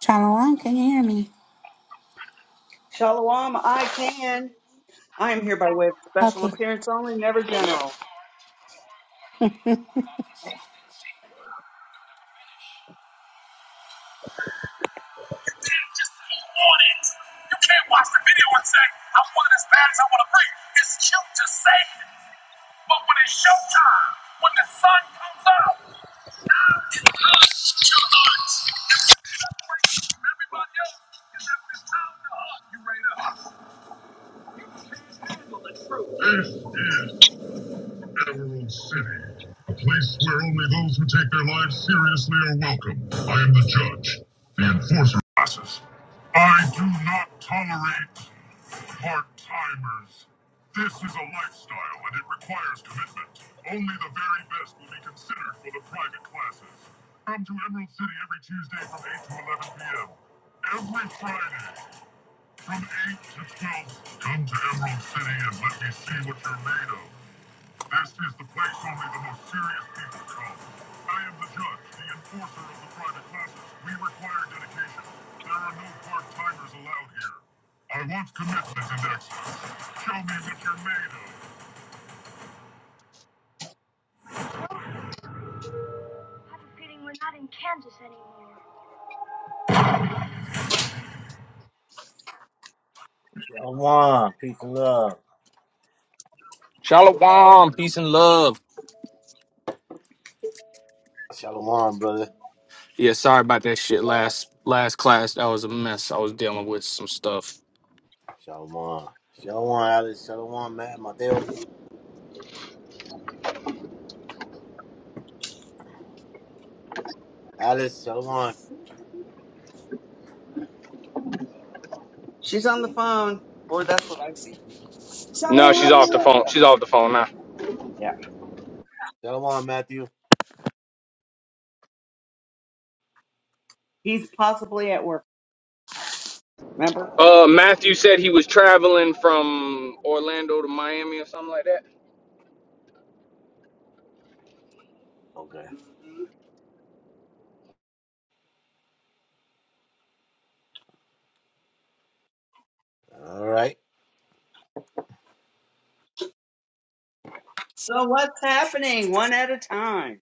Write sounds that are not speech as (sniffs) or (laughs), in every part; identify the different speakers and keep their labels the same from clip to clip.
Speaker 1: Shalom, can you hear me?
Speaker 2: Shalom, I can. I am here by way of special
Speaker 1: Okay.
Speaker 2: appearance only, never general.
Speaker 1: (laughs) well,
Speaker 3: can't Just hold on it. You can't watch the video and say, I want it as bad as I want to bring. It's cute to say, but when it's showtime, when the sun comes out, everybody else is having this time to hunt. You ready to Emerald City, a place where only those who take their lives seriously are welcome. I am the judge, the enforcer. Classes. I do not tolerate Part timers. This is a lifestyle and it requires commitment. Only the very best will be considered for the private classes. Come to Emerald City every Tuesday from 8 to 11 p.m. Every Friday from 8 to 12. Come to Emerald City and let me see what you're made of. This is the place only the most serious people come. I am the judge, the enforcer of the private classes. We require dedication. There are no part-timers allowed here. I want commitment and excellence. Show me what you're made of. Shalom, peace and love.
Speaker 4: Shalom, peace and love.
Speaker 3: Shalom, brother.
Speaker 4: Yeah, sorry about that shit. Last last class, that was a mess. I was dealing with some stuff.
Speaker 3: Shalom. Shalom, Alice. Shalom, Matt, Mateo. Alice, Shalom.
Speaker 2: She's on the phone, or that's what I see.
Speaker 4: No, she's off the
Speaker 2: Shalom.
Speaker 4: phone. She's off the phone now.
Speaker 2: Yeah,
Speaker 3: Shalom, Matthew.
Speaker 2: he's possibly at work. Remember?
Speaker 4: Uh, Matthew said he was traveling from Orlando to Miami or something like that.
Speaker 3: Okay.
Speaker 2: hmm
Speaker 3: All right.
Speaker 2: So what's happening? One at a time.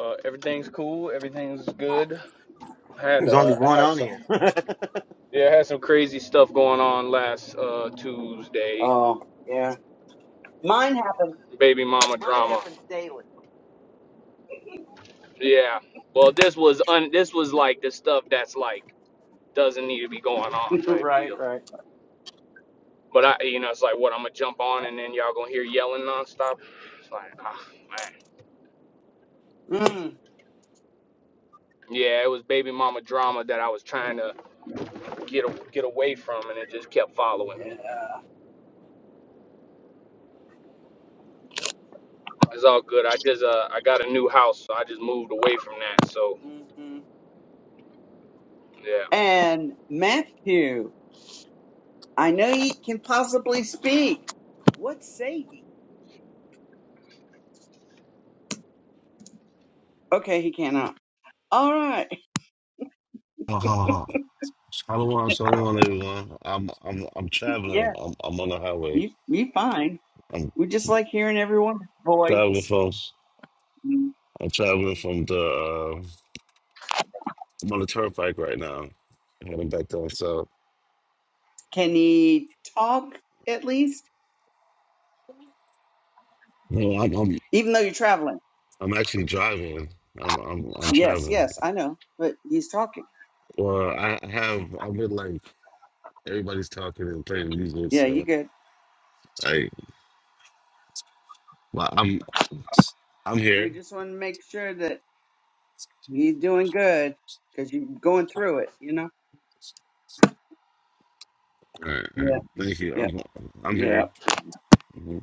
Speaker 4: Uh, everything's cool. Everything's good. I had
Speaker 3: There's only
Speaker 4: uh, I
Speaker 3: one
Speaker 4: had
Speaker 3: on
Speaker 4: some
Speaker 3: here. (laughs) All
Speaker 4: yeah, I had some crazy stuff going on last uh Tuesday.
Speaker 2: Oh, yeah. Mine happens.
Speaker 4: Baby mama
Speaker 2: Mine
Speaker 4: drama.
Speaker 2: happens daily.
Speaker 4: Yeah. Well, this was un- this was like the stuff that's like doesn't need to be going on
Speaker 2: (laughs)
Speaker 4: type deal.
Speaker 2: right, right.
Speaker 4: But I, you know, it's like what I'm gonna jump on and then y'all gonna hear yelling nonstop. It's like, ah, man.
Speaker 2: Mm.
Speaker 4: Yeah, it was baby mama drama that I was trying to get a, get away from, and it just kept following me.
Speaker 2: Yeah.
Speaker 4: It's all good. I just uh, I got a new house, so I just moved away from that. So
Speaker 2: hmm
Speaker 4: yeah.
Speaker 2: And Matthew, I know ye can possibly speak. What say ye? Okay, he cannot. All right. (laughs)
Speaker 5: Ha ha ha. Shalom, shalom, everyone. I'm I'm I'm
Speaker 2: Yeah.
Speaker 5: traveling. I'm I'm on the highway.
Speaker 2: You you fine.
Speaker 5: I'm
Speaker 2: We just like hearing everyone's
Speaker 5: traveling
Speaker 2: voice.
Speaker 5: from
Speaker 2: Mm.
Speaker 5: I'm traveling from the uh, I'm on the turnpike right now, heading back down south.
Speaker 2: Can you talk at least?
Speaker 5: No, I'm I'm
Speaker 2: Even though you're traveling.
Speaker 5: I'm actually driving. I'm I'm I'm
Speaker 2: Yes,
Speaker 5: traveling.
Speaker 2: yes, I know. But he's talking.
Speaker 5: Well, I I have I've been like everybody's talking and playing music,
Speaker 2: Yeah,
Speaker 5: so
Speaker 2: you good.
Speaker 5: I well I'm I'm
Speaker 2: We
Speaker 5: here.
Speaker 2: just want to make sure that you're doing good because you're going through it, you know?
Speaker 5: All right, all
Speaker 2: Yeah,
Speaker 5: right. Thank you.
Speaker 2: yeah,
Speaker 5: I'm I'm
Speaker 2: yeah.
Speaker 5: here. Mm-hmm.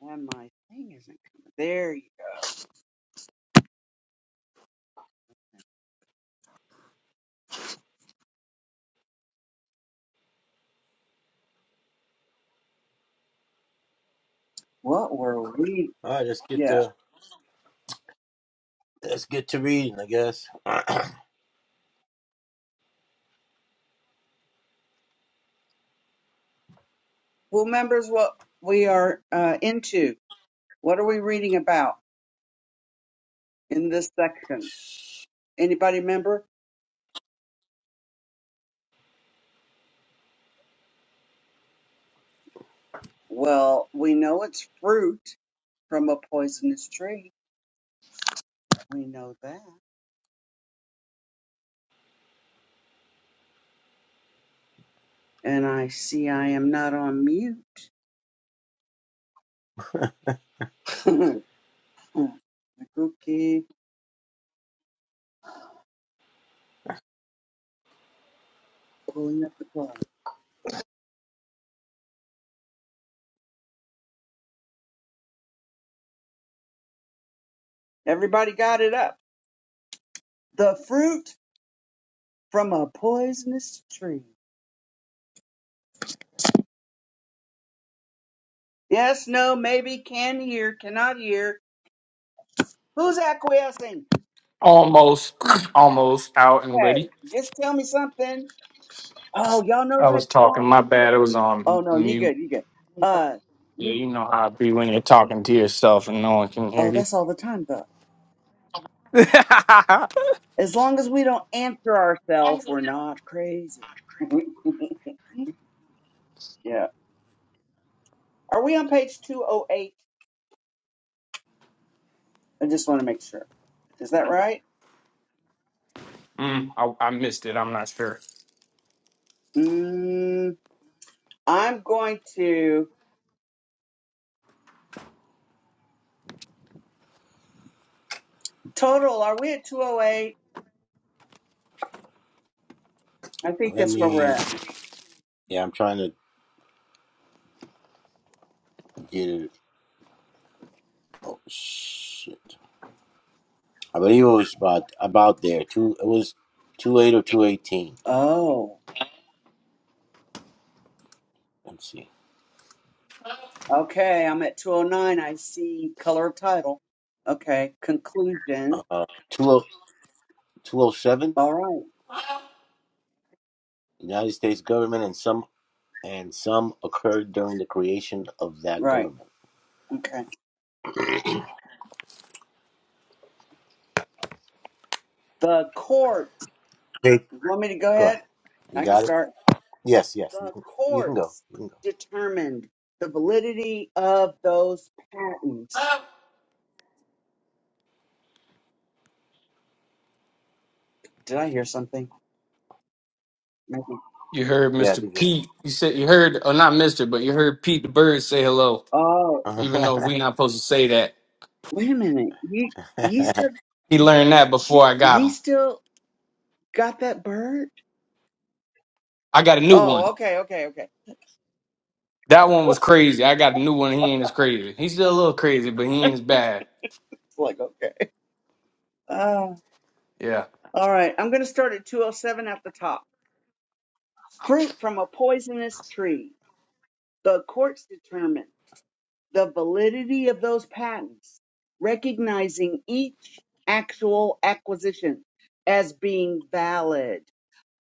Speaker 2: And my thing isn't coming. There you go. What were we?
Speaker 3: right, let's get
Speaker 2: Yeah.
Speaker 3: to let's get to reading, I guess. (clears throat)
Speaker 2: Well, members, what we are uh, into. What are we reading about in this section? Anybody remember? Well, we know it's fruit from a poisonous tree. We know that. And I see I am not on mute. (laughs) the cookie pulling up the plug. Everybody got it up. The fruit from a poisonous tree. Yes, no, maybe, can hear, cannot hear. Who's acquiescing?
Speaker 4: Almost, (clears throat) almost out and
Speaker 2: Okay,
Speaker 4: ready.
Speaker 2: just tell me something. Oh, y'all know
Speaker 4: I
Speaker 2: that
Speaker 4: was talking.
Speaker 2: song?
Speaker 4: My bad. It was
Speaker 2: Oh
Speaker 4: on
Speaker 2: no, you
Speaker 4: mute.
Speaker 2: good, you good. Uh,
Speaker 4: Yeah,
Speaker 2: you,
Speaker 4: you know how it be when you're talking to yourself and no one can hear
Speaker 2: oh,
Speaker 4: you.
Speaker 2: that's all the time though.
Speaker 4: (laughs) mm,
Speaker 2: As long as we don't answer ourselves, we're not crazy. (laughs) yeah. Are we on page 208? I just want to make sure. Is that right?
Speaker 4: I, I missed it. I'm not sure.
Speaker 2: Mm, I'm going to total. Are we at 208? I think
Speaker 3: Let
Speaker 2: that's where
Speaker 3: me.
Speaker 2: we're at.
Speaker 3: Yeah, I'm trying to get it. Oh shit! I believe it was about about there. Two. It was two eight or two eighteen.
Speaker 2: Oh,
Speaker 3: Let's see.
Speaker 2: okay. I'm at 209. I see color of title. Okay. Conclusion.
Speaker 3: Uh, two oh two oh seven.
Speaker 2: All right.
Speaker 3: United States government and some and some occurred during the creation of that
Speaker 2: Right.
Speaker 3: government.
Speaker 2: Okay. The court.
Speaker 3: Okay.
Speaker 2: You want me to go
Speaker 3: Go
Speaker 2: ahead?
Speaker 3: ahead. You
Speaker 2: I can
Speaker 3: got it.
Speaker 2: start.
Speaker 3: Yes. Yes. You
Speaker 2: the
Speaker 3: can, you can go.
Speaker 2: courts
Speaker 3: You can go.
Speaker 2: determined the validity of those patents. Did I hear something? Maybe.
Speaker 4: You heard
Speaker 3: Yeah. I
Speaker 4: Mr.
Speaker 3: think
Speaker 4: Pete. You said you heard, or not Mr., but you heard Pete the Bird say hello,
Speaker 3: you-
Speaker 2: Oh,
Speaker 3: (laughs)
Speaker 4: even though we not supposed to say that.
Speaker 2: wait a minute. You you still
Speaker 4: He learned that before I got
Speaker 2: you
Speaker 4: him.
Speaker 2: still got that bird?
Speaker 4: I got a new
Speaker 2: Oh,
Speaker 4: one.
Speaker 2: okay, okay, okay.
Speaker 4: That one
Speaker 2: (laughs)
Speaker 4: was crazy. I got a new one. He ain't as crazy. He's still a little crazy, but he ain't as bad.
Speaker 2: It's like okay. Uh,
Speaker 4: Yeah.
Speaker 2: all right. I'm gonna start at 207 at the top. Fruit from a poisonous tree. The courts determined. the validity of those patents, recognizing each actual acquisition as being valid,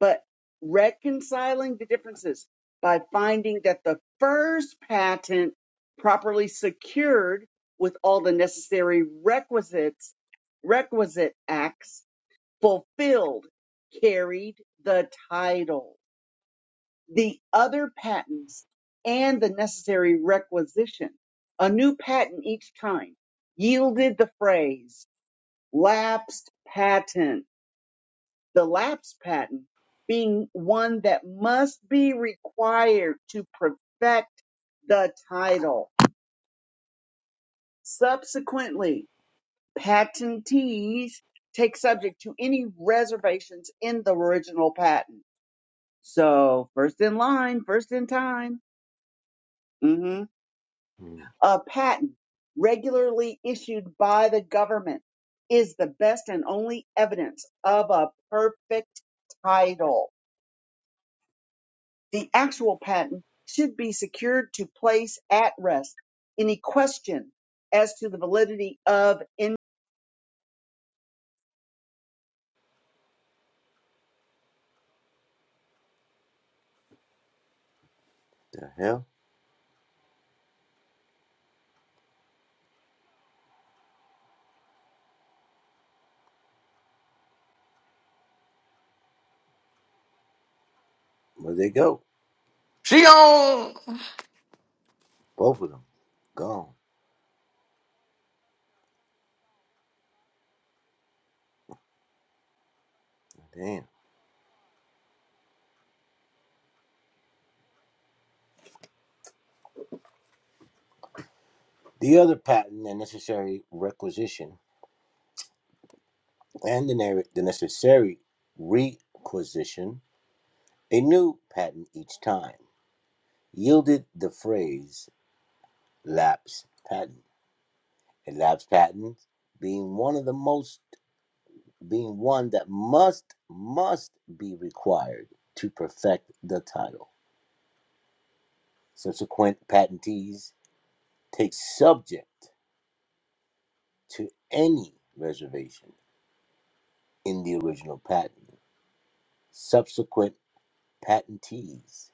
Speaker 2: but reconciling the differences by finding that the first patent properly secured with all the necessary requisites, requisite acts fulfilled, carried the title the other patents and the necessary requisition. A new patent each time yielded the phrase lapsed patent, the lapsed patent being one that must be required to perfect the title. Subsequently, patentees take subject to any reservations in the original patent. So, first in line, first in time. Mm-hmm.
Speaker 3: Hmm,
Speaker 2: a patent regularly issued by the government is the best and only evidence of a perfect title. The actual patent should be secured to place at rest any question as to the validity of in-
Speaker 3: the hell? Where'd they go?
Speaker 4: She on.
Speaker 3: Both of them gone. Damn. The other patent and necessary requisition and the, ne- the necessary requisition, a new patent each time, yielded the phrase lapse patent. A lapse patent being one of the most, being one that must, must be required to perfect the title. Subsequent patentees take subject to any reservation in the original patent. Subsequent patentees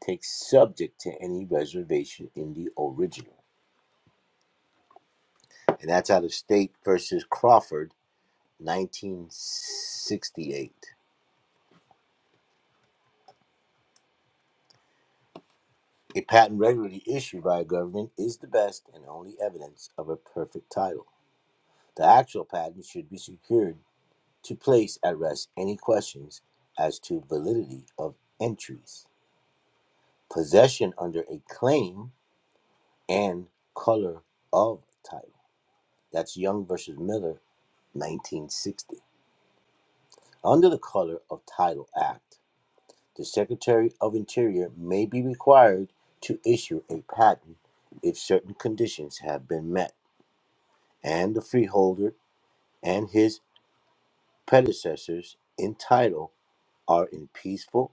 Speaker 3: Takes subject to any reservation in the original. And that's out of State versus Crawford, 1968. A patent regularly issued by a government is the best and only evidence of a perfect title. The actual patent should be secured to place at rest any questions as to validity of entries, possession under a claim, and color of title. That's Young versus Miller, 1960. Under the color of Title Act, the Secretary of Interior may be required to issue a patent if certain conditions have been met and the freeholder and his predecessors in title are in peaceful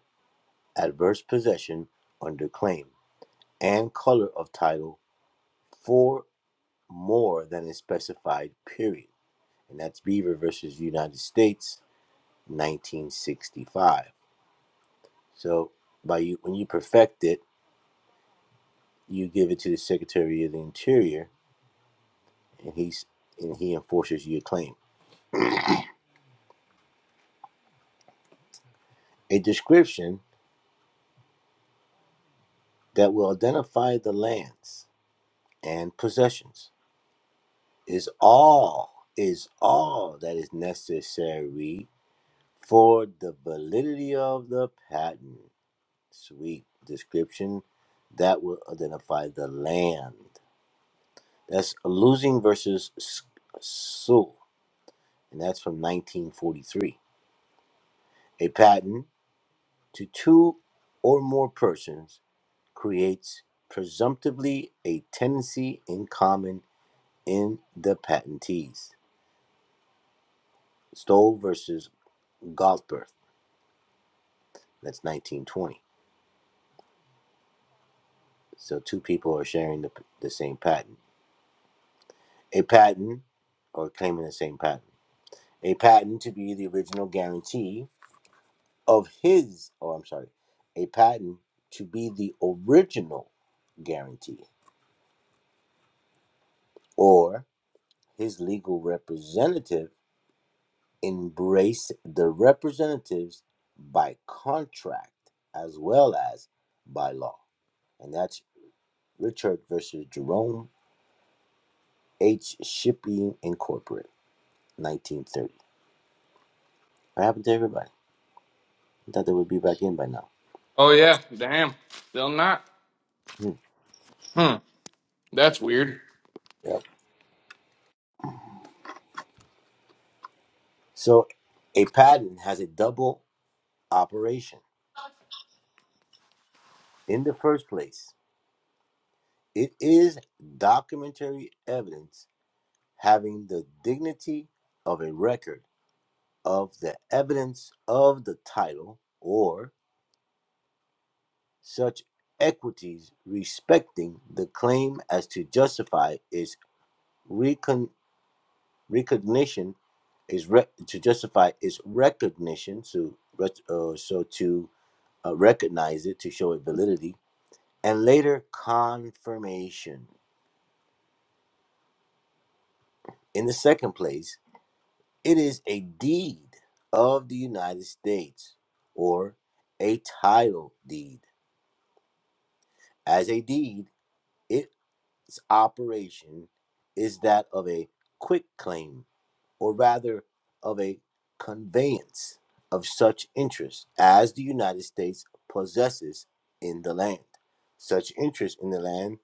Speaker 3: adverse possession under claim and color of title for more than a specified period. And that's Beaver versus United States, 1965. So by you, when you perfect it, you give it to the Secretary of the Interior, and he's and he enforces your claim. A description that will identify the lands and possessions is all is all that is necessary for the validity of the patent. Sweet description that will identify the land. That's losing versus Sue, and that's from 1943. A patent to two or more persons creates presumptively a tenancy in common in the patentees. Stoll versus Galtberth, that's 1920. So two people are sharing the, the same patent. A patent, or claiming the same patent. A patent to be the original guarantee of his, or I'm sorry, a patent to be the original guarantee or his legal representative embrace the representatives by contract as well as by law. And that's Richard versus Jerome H. Shipping Incorporated, 1930. What happened to everybody? I thought they would be back in by now.
Speaker 4: Oh, yeah. Damn. Still not.
Speaker 3: Hmm.
Speaker 4: Hmm. That's weird.
Speaker 3: Yep. So a patent has a double operation. In the first place, it is documentary evidence having the dignity of a record of the evidence of the title or such equities respecting the claim as to justify its recon- recognition is re- to justify its recognition so rec- uh, so to uh, recognize it to show it validity and later confirmation in the second place it is a deed of the united states or a title deed as a deed it. operation is that of a quick claim, or rather of a conveyance of such interest as the United States possesses in the land, such interest in the land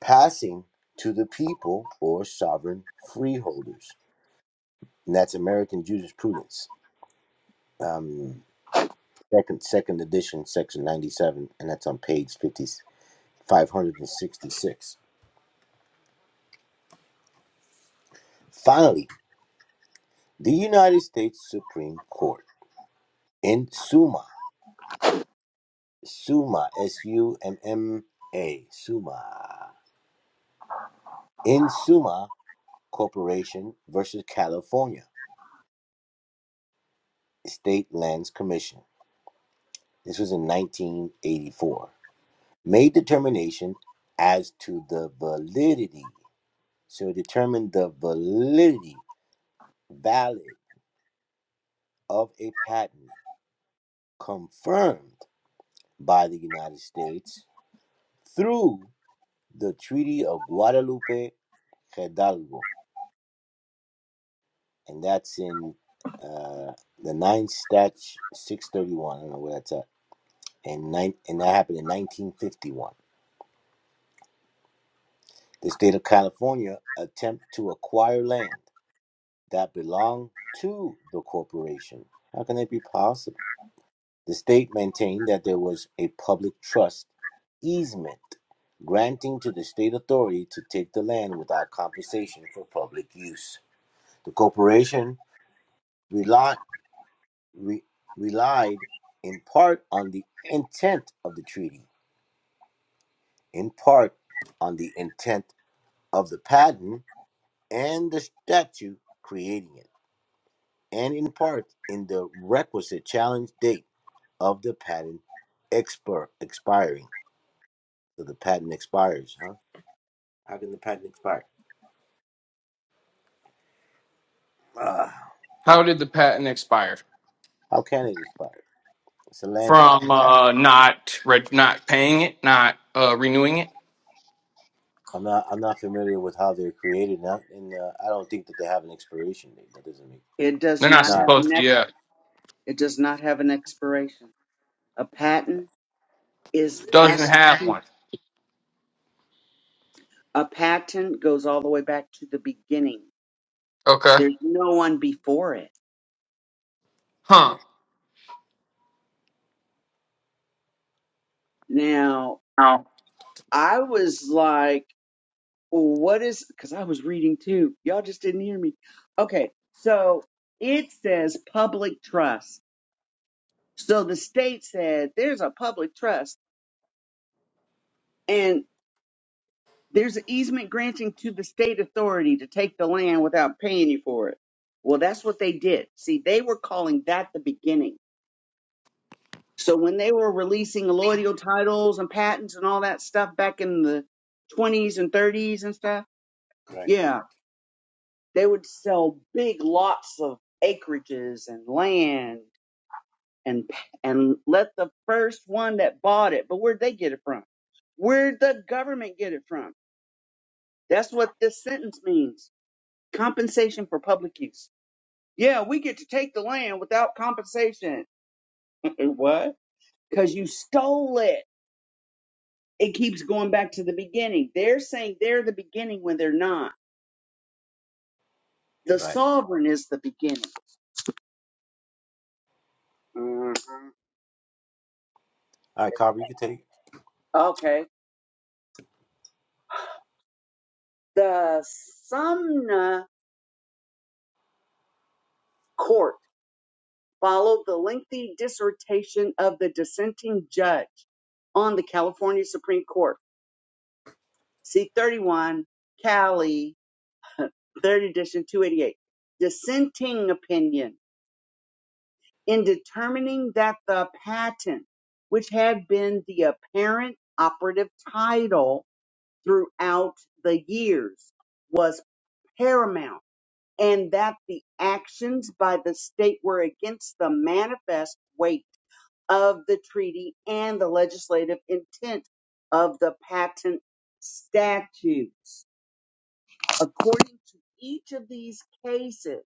Speaker 3: passing to the people or sovereign freeholders. And that's American Jurisprudence, um, second, second edition, section 97, and that's on page 50 566. Finally, the United States Supreme Court. In Summa, Summa, S U M M A, Summa, In Summa Corporation versus California State Lands Commission. This was in 1984. Made determination as to the validity. So it determined the validity, valid, of a patent confirmed by the United States through the Treaty of Guadalupe Hidalgo and that's in uh, the ninth statute, six thirty one. I don't know where that's at, and nine, and that happened in nineteen fifty one. The state of California attempt to acquire land that belonged to the corporation. How can that be possible? The state maintained that there was a public trust easement granting to the state authority to take the land without compensation for public use. The corporation relied re- relied in part on the intent of the treaty, in part on the intent of the patent and the statute creating it, and in part in the requisite challenge date of the patent expir- expiring. So the patent expires, huh? How can the patent expire? Ah,
Speaker 4: How did the patent expire?
Speaker 3: how can it expire? It's a land
Speaker 4: From
Speaker 3: patent.
Speaker 4: uh, not re- not paying it, not uh, renewing it?
Speaker 3: I'm not. I'm not familiar with how they're created now, and uh, I don't think that they have an expiration date. That doesn't make
Speaker 2: it does
Speaker 4: They're
Speaker 3: it's
Speaker 4: not
Speaker 2: not have
Speaker 3: not
Speaker 2: an
Speaker 4: supposed to.
Speaker 2: ex-
Speaker 4: Yeah.
Speaker 2: it does not have an expiration. A patent is back
Speaker 4: Doesn't have
Speaker 2: to
Speaker 4: one.
Speaker 2: a patent goes all the way back to the beginning.
Speaker 4: Okay.
Speaker 2: There's no one before it.
Speaker 4: Huh.
Speaker 2: Now,
Speaker 4: out
Speaker 2: I was like Well, what is because I was reading too. Y'all just didn't hear me. Okay, so it says public trust. So the state said there's a public trust and there's an easement granting to the state authority to take the land without paying you for it. Well, that's what they did. See, they were calling that the beginning. So when they were releasing allodial titles and patents and all that stuff back in the 20s and 30s and stuff,
Speaker 3: right.
Speaker 2: yeah, They would sell big lots of acreages and land and and let the first one that bought it, but where'd they get it from? Where'd the government get it from? That's what this sentence means. Compensation for public use. Yeah, we get to take the land without compensation. (laughs) what? Because you stole it. It keeps going back to the beginning. They're saying they're the beginning when they're not. The
Speaker 3: Right.
Speaker 2: sovereign is the beginning. Mhm.
Speaker 3: All right, Carver, you can take
Speaker 2: Okay The Sumner court followed the lengthy dissertation of the dissenting judge on the California Supreme Court, C31 Cali (laughs) 3rd edition 288, dissenting opinion in determining that the patent, which had been the apparent operative title throughout the years, was paramount and that the actions by the state were against the manifest weight of the treaty and the legislative intent of the patent statutes. According to each of these cases,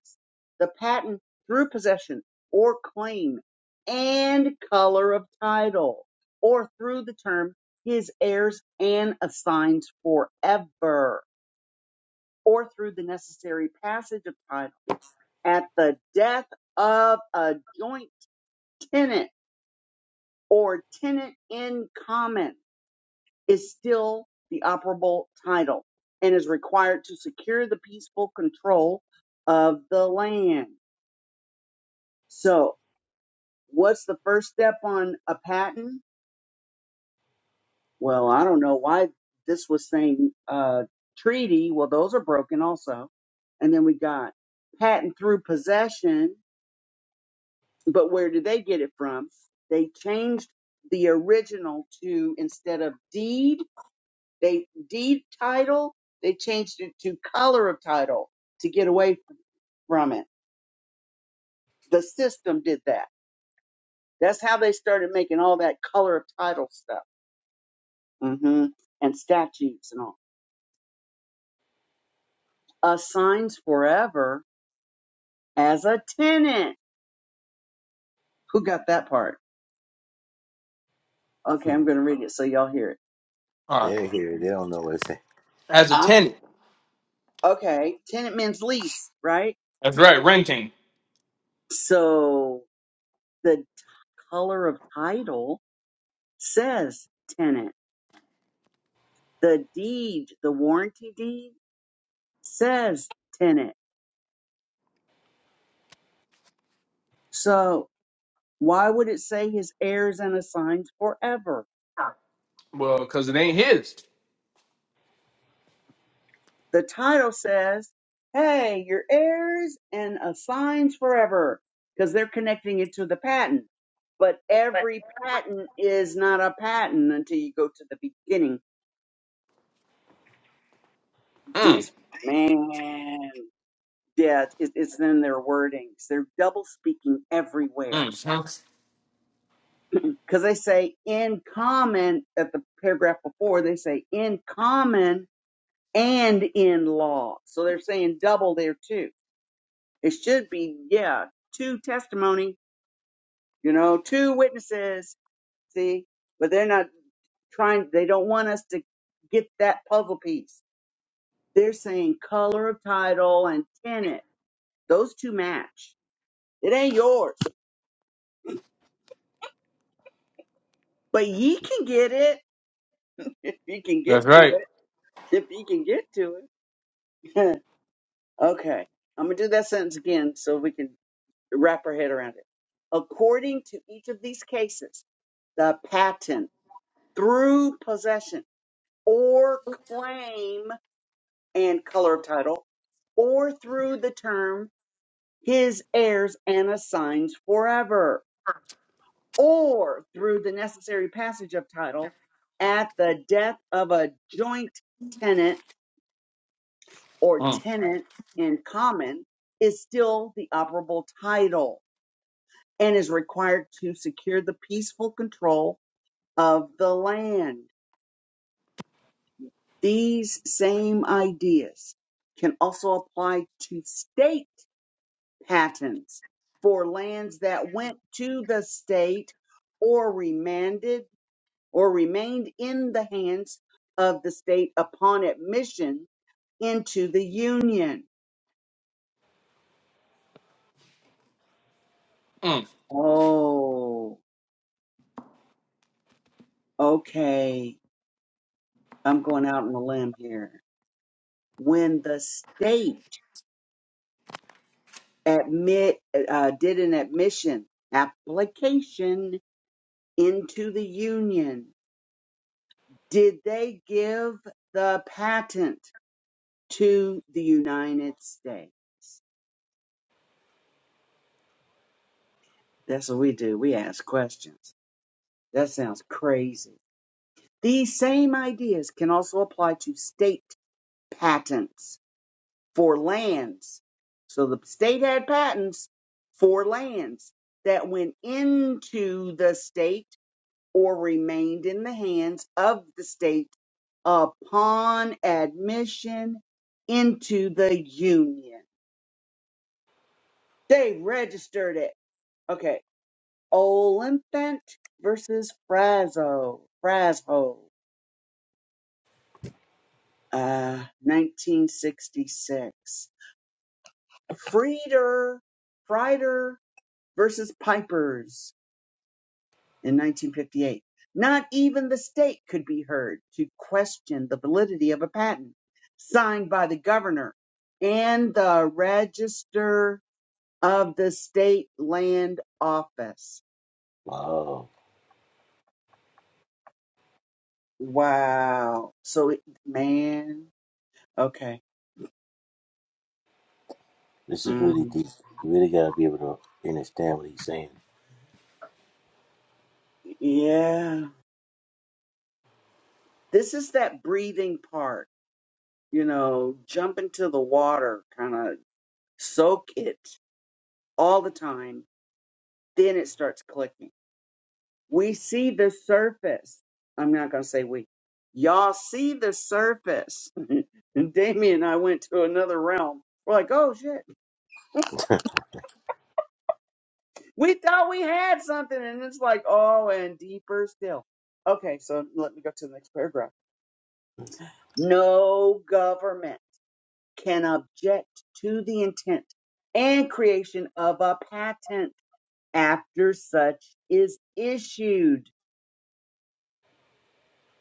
Speaker 2: the patent through possession or claim and color of title or through the term his heirs and assigns forever or through the necessary passage of time at the death of a joint tenant or tenant in common is still the operable title and is required to secure the peaceful control of the land. So, what's the first step on a patent? Well, I don't know why this was saying uh, treaty. Well, those are broken also. And then we got patent through possession But where do they get it from? They changed the original to instead of deed, they deed title, they changed it to color of title to get away from it. The system did that. That's how they started making all that color of title stuff hmm and statutes and all. Assigns forever as a tenant. Who got that part? Okay,
Speaker 3: it. (laughs)
Speaker 2: I'm going to read it so y'all hear it.
Speaker 4: uh,
Speaker 3: They're here. They don't know what it's saying.
Speaker 4: as a
Speaker 2: Um,
Speaker 4: tenant.
Speaker 2: okay, tenant means lease, right?
Speaker 4: That's right, renting.
Speaker 2: So the t- color of title says tenant. The deed, the warranty deed says tenant. So why would it say his heirs and assigns forever?
Speaker 4: Well, because it ain't his.
Speaker 2: The title says, hey, your heirs and assigns forever because they're connecting it to the patent. But every patent is not a patent until you go to the beginning.
Speaker 4: Mm,
Speaker 2: This man. Yeah, it, it's in their wordings. They're double speaking everywhere
Speaker 4: mm, huh.
Speaker 2: because they say in common at the paragraph before. They say in common and in law, so they're saying double there too. It should be yeah, two testimony, you know, two witnesses. See, but they're not trying. They don't want us to get that puzzle piece. They're saying color of title and tenant. Those two match. It ain't yours, but ye can get it if you can
Speaker 4: That's
Speaker 2: get to
Speaker 4: right.
Speaker 2: it, if you can get to it. (laughs) okay, I'm gonna do that sentence again so we can wrap our head around it. According to each of these cases, the patent through possession or claim and color of title or through the term his heirs and assigns forever or through the necessary passage of title at the death of a joint tenant or
Speaker 4: Mm,
Speaker 2: tenant in common is still the operable title and is required to secure the peaceful control of the land. These same ideas can also apply to state patents for lands that went to the state or remanded or remained in the hands of the state upon admission into the union.
Speaker 4: mm.
Speaker 2: Oh, okay. I'm going out on a limb here. When the state admit uh, did an admission application into the union, did they give the patent to the United States? That's what we do. We ask questions. That sounds crazy. These same ideas can also apply to state patents for lands. So the state had patents for lands that went into the state or remained in the hands of the state upon admission into the union. They registered it. Okay. Oliphant versus Frazzo. Frazzo. Uh, 1966. Frieder. Frieder versus Pipers. in 1958. Not even the state could be heard to question the validity of a patent signed by the governor and the register of the state land office.
Speaker 3: Wow.
Speaker 2: Wow. So, it- man, okay.
Speaker 3: This is really
Speaker 2: Mm,
Speaker 3: deep. You really got to be able to understand what he's saying.
Speaker 2: yeah. This is that breathing part, you know, jump into the water, kind of soak it all the time. Then it starts clicking We see the surface. I'm not going to say we. Y'all see the surface. (laughs) and Damien and I went to another realm. We're like, oh shit. We thought we had something. And it's like, oh, and deeper still. Okay, so let me go to the next paragraph. No government can object to the intent and creation of a patent after such is issued.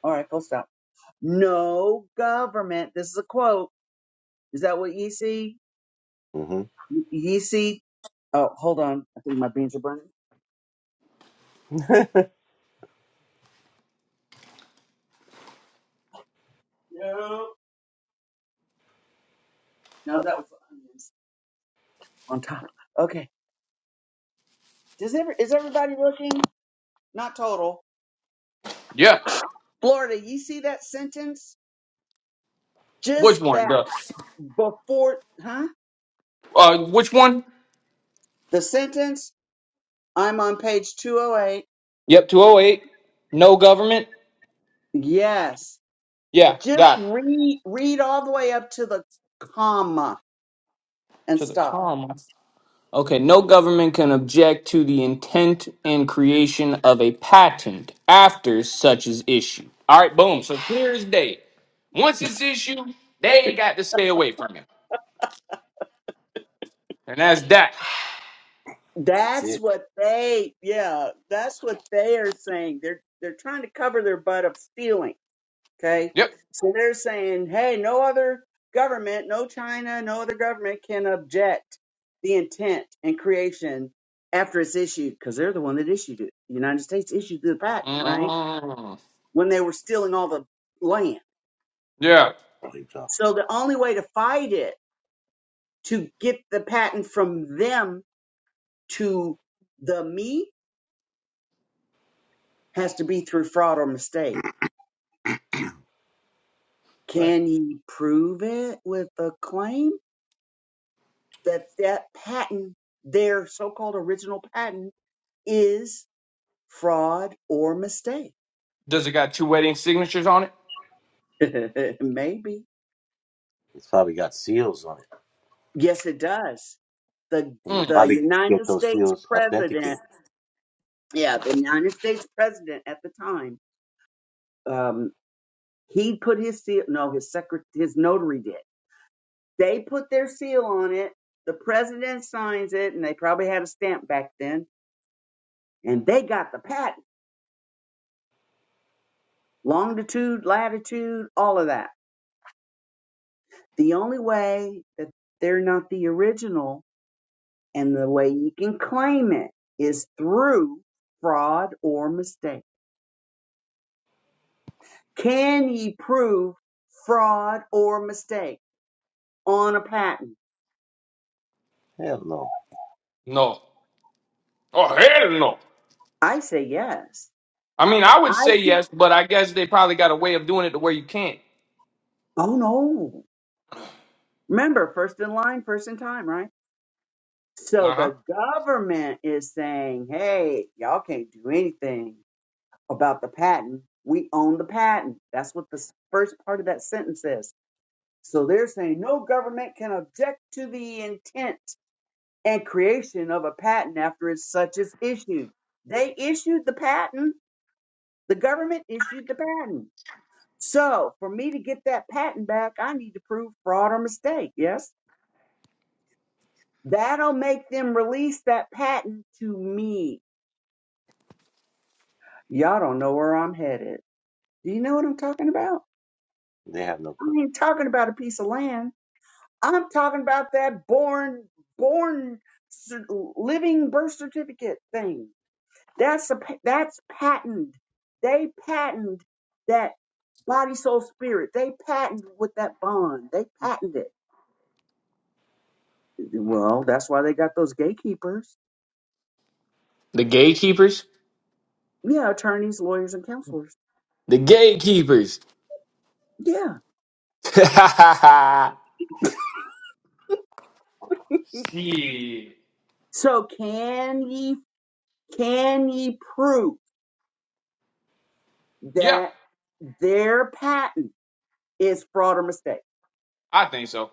Speaker 2: All right, full stop. No government, this is a quote Is that what ye see?
Speaker 3: hmm
Speaker 2: Ye see? Oh, hold on. I think my beans are burning. No. No, that was the onions on top. Okay. Does ever is everybody looking? Not total.
Speaker 4: Yeah.
Speaker 2: Florida, you see that sentence? Just
Speaker 4: Which one?
Speaker 2: that
Speaker 4: The,
Speaker 2: before, huh?
Speaker 4: uh, which one?
Speaker 2: The sentence. I'm on page 208.
Speaker 4: Yep, 208. No government?
Speaker 2: Yes.
Speaker 4: Yeah,
Speaker 2: Just
Speaker 4: got it.
Speaker 2: read read all the way up to the comma and
Speaker 4: To the
Speaker 2: stop.
Speaker 4: comma. Okay, no government can object to the intent and creation of a patent after such is issued. All right, boom. So clear as day. Once it's issued, they got to stay away from it. And that's that.
Speaker 3: That's
Speaker 2: That's
Speaker 3: it.
Speaker 2: what they, yeah, that's what they are saying. They're they're trying to cover their butt of stealing. Okay,
Speaker 4: Yep.
Speaker 2: so they're saying, hey, no other government, no China, no other government can object the intent and creation after it's issued because they're the one that issued it. The United States issued the patent, right?
Speaker 4: Mm.
Speaker 2: When they were stealing all the land.
Speaker 4: Yeah.
Speaker 3: Probably dropped it.
Speaker 2: So the only way to fight it, to get the patent from them to the me, has to be through fraud or mistake
Speaker 3: Right.
Speaker 2: Can you prove it with a claim that that patent, their so-called original patent, is fraud or mistake?
Speaker 4: Does it got two wedding signatures on it?
Speaker 2: (laughs) Maybe.
Speaker 3: It's probably got seals on it.
Speaker 2: Yes, it does. The
Speaker 3: And you
Speaker 4: Mm.
Speaker 2: the
Speaker 3: probably
Speaker 2: United
Speaker 3: get those
Speaker 2: States
Speaker 3: seals
Speaker 2: president,
Speaker 3: authenticated.
Speaker 2: yeah, the United States president at the time, um, he put his seal. No, his secret, his notary did. They put their seal on it. The president signs it, and they probably had a stamp back then, and they got the patent. longitude, latitude, all of that. The only way that they're not the original and the way you can claim it is through fraud or mistake. Can ye prove fraud or mistake on a patent?
Speaker 3: Hell no.
Speaker 4: No. Oh hell no.
Speaker 2: I say yes.
Speaker 4: I mean, I would
Speaker 2: I
Speaker 4: say
Speaker 2: can't.
Speaker 4: yes, but I guess they probably got a way of doing it to where you can't.
Speaker 2: Oh no. Remember, first in line, first in time, right? So
Speaker 4: Uh huh.
Speaker 2: the government is saying, hey, y'all can't do anything about the patent. We own the patent. That's what the first part of that sentence is. So they're saying no government can object to the intent and creation of a patent after it's such is issued. They issued the patent. The government issued the patent. So for me to get that patent back, I need to prove fraud or mistake. Yes. That'll make them release that patent to me. Y'all don't know where I'm headed. Do you know what I'm talking about?
Speaker 3: They have no
Speaker 2: I
Speaker 3: clue.
Speaker 2: ain't talking about a piece of land. I'm talking about that born, born, cer- living birth certificate thing. That's a pa- that's patented. They patented that body, soul, spirit. They patented with that bond. They patented it. Well, that's why they got those gatekeepers.
Speaker 4: The gatekeepers?
Speaker 2: Yeah, attorneys, lawyers, and counselors.
Speaker 4: The gatekeepers.
Speaker 2: Yeah.
Speaker 4: (laughs) Shit.
Speaker 2: So can ye can ye prove
Speaker 4: Yeah,
Speaker 2: that their patent is fraud or mistake?
Speaker 4: I think so.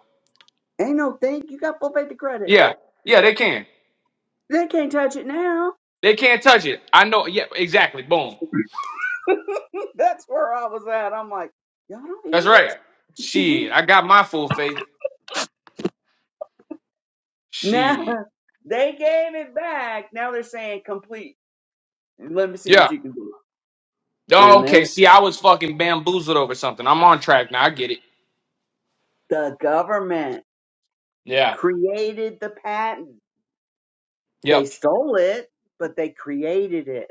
Speaker 2: Ain't no thing. You got full faith and credit.
Speaker 4: Yeah, yeah, they can.
Speaker 2: They can't touch it now.
Speaker 4: They can't touch it. I know. Yeah, exactly. Boom.
Speaker 2: (laughs) That's where I was at. I'm like, y'all don't
Speaker 4: That's
Speaker 2: hear
Speaker 4: right.
Speaker 2: this?
Speaker 4: Shit, I got my full faith.
Speaker 2: (laughs) now
Speaker 4: Shit.
Speaker 2: they gave it back. Now they're saying complete. Let me see
Speaker 4: Yeah.
Speaker 2: what you can do.
Speaker 4: Oh,
Speaker 2: And there,
Speaker 4: okay. See, I was fucking bamboozled over something. I'm on track now. I get it.
Speaker 2: the government
Speaker 4: Yeah.
Speaker 2: created the patent. They
Speaker 4: Yep.
Speaker 2: stole it, but they created it.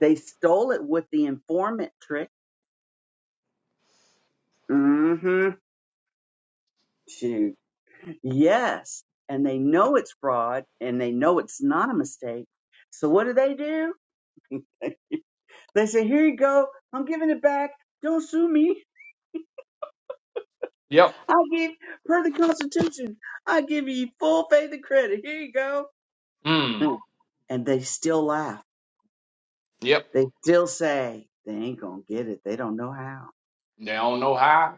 Speaker 2: They stole it with the informant trick. Mm-hmm. Shoot. Yes. And they know it's fraud and they know it's not a mistake. So what do they do? They say, here you go. I'm giving it back. Don't sue me.
Speaker 4: Yep.
Speaker 2: I give, per the Constitution, I give you full faith and credit. Here you go.
Speaker 4: Hmm.
Speaker 2: Mm. And they still laugh.
Speaker 4: Yep.
Speaker 2: They still say, they ain't going to get it. They don't know how.
Speaker 4: They don't know how.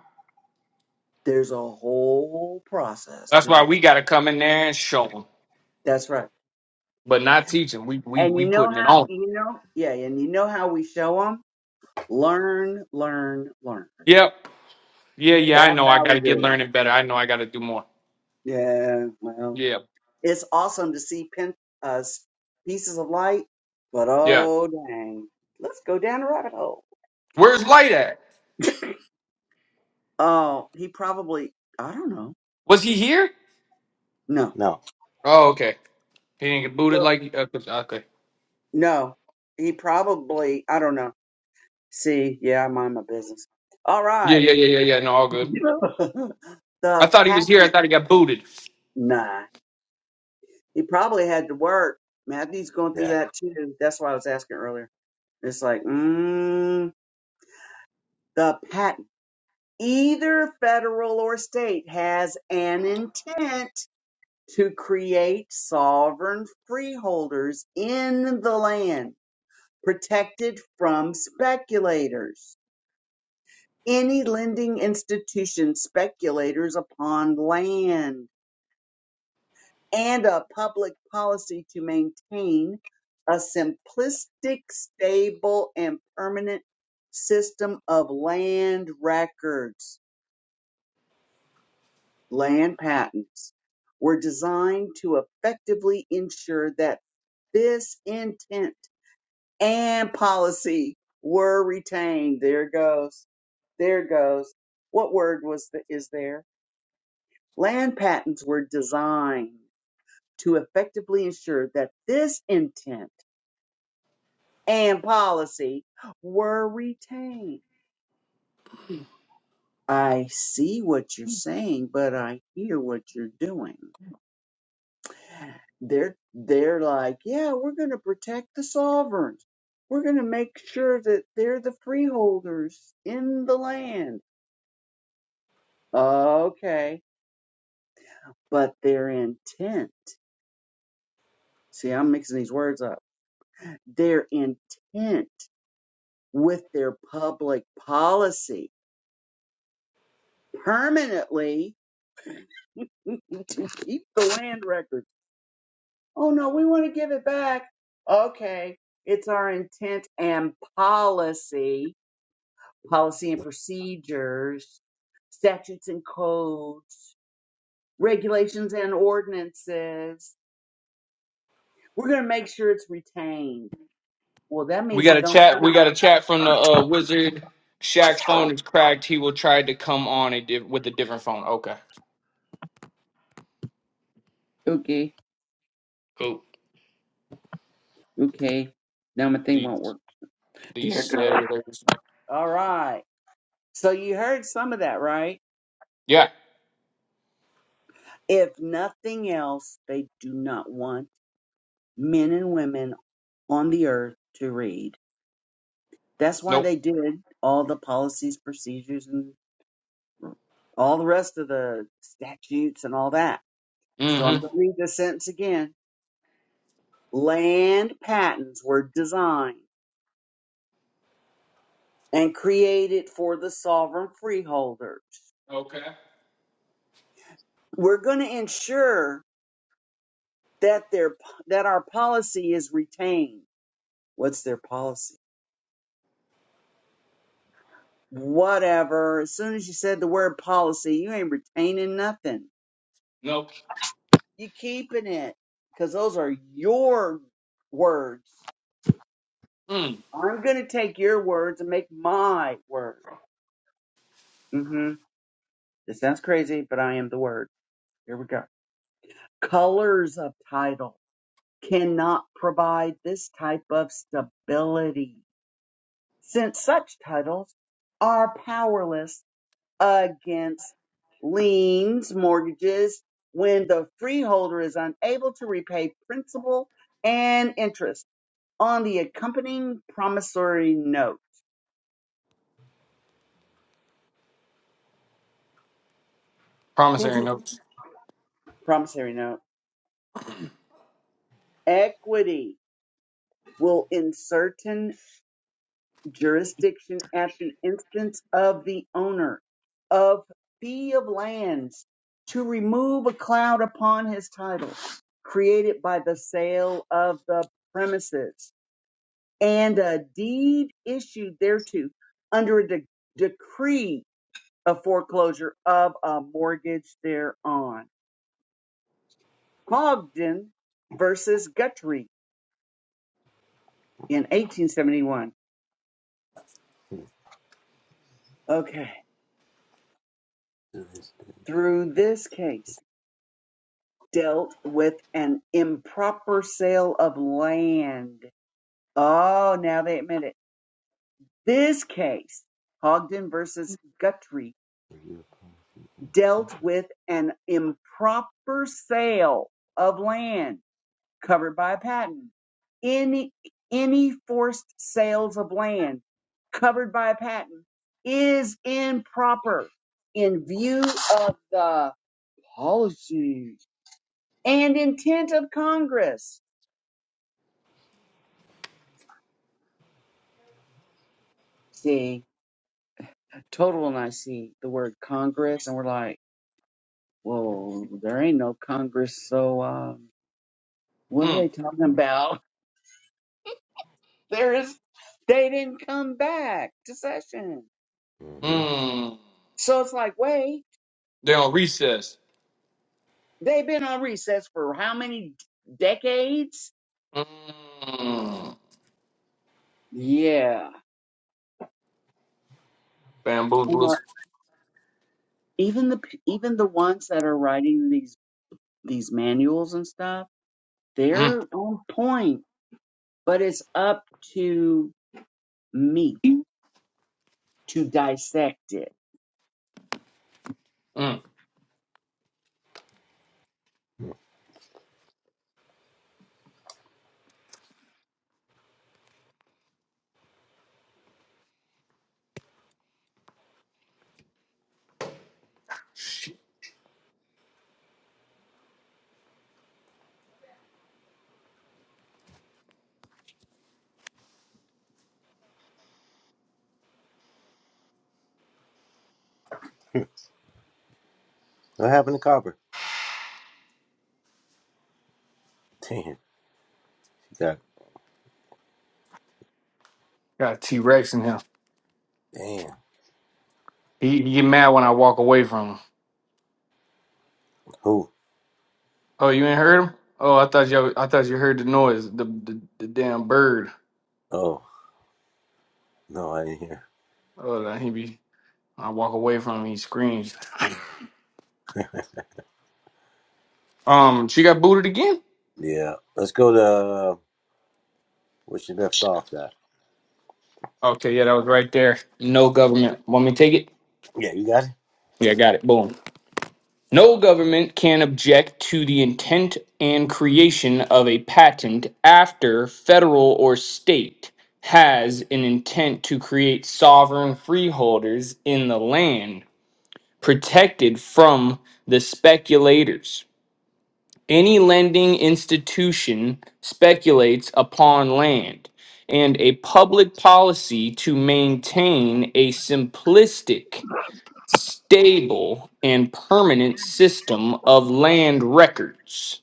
Speaker 2: There's a whole process
Speaker 4: That's
Speaker 2: to
Speaker 4: why
Speaker 2: do.
Speaker 4: we got to come in there and show them,
Speaker 2: That's right.
Speaker 4: but not teach them. We we
Speaker 2: And you
Speaker 4: we
Speaker 2: know
Speaker 4: putting it
Speaker 2: how,
Speaker 4: on.
Speaker 2: you know, yeah, and you know how we show them? Learn, learn, learn.
Speaker 4: Yep. Yeah. Yeah.
Speaker 2: That's
Speaker 4: I know. I
Speaker 2: how
Speaker 4: got
Speaker 2: we
Speaker 4: to get
Speaker 2: do
Speaker 4: learning better. I know. I got to do more.
Speaker 2: it. Yeah, well.
Speaker 4: Yeah.
Speaker 2: It's awesome to see pin, uh, s- pieces of light, but
Speaker 4: Yeah.
Speaker 2: oh dang, let's go down a rabbit hole.
Speaker 4: Where's Light at?
Speaker 2: Oh, he probably, I don't know.
Speaker 4: Was he here?
Speaker 2: No,
Speaker 3: No.
Speaker 4: Oh, okay. He didn't get booted
Speaker 2: Uh,
Speaker 4: like. Okay. okay.
Speaker 2: no, he probably, I don't know. See, yeah, I mind my business. All
Speaker 4: Yeah.
Speaker 2: right.
Speaker 4: Yeah. Yeah. Yeah. Yeah. No, all
Speaker 2: (laughs)
Speaker 4: good. I
Speaker 2: the
Speaker 4: thought he was here. I
Speaker 2: patent,
Speaker 4: thought he got booted.
Speaker 2: nah, he probably had to work. Matthew's going through
Speaker 3: Yeah.
Speaker 2: that too. That's why I was asking earlier. It's like, mm, the patent. either federal or state has an intent to create sovereign freeholders in the land protected from speculators. Any lending institution speculators upon land and a public policy to maintain a simplistic, stable, and permanent system of land records land patents were designed to effectively ensure that this intent and policy were retained. There it goes. There it goes. What word was the, is there? Land patents were designed to effectively ensure that this intent and policy were retained. I see what you're saying, but I hear what you're doing. They're they're like, yeah, we're going to protect the sovereigns. We're going to make sure that they're the freeholders in the land. Okay, but their intent. See, I'm mixing these words up. Their intent with their public policy permanently (laughs) to keep the land records. Oh no, we want to give it back. Okay, it's our intent and policy policy and procedures, statutes and codes, regulations and ordinances. We're going to make sure it's retained. Well, that
Speaker 4: We
Speaker 2: means
Speaker 4: got
Speaker 2: it
Speaker 4: a
Speaker 2: don't
Speaker 4: chat. We
Speaker 2: count.
Speaker 4: got a chat from the uh, wizard. Shaq phone is cracked. He will try to come on a diff- with a different phone. Okay.
Speaker 2: Okay,
Speaker 4: Cool.
Speaker 2: okay. Now my thing won't
Speaker 4: These
Speaker 2: work.
Speaker 4: these
Speaker 2: There it goes.
Speaker 4: cellular.
Speaker 2: All right. So you heard some of that, right?
Speaker 4: Yeah.
Speaker 2: If nothing else, they do not want men and women on the earth to read. That's why
Speaker 4: Nope.
Speaker 2: they did all the policies, procedures, and. all the rest of the statutes and all that. So I'm going
Speaker 4: Mm-hmm.
Speaker 2: to read this sentence again. Land patents were designed and created for the sovereign freeholders.
Speaker 4: Okay.
Speaker 2: We're going to ensure that their that our policy is retained. What's their policy? Whatever. As soon as you said the word policy, you ain't retaining nothing.
Speaker 4: Nope.
Speaker 2: You keeping it because those are your words.
Speaker 4: Mm.
Speaker 2: I'm going to take your words and make my words. Mm-hmm. This sounds crazy, but I am the word. Here we go. Colors of title cannot provide this type of stability since such titles are powerless against liens, mortgages, when the freeholder is unable to repay principal and interest on the accompanying promissory note.
Speaker 4: Promissory notes.
Speaker 2: Promissory note. Equity will in certain jurisdiction at the instance of the owner of fee of lands to remove a cloud upon his title created by the sale of the premises and a deed issued thereto under a de- decree of foreclosure of a mortgage thereon. Cogden versus Guthrie in 1871. Okay, through this case. dealt with an improper sale of land. Oh, now they admit it. This case, Hogden versus Guthrie, dealt with an improper sale of land covered by a patent. Any any forced sales of land covered by a patent is improper in view of the policy and intent of Congress. See, total and I see the word Congress and we're like, whoa, there ain't no Congress. So um, what are
Speaker 4: Mm.
Speaker 2: they talking about? (laughs) There is, they didn't come back to session.
Speaker 3: Mm-hmm.
Speaker 4: Mm.
Speaker 2: So it's like, wait,
Speaker 4: they on recess.
Speaker 2: they've been on recess for how many decades?
Speaker 4: Mm.
Speaker 2: Yeah. You know,
Speaker 4: Bamboozlers.
Speaker 2: even the, p- even the ones that are writing these, these manuals and stuff,
Speaker 4: Mm.
Speaker 2: they're on point, but it's up to me to dissect it.
Speaker 4: Mm. Shit.
Speaker 3: What happened to Copper? (laughs) Damn. She got.
Speaker 4: Got T Rex in here.
Speaker 3: Damn.
Speaker 4: He, he get mad when I walk away from him.
Speaker 3: Who?
Speaker 4: Oh, you ain't heard him? Oh, I thought you. I thought you heard the noise. The the, the damn bird.
Speaker 3: Oh. No, I didn't hear.
Speaker 4: Oh, that he be. I walk away from him. He screams. Um, she got booted again.
Speaker 3: Yeah. Let's go to uh, where she left off at.
Speaker 4: Okay, yeah, that was right there. No government. Want me to take it?
Speaker 3: Yeah, you got it?
Speaker 4: Yeah, got it. Boom. No government can object to the intent and creation of a patent after federal or state has an intent to create sovereign freeholders in the land protected from the speculators Any lending institution speculates upon land, and a public policy to maintain a simplistic, stable, and permanent system of land records.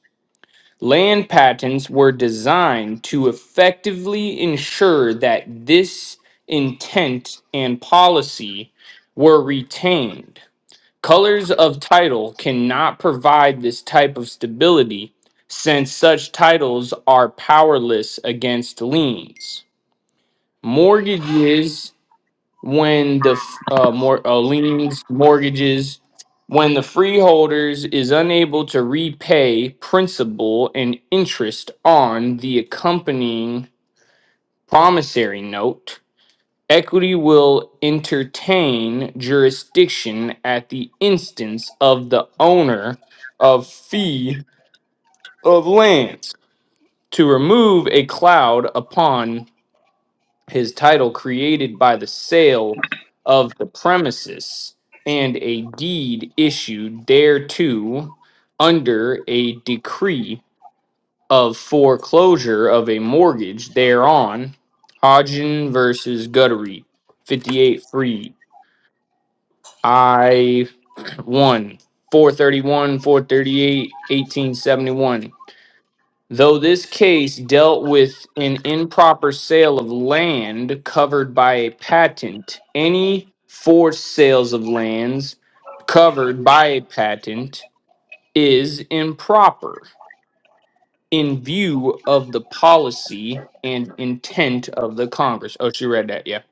Speaker 4: Land patents were designed to effectively ensure that this intent and policy were retained. Colors of title cannot provide this type of stability since such titles are powerless against liens. Mortgages, when the f- uh, mor- uh, liens, mortgages, when the freeholders is unable to repay principal and interest on the accompanying promissory note, Equity will entertain jurisdiction at the instance of the owner of fee of lands to remove a cloud upon his title created by the sale of the premises and a deed issued thereto under a decree of foreclosure of a mortgage thereon. Hodgin versus Guttery, 58 three. I won 431, 438, 1871. Though this case dealt with an improper sale of land covered by a patent, any forced sales of lands covered by a patent is improper in view of the policy and intent of the Congress. Oh, she read that. Yeah.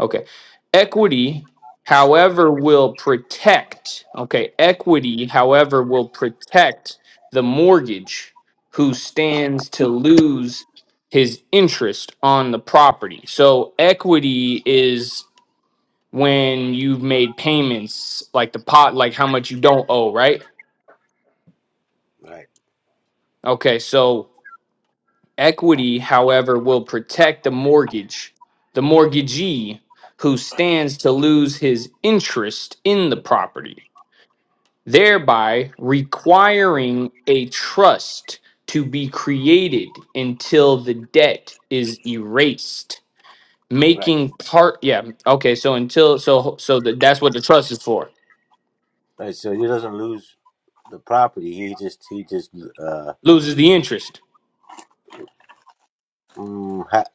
Speaker 4: Okay. Equity, however, will protect, okay, equity, however, will protect the mortgage who stands to lose his interest on the property. So equity is when you've made payments like the pot like how much you don't owe, right?
Speaker 3: Right.
Speaker 4: Okay, so Equity, however, will protect the mortgage, the mortgagee who stands to lose his interest in the property, thereby requiring a trust to be created until the debt is erased,
Speaker 3: Right.
Speaker 4: making part yeah, okay, so until so so that that's what the trust is for.
Speaker 3: Right, so he doesn't lose the property. He just he just uh
Speaker 4: Loses the interest.
Speaker 3: mm, ha-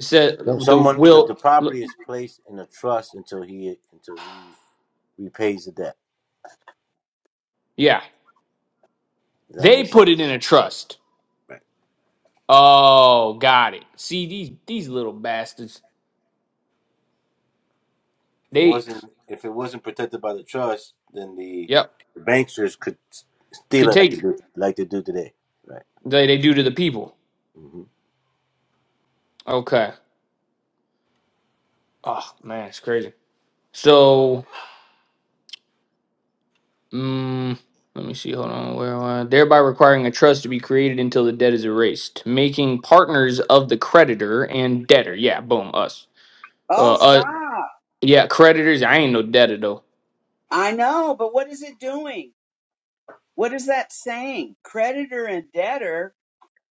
Speaker 4: So
Speaker 3: no,
Speaker 4: the
Speaker 3: someone the, the
Speaker 4: will
Speaker 3: property is placed in a trust until he until he repays the debt.
Speaker 4: yeah,
Speaker 3: Does that make
Speaker 4: they put it
Speaker 3: sense?
Speaker 4: in a trust.
Speaker 3: Right.
Speaker 4: Oh, got it. See these these little bastards.
Speaker 3: If it
Speaker 4: They
Speaker 3: wasn't if it wasn't protected by the trust, then the,
Speaker 4: yep
Speaker 3: the banksters could s- steal it like they
Speaker 4: contagion.
Speaker 3: do like they do today. Right.
Speaker 4: They they do to the people.
Speaker 3: hmm
Speaker 4: Okay. Oh man, it's crazy. So mm, let me see. Hold on. Where am I? Thereby requiring a trust to be created until the debt is erased, making partners of the creditor and debtor. Yeah. Boom. Us. Uh.
Speaker 2: Oh,
Speaker 4: uh
Speaker 2: stop.
Speaker 4: yeah. Creditors. I ain't no debtor though.
Speaker 2: I know, but what is it doing? What is that saying? Creditor and debtor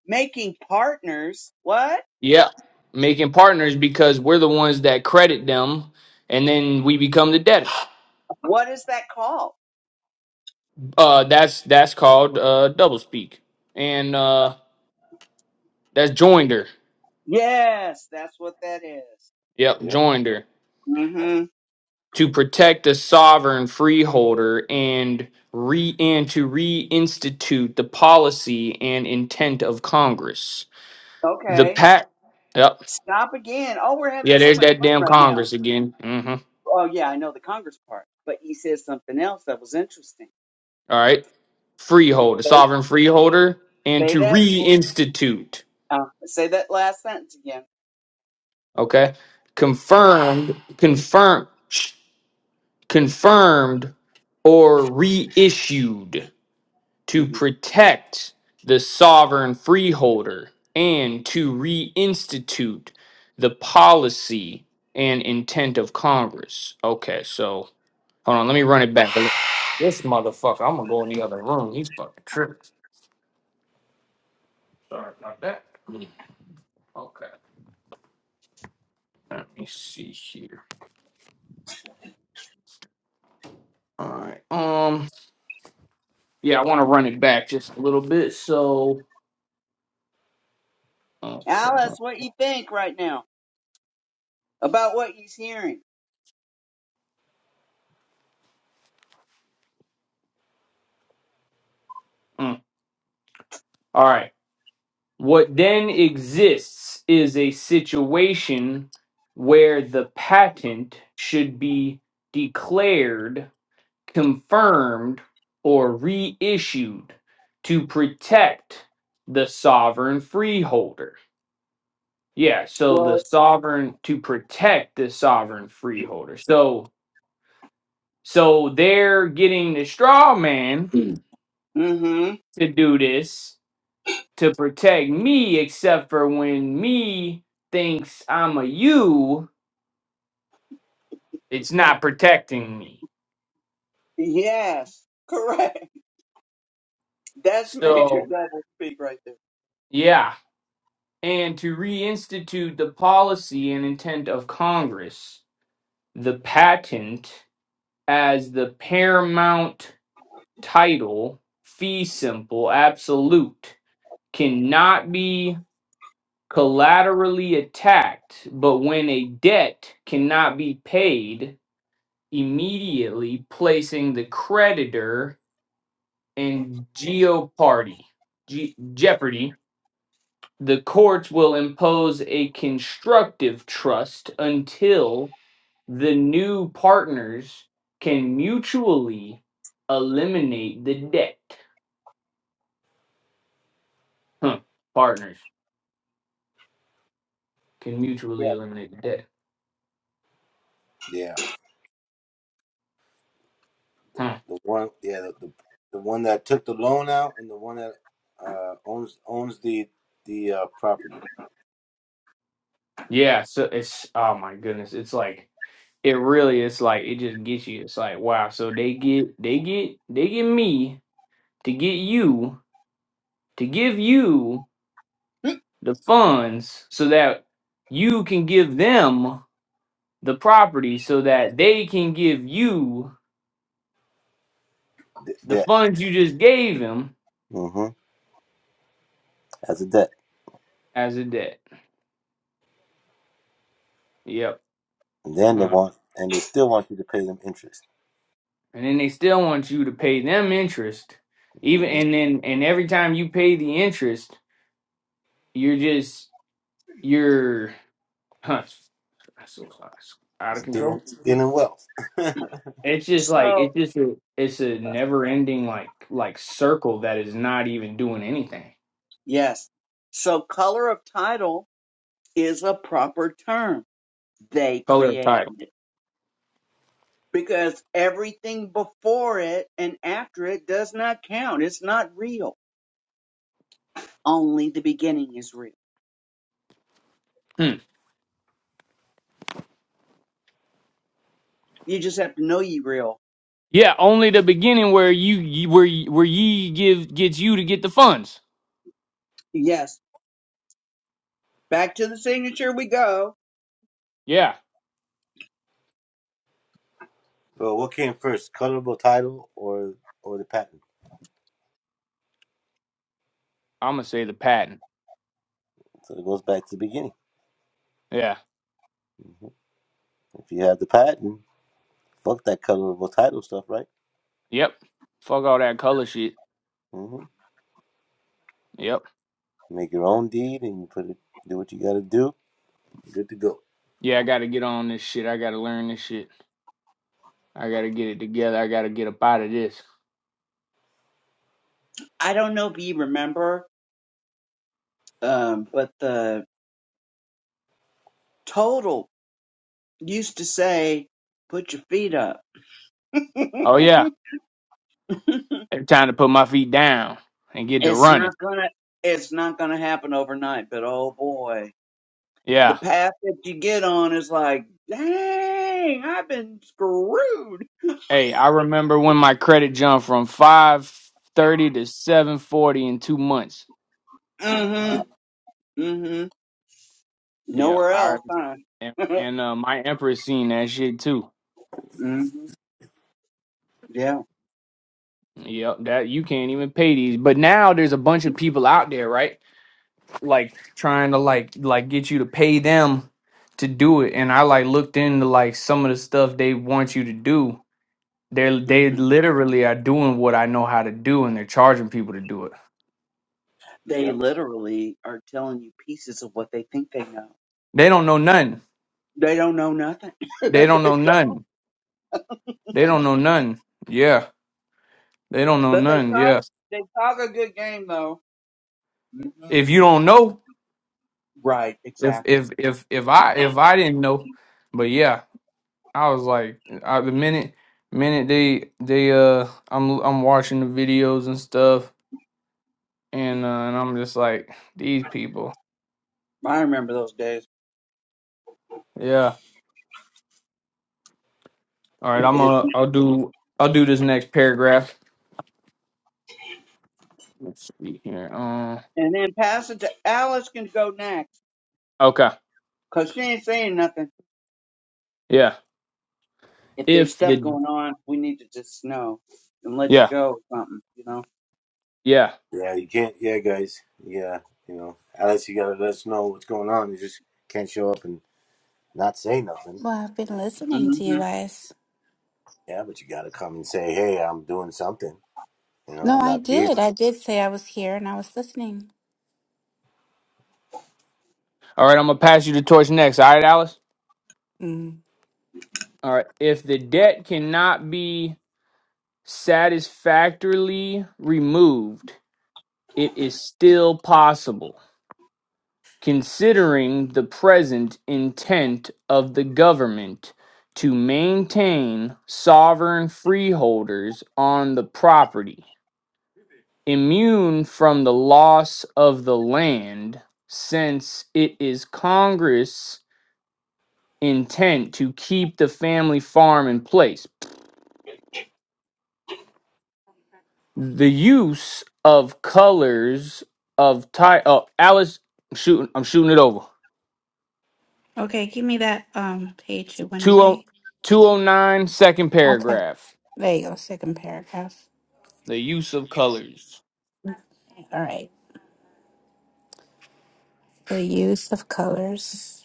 Speaker 2: making partners. What?
Speaker 4: Yeah. Making partners because we're the ones that credit them, and then we become the debtor.
Speaker 2: What is that called?
Speaker 4: Uh, that's that's called uh double speak, and uh that's joinder.
Speaker 2: Yes, that's what that is.
Speaker 4: Yep,
Speaker 3: Yep.
Speaker 4: joinder
Speaker 2: Mm-hmm.
Speaker 4: to protect the sovereign freeholder and re and to reinstitute the policy and intent of Congress. The
Speaker 2: Okay.
Speaker 4: pact. Yep.
Speaker 2: Stop again. Oh, we're having
Speaker 4: Yeah,
Speaker 2: so
Speaker 4: there's
Speaker 2: much
Speaker 4: that
Speaker 2: fun
Speaker 4: damn
Speaker 2: right now.
Speaker 4: Congress again. Mm-hmm.
Speaker 2: Oh yeah, I know the Congress part, but he says something else that was interesting.
Speaker 4: All right. Freeholder,
Speaker 2: Say,
Speaker 4: sovereign freeholder, and
Speaker 2: say
Speaker 4: to
Speaker 2: that.
Speaker 4: reinstitute.
Speaker 2: Uh, say that last sentence again.
Speaker 4: Okay. Confirmed. Confirm. confirmed or reissued to
Speaker 2: hmm
Speaker 4: protect the sovereign freeholder and to reinstitute the policy and intent of Congress. Okay, so hold on, let me run it back. This motherfucker, I'm gonna go in the other room. He's fucking tripping. Sorry about that. Hmm, Okay, let me see here. All right. Um. Yeah, I want to run it back just a little bit. So. Okay.
Speaker 2: Alice,
Speaker 4: huh.
Speaker 2: what you think right now about what he's hearing?
Speaker 4: Mm. All right. What then exists is a situation where the patent should be declared, confirmed, or reissued to protect the sovereign freeholder. Yeah, so the
Speaker 2: Well.
Speaker 4: sovereign to protect the sovereign freeholder. So so they're getting the straw man (clears throat)
Speaker 2: Mhm.
Speaker 4: to do this to protect me, except for when me thinks I'm a you, it's not protecting me.
Speaker 2: Yes, correct. (laughs) That's Major
Speaker 4: So,
Speaker 2: Dudley speak right there.
Speaker 4: yeah. And to reinstitute the policy and intent of Congress, the patent as the paramount title, fee simple, absolute, cannot be collaterally attacked, but when a debt cannot be paid immediately placing the creditor in geopardy, ge- jeopardy. The courts will impose a constructive trust until the new partners can mutually eliminate the debt. Huh. Partners can mutually
Speaker 2: Yeah.
Speaker 4: eliminate the debt.
Speaker 3: Yeah.
Speaker 4: Huh.
Speaker 3: The one yeah the, the the one that took the loan out and the one that uh owns owns the the uh property
Speaker 4: Yeah, so it's oh my goodness, it's like it really It's like it just gets you. It's like wow, so they get they get they get me to get you to give you
Speaker 2: (clears throat)
Speaker 4: the funds so that you can give them the property so that they can give you
Speaker 3: the
Speaker 4: the funds you just gave them
Speaker 3: debt. as a debt.
Speaker 4: as a debt. Yep.
Speaker 3: And then they
Speaker 4: Huh.
Speaker 3: want, and they still want you to pay them interest.
Speaker 4: And then they still want you to pay them interest. Even
Speaker 3: hmm
Speaker 4: and then and every time you pay the interest, you're just you're huh, so it's out of
Speaker 3: Stealing,
Speaker 4: control
Speaker 3: stealing wealth. (laughs)
Speaker 4: It's just like
Speaker 2: So,
Speaker 4: it's just a, it's a never ending like like circle that is not even doing anything.
Speaker 2: yes. So, color of title is a proper term. They
Speaker 4: Color of
Speaker 2: created
Speaker 4: title.
Speaker 2: it because everything before it and after it does not count. It's not real. Only the beginning is real.
Speaker 4: Hmm.
Speaker 2: You just have to know you real.
Speaker 4: Yeah, only the beginning where you you- where you- where ye give gets you to get the funds.
Speaker 2: Yes. Back to the signature we go.
Speaker 4: Yeah,
Speaker 3: Well, what came first, colorable title or or the patent?
Speaker 4: I'm gonna say the patent.
Speaker 3: So it goes back to the beginning.
Speaker 4: Yeah.
Speaker 3: If you have the patent, fuck that colorable title stuff, right?
Speaker 4: Yep. Fuck all that color shit.
Speaker 3: hmm
Speaker 4: Yep.
Speaker 3: Make your own deed and you put it, do what you got to do. Good to go.
Speaker 4: Yeah, I gotta get on this shit. I gotta learn this shit. I gotta get it together. I gotta get up out of this.
Speaker 2: I don't know if you remember, um, but the total used to say, put your feet up
Speaker 4: Oh yeah,
Speaker 2: (laughs)
Speaker 4: it's time to put my feet down and get to
Speaker 2: It's
Speaker 4: running.
Speaker 2: not gonna it's not gonna happen overnight, but oh boy. The
Speaker 4: Yeah.
Speaker 2: path that you get on is like, dang, I've been screwed.
Speaker 4: Hey, I remember when my credit jumped from 530 to 740 in two months.
Speaker 3: Wow.
Speaker 2: Mm-hmm. Mm-hmm.
Speaker 4: Yep.
Speaker 2: Nowhere
Speaker 4: I
Speaker 2: else, huh?
Speaker 4: and,
Speaker 2: (laughs)
Speaker 4: and uh, my Empress seen that shit too.
Speaker 2: mm-hmm. Yeah.
Speaker 4: Yep, that you can't even pay these. But now there's a bunch of people out there, right? Like trying to like like get you to pay them to do it. And I like looked into like some of the stuff they want you to do. They they
Speaker 2: Mm-hmm.
Speaker 4: literally are doing what I know how to do and they're charging people to do it.
Speaker 2: They
Speaker 3: Yep.
Speaker 2: literally are telling you pieces of what they think they know.
Speaker 4: They don't know nothing.
Speaker 2: They don't know nothing. (laughs)
Speaker 4: They don't
Speaker 2: they
Speaker 4: know nothing.
Speaker 2: don't.
Speaker 4: They don't know none. Yeah. They don't know
Speaker 2: But they
Speaker 4: none.
Speaker 2: talk
Speaker 4: Yeah.
Speaker 2: they talk a good game though. hmm
Speaker 4: If you don't know,
Speaker 2: Right,
Speaker 4: if
Speaker 2: exactly.
Speaker 4: if if if I if I didn't know, but yeah, I was like I, the minute minute they they uh I'm I'm watching the videos and stuff and uh, and I'm just like these people.
Speaker 2: I remember those days.
Speaker 4: Yeah. All right, I'm uh I'll do I'll do this next paragraph. Let's see here. Um
Speaker 2: And then pass it to Alice can go next.
Speaker 4: okay.
Speaker 2: Cause she ain't saying nothing.
Speaker 4: Yeah.
Speaker 2: If there's
Speaker 4: If
Speaker 2: stuff
Speaker 4: the
Speaker 2: going on, we need to just know and let you
Speaker 4: yeah.
Speaker 2: go or something, you know?
Speaker 4: Yeah.
Speaker 3: Yeah, you can't. Yeah, guys. Yeah, you know, Alex, you gotta let us know what's going on. You just can't show up and not say nothing.
Speaker 1: I've been listening to you
Speaker 2: hmm
Speaker 1: guys.
Speaker 3: Yeah, but you gotta come and say, hey, I'm doing something. You know,
Speaker 1: No,
Speaker 3: I'm
Speaker 1: I
Speaker 3: not here.
Speaker 1: did. I did say I was here and I was listening.
Speaker 4: All right, I'm gonna pass you the torch next. All right, Alice?
Speaker 1: Mm.
Speaker 4: All right. If the debt cannot be satisfactorily removed, it is still possible, considering the present intent of the government to maintain sovereign freeholders on the property, immune from the loss of the land, since it is Congress' intent to keep the family farm in place. the use of colors of tie. Oh, Alice, I'm shooting. I'm shooting it over.
Speaker 1: Okay, give me that um page. It went
Speaker 4: 20
Speaker 1: away. Okay.
Speaker 4: paragraph.
Speaker 1: There you go, second paragraph.
Speaker 4: The use of colors.
Speaker 1: All right. The use of colors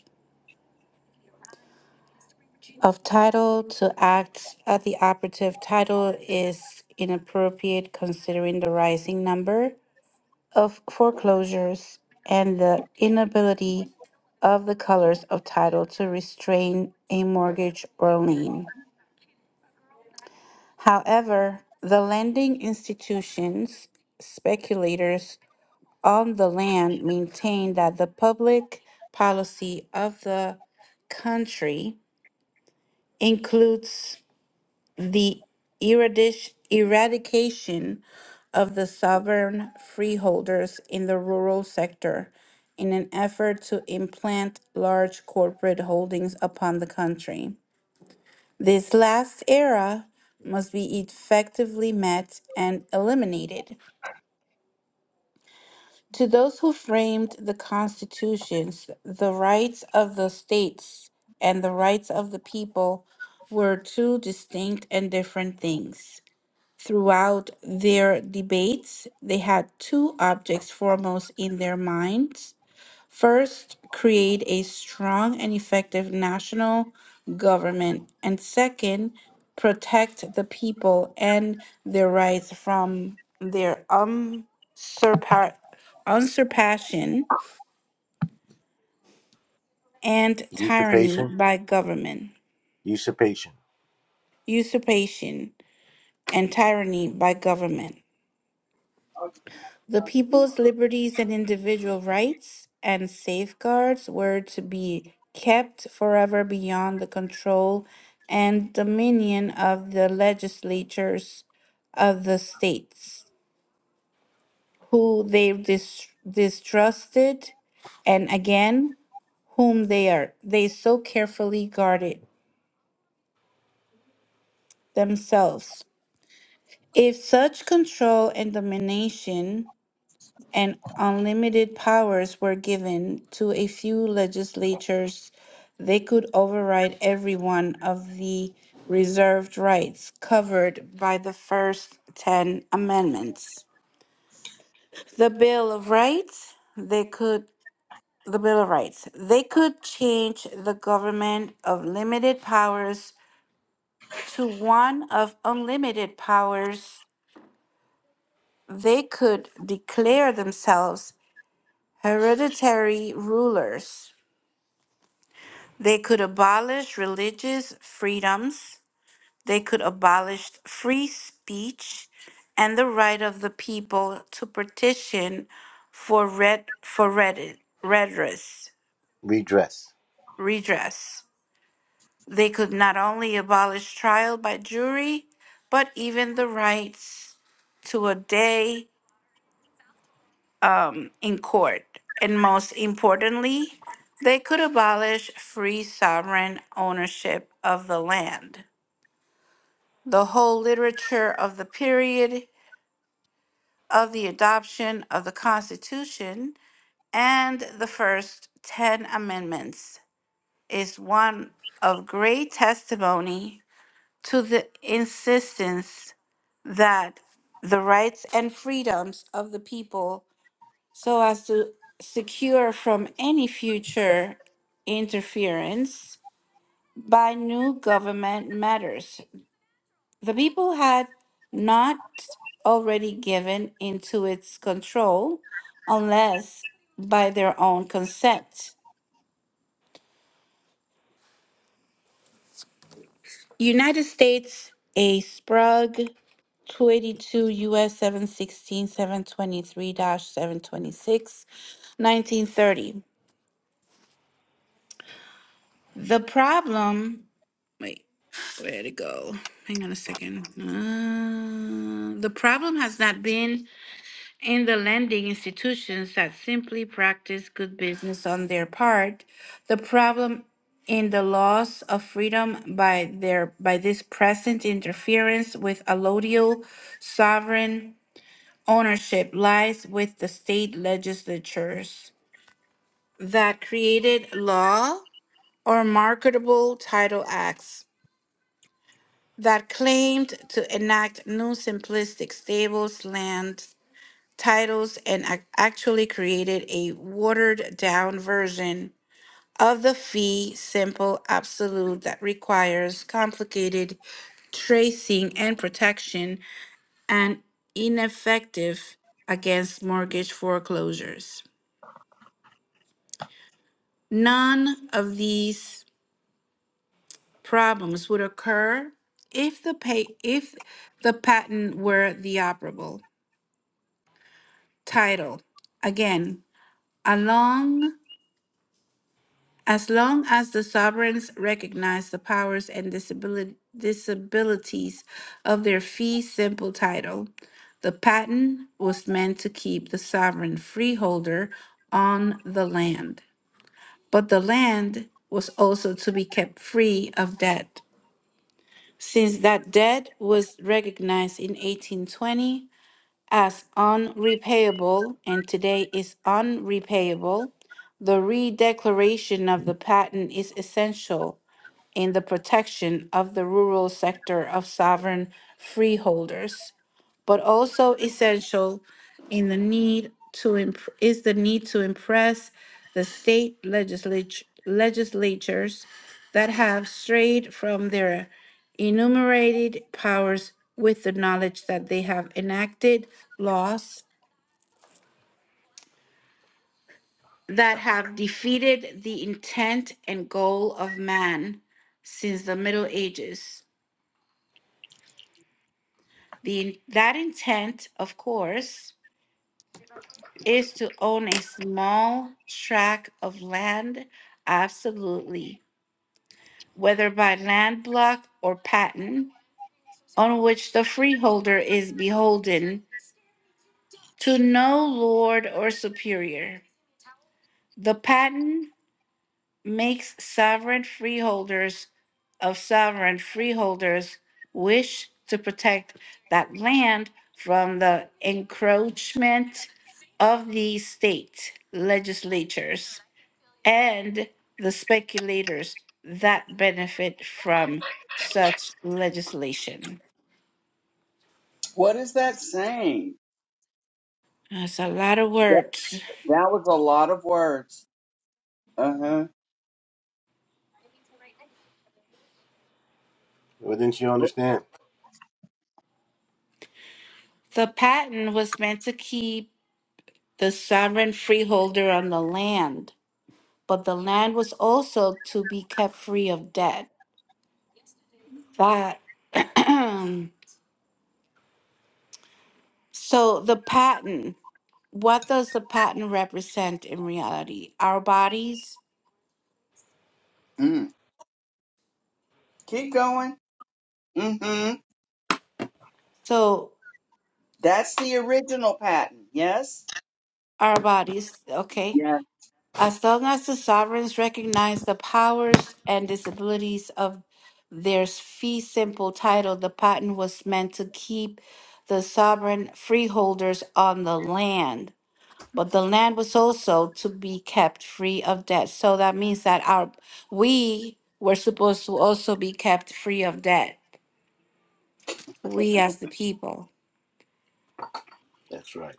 Speaker 1: of title to act at the operative title is inappropriate considering the rising number of foreclosures and the inability of the colors of title to restrain a mortgage or lien. However, the lending institutions, speculators on the land maintain that the public policy of the country includes the eradish- eradication of the sovereign freeholders in the rural sector in an effort to implant large corporate holdings upon the country. This last era must be effectively met and eliminated. To those who framed the constitutions, the rights of the states and the rights of the people were two distinct and different things. Throughout their debates, they had two objects foremost in their minds. First, create a strong and effective national government, and second, protect the people and their rights from their unsurpa- unsurpassation and tyranny
Speaker 3: Usurpation,
Speaker 1: by government,
Speaker 3: usurpation,
Speaker 1: usurpation and tyranny by government. The people's liberties and individual rights and safeguards were to be kept forever beyond the control and dominion of the legislatures of the states, who they dis- distrusted, and again, whom they are they so carefully guarded themselves. If such control and domination and unlimited powers were given to a few legislatures. They could override every one of the reserved rights covered by the first 10 amendments. The Bill of Rights, they could the Bill of Rights. They could change the government of limited powers to one of unlimited powers. They could declare themselves hereditary rulers They could abolish religious freedoms. They could abolish free speech and the right of the people to petition for red for red, redress,
Speaker 3: redress.
Speaker 1: redress. They could not only abolish trial by jury, but even the rights to a day um, in court. And most importantly, they could abolish free sovereign ownership of the land. the whole literature of the period of the adoption of the Constitution and the first 10 amendments is one of great testimony to the insistence that the rights and freedoms of the people so as to secure from any future interference by new government matters The people had not already given into its control unless by their own consent. United States, a Sprague 282 U.S. seven sixteen seven twenty three 723 726, The problem, wait, where'd it go? Hang on a second. Uh, the problem has not been and the lending institutions that simply practice good business on their part, the problem in the loss of freedom by their by this present interference with allodial sovereign ownership lies with the state legislatures that created law or marketable title acts that claimed to enact new simplistic stables lands titles and ac- actually created a watered down version of the fee simple absolute that requires complicated tracing and protection and ineffective against mortgage foreclosures. None of these problems would occur if the pay if the patent were the operable title. Again, along As long as the sovereigns recognize the powers and disabili- disabilities of their fee simple title, the patent was meant to keep the sovereign freeholder on the land. But the land was also to be kept free of debt, since that debt was recognized in 1820 as unrepayable and today is unrepayable. The redeclaration of the patent is essential in the protection of the rural sector of sovereign freeholders, but also essential in the need to imp- is the need to impress the state legislature legislatures that have strayed from their enumerated powers with the knowledge that they have enacted laws that have defeated the intent and goal of man since the Middle Ages The that intent, of course, is to own a small tract of land absolutely, whether by land block or patent, on which the freeholder is beholden to no lord or superior. The patent makes sovereign freeholders of sovereign freeholders wish to protect that land from the encroachment of the state legislatures and the speculators that benefit from such legislation.
Speaker 2: What is that saying?
Speaker 1: That's a lot of
Speaker 2: That,
Speaker 1: words.
Speaker 2: that was a lot of words. Uh huh.
Speaker 3: Well, didn't you understand?
Speaker 1: The patent was meant to keep the sovereign freeholder on the land but the land was also to be kept free of debt. That (clears throat) so the pattern, what does the pattern represent in reality? Our bodies.
Speaker 2: Mm. Keep going. Mm-hmm.
Speaker 1: So
Speaker 2: That's the original patent. Yes.
Speaker 1: our bodies, okay.
Speaker 2: Yeah.
Speaker 1: As long as the sovereigns recognize the powers and disabilities of their fee simple title, the patent was meant to keep the sovereign freeholders on the land But the land was also to be kept free of debt. So that means that our we were supposed to also be kept free of debt. We as the people.
Speaker 3: That's right.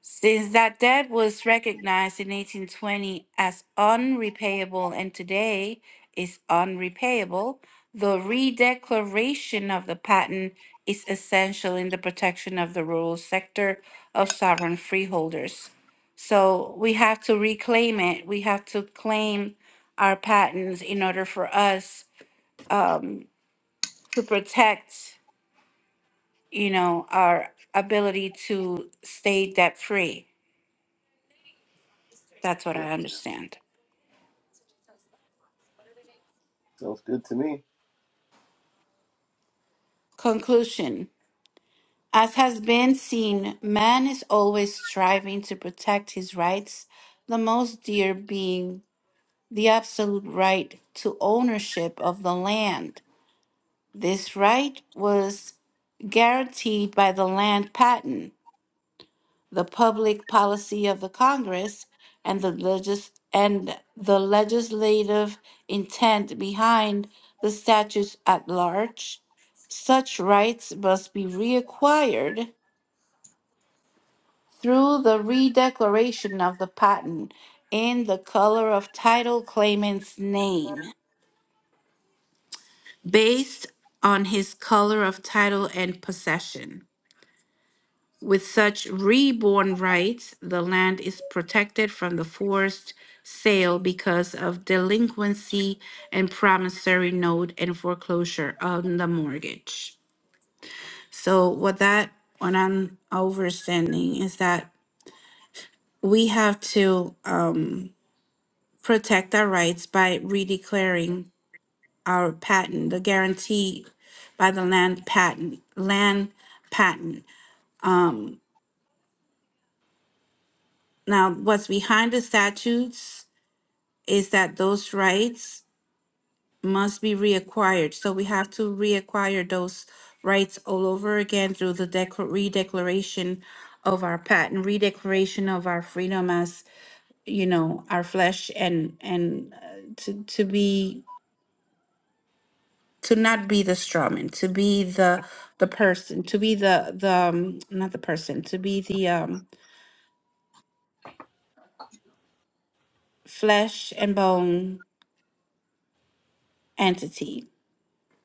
Speaker 1: Since that debt was recognized in 1820 as unrepayable and today is unrepayable, the redeclaration of the patent is essential in the protection of the rural sector of sovereign freeholders. So we have to reclaim it. We have to claim our patents in order for us um, to protect, you know, our ability to stay debt free. That's what
Speaker 3: Yeah,
Speaker 1: I understand.
Speaker 3: sounds good to me.
Speaker 1: Conclusion As has been seen, man is always striving to protect his rights, the most dear being the absolute right to ownership of the land. This right was guaranteed by the land patent, the public policy of the Congress, and the legis- and the legislative intent behind the statutes at large. Such rights must be reacquired through the redeclaration of the patent in the color of title claimant's name, based on his color of title and possession. With such reborn rights, the land is protected from the forced sale because of delinquency and promissory note and foreclosure on the mortgage. So, what that, what I'm overstanding is that we have to, um. protect our rights by redeclaring our patent, the guarantee by the land patent, land patent. Now, what's behind the statutes is that those rights must be reacquired. So we have to reacquire those rights all over again through the dec- redeclaration of our patent, redeclaration of our freedom as, you know, our flesh and and uh, to to be to not be the strawman, to be the the person, to be the the um, not the person, to be the um, flesh and bone entity.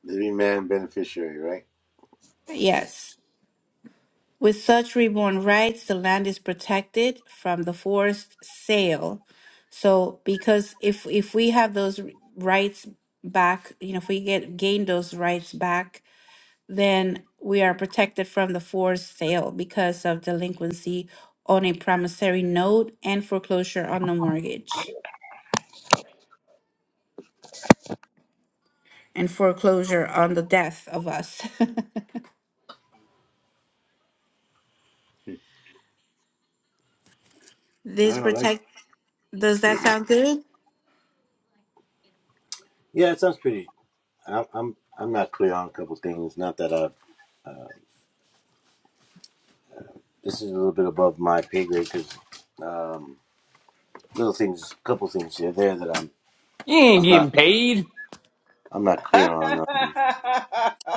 Speaker 3: Living man beneficiary, right?
Speaker 1: Yes. With such reborn rights, the land is protected from the forced sale. So, because if if we have those rights back, you know, if we get gain those rights back, then we are protected from the forced sale because of delinquency on a promissory note and foreclosure on the mortgage and foreclosure on the death of us. (laughs) this
Speaker 3: All right.
Speaker 1: protect does that sound good?
Speaker 3: Yeah, it sounds pretty. I'm, I'm, I'm not clear on a couple things. Not that I. This is a little bit above my pay grade because um, little things, couple things here there that I'm,
Speaker 4: You ain't
Speaker 3: I'm
Speaker 4: getting
Speaker 3: not,
Speaker 4: paid.
Speaker 3: I'm not clear on. Um,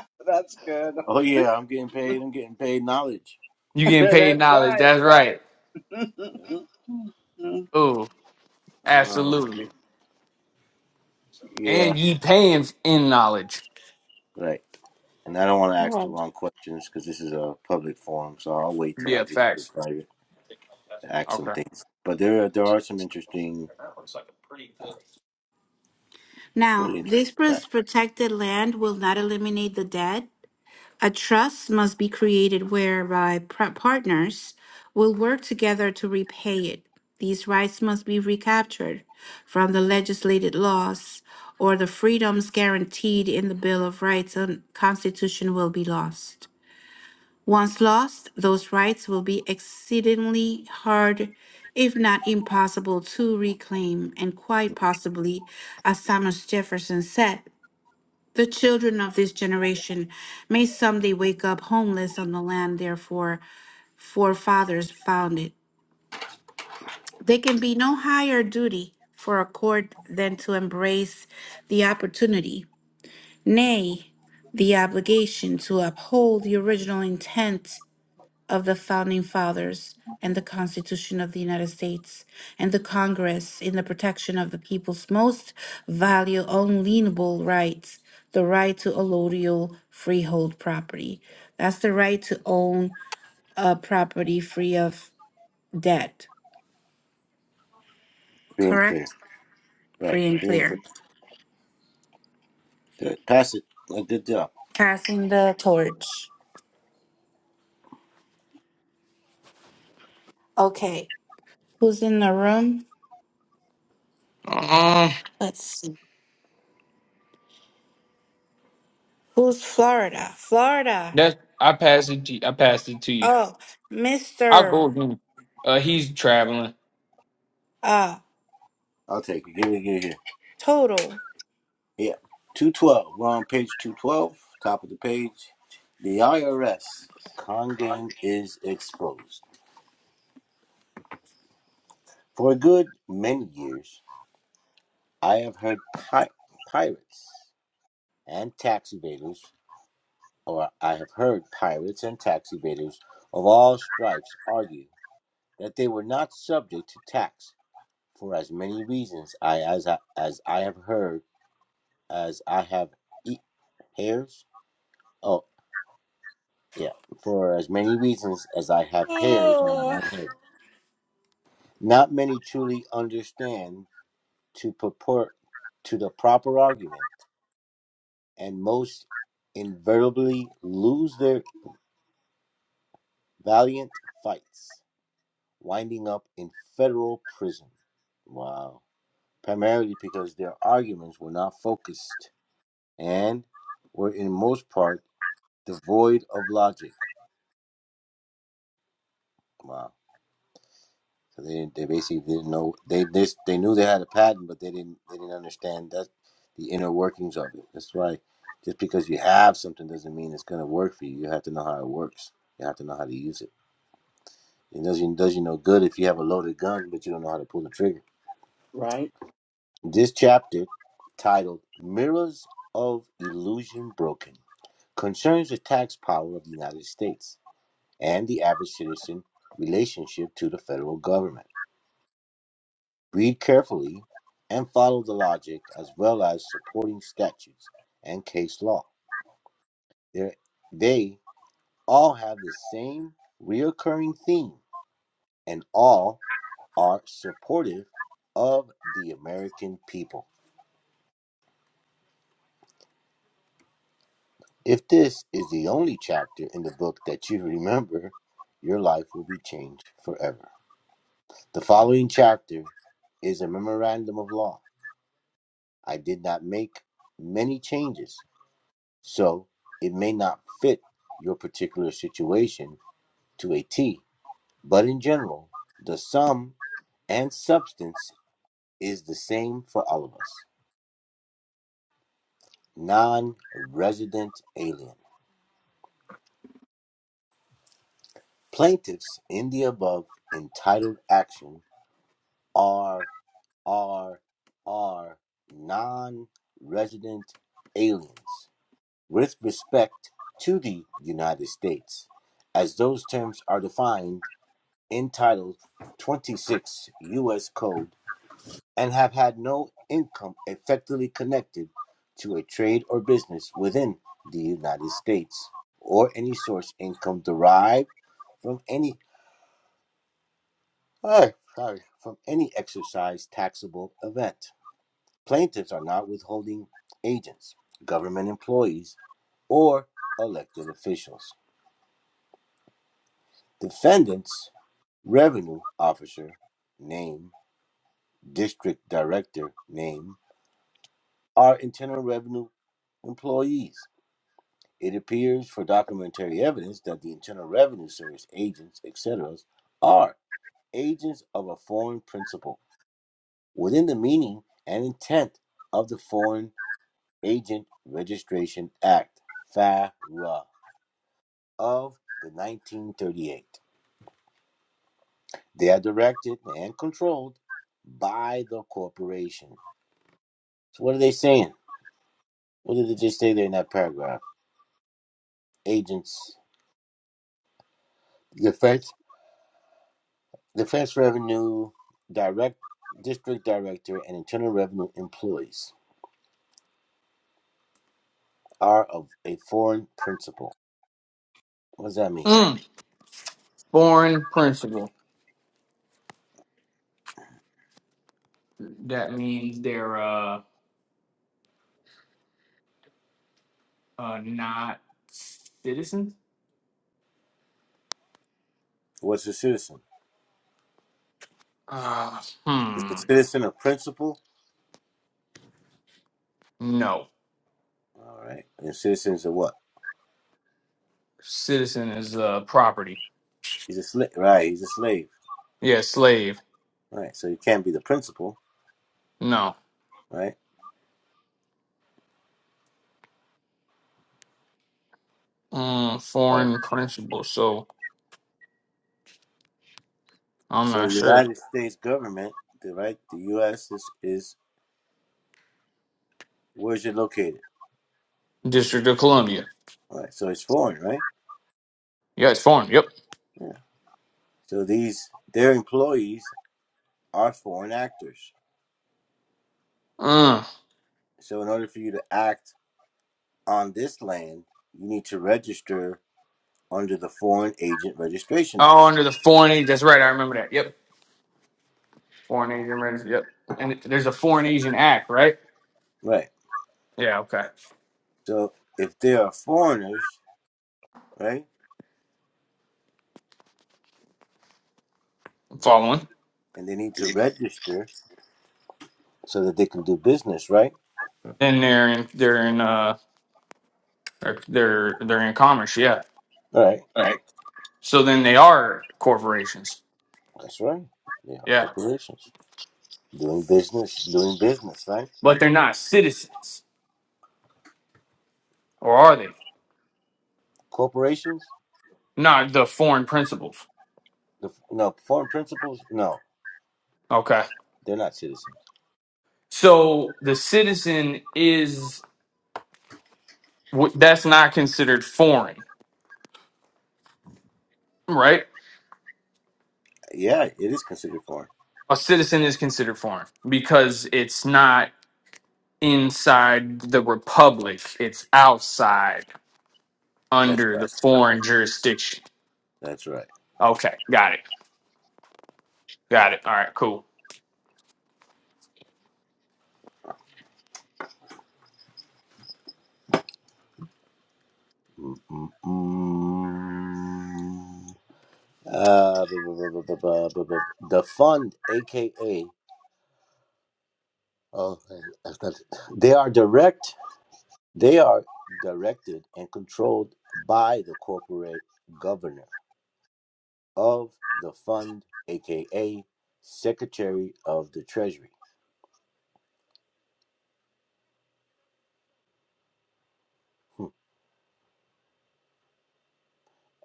Speaker 2: (laughs) That's good.
Speaker 3: oh yeah, I'm getting paid. I'm getting paid knowledge.
Speaker 2: (laughs)
Speaker 4: You getting paid
Speaker 2: That's
Speaker 4: knowledge. That's right.
Speaker 2: right.
Speaker 3: Yeah.
Speaker 2: (laughs)
Speaker 4: Oh,
Speaker 3: Um,
Speaker 4: absolutely.
Speaker 3: yeah.
Speaker 4: And you paying in knowledge.
Speaker 3: Right. And I don't want to ask the
Speaker 1: Right.
Speaker 3: wrong questions because this is a public forum, so I'll wait till I
Speaker 4: Yeah,
Speaker 3: get into
Speaker 4: facts.
Speaker 3: private to ask some
Speaker 4: Okay.
Speaker 3: things. But there, are- there are some interesting, uh,
Speaker 1: Now,
Speaker 3: really
Speaker 1: this
Speaker 3: interesting
Speaker 1: pres-
Speaker 3: facts.
Speaker 1: protected land will not eliminate the debt, A trust must be created whereby par- partners will work together to repay it. These rights must be recaptured from the legislated laws, or the freedoms guaranteed in the Bill of Rights and Constitution will be lost. Once lost, those rights will be exceedingly hard, if not impossible, to reclaim, and quite possibly, as Thomas Jefferson said, the children of this generation may someday wake up homeless on the land their fore- forefathers founded. There can be no higher duty for a court than to embrace the opportunity, nay, the obligation to uphold the original intent of the founding fathers and the Constitution of the United States and the Congress in the protection of the people's most valuable unalienable rights, the right to allodial freehold property. That's the right to own a property free of debt,
Speaker 3: Free and clear,
Speaker 1: correct?
Speaker 3: right?
Speaker 1: Free and
Speaker 3: Free and clear.
Speaker 1: clear.
Speaker 3: Good. Pass it. Uh, Good job.
Speaker 1: Passing the torch. Okay, who's in the room?
Speaker 4: Um,
Speaker 1: Let's see. Who's Florida? Florida.
Speaker 4: that I passed it. To you. I passed it to you.
Speaker 1: Oh,
Speaker 4: I'll go
Speaker 1: Mr.
Speaker 4: again. Uh, he's traveling.
Speaker 1: Uh,
Speaker 3: I'll take it. Give it, give it here.
Speaker 1: Total.
Speaker 3: Yeah, two twelve. We're on page two twelve, top of the page. The IRS con game is exposed. For a good many years, I have heard pi- pirates and tax evaders or I have heard pirates and tax evaders of all stripes argue that they were not subject to tax for as many reasons I as I, as I have heard as I have e- hairs. Oh yeah, for as many reasons as I have hairs on my
Speaker 1: Oh,
Speaker 3: head. Not many truly understand to purport to the proper argument, and most inevitably lose their valiant fights. winding up in federal prison. Wow. Primarily because their arguments were not focused and were, in most part, devoid of logic. Wow. So they, they basically didn't know they this they knew they had a patent, but they didn't they didn't understand that the inner workings of it. That's why just because you have something doesn't mean it's gonna work for you. You have to know how it works. You have to know how to use it. It doesn't does you no good if you have a loaded gun but you don't know how to pull the trigger.
Speaker 2: right.
Speaker 3: This chapter, titled Mirrors of Illusion Broken, concerns the tax power of the United States and the average citizen relationship to the federal government. Read carefully and follow the logic as well as supporting statutes and case law. They're, they all have the same reoccurring theme and all are supportive of the American people. If this is the only chapter in the book that you remember, your life will be changed forever. The following chapter is a memorandum of law. I did not make many changes, so it may not fit your particular situation to a T, but in general, the sum and substance is the same for all of us. Non resident alien. Plaintiffs in the above entitled action are are are non-resident aliens with respect to the United States, as those terms are defined in Title 26 U.S. Code and have had no income effectively connected to a trade or business within the United States or any source income derived from any uh, sorry, from any exercise taxable event. Plaintiffs are not withholding agents, government employees, or elected officials. Defendants, revenue officer name, district director name, are internal revenue employees. It appears for documentary evidence that the Internal Revenue Service agents, etc., are agents of a foreign principal within the meaning and intent of the Foreign Agent Registration Act, FARA. of the 1938. They are directed and controlled by the corporation. So what are they saying? What did they just say there in that paragraph? Agents, defense, defense revenue, direct district director, and internal revenue employees are of a foreign principal. What does that mean?
Speaker 4: Mm, foreign principle. that means they're uh, uh not citizens.
Speaker 3: What's a citizen?
Speaker 4: Uh,
Speaker 3: Is
Speaker 4: hmm.
Speaker 3: a citizen a principal?
Speaker 4: No,
Speaker 3: All right. And a citizen's a what?
Speaker 4: citizen is uh property.
Speaker 3: He's a slave. Right. He's a slave.
Speaker 4: Yeah, slave.
Speaker 3: Right. So he can't be the principal.
Speaker 4: No.
Speaker 3: Right.
Speaker 4: Um,
Speaker 3: All Right.
Speaker 4: foreign principal. So I'm
Speaker 3: So the
Speaker 4: not sure.
Speaker 3: United States government, the right, the U.S. is is where's it located?
Speaker 4: District of Columbia.
Speaker 3: Right. So it's foreign, right?
Speaker 4: Yeah, it's foreign. Yep.
Speaker 3: Yeah. So these their employees are foreign actors.
Speaker 4: Uh,
Speaker 3: So in order for you to act on this land, you need to register under the Foreign Agent Registration Act.
Speaker 4: oh, under the foreign agent. That's right. I remember that. Yep. Foreign agent. registry, Yep. And there's a foreign agent act, right?
Speaker 3: Right.
Speaker 4: Yeah. Okay.
Speaker 3: So if they are foreigners, right,
Speaker 4: I'm following.
Speaker 3: and they need to register so that they can do business, right?
Speaker 4: And they're in. They're in. Uh. They're they're they're in commerce. Yeah.
Speaker 3: All right.
Speaker 4: So then they are corporations.
Speaker 3: That's right. They are
Speaker 4: Yeah.
Speaker 3: corporations doing business, doing business, right?
Speaker 4: But they're not citizens. Or are they?
Speaker 3: Corporations?
Speaker 4: Not the foreign principles.
Speaker 3: The, no, foreign principals? No,
Speaker 4: Okay.
Speaker 3: they're not citizens.
Speaker 4: So the citizen is, w- that's not considered foreign, right?
Speaker 3: Yeah, it is considered foreign.
Speaker 4: A citizen is considered foreign because it's not inside the republic, it's outside
Speaker 3: That's
Speaker 4: under the
Speaker 3: right.
Speaker 4: foreign jurisdiction.
Speaker 3: That's right.
Speaker 4: Okay. Got it. Got it. All right. Cool.
Speaker 3: Mm, mm, mm. Uh, bu- bu- bu- bu- bu- bu- bu- bu- the fund, aka, oh, (laughs) that's not, it. they are direct. They are directed and controlled by the corporate governor of the fund, aka Secretary of the Treasury.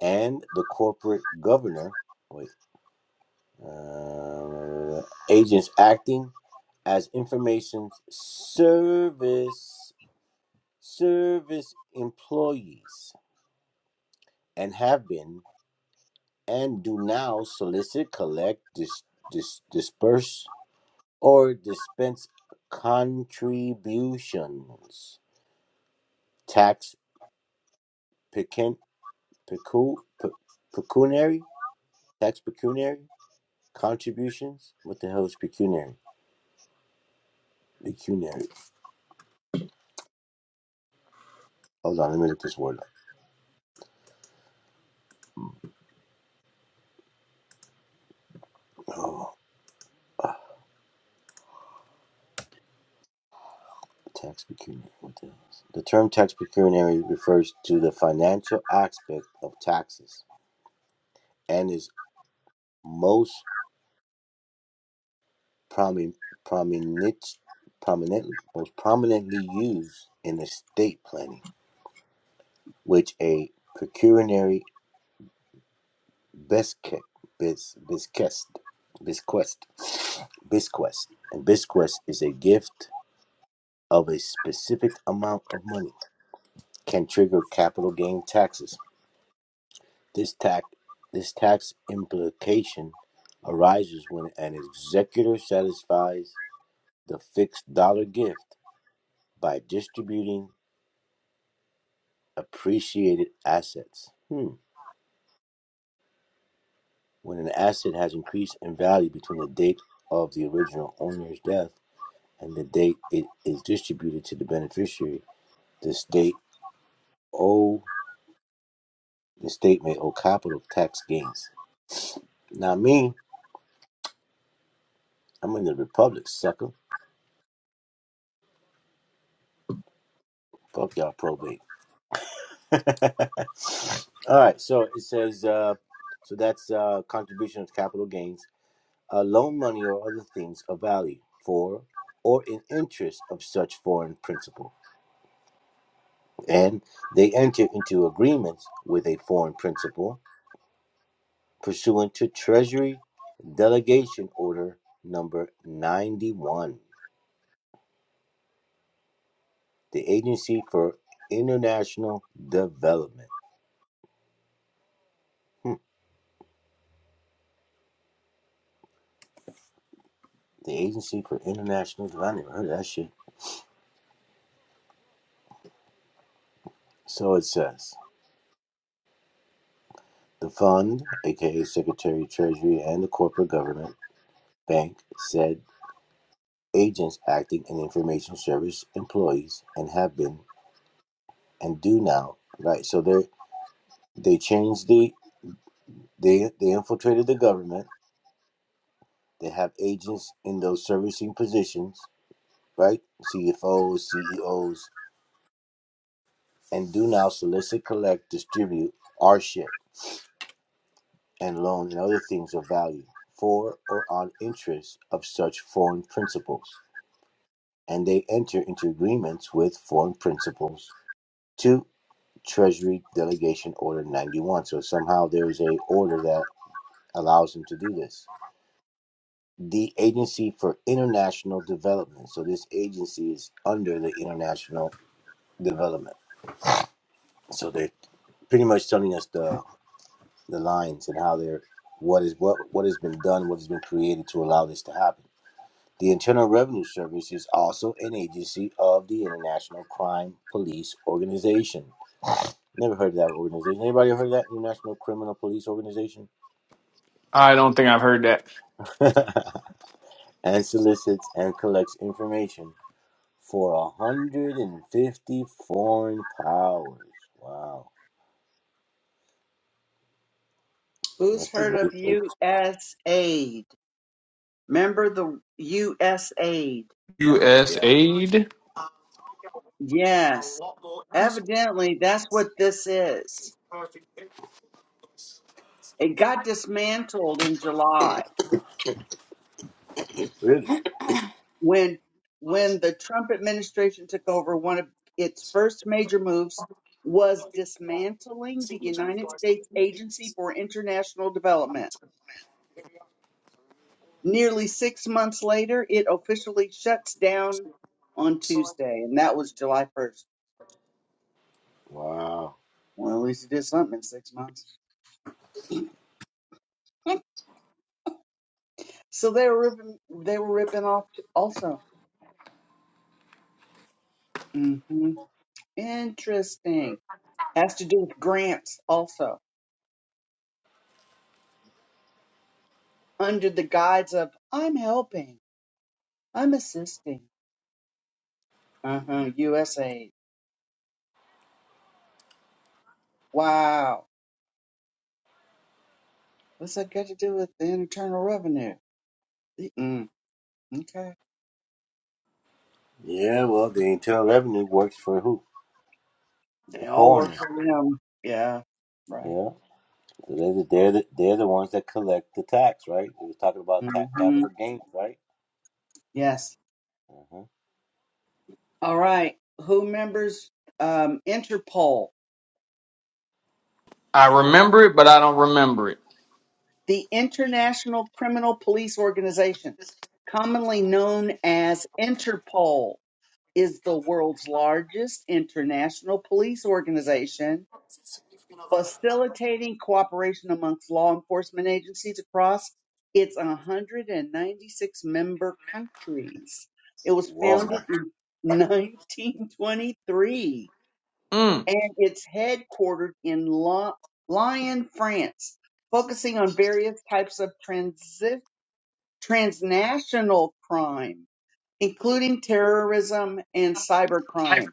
Speaker 3: and the corporate governor wait uh, agents acting as information service service employees and have been and do now solicit collect dis, dis, disperse or dispense contributions tax pecun, pecu, pe, pecuniary tax pecuniary contributions what the hell is pecuniary pecuniary Hold on, let me look this word up. Oh, tax pecuniary. What the hell is it? The term tax pecuniary refers to the financial aspect of taxes and is most promi- prominent, prominent, most prominently used in estate planning, which a pecuniary biscuit, bis, bisquest, bisquest, bisquest, and bisquest is a gift of a specific amount of money, can trigger capital gain taxes This tax this tax implication arises when an executor satisfies the fixed dollar gift by distributing appreciated assets. Hmm. When an asset has increased in value between the date of the original owner's death and the date it is distributed to the beneficiary, the state owe the state may owe capital tax gains. Now me, I'm in the republic, sucker. Fuck y'all probate. (laughs) All right. So it says, uh, so that's uh, contribution of capital gains, uh, loan money or other things of value for or in interest of such foreign principal. And they enter into agreements with a foreign principal pursuant to Treasury Delegation Order number 91, the Agency for International Development. Hmm, the Agency for International Development. I never heard of that shit. So it says. The fund, aka Secretary, Treasury, and the corporate government bank said agents acting in information service employees and have been and do now right. So they they changed the they they infiltrated the government. They have agents in those servicing positions, right? CFOs, CEOs, and do now solicit, collect, distribute our shit and loan and other things of value for or on interest of such foreign principals and they enter into agreements with foreign principals to Treasury Delegation Order 91. So somehow there's a order that allows them to do this. The Agency for International Development. So this agency is under the international development. So they're pretty much telling us the the lines and how they're what is what what has been done, what has been created to allow this to happen. The Internal Revenue Service is also an agency of the International Crime Police Organization. Never heard of that organization. Anybody heard of that? International Criminal Police Organization?
Speaker 4: I don't think I've heard that.
Speaker 3: (laughs) and solicits and collects information for 150 foreign powers. Wow.
Speaker 2: Who's
Speaker 3: Must be.
Speaker 2: heard of USAID? Remember the USAID?
Speaker 4: U.S.
Speaker 3: Yeah.
Speaker 4: aid.
Speaker 2: Yes. Evidently, that's what this is. It got dismantled in July
Speaker 3: Really?
Speaker 2: when when the Trump administration took over. One of its first major moves was dismantling the United States Agency for International Development. Nearly six months later, it officially shuts down on Tuesday, and that was July 1st.
Speaker 3: Wow.
Speaker 2: Well, at least he did something in six months. So they were ripping. They were ripping off also. hmm Interesting. Has to do with grants also, under the guise of "I'm helping, I'm assisting." Uh huh. USAID. Wow. What's that got to do with the Internal Revenue? Mm, okay.
Speaker 3: Yeah, well, the Internal Revenue works for who?
Speaker 2: They
Speaker 3: The
Speaker 2: all work
Speaker 3: foreigners.
Speaker 2: for them. Yeah. Right.
Speaker 3: Yeah. So they're the, they're, the, they're the ones that collect the tax, right? They were talking about tax
Speaker 2: hmm
Speaker 3: capital gains, right?
Speaker 2: Yes.
Speaker 3: Uh-huh.
Speaker 2: All right. Who members um, Interpol?
Speaker 4: I remember it, but I don't remember it.
Speaker 2: the International Criminal Police Organization, commonly known as Interpol, is the world's largest international police organization, facilitating cooperation amongst law enforcement agencies across its 196 member countries. It was
Speaker 3: Well,
Speaker 2: founded in 1923
Speaker 4: Mm,
Speaker 2: and it's headquartered in Lo- Lyon, France focusing on various types of transi- transnational crime, including terrorism and cybercrime.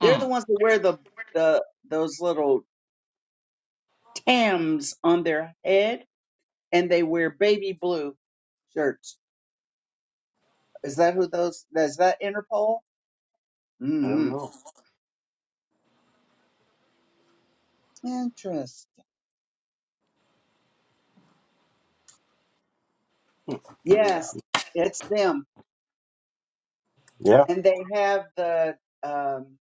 Speaker 2: They're the
Speaker 4: mm,
Speaker 2: ones that wear the, the those little tams on their head and they wear baby blue shirts. Is that who those is that Interpol?
Speaker 3: I I don't
Speaker 2: Mm-hmm.
Speaker 3: know.
Speaker 2: Interesting.
Speaker 3: Yeah.
Speaker 2: Yes, it's them.
Speaker 3: Yeah.
Speaker 2: And they have the um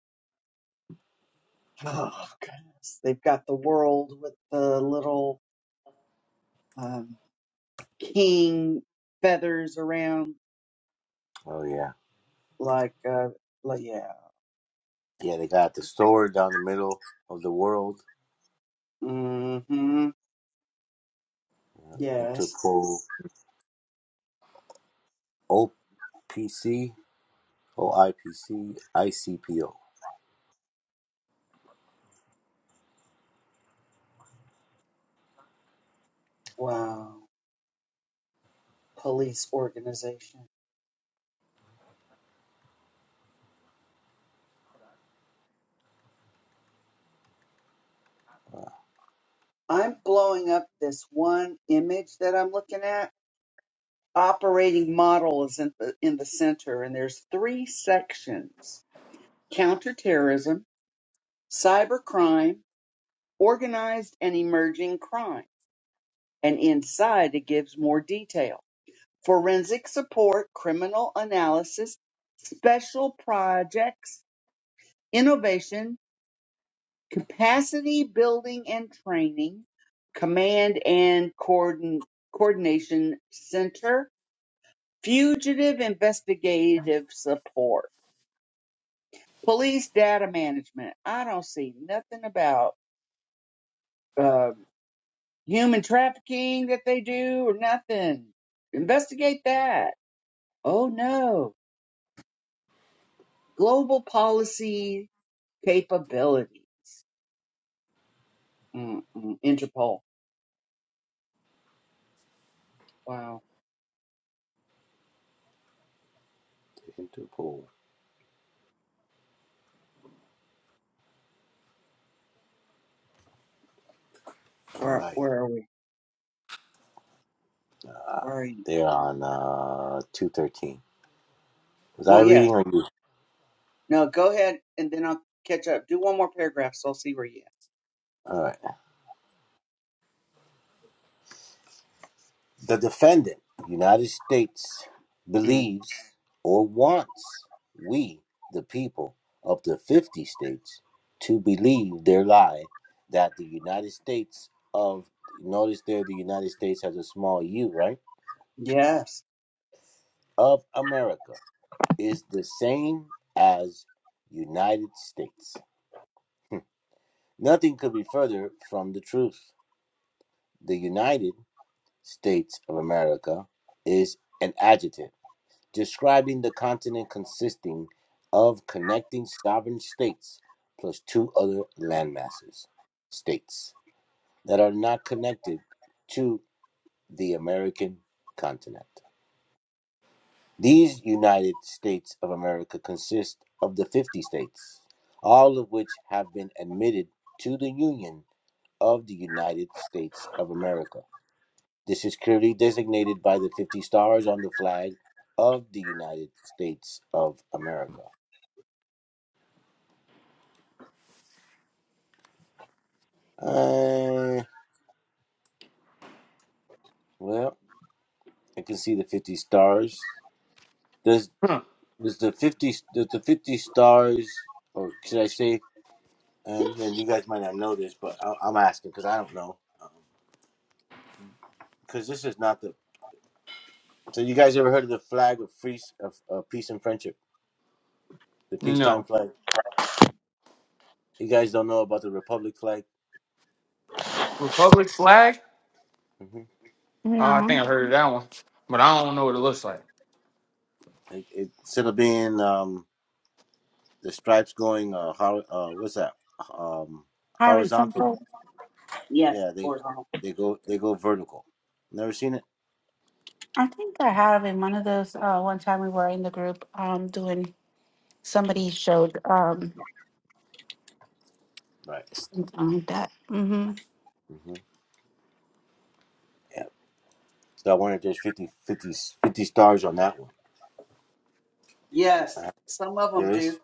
Speaker 2: oh goodness, they've got the world with the little um king feathers around
Speaker 3: Oh, yeah.
Speaker 2: Like, uh, like yeah.
Speaker 3: Yeah, they got the store down the middle of the world,
Speaker 2: Mm-hmm. Yes.
Speaker 3: Interpol O P C, O I P C, I C P O.
Speaker 2: Wow. Police organization. I'm blowing up this one image that I'm looking at. Operating model is in the, in the center, and there's three sections: counterterrorism, cybercrime, organized and emerging crime. And inside, it gives more detail: forensic support, criminal analysis, special projects, innovation, capacity building and training, command and coordin- coordination center, fugitive investigative support, police data management. I don't see nothing about um human trafficking that they do or nothing. Investigate that. Oh no. Global policy capabilities. Mm-mm. Interpol. Wow.
Speaker 3: Interpol. All
Speaker 2: Where
Speaker 3: right.
Speaker 2: where are we?
Speaker 3: Uh,
Speaker 2: Where are you?
Speaker 3: they're on uh, 213. Was I
Speaker 2: Well, yes.
Speaker 3: reading or you?
Speaker 2: No, go ahead and then I'll catch up. Do one more paragraph so I'll see where you
Speaker 3: All right. The defendant, United States,
Speaker 2: at. Mm.
Speaker 3: believes or wants we, the people of the 50 states, to believe their lie that the United States of, notice there the United States has a small u, right?
Speaker 2: Yes.
Speaker 3: Of America is the same as United States. Nothing could be further from the truth. The United States of America is an adjective describing the continent consisting of connecting sovereign states plus two other landmasses, states that are not connected to the American continent. These United States of America consist of the 50 states, all of which have been admitted to the Union of the United States of America. This is clearly designated by the 50 stars on the flag of the United States of America. Uh, well, I can see the fifty stars. Does
Speaker 4: huh.
Speaker 3: does the fifty does the fifty stars, or should I say? And then you guys might not know this, but I, I'm asking because I don't know because this is not the. So you guys ever heard of the flag of free of, of peace and friendship, the peacetime
Speaker 4: No.
Speaker 3: flag? You guys don't know about the republic flag.
Speaker 4: Republic flag?
Speaker 3: hmm
Speaker 4: Uh, I
Speaker 1: No,
Speaker 4: think I heard of that one, but I don't know what it looks like.
Speaker 3: It, it, instead of being um the stripes going uh, hor- uh what's that um
Speaker 1: I was
Speaker 3: horizontal?
Speaker 1: simple.
Speaker 2: Yes.
Speaker 3: Yeah, they
Speaker 2: Horizontal.
Speaker 3: they go they go vertical. Never seen it.
Speaker 1: I think I have in one of those. Uh, one time we were in the group um, doing. Somebody showed um,
Speaker 3: Right.
Speaker 1: something like that. hmm
Speaker 3: hmm Yeah. So I wonder if there's 50, fifty, fifty stars on that one.
Speaker 2: Yes.
Speaker 3: Uh,
Speaker 2: Some of them
Speaker 3: There is?
Speaker 2: do.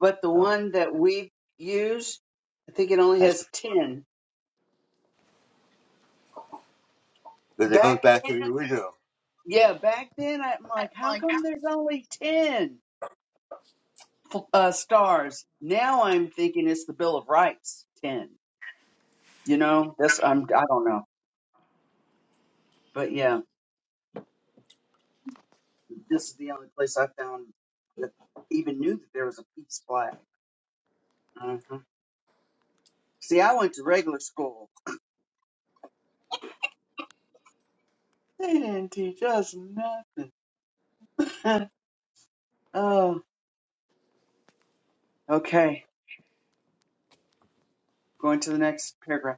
Speaker 2: But the
Speaker 3: Okay.
Speaker 2: one that we use, I think it only
Speaker 3: That's,
Speaker 2: has 10.
Speaker 3: but it goes
Speaker 2: Back
Speaker 3: back
Speaker 2: then,
Speaker 3: to the original.
Speaker 2: yeah, back then I'm like, how come there's only 10 uh, stars? Now I'm thinking it's the Bill of Rights 10. You know, that's, I'm, I don't know. But yeah, this is the only place I found that even knew that there was a peace flag. See, I went to regular school. They didn't teach us nothing. (laughs) oh, okay. Going to the next paragraph.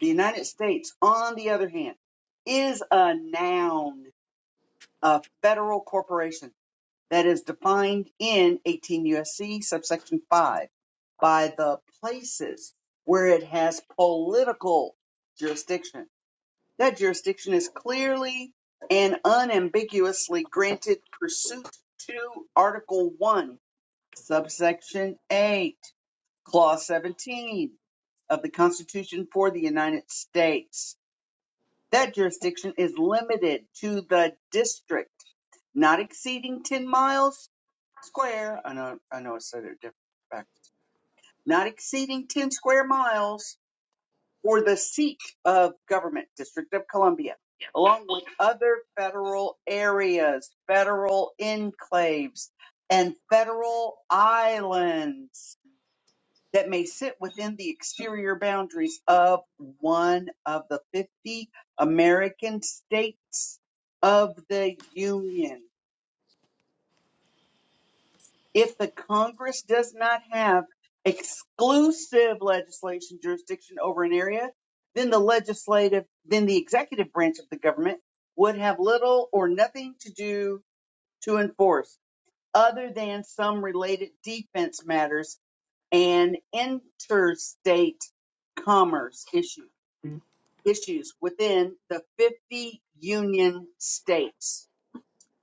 Speaker 2: The United States, on the other hand, is a noun, a federal corporation that is defined in 18 USC subsection 5 by the places where it has political jurisdiction. That jurisdiction is clearly and unambiguously granted pursuant to Article 1 subsection 8, clause 17 of the Constitution for the United States. That jurisdiction is limited to the district not exceeding 10 miles square. I know, I know I said it different backwards. Not exceeding 10 square miles for the seat of government, District of Columbia, along with other federal areas, federal enclaves, and federal islands. that may sit within the exterior boundaries of one of the 50 American states of the Union. If the Congress does not have exclusive legislation jurisdiction over an area, then the legislative, then the executive branch of the government would have little or nothing to do to enforce other than some related defense matters and interstate commerce issues. issues within the 50 union states.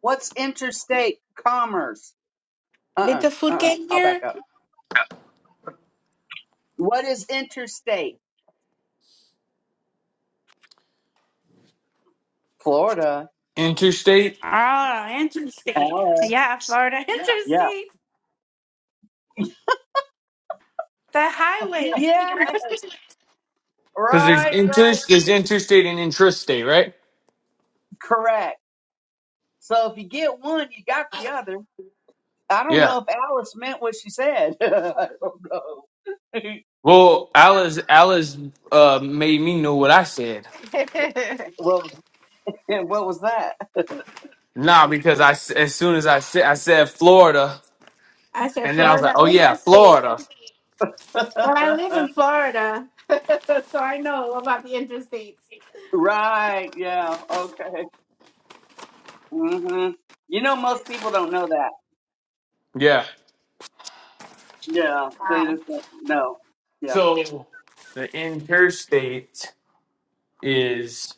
Speaker 2: What's interstate commerce?
Speaker 1: Did
Speaker 2: Uh-uh,
Speaker 1: the food
Speaker 2: uh-uh,
Speaker 1: get
Speaker 2: I'll back
Speaker 1: here?
Speaker 2: up. What is interstate? Florida,
Speaker 4: Interstate?
Speaker 1: Ah, interstate.
Speaker 2: LA,
Speaker 1: Yeah, Florida (laughs) Yeah.
Speaker 2: yeah.
Speaker 1: interstate. The highways.
Speaker 2: Yeah, (laughs)
Speaker 4: Because there's
Speaker 2: right,
Speaker 4: inter
Speaker 2: right.
Speaker 4: there's interstate and intrastate, right?
Speaker 2: Correct. So if you get one, you got the other. I don't
Speaker 4: Yeah.
Speaker 2: know if Alice meant what she said. (laughs) I don't know. (laughs)
Speaker 4: Well, Alice Alice uh made me know what I said.
Speaker 1: (laughs)
Speaker 2: well, and what was that?
Speaker 4: Nah, because I s- as soon as I said I said Florida,
Speaker 1: I said
Speaker 4: and then I was like,
Speaker 1: Florida
Speaker 4: oh yeah,
Speaker 1: interstate.
Speaker 4: Florida.
Speaker 1: Well, I live in
Speaker 2: (laughs)
Speaker 1: Florida, (laughs) so I know about the interstates.
Speaker 2: right, yeah, okay. hmm You know, most people don't know that.
Speaker 4: Yeah.
Speaker 2: Yeah, they
Speaker 1: Wow.
Speaker 2: just don't know. Yeah.
Speaker 4: So the interstate is.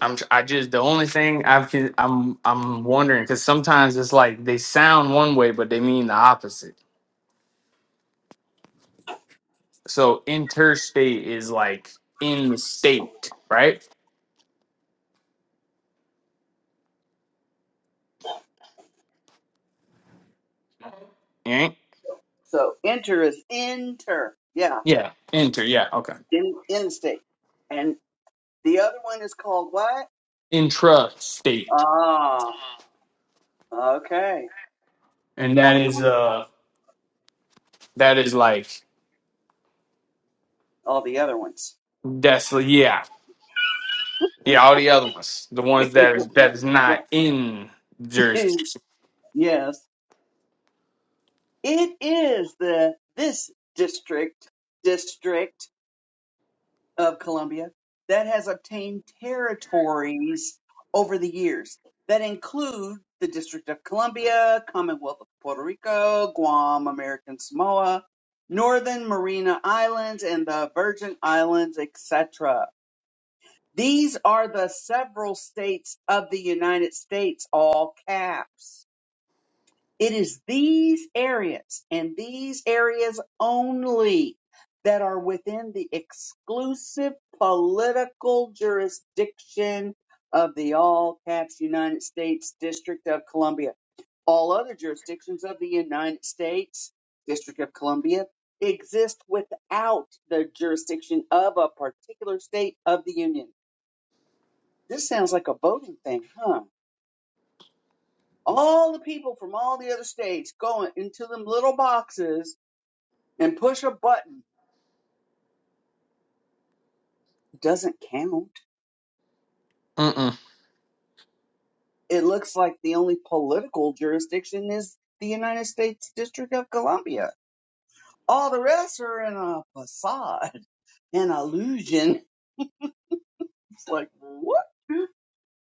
Speaker 4: I'm tr- I just the only thing I've con- I'm I'm wondering because sometimes it's like they sound one way but they mean the opposite. So interstate is like in the state, right? Right?
Speaker 2: So inter is inter. Yeah,
Speaker 4: Yeah, inter. Yeah, okay.
Speaker 2: in interstate. And the other one is called what?
Speaker 4: Intrastate,
Speaker 2: Ah, okay.
Speaker 4: and that is uh that is like
Speaker 2: All the other ones.
Speaker 4: that's yeah yeah all the other ones the
Speaker 2: (laughs)
Speaker 4: ones that is that is not in jurisdiction.
Speaker 2: yes, it is the this district district of Colombia that has obtained territories over the years that include the District of Columbia, Commonwealth of Puerto Rico, Guam, American Samoa, Northern Mariana Islands, and the Virgin Islands, etc. These are the several states of the United States, all caps. It is these areas and these areas only that are within the exclusive political jurisdiction of the all caps United States District of Columbia. All other jurisdictions of the United States District of Columbia exist without the jurisdiction of a particular state of the Union. This sounds like a voting thing, huh? all the people from all the other states go into them little boxes and push a button. It doesn't count.
Speaker 4: Mm mm.
Speaker 2: It looks like the only political jurisdiction is the United States District of Columbia. All the rest are in a facade, (laughs) an illusion. It's like, what?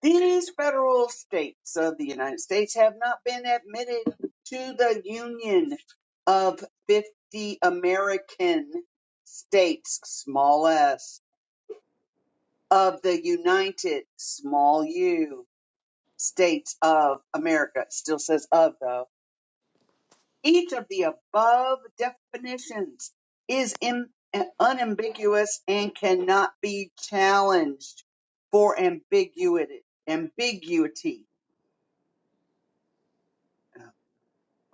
Speaker 2: These federal states of the United States have not been admitted to the Union of 50 American states, small s. of the United Small U States of America. It Still says of though. Each of the above definitions is im- eh, unambiguous and cannot be challenged for ambiguity. Ambiguity.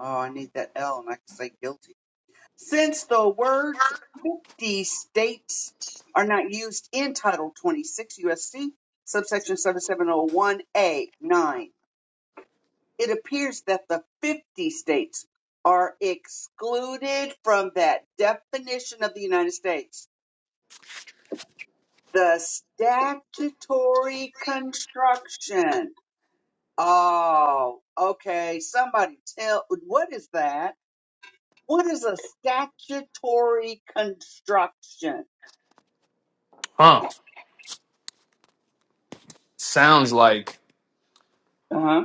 Speaker 2: Oh, I need that L and I can say guilty. Since the words 50 states are not used in Title 26 USC, subsection 7701A9 it appears that the 50 states are excluded from that definition of the United States. The statutory construction. Oh, okay. Somebody tell, what is that? What is a statutory construction?
Speaker 4: Huh. Sounds like.
Speaker 2: Uh huh.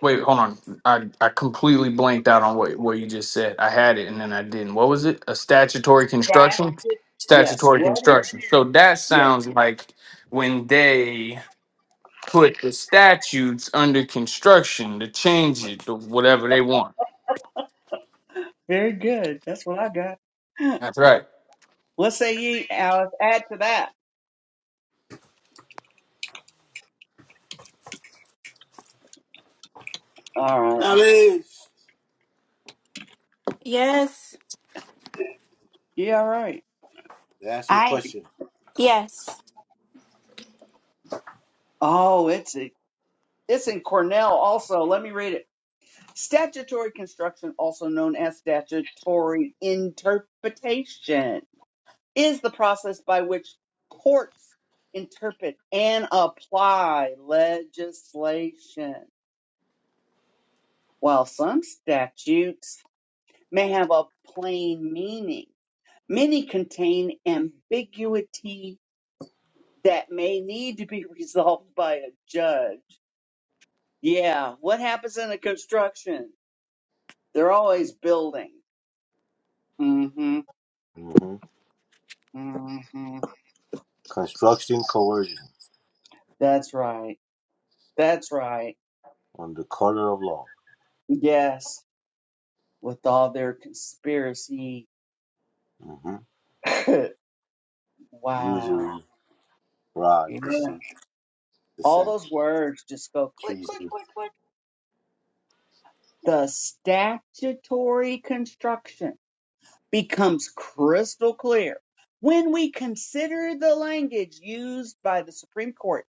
Speaker 4: Wait, hold on. I, I completely blanked out on what, what you just said. I had it and then I didn't. What was it? A statutory construction?
Speaker 2: Statute. Yes.
Speaker 4: Statutory
Speaker 2: What is,
Speaker 4: construction. So that
Speaker 2: yes.
Speaker 4: sounds like when they put the statutes under construction to change it to whatever they want.
Speaker 2: Very good. That's what I got.
Speaker 4: That's right.
Speaker 2: What say ye, Alice? Add to that. All right.
Speaker 3: Alice!
Speaker 1: Yes,
Speaker 2: Yeah, all right.
Speaker 3: They ask you a
Speaker 1: I
Speaker 3: question.
Speaker 1: yes.
Speaker 2: Oh, it's It's in Cornell also. Let me read it. Statutory construction, also known as statutory interpretation, is the process by which courts interpret and apply legislation. While some statutes may have a plain meaning, many contain ambiguity that may need to be (laughs) resolved by a judge. Yeah, what happens in the construction? They're always building. Mm hmm
Speaker 3: hmm
Speaker 2: mm hmm
Speaker 3: Construction coercion
Speaker 2: That's right. That's right.
Speaker 3: on the color of law.
Speaker 2: Yes, with all their conspiracy.
Speaker 3: hmm
Speaker 2: (laughs) wow.
Speaker 3: Usury,
Speaker 2: Yeah.
Speaker 3: fraud, deceit,
Speaker 2: All those
Speaker 3: dissent,
Speaker 2: words just go click, click,
Speaker 3: treason.
Speaker 2: click, click. The statutory construction becomes crystal clear when we consider the language used by the Supreme Court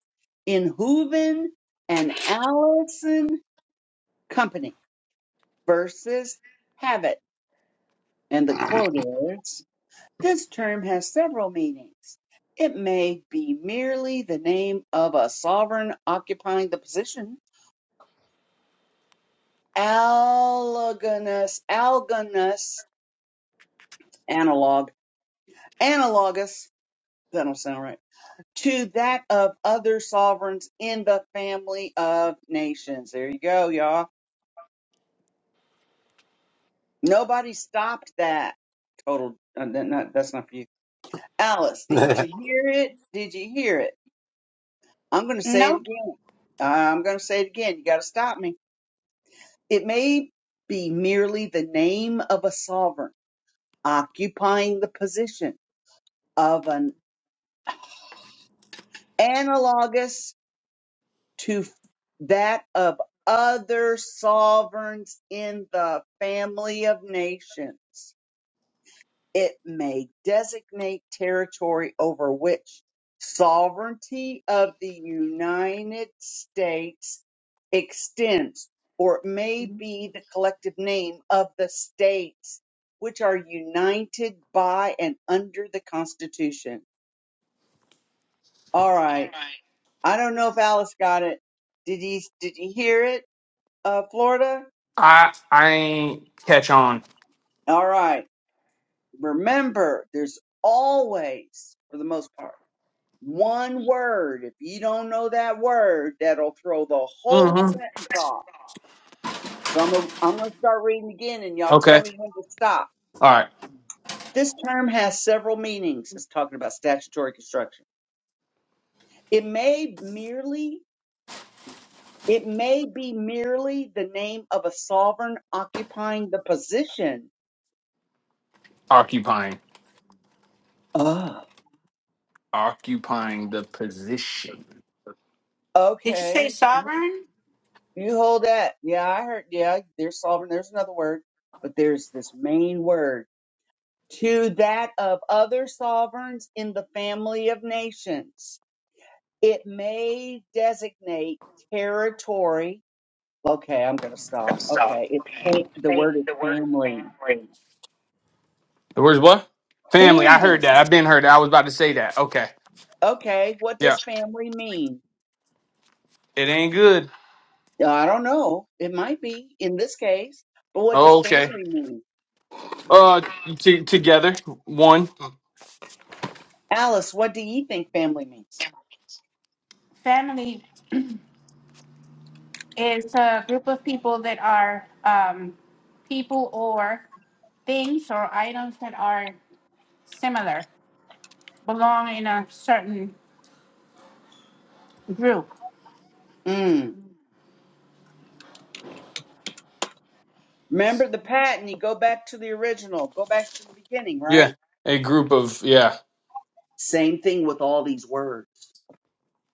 Speaker 2: in Hooven and Allison Company versus Have it. And the quote is This term has several meanings. It may be merely the name of a sovereign occupying the position. Allogonous, algonous, analog, analogous, that don't sound right, to that of other sovereigns in the family of nations. There you go, y'all. Nobody stopped that. Total, uh, that- not- that's not for you. Alice,
Speaker 3: (laughs)
Speaker 2: did you hear it? Did you hear it? I'm going to say
Speaker 1: No
Speaker 2: it again. I'm going to say it again. You got to stop me. It may be merely the name of a sovereign occupying the position of an analogous to that of other sovereigns in the family of nations. It may designate territory over which sovereignty of the United States extends, or it may be the collective name of the states which are united by and under the Constitution. All right. I don't know if Alice got it. Did you did you hear it, uh, Florida?
Speaker 4: I I ain't catch on.
Speaker 2: All right. Remember, there's always, for the most part One word. If you don't know that word, that'll throw the whole
Speaker 4: Mm-hmm.
Speaker 2: sentence off. So I'm gonna, I'm going to start reading again and y'all tell
Speaker 4: Okay.
Speaker 2: me when to stop.
Speaker 4: All right.
Speaker 2: This term has several meanings. It's talking about statutory construction. It may merely it may be merely the name of a sovereign occupying the position.
Speaker 4: Occupying.
Speaker 2: Oh,
Speaker 4: Occupying the position.
Speaker 1: Did you say
Speaker 2: okay. You,
Speaker 1: sovereign?
Speaker 2: you hold that. Yeah, I heard. Yeah, there's sovereign. There's another word, but there's this main word to that of other sovereigns in the family of nations. It may designate territory. Okay, I'm going to stop. Okay, it's fa- the
Speaker 1: Think
Speaker 2: word is
Speaker 1: The word is
Speaker 2: family.
Speaker 1: Family
Speaker 4: The word's what? Family. I heard
Speaker 2: Family.
Speaker 4: that. I've been heard that. I was about to say that. Okay.
Speaker 2: Okay, what
Speaker 4: Yeah.
Speaker 2: does family mean?
Speaker 4: It ain't good.
Speaker 2: Uh, I don't know. It might be in this case, but what does
Speaker 4: Oh, okay.
Speaker 2: family mean?
Speaker 4: Uh, t- together, one.
Speaker 2: Alice, what do you think family means?
Speaker 1: Family is a group of people that are um, people or things or items that are similar, belong in a certain group.
Speaker 2: Mm. Remember the pattern. You go back to the original. Go back to the beginning,
Speaker 4: Yeah,
Speaker 2: right?
Speaker 4: a group of yeah
Speaker 2: Same thing with all these words.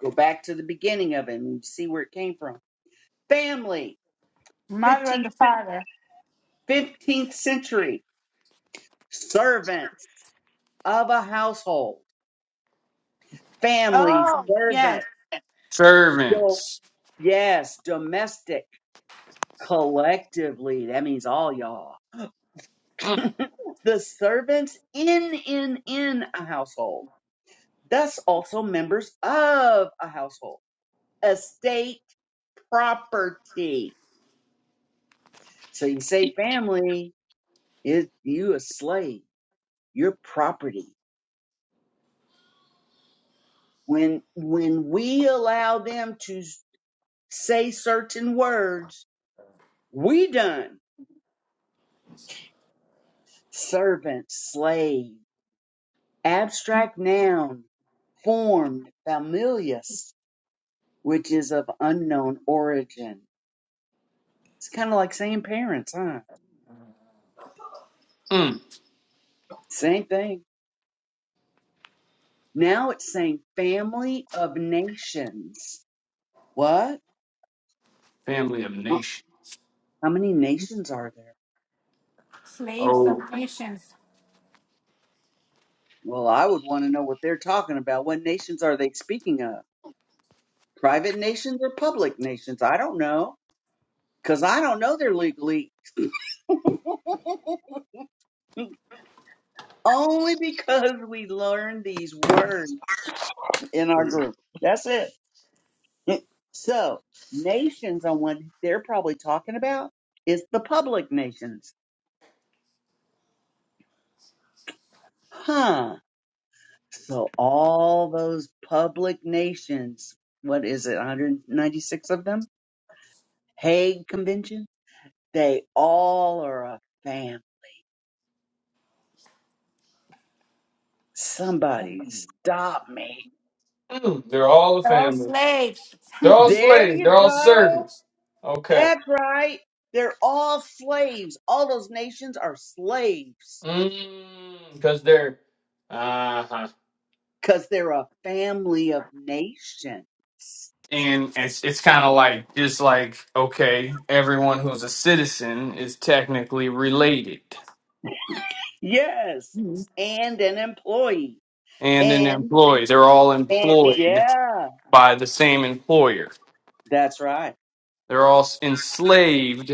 Speaker 2: Go back to the beginning of it and see where it came from. Family,
Speaker 1: Mother and
Speaker 2: 15th,
Speaker 1: the father.
Speaker 2: 15th century, servants of a household, family,
Speaker 1: Oh, yes.
Speaker 2: servant, do,
Speaker 4: servants.
Speaker 2: yes, domestic, collectively. That means all y'all.
Speaker 4: Mm,
Speaker 2: (laughs) The servants in, in, in a household, thus also members of a household, estate, property. So you say family, it, you a slave your property. When when we allow them to s- say certain words, we done servant, slave, abstract noun, formed, familius, which is of unknown origin. It's kind of like saying parents, huh?
Speaker 4: mm.
Speaker 2: Same thing. Now it's saying family of nations. What?
Speaker 4: Family of
Speaker 2: How
Speaker 4: nation.
Speaker 2: how many nations are there?
Speaker 1: Slaves
Speaker 4: Oh,
Speaker 1: of nations.
Speaker 2: Well, I would want to know what they're talking about. What nations are they speaking of? private nations or public nations. I don't know because I don't know they're legally (laughs) only because we learned these words in our group. That's it. (laughs) so nations on what they're probably talking about is the public nations. Huh. So all those public nations, what is it, 196 of them? Hague Convention? They all are a fam. Somebody stop me
Speaker 4: mm. they're all a
Speaker 1: Oh,
Speaker 4: family.
Speaker 1: slaves.
Speaker 4: They're all
Speaker 2: There
Speaker 4: slaves.
Speaker 2: you
Speaker 4: They're all
Speaker 2: go.
Speaker 4: servants. Okay.
Speaker 2: That's right. They're all slaves. All those nations are slaves
Speaker 4: Because they're uh huh.
Speaker 2: because they're a family of nations.
Speaker 4: And it's it's kind of like just like okay, everyone who's a citizen is technically related
Speaker 2: Yes.
Speaker 1: Mhm.
Speaker 2: And an employee.
Speaker 4: and an
Speaker 2: And,
Speaker 4: employee. They're all
Speaker 2: and
Speaker 4: employed
Speaker 2: yeah,
Speaker 4: by the same employer.
Speaker 2: that's right.
Speaker 4: They're all enslaved.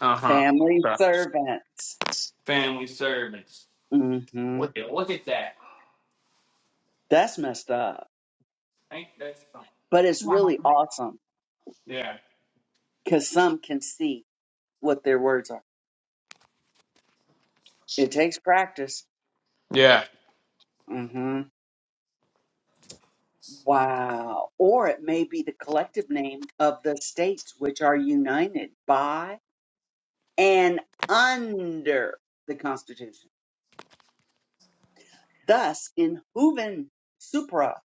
Speaker 4: Uh
Speaker 2: Family
Speaker 4: huh.
Speaker 2: servants.
Speaker 4: Family servants.
Speaker 2: hmm
Speaker 4: Look at look at that.
Speaker 2: That's messed up.
Speaker 4: Ain't that something?
Speaker 2: But it's
Speaker 1: Wow.
Speaker 2: really awesome
Speaker 4: Yeah.
Speaker 2: because some can see what their words are. It takes practice.
Speaker 4: Yeah.
Speaker 2: Mm-hmm. Wow. Or it may be the collective name of the states which are united by and under the Constitution. Thus, in Hooven Supra,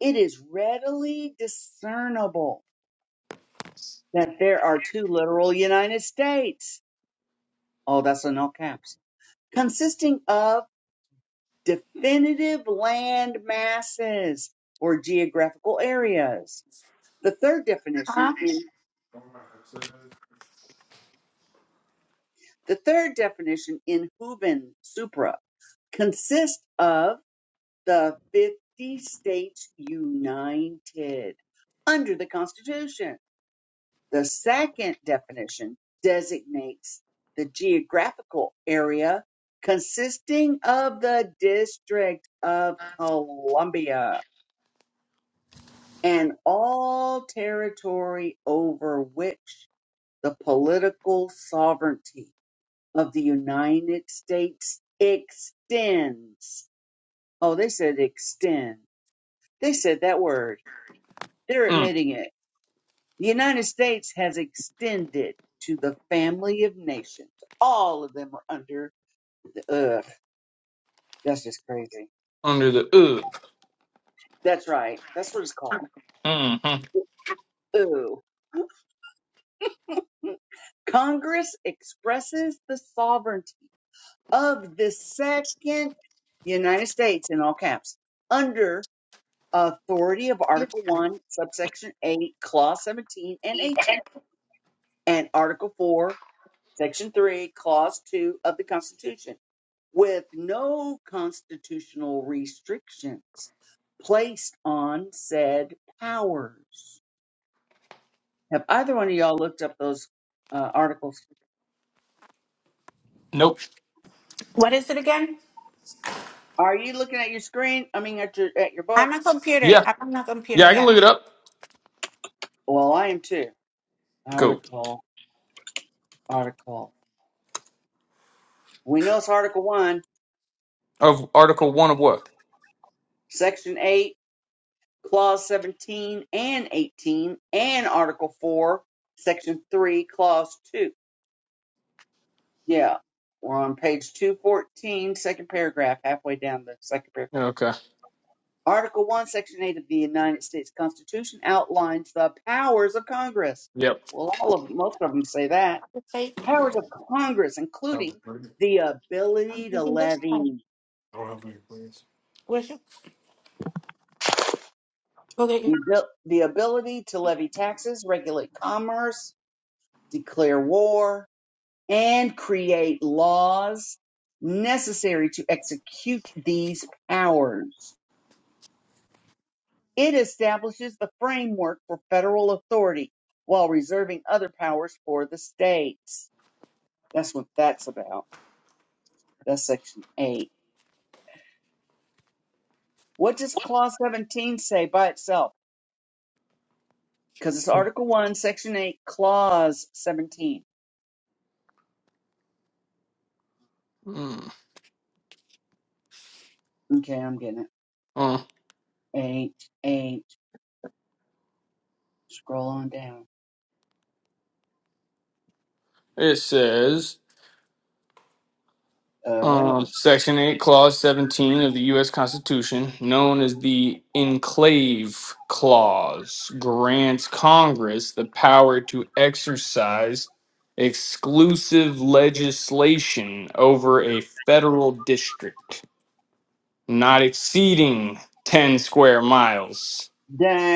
Speaker 2: it is readily discernible that there are two literal United States. Oh, that's in all caps. Consisting of definitive land masses or geographical areas. The third
Speaker 1: Huh?
Speaker 2: definition in. The third definition in Hubin Supra consists of the 50 states united under the Constitution. The second definition designates the geographical area consisting of the District of Columbia and all territory over which the political sovereignty of the United States extends. Oh, they said extend. They said that word. They're
Speaker 4: Mm.
Speaker 2: admitting it. The United States has extended to the family of nations. All of them are under the ugh. That's just crazy.
Speaker 4: Under the ugh.
Speaker 2: That's right. That's what it's called.
Speaker 4: Mm-hmm.
Speaker 2: Ooh. Congress expresses the sovereignty of the second United States in all caps under authority of Article 1, subsection 8, clause 17 and 18, and Article 4, section 3, clause 2 of the Constitution, with no constitutional restrictions placed on said powers. Have either one of y'all looked up those uh, articles?
Speaker 4: Nope.
Speaker 1: What is it again?
Speaker 2: Are you looking at your screen? I mean, at your at your book?
Speaker 1: I'm a computer.
Speaker 4: Yeah.
Speaker 1: I'm a computer.
Speaker 4: Yeah. I can
Speaker 1: Yeah.
Speaker 4: look it up.
Speaker 2: Well, I am too.
Speaker 4: Cool.
Speaker 2: Article, article. We know it's Article 1,
Speaker 4: Of Article One of what?
Speaker 2: Section 8, Clause 17 and 18 and Article 4, Section 3, Clause 2. Yeah, we're on page 214, second paragraph, halfway down the second paragraph.
Speaker 4: Okay.
Speaker 2: Article 1, Section 8 of the United States Constitution outlines the powers of Congress.
Speaker 4: Yep.
Speaker 2: Well, all of most of them say that.
Speaker 1: Let's say,
Speaker 2: The powers of Congress, including the
Speaker 1: um,
Speaker 2: ability
Speaker 1: you
Speaker 2: to
Speaker 1: can just type.
Speaker 2: levy, the
Speaker 1: Okay.
Speaker 2: abil- the ability to levy taxes, regulate commerce, declare war, and create laws necessary to execute these powers. It establishes the framework for federal authority while reserving other powers for the states. That's what that's about. That's Section 8. What does Clause 17 say by itself? Because it's Article 1, Section 8, Clause 17.
Speaker 4: Mm.
Speaker 2: Okay, I'm getting it.
Speaker 4: Uh,
Speaker 2: 8, 8. Scroll on down.
Speaker 4: it says. Um,
Speaker 2: Oh.
Speaker 4: Section 8, Clause 17 of the U.S. Constitution, known as the Enclave Clause, grants Congress the power to exercise exclusive legislation over a federal district not exceeding 10 square miles.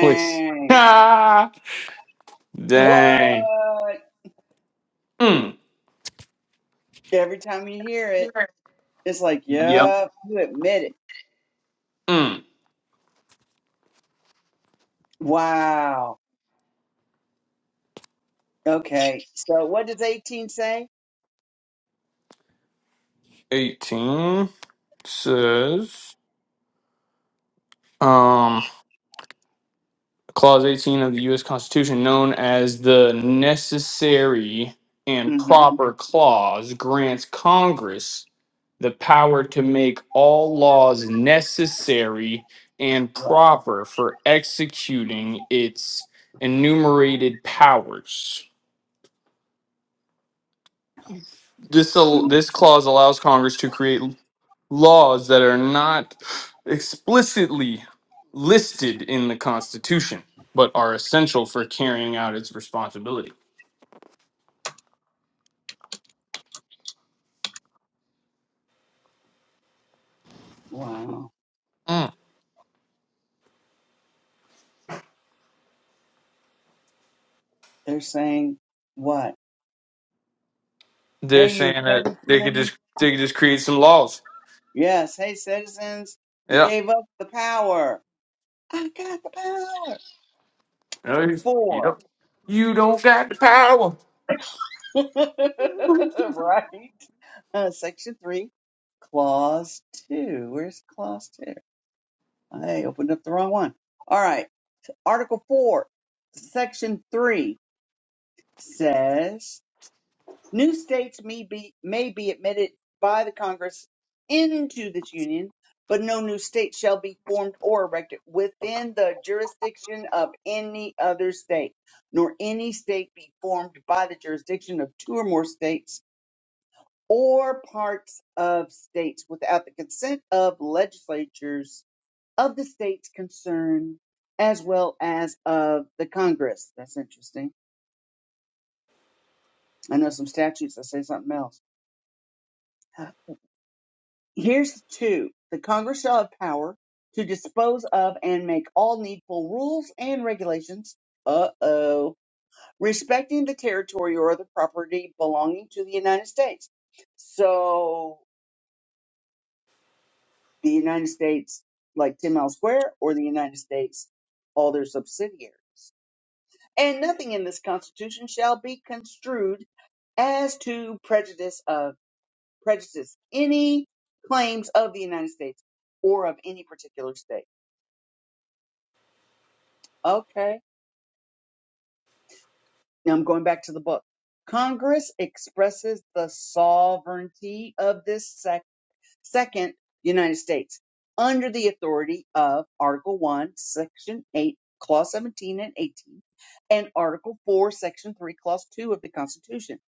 Speaker 4: Which, ah, (laughs) dang.
Speaker 2: What?
Speaker 4: Mm,
Speaker 2: Every time you hear it, it's like,
Speaker 4: yep.
Speaker 2: yep, you admit it.
Speaker 4: Mm.
Speaker 2: Wow. Okay. So what does 18 say?
Speaker 4: 18 says. Um, Clause 18 of the U.S. Constitution, known as the Necessary and
Speaker 2: hmm
Speaker 4: Proper Clause, grants Congress the power to make all laws necessary and
Speaker 2: Right.
Speaker 4: proper for executing its enumerated powers. This, al-
Speaker 2: hmm
Speaker 4: this clause allows Congress to create laws that are not explicitly listed in the Constitution, but are essential for carrying out its responsibility.
Speaker 2: Wow.
Speaker 4: Mm.
Speaker 2: They're saying what?
Speaker 4: They're
Speaker 2: Hey, you
Speaker 4: saying that they could
Speaker 2: citizens.
Speaker 4: just they could just create some laws.
Speaker 2: Yes. Hey, citizens. You
Speaker 4: Yeah.
Speaker 2: gave up the power. I got the power.
Speaker 4: Yep.
Speaker 2: Four.
Speaker 4: Yep. You don't got the power.
Speaker 2: (laughs) right. Uh, section three, clause two. Where's clause two? I opened up the wrong one. All right. Article 4, Section 3 says new states may be, may be admitted by the Congress into this union, but no new state shall be formed or erected within the jurisdiction of any other state, nor any state be formed by the jurisdiction of two or more states or parts of states without the consent of legislatures of the states concerned as well as of the Congress. That's interesting. I know some statutes that say something else. Here's two. The Congress shall have power to dispose of and make all needful rules and regulations. Uh oh. Respecting the territory or the property belonging to the United States. So the United States, like 10 Mile Square, or the United States, all their subsidiaries. and nothing in this constitution shall be construed as to prejudice of prejudice any claims of the United States or of any particular state. Okay. Now I'm going back to the book. Congress expresses the sovereignty of this Second, United States, under the authority of Article 1, Section 8, Clause 17 and 18, and Article 4, Section 3, Clause 2 of the Constitution,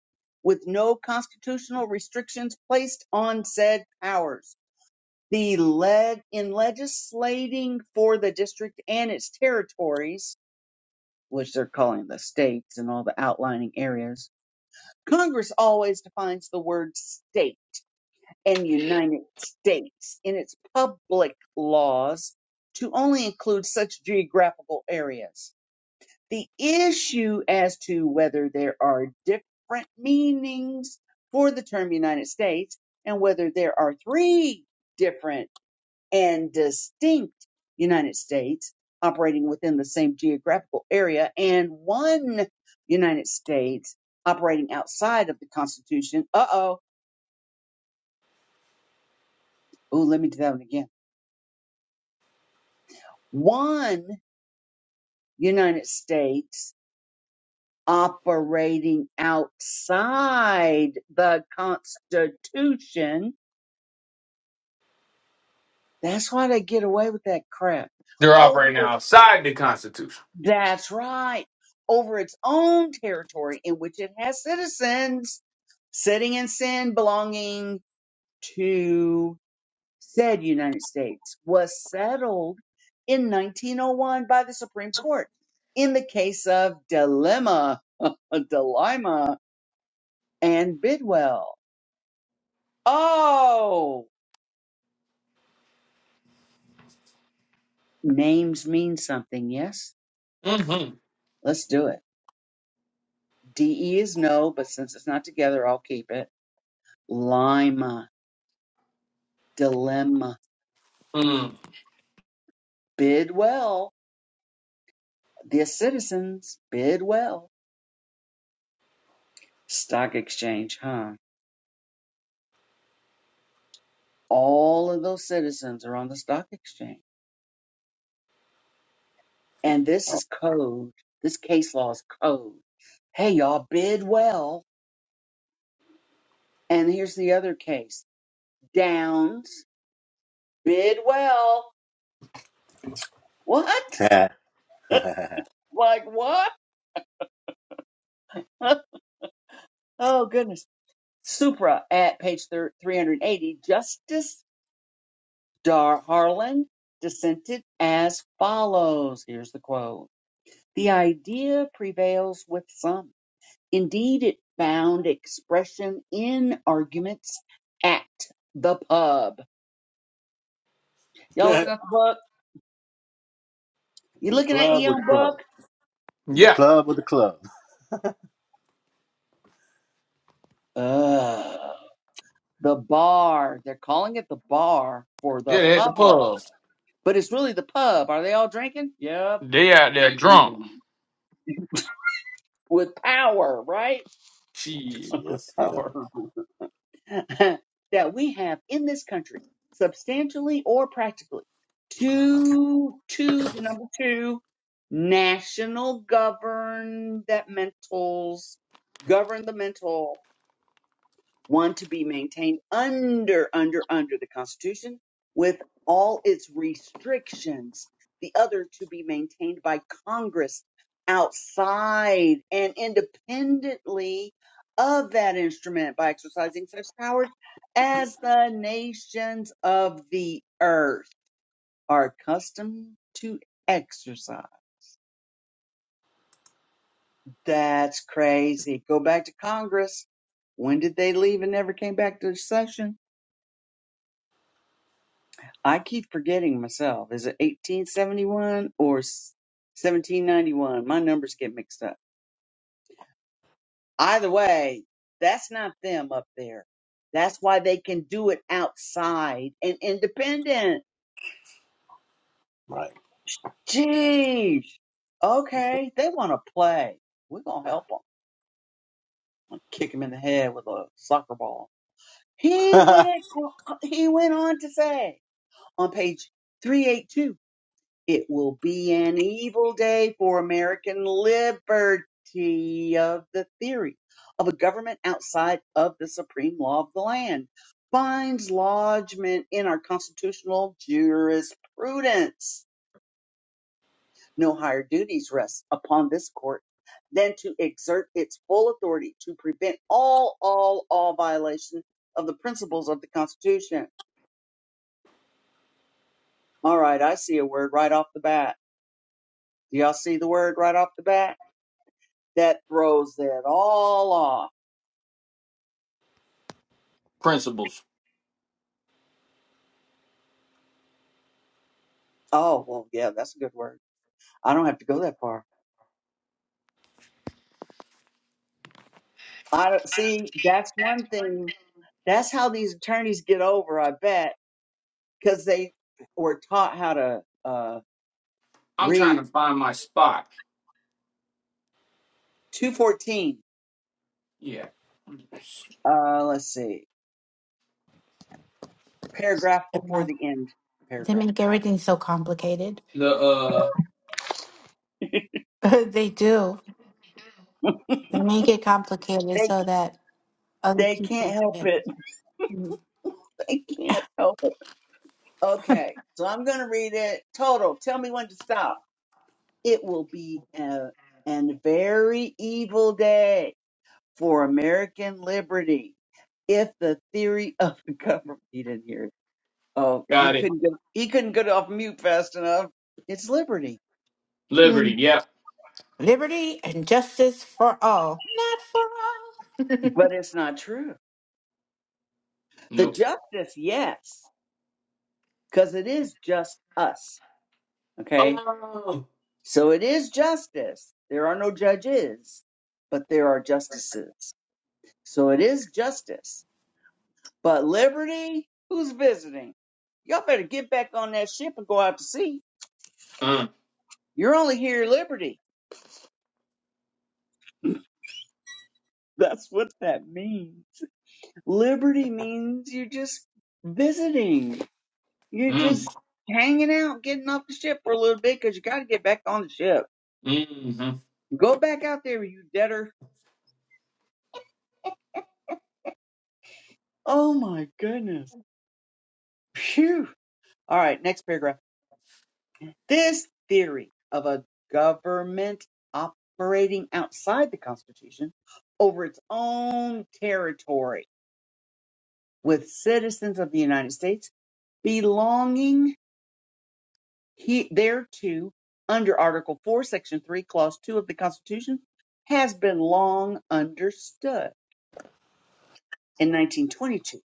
Speaker 2: with no constitutional restrictions placed on said powers. The leg in legislating for the district and its territories, which they're calling the states and all the outlining areas, Congress always defines the word state and United States in its public laws to only include such geographical areas. The issue as to whether there are different meanings for the term United States and whether there are three different and distinct United States operating within the same geographical area and one United States operating outside of the Constitution. Uh oh. Oh, let me do that one again. One United States operating outside the Constitution. That's why they get away with that crap.
Speaker 4: They're
Speaker 2: Over
Speaker 4: operating
Speaker 2: it,
Speaker 4: outside the Constitution.
Speaker 2: that's right. Over its own territory in which it has citizens sitting in sin belonging to said United States was settled in 1901 by the Supreme Court in the case of Dilemma. (laughs) Dilemma. and Bidwell. Oh, names mean something, yes?
Speaker 4: Mm-hmm.
Speaker 2: Let's do it. DE is no, but since it's not together, I'll keep it. Lima, dilemma,
Speaker 4: Mm.
Speaker 2: Bidwell, the citizens, Bidwell. Stock exchange, huh? All of those citizens are on the stock exchange. And this is code. This case law is code. Hey, y'all, Bidwell. And here's the other case Downs, Bidwell. What?
Speaker 3: In
Speaker 2: Like what? (laughs) oh goodness. Supra at page thir- 380. Justice Dar Harlan dissented as follows. Here's the quote. The idea prevails with some. Indeed, it found expression in arguments at the pub. Y'all looking at the book? You
Speaker 3: the
Speaker 2: looking at
Speaker 3: club
Speaker 2: your
Speaker 3: or the
Speaker 2: own book?
Speaker 3: club? In the
Speaker 4: Yeah.
Speaker 3: club or the club?
Speaker 2: Ugh. The bar. They're calling it the bar for the
Speaker 4: Yeah, they at the
Speaker 2: public
Speaker 4: pub.
Speaker 2: but it's really the pub. Are they all drinking? Yep
Speaker 4: They out there drunk.
Speaker 2: drinking with power, right? (laughs)
Speaker 4: She
Speaker 3: So
Speaker 2: With
Speaker 3: yes, they are.
Speaker 2: power. (laughs) that we have in this country, substantially or practically, to to the number two national governmentals governmental one to be maintained under under under the constitution with all its restrictions the other to be maintained by congress outside and independently of that instrument by exercising such powers as the nations of the earth are accustomed to exercise that's crazy go back to congress when did they leave and never came back to the session I keep forgetting myself. Is it 1871 or s- 1791? My numbers get mixed up. Either way, that's not them up there. That's why they can do it outside and independent.
Speaker 3: Right.
Speaker 2: Jeez. Okay, they want to play. We're gonna help them. I'm gonna kick him in the head with a soccer ball. He went.
Speaker 3: (laughs)
Speaker 2: He went on to say on page 382 It will be an evil day for American liberty of the theory of a government outside of the supreme law of the land. Finds lodgment in our constitutional jurisprudence. No higher duties rest upon this court than to exert its full authority to prevent all, all, all violation of the principles of the Constitution. All right, I see a word right off the bat. Do y'all see the word right off the bat? That throws it all off.
Speaker 4: principles.
Speaker 2: Oh, well, yeah, that's a good word. I don't have to go that far. I don't, see, that's one thing. That's how these attorneys get over, I bet, because they were taught how to uh,
Speaker 4: I'm trying
Speaker 2: read
Speaker 4: to find my spot.
Speaker 2: 214.
Speaker 4: Yeah.
Speaker 2: Uh, let's see, paragraph
Speaker 1: they,
Speaker 2: before
Speaker 1: yeah,
Speaker 2: the end
Speaker 1: they
Speaker 2: paragraph.
Speaker 1: make everything so complicated.
Speaker 4: The uh
Speaker 1: (laughs) they do. They make it complicated
Speaker 2: They
Speaker 1: so that other
Speaker 2: they can't
Speaker 1: people
Speaker 2: help
Speaker 1: can.
Speaker 2: it. (laughs)
Speaker 1: Mm.
Speaker 2: They can't help it. Okay, so I'm going to read it. Total, tell me when to stop. It will be a, an very evil day for American liberty if the theory (laughs) of the government he didn't hear it. Oh, he
Speaker 4: got it.
Speaker 2: couldn't go he couldn't get off mute fast enough. It's liberty.
Speaker 4: Liberty,
Speaker 1: Mm.
Speaker 4: yep.
Speaker 1: Liberty and justice for all, not for all. (laughs)
Speaker 2: But it's not true. The
Speaker 4: Nope.
Speaker 2: justice, yes, because it is just us. Okay?
Speaker 4: Oh.
Speaker 2: So it is justice. There are no judges, but there are justices. So it is justice. But liberty, who's visiting? Y'all better get back on that ship and go out to sea.
Speaker 4: Mm.
Speaker 2: You're only here at liberty That's what that means. Liberty means you're just visiting. You're
Speaker 4: Mm.
Speaker 2: just hanging out, getting off the ship for a little bit because you got to get back on the ship.
Speaker 4: Mm-hmm.
Speaker 2: Go back out there, you debtor. Oh my goodness. Phew. All right, next paragraph. This theory of a government operating outside the Constitution over its own territory with citizens of the United States belonging he thereto under Article 4, Section 3, Clause 2 of the Constitution has been long understood. In 1922,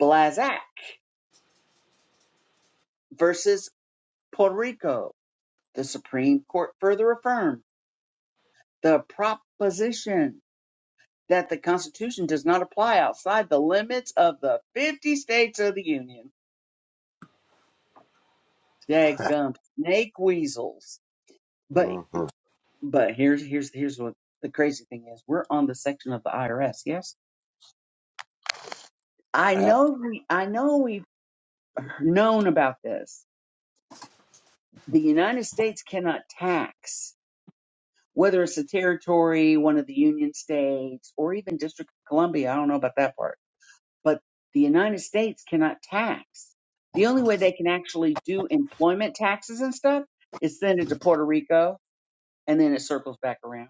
Speaker 2: Blazak versus Puerto Rico, the Supreme Court further affirmed the proposition that the Constitution does not apply outside the limits of the 50 states of the Union. Dadgum snake weasels. But
Speaker 3: hmm
Speaker 2: but here's here's here's what the crazy thing is. We're on the section of the IRS, yes? I
Speaker 3: Yeah.
Speaker 2: know we, I know we've known about this. The United States cannot tax whether it's a territory, one of the Union states, or even District of Columbia. I don't know about that part, but the United States cannot tax. The only way they can actually do employment taxes and stuff is send it to Puerto Rico, and then it circles back around.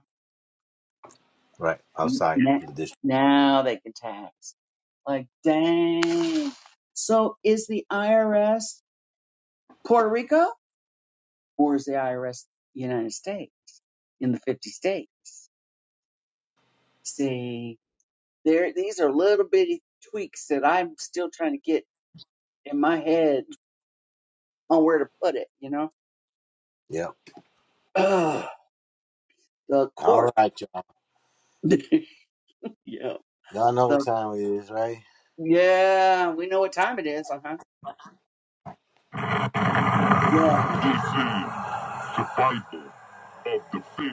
Speaker 3: Right. Outside
Speaker 2: Now,
Speaker 3: the district.
Speaker 2: now they can tax. Like, dang. So is the IRS Puerto Rico? or is the IRS the United States in the 50 states? See, there these are little bitty tweaks that I'm still trying to get in my head on where to put it, you know? Ugh, the
Speaker 3: All
Speaker 2: court.
Speaker 3: right, y'all.
Speaker 2: (laughs) yeah.
Speaker 3: Y'all know what
Speaker 2: The,
Speaker 3: time it is, right?
Speaker 2: yeah, we know what time it is, uh-huh. Yeah.
Speaker 3: Survival of the fit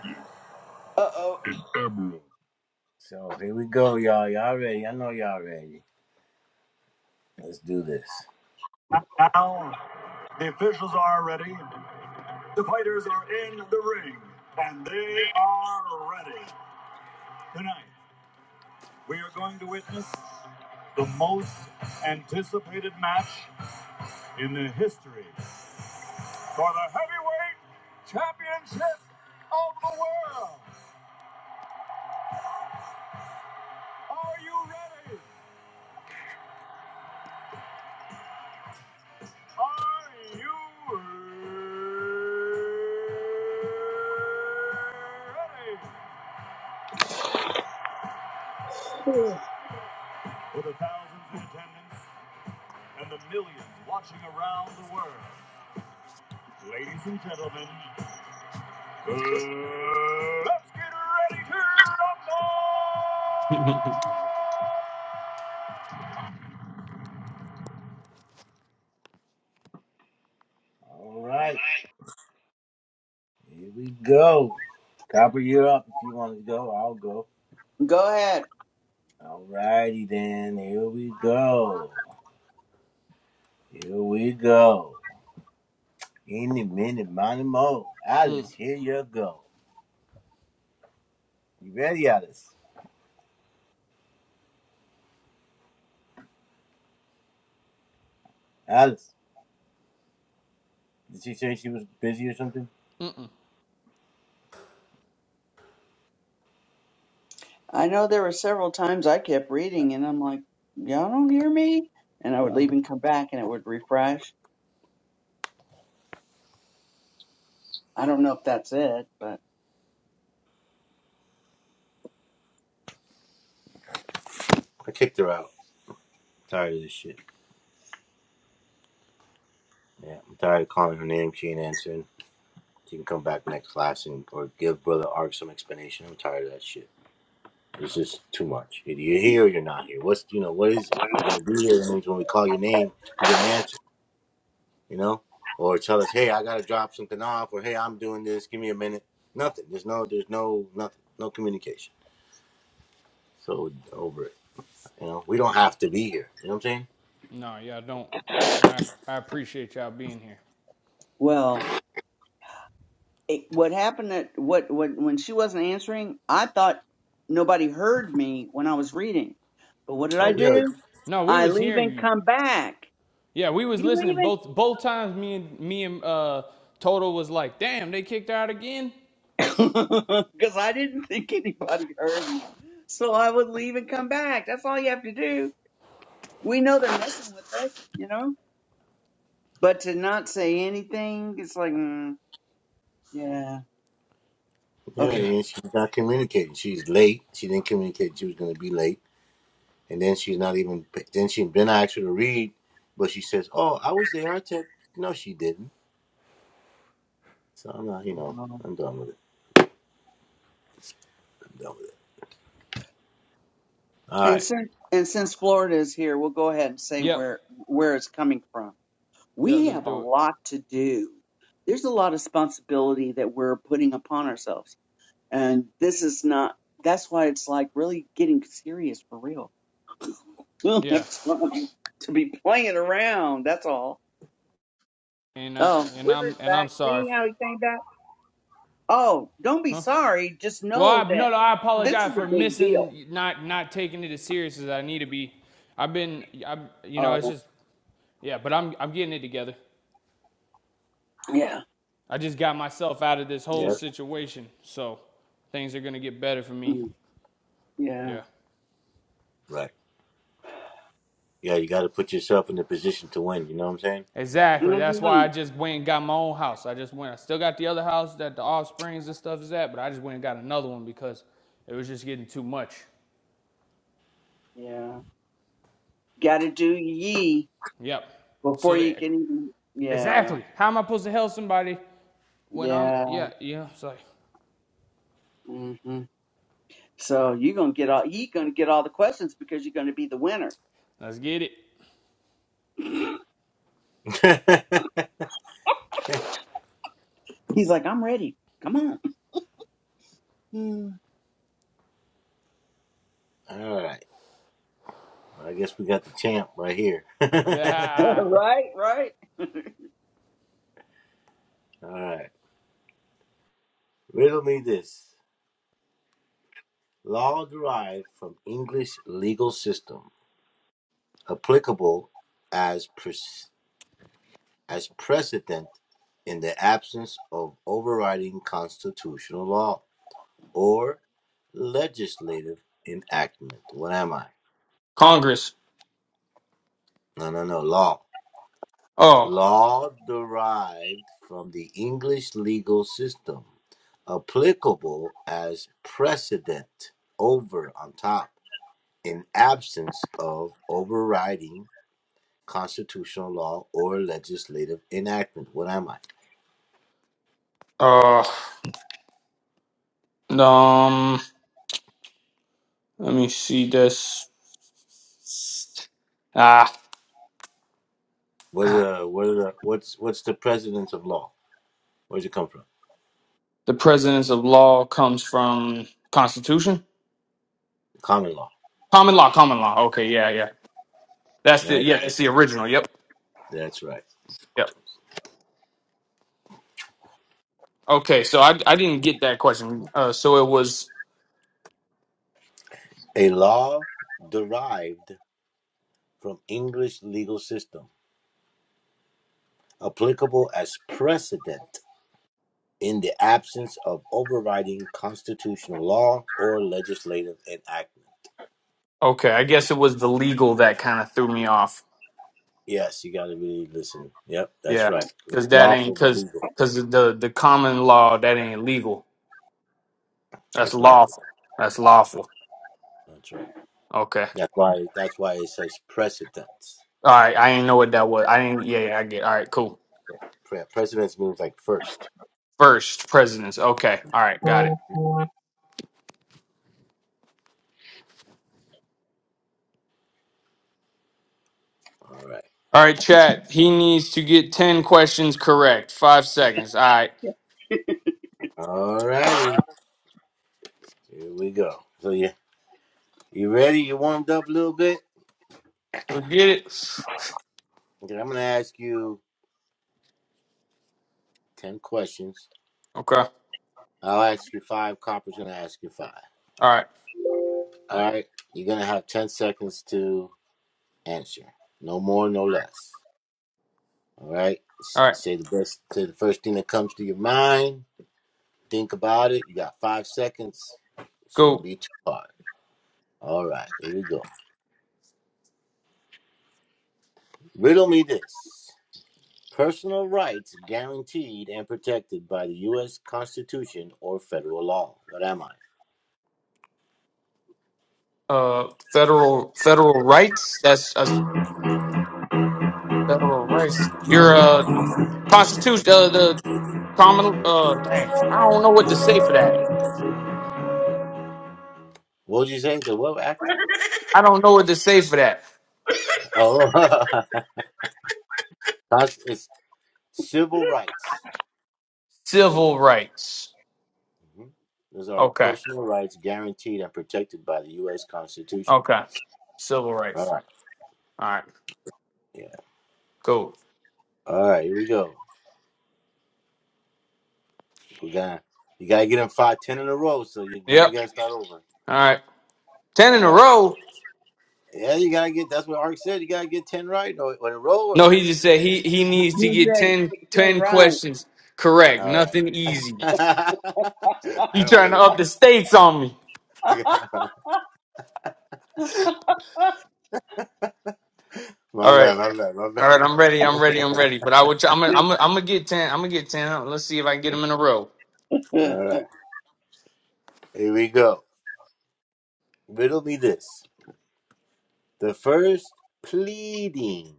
Speaker 2: Uh-oh.
Speaker 3: emerald. So here we go, y'all. Y'all ready? I know y'all ready. Let's do this. Now, the officials are ready. The fighters are in the ring, and they are ready. Tonight, we are going to witness the most anticipated match in the history for the heavyweight championship of the world. Are you ready? Are you ready? For the thousands in attendance and the millions watching around the world, ladies and gentlemen, uh, let's get ready to rumble!
Speaker 4: (laughs)
Speaker 3: All right, here we go. Copper, you're up if you want to go. I'll go.
Speaker 2: Go ahead.
Speaker 3: All righty then. Here we go. Here we go. Any minute, money mo.
Speaker 4: Mm.
Speaker 3: Alice, here you go. You ready, Alice? Alice, did she say she was busy or something?
Speaker 4: Mm-mm.
Speaker 2: I know there were several times I kept reading and I'm like, y'all don't hear me? And I would
Speaker 3: Done
Speaker 2: leave
Speaker 3: with-
Speaker 2: and come back and it would refresh. I don't know if that's it, but
Speaker 3: I kicked her out. Tired of this shit. Yeah, I'm tired of calling her name. She ain't answering. She can come back next class and or give brother Ark some explanation. I'm tired of that shit. It's just too much. Either you're here or you're not here. What's you know what is it? You're gonna be here. That means when we call your name, you're gonna answer. You know, or tell us, hey, I gotta drop something off, or hey, I'm doing this. Give me a minute. Nothing. There's no. There's no nothing. No communication. So over it. You know, we don't have to be here. You know what I'm saying?
Speaker 4: No, y'all don't. And I, I appreciate y'all being here.
Speaker 2: well. it, what happened at what What when she wasn't answering, I thought nobody heard me when I was reading. But what did I
Speaker 3: Well, we are.
Speaker 2: do?
Speaker 4: No, we
Speaker 2: I
Speaker 4: was
Speaker 2: leave
Speaker 4: hearing
Speaker 2: and
Speaker 4: you.
Speaker 2: come back.
Speaker 4: Yeah, we was
Speaker 2: You
Speaker 4: listening
Speaker 2: leaving?
Speaker 4: both both times. Me and me and uh, Toto was like, "Damn, they kicked out again."
Speaker 2: (laughs) Because I didn't think anybody heard me. So I would leave and come back. That's all you have to do. We know they're messing with us, you know. But to not say anything, it's like, mm, yeah,
Speaker 3: Yeah,
Speaker 2: okay.
Speaker 4: Yeah.
Speaker 3: and she's not communicating. She's late. She didn't communicate she was going to be late, and then she's not even. Then she then I asked her to read, but she says, "Oh, I was there, Artek." No, she didn't. So I'm not. You know, I'm done with it. I'm done with it. All
Speaker 2: And
Speaker 3: right.
Speaker 2: since and since Florida is here, we'll go ahead and say
Speaker 4: Yep.
Speaker 2: where where it's coming from.
Speaker 4: Yeah,
Speaker 2: we
Speaker 4: let's
Speaker 2: have a
Speaker 4: do it.
Speaker 2: lot to do. There's a lot of responsibility that we're putting upon ourselves. And this is not, that's why it's like really getting serious for real. (laughs) We don't
Speaker 4: Yeah.
Speaker 2: have time to be playing around. That's all.
Speaker 4: And I
Speaker 2: Oh,
Speaker 4: and
Speaker 2: Withers
Speaker 4: I'm and I'm
Speaker 2: back.
Speaker 4: sorry.
Speaker 2: See how he came back? Oh, don't be
Speaker 4: Huh?
Speaker 2: sorry. Just
Speaker 4: Well, I,
Speaker 2: know that
Speaker 4: no, no, I
Speaker 2: this is
Speaker 4: apologize
Speaker 2: a
Speaker 4: for
Speaker 2: big deal.
Speaker 4: missing, not not taking it as serious as I need to be. I've been, I, you know, it's
Speaker 2: Oh,
Speaker 4: just yeah. But I'm I'm getting it together.
Speaker 2: yeah.
Speaker 4: I just got myself out of this whole
Speaker 2: Yeah.
Speaker 3: Yep.
Speaker 4: situation, so things are gonna get better for me.
Speaker 2: Mm, yeah.
Speaker 4: Yeah.
Speaker 3: Right. Yeah, you got to put yourself in the position to win. You know what I'm
Speaker 4: Exactly. That's why
Speaker 2: hmm
Speaker 4: I just went and got my own house. I just went. I still got the other house that the offsprings and stuff is at, but I just went and got another one because it was just getting too much.
Speaker 2: Yeah. Got to do ye
Speaker 4: Yep. So
Speaker 2: before you
Speaker 4: there.
Speaker 2: can even. Yeah.
Speaker 4: Exactly. How am I supposed to help somebody when I'm?
Speaker 2: Yeah.
Speaker 4: Yeah. Yeah. It's like,
Speaker 2: hmm So you're gonna get all you gonna get all the questions because you're gonna be the winner.
Speaker 4: let's get it. (laughs)
Speaker 3: saying?
Speaker 2: He's like, I'm ready. Come on. Mm.
Speaker 3: (laughs) All right. Well, I guess we got the champ right here. (laughs) All
Speaker 2: (laughs)
Speaker 4: Yeah.
Speaker 2: right, right.
Speaker 3: right. Riddle me this. Law derived from English legal system, applicable as pres- as precedent in the absence of overriding constitutional law or legislative enactment. What am I?
Speaker 4: Congress.
Speaker 3: No, no, no. Law.
Speaker 4: Oh.
Speaker 3: Law derived from the English legal system, applicable as precedent over on top in absence of overriding constitutional law or legislative enactment. What am I?
Speaker 4: Uh. Um. Let me see this. Ah.
Speaker 3: What are the, what are the, what's what's the precedence of law? Where does it come from?
Speaker 4: The precedence of law comes from Constitution,
Speaker 3: Common law,
Speaker 4: common law, common law. Okay, yeah, yeah. That's the
Speaker 3: right?
Speaker 4: yeah, it's the original. Yep,
Speaker 3: That's right.
Speaker 4: yep. Okay, so I I didn't get that question. Uh, so it was
Speaker 3: A law derived from English legal system, applicable as precedent in the absence of overriding constitutional law or legislative enactment.
Speaker 4: okay. I guess it was the legal that kind of threw me off.
Speaker 3: Yes, you got to really listen. Yep, that's
Speaker 4: Yeah,
Speaker 3: right.
Speaker 4: because that ain't
Speaker 3: Lawful but
Speaker 4: because
Speaker 3: legal.
Speaker 4: because the the common law that ain't legal. That's
Speaker 3: That's lawful.
Speaker 4: lawful. That's lawful.
Speaker 3: That's right.
Speaker 4: Okay.
Speaker 3: That's why that's why it says precedence.
Speaker 4: All right. I didn't know what that was. I didn't. Yeah, yeah. I get. All right. Cool.
Speaker 3: Pre- precedence means like first.
Speaker 4: First presidents. Okay. All right. Got it.
Speaker 3: All right.
Speaker 4: All right, chat. He needs to get 10 questions correct. Five seconds. All right.
Speaker 3: All righty. Here we go. So you you ready? You warmed up a little bit?
Speaker 4: Let's get it.
Speaker 3: Okay, I'm gonna ask you ten questions.
Speaker 4: Okay. All
Speaker 3: I'll ask you five, Copper's gonna ask you five.
Speaker 4: right.
Speaker 3: All right. You're gonna have ten seconds to answer. No more, no less. All right. S-
Speaker 4: All right.
Speaker 3: Say the best say the first thing that comes to your mind. Think about it. You got five seconds. Shouldn't
Speaker 4: Go.
Speaker 3: be too hard. All right, here we go. Riddle me this. Personal rights guaranteed and protected by the U.S. Constitution or federal law. What am I?
Speaker 4: Uh, federal federal rights. That's that's federal rights. Your uh constitution. Uh, the common. Uh, dang. I don't know what to say for that.
Speaker 3: What did you say? The what act?
Speaker 4: I don't know what to say for that.
Speaker 3: Oh, (laughs) Cons- it's civil rights.
Speaker 4: Civil rights.
Speaker 3: Mhm. Those are
Speaker 4: Okay.
Speaker 3: personal rights guaranteed and protected by the U.S. Constitution.
Speaker 4: Okay. Civil
Speaker 3: All
Speaker 4: rights.
Speaker 3: right.
Speaker 4: All right.
Speaker 3: Yeah.
Speaker 4: Cool.
Speaker 3: All right. Here we go. We got you. Got to get in five, ten in a row. So you now we
Speaker 4: Yep.
Speaker 3: got to start over.
Speaker 4: All right. Ten
Speaker 3: All
Speaker 4: in a
Speaker 3: right.
Speaker 4: row.
Speaker 3: Yeah, you gotta get. That's what Ark said. You gotta get ten right, or, or in a row, or
Speaker 4: No, he
Speaker 3: I
Speaker 4: just
Speaker 3: guess
Speaker 4: said
Speaker 3: you
Speaker 4: he
Speaker 3: just
Speaker 4: he needs to
Speaker 2: He
Speaker 4: get
Speaker 2: said,
Speaker 4: 10 10
Speaker 2: Tim, right.
Speaker 4: questions correct.
Speaker 3: All
Speaker 4: Nothing
Speaker 3: right. (laughs)
Speaker 4: easy.
Speaker 3: I
Speaker 4: You
Speaker 3: don't
Speaker 4: trying
Speaker 3: make
Speaker 4: to
Speaker 3: it up.
Speaker 4: up
Speaker 3: (laughs)
Speaker 4: the stakes on me?
Speaker 2: (laughs)
Speaker 3: Yeah. My
Speaker 4: All right,
Speaker 3: bad, my bad, my
Speaker 4: all right.
Speaker 3: bad.
Speaker 4: I'm ready.
Speaker 3: (laughs)
Speaker 4: I'm
Speaker 3: My
Speaker 4: ready. I'm
Speaker 3: bad.
Speaker 4: ready. But I would. try- I'm. gonna- I'm. gonna- I'm gonna get ten. I'm gonna get ten. Huh? Let's see if I can get them in a row.
Speaker 3: All right. Here we go. Riddle me this. The first pleading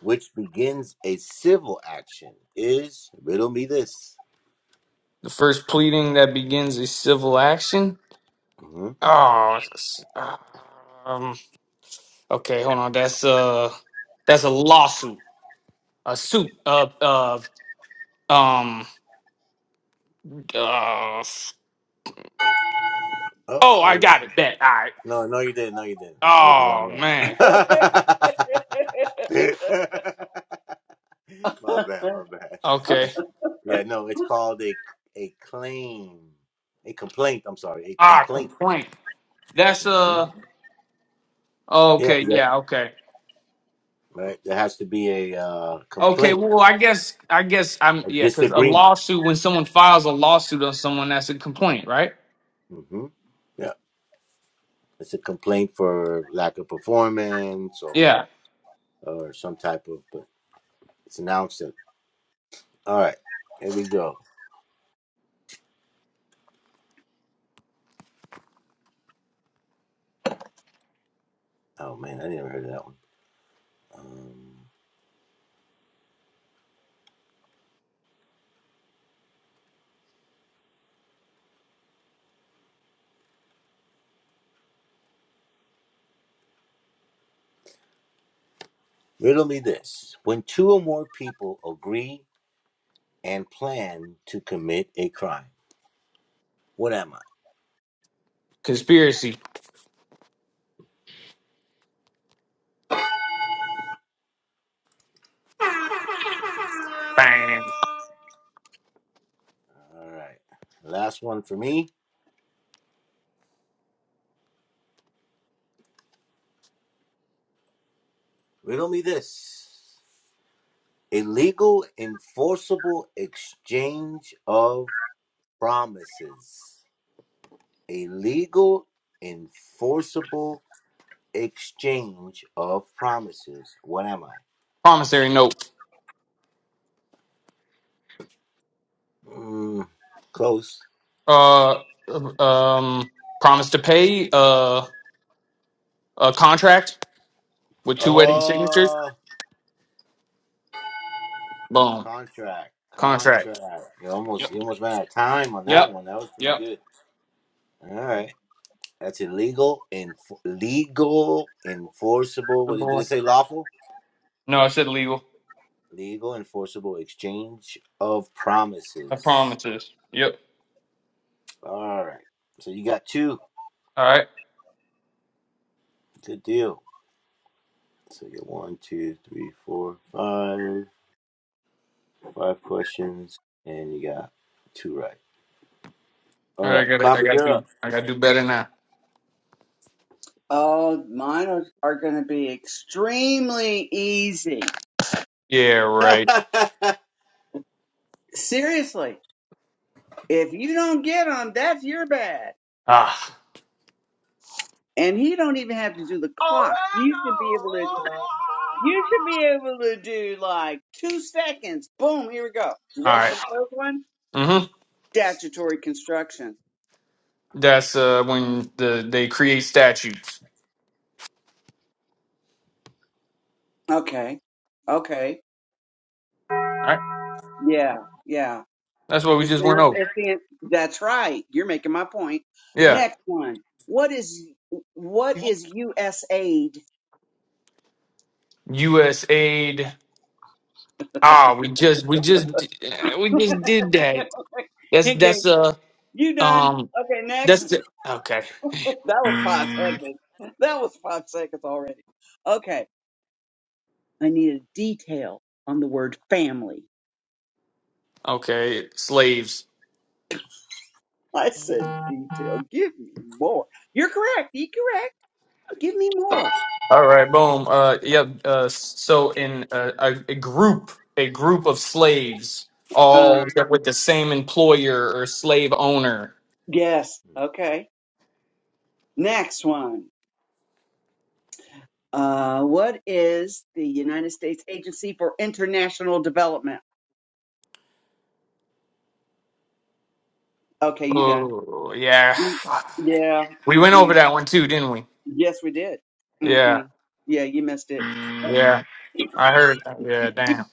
Speaker 3: which begins a civil action is riddle me this.
Speaker 4: The first pleading that begins a civil action.
Speaker 3: hmm
Speaker 4: Oh. s- uh, Um. Okay. Hold on. That's uh. That's a lawsuit. A suit. Uh. Uh. Um. Uh.
Speaker 3: Oh,
Speaker 4: Oh,
Speaker 3: wait
Speaker 4: I
Speaker 3: a minute.
Speaker 4: got it. Bet. All right.
Speaker 3: No, no, you didn't. No, you didn't. That was the wrong
Speaker 4: Oh
Speaker 3: one. (laughs)
Speaker 4: man.
Speaker 3: my bad, my bad. (laughs)
Speaker 4: Okay.
Speaker 3: Yeah, no, it's called a a claim, a complaint. I'm sorry, a
Speaker 4: Ah,
Speaker 3: complaint.
Speaker 4: complaint. That's
Speaker 3: hmm
Speaker 4: uh oh,
Speaker 3: Yeah,
Speaker 4: okay,
Speaker 3: yeah,
Speaker 4: yeah, okay.
Speaker 3: right. There has to be a uh,
Speaker 4: Okay,
Speaker 3: complaint,
Speaker 4: well, I guess I guess I'm
Speaker 3: a
Speaker 4: yeah, cuz a
Speaker 3: disagreement.
Speaker 4: lawsuit when someone files a lawsuit on someone that's a complaint, right?
Speaker 3: hmm Yeah, it's a complaint for lack of performance or
Speaker 4: Yeah.
Speaker 3: or some type of. But it's announced it. All right, here we go. Oh man, I never heard of that one. Um, riddle me this: When two or more people agree and plan to commit a crime, what am I?
Speaker 4: Conspiracy. Bang.
Speaker 3: All right. Last one for me. Riddle me this illegal, enforceable exchange of promises. Illegal, enforceable exchange of promises. What am I?
Speaker 4: Promissory note.
Speaker 3: Mm, close.
Speaker 4: Uh um promise to pay uh a contract with two wedding signatures.
Speaker 3: Oh,
Speaker 4: Boom.
Speaker 3: contract. Contract.
Speaker 4: Contract.
Speaker 3: You almost
Speaker 4: Yep.
Speaker 3: you almost ran out of time on that
Speaker 4: Yep.
Speaker 3: one. That was pretty
Speaker 4: Yep.
Speaker 3: good. All right. That's illegal and legal enforceable. What
Speaker 4: Good
Speaker 3: did
Speaker 4: boy.
Speaker 3: it say? Lawful,
Speaker 4: No, I said legal.
Speaker 3: legal enforceable exchange of
Speaker 4: I
Speaker 3: promises.
Speaker 4: promises. Yep.
Speaker 3: All right. So you got two.
Speaker 4: All right.
Speaker 3: Good deal. So you got one, two, three, four, five, five questions, and you got two right.
Speaker 4: All
Speaker 3: All
Speaker 4: right, I
Speaker 3: right,
Speaker 4: got to I
Speaker 3: copy.
Speaker 4: got
Speaker 3: You're
Speaker 4: to do
Speaker 3: up.
Speaker 4: I got to do better now.
Speaker 2: Oh, mine are, are going to be extremely easy.
Speaker 4: Yeah, right.
Speaker 3: (laughs)
Speaker 2: Seriously, if you don't get them, that's your bad.
Speaker 4: Ah,
Speaker 2: And he don't even have to do the clock. You should be able to. You should be able to do like two seconds. Boom, here we go. You
Speaker 4: all
Speaker 2: ready for
Speaker 4: right.
Speaker 2: the first one?
Speaker 4: Mm-hmm.
Speaker 2: Statutory construction.
Speaker 4: That's uh when the they create statutes.
Speaker 2: Okay. Okay.
Speaker 4: All right.
Speaker 2: Yeah. Yeah.
Speaker 4: That's what we
Speaker 2: The
Speaker 4: just went
Speaker 2: center
Speaker 4: over.
Speaker 2: it's the that's right. You're making my point.
Speaker 4: Yeah.
Speaker 2: Next one. What is what is US aid?
Speaker 4: U.S. aid. Ah, we just we just d- we just did that. That's
Speaker 2: Okay,
Speaker 4: that's uh
Speaker 2: you done.
Speaker 4: um
Speaker 2: Okay, next.
Speaker 4: that's
Speaker 2: (laughs)
Speaker 4: the okay
Speaker 2: that was five seconds. That was five seconds already. Okay. I need a detail on the word family.
Speaker 4: okay slaves.
Speaker 2: I said, detail. Give me more. You're correct. You're correct. Give me more.
Speaker 4: All right. Boom. Uh. yeah. Uh. So in uh, a, a group a group of slaves
Speaker 2: Um,
Speaker 4: all with the same employer or slave owner.
Speaker 2: yes. Okay. Next one. Uh, what is the United States Agency for International Development? Okay, you done.
Speaker 4: Oh yeah.
Speaker 2: Mm, Yeah.
Speaker 4: We went
Speaker 2: Mm-mm.
Speaker 4: over that one too, didn't we?
Speaker 2: Yes, we did.
Speaker 4: Yeah,
Speaker 2: Mm-mm. Yeah, you missed it.
Speaker 4: yeah. I heard. Yeah, damn.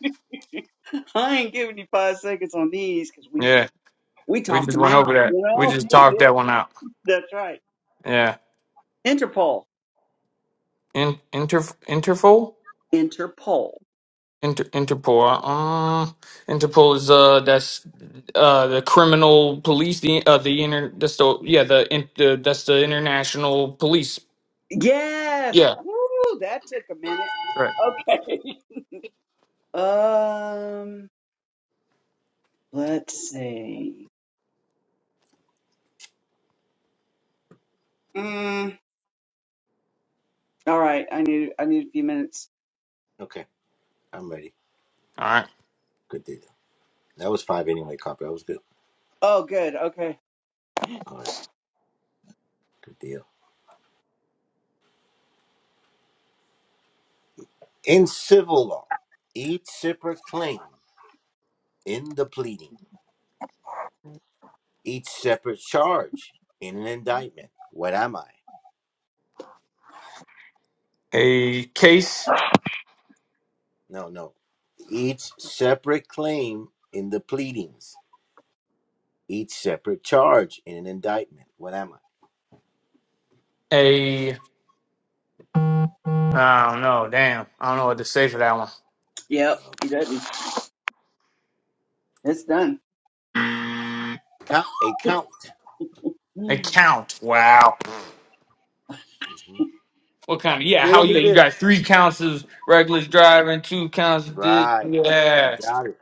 Speaker 2: (laughs) I ain't giving you five seconds on these because we
Speaker 4: Yeah,
Speaker 2: we
Speaker 4: we
Speaker 2: talked
Speaker 4: just
Speaker 2: them
Speaker 4: went
Speaker 2: out.
Speaker 4: over that.
Speaker 2: You
Speaker 4: We
Speaker 2: know. (laughs)
Speaker 4: just talked
Speaker 2: yeah,
Speaker 4: that one out.
Speaker 2: that's right.
Speaker 4: Yeah.
Speaker 2: Interpol.
Speaker 4: In, inter Interpol
Speaker 2: Interpol.
Speaker 4: Inter, Interpol. Uh, Interpol is uh that's uh the criminal police. The uh the inter that's the yeah the, in, the that's the international police.
Speaker 2: Yes.
Speaker 4: Yeah.
Speaker 2: Woo, that took a minute.
Speaker 4: Right.
Speaker 2: Okay. (laughs) Um, let's see. Mm, all right, I need I need a few minutes.
Speaker 3: okay, I'm ready.
Speaker 4: All right.
Speaker 3: Good deal. That was five anyway. Copy. That was good.
Speaker 2: Oh, good. Okay.
Speaker 3: All right. Good deal. In civil law, each separate claim in the pleading. each separate charge in an indictment. What am I?
Speaker 4: A case.
Speaker 3: No, no. Each separate claim in the pleadings. Each separate charge in an indictment. What am I?
Speaker 4: A I don't know. Damn. I don't know what to say for that one.
Speaker 2: Yep. He
Speaker 3: Okay.
Speaker 2: doesn't. It's done.
Speaker 3: Count a count.
Speaker 2: (sighs)
Speaker 4: A
Speaker 2: Hmm.
Speaker 4: count. Wow.
Speaker 3: hmm
Speaker 4: What kind of yeah?
Speaker 3: Riddle
Speaker 4: How
Speaker 3: me
Speaker 4: you you got
Speaker 3: this.
Speaker 4: three counts of reckless driving, two counts of this.
Speaker 3: Right. You
Speaker 4: Yeah,
Speaker 3: got it.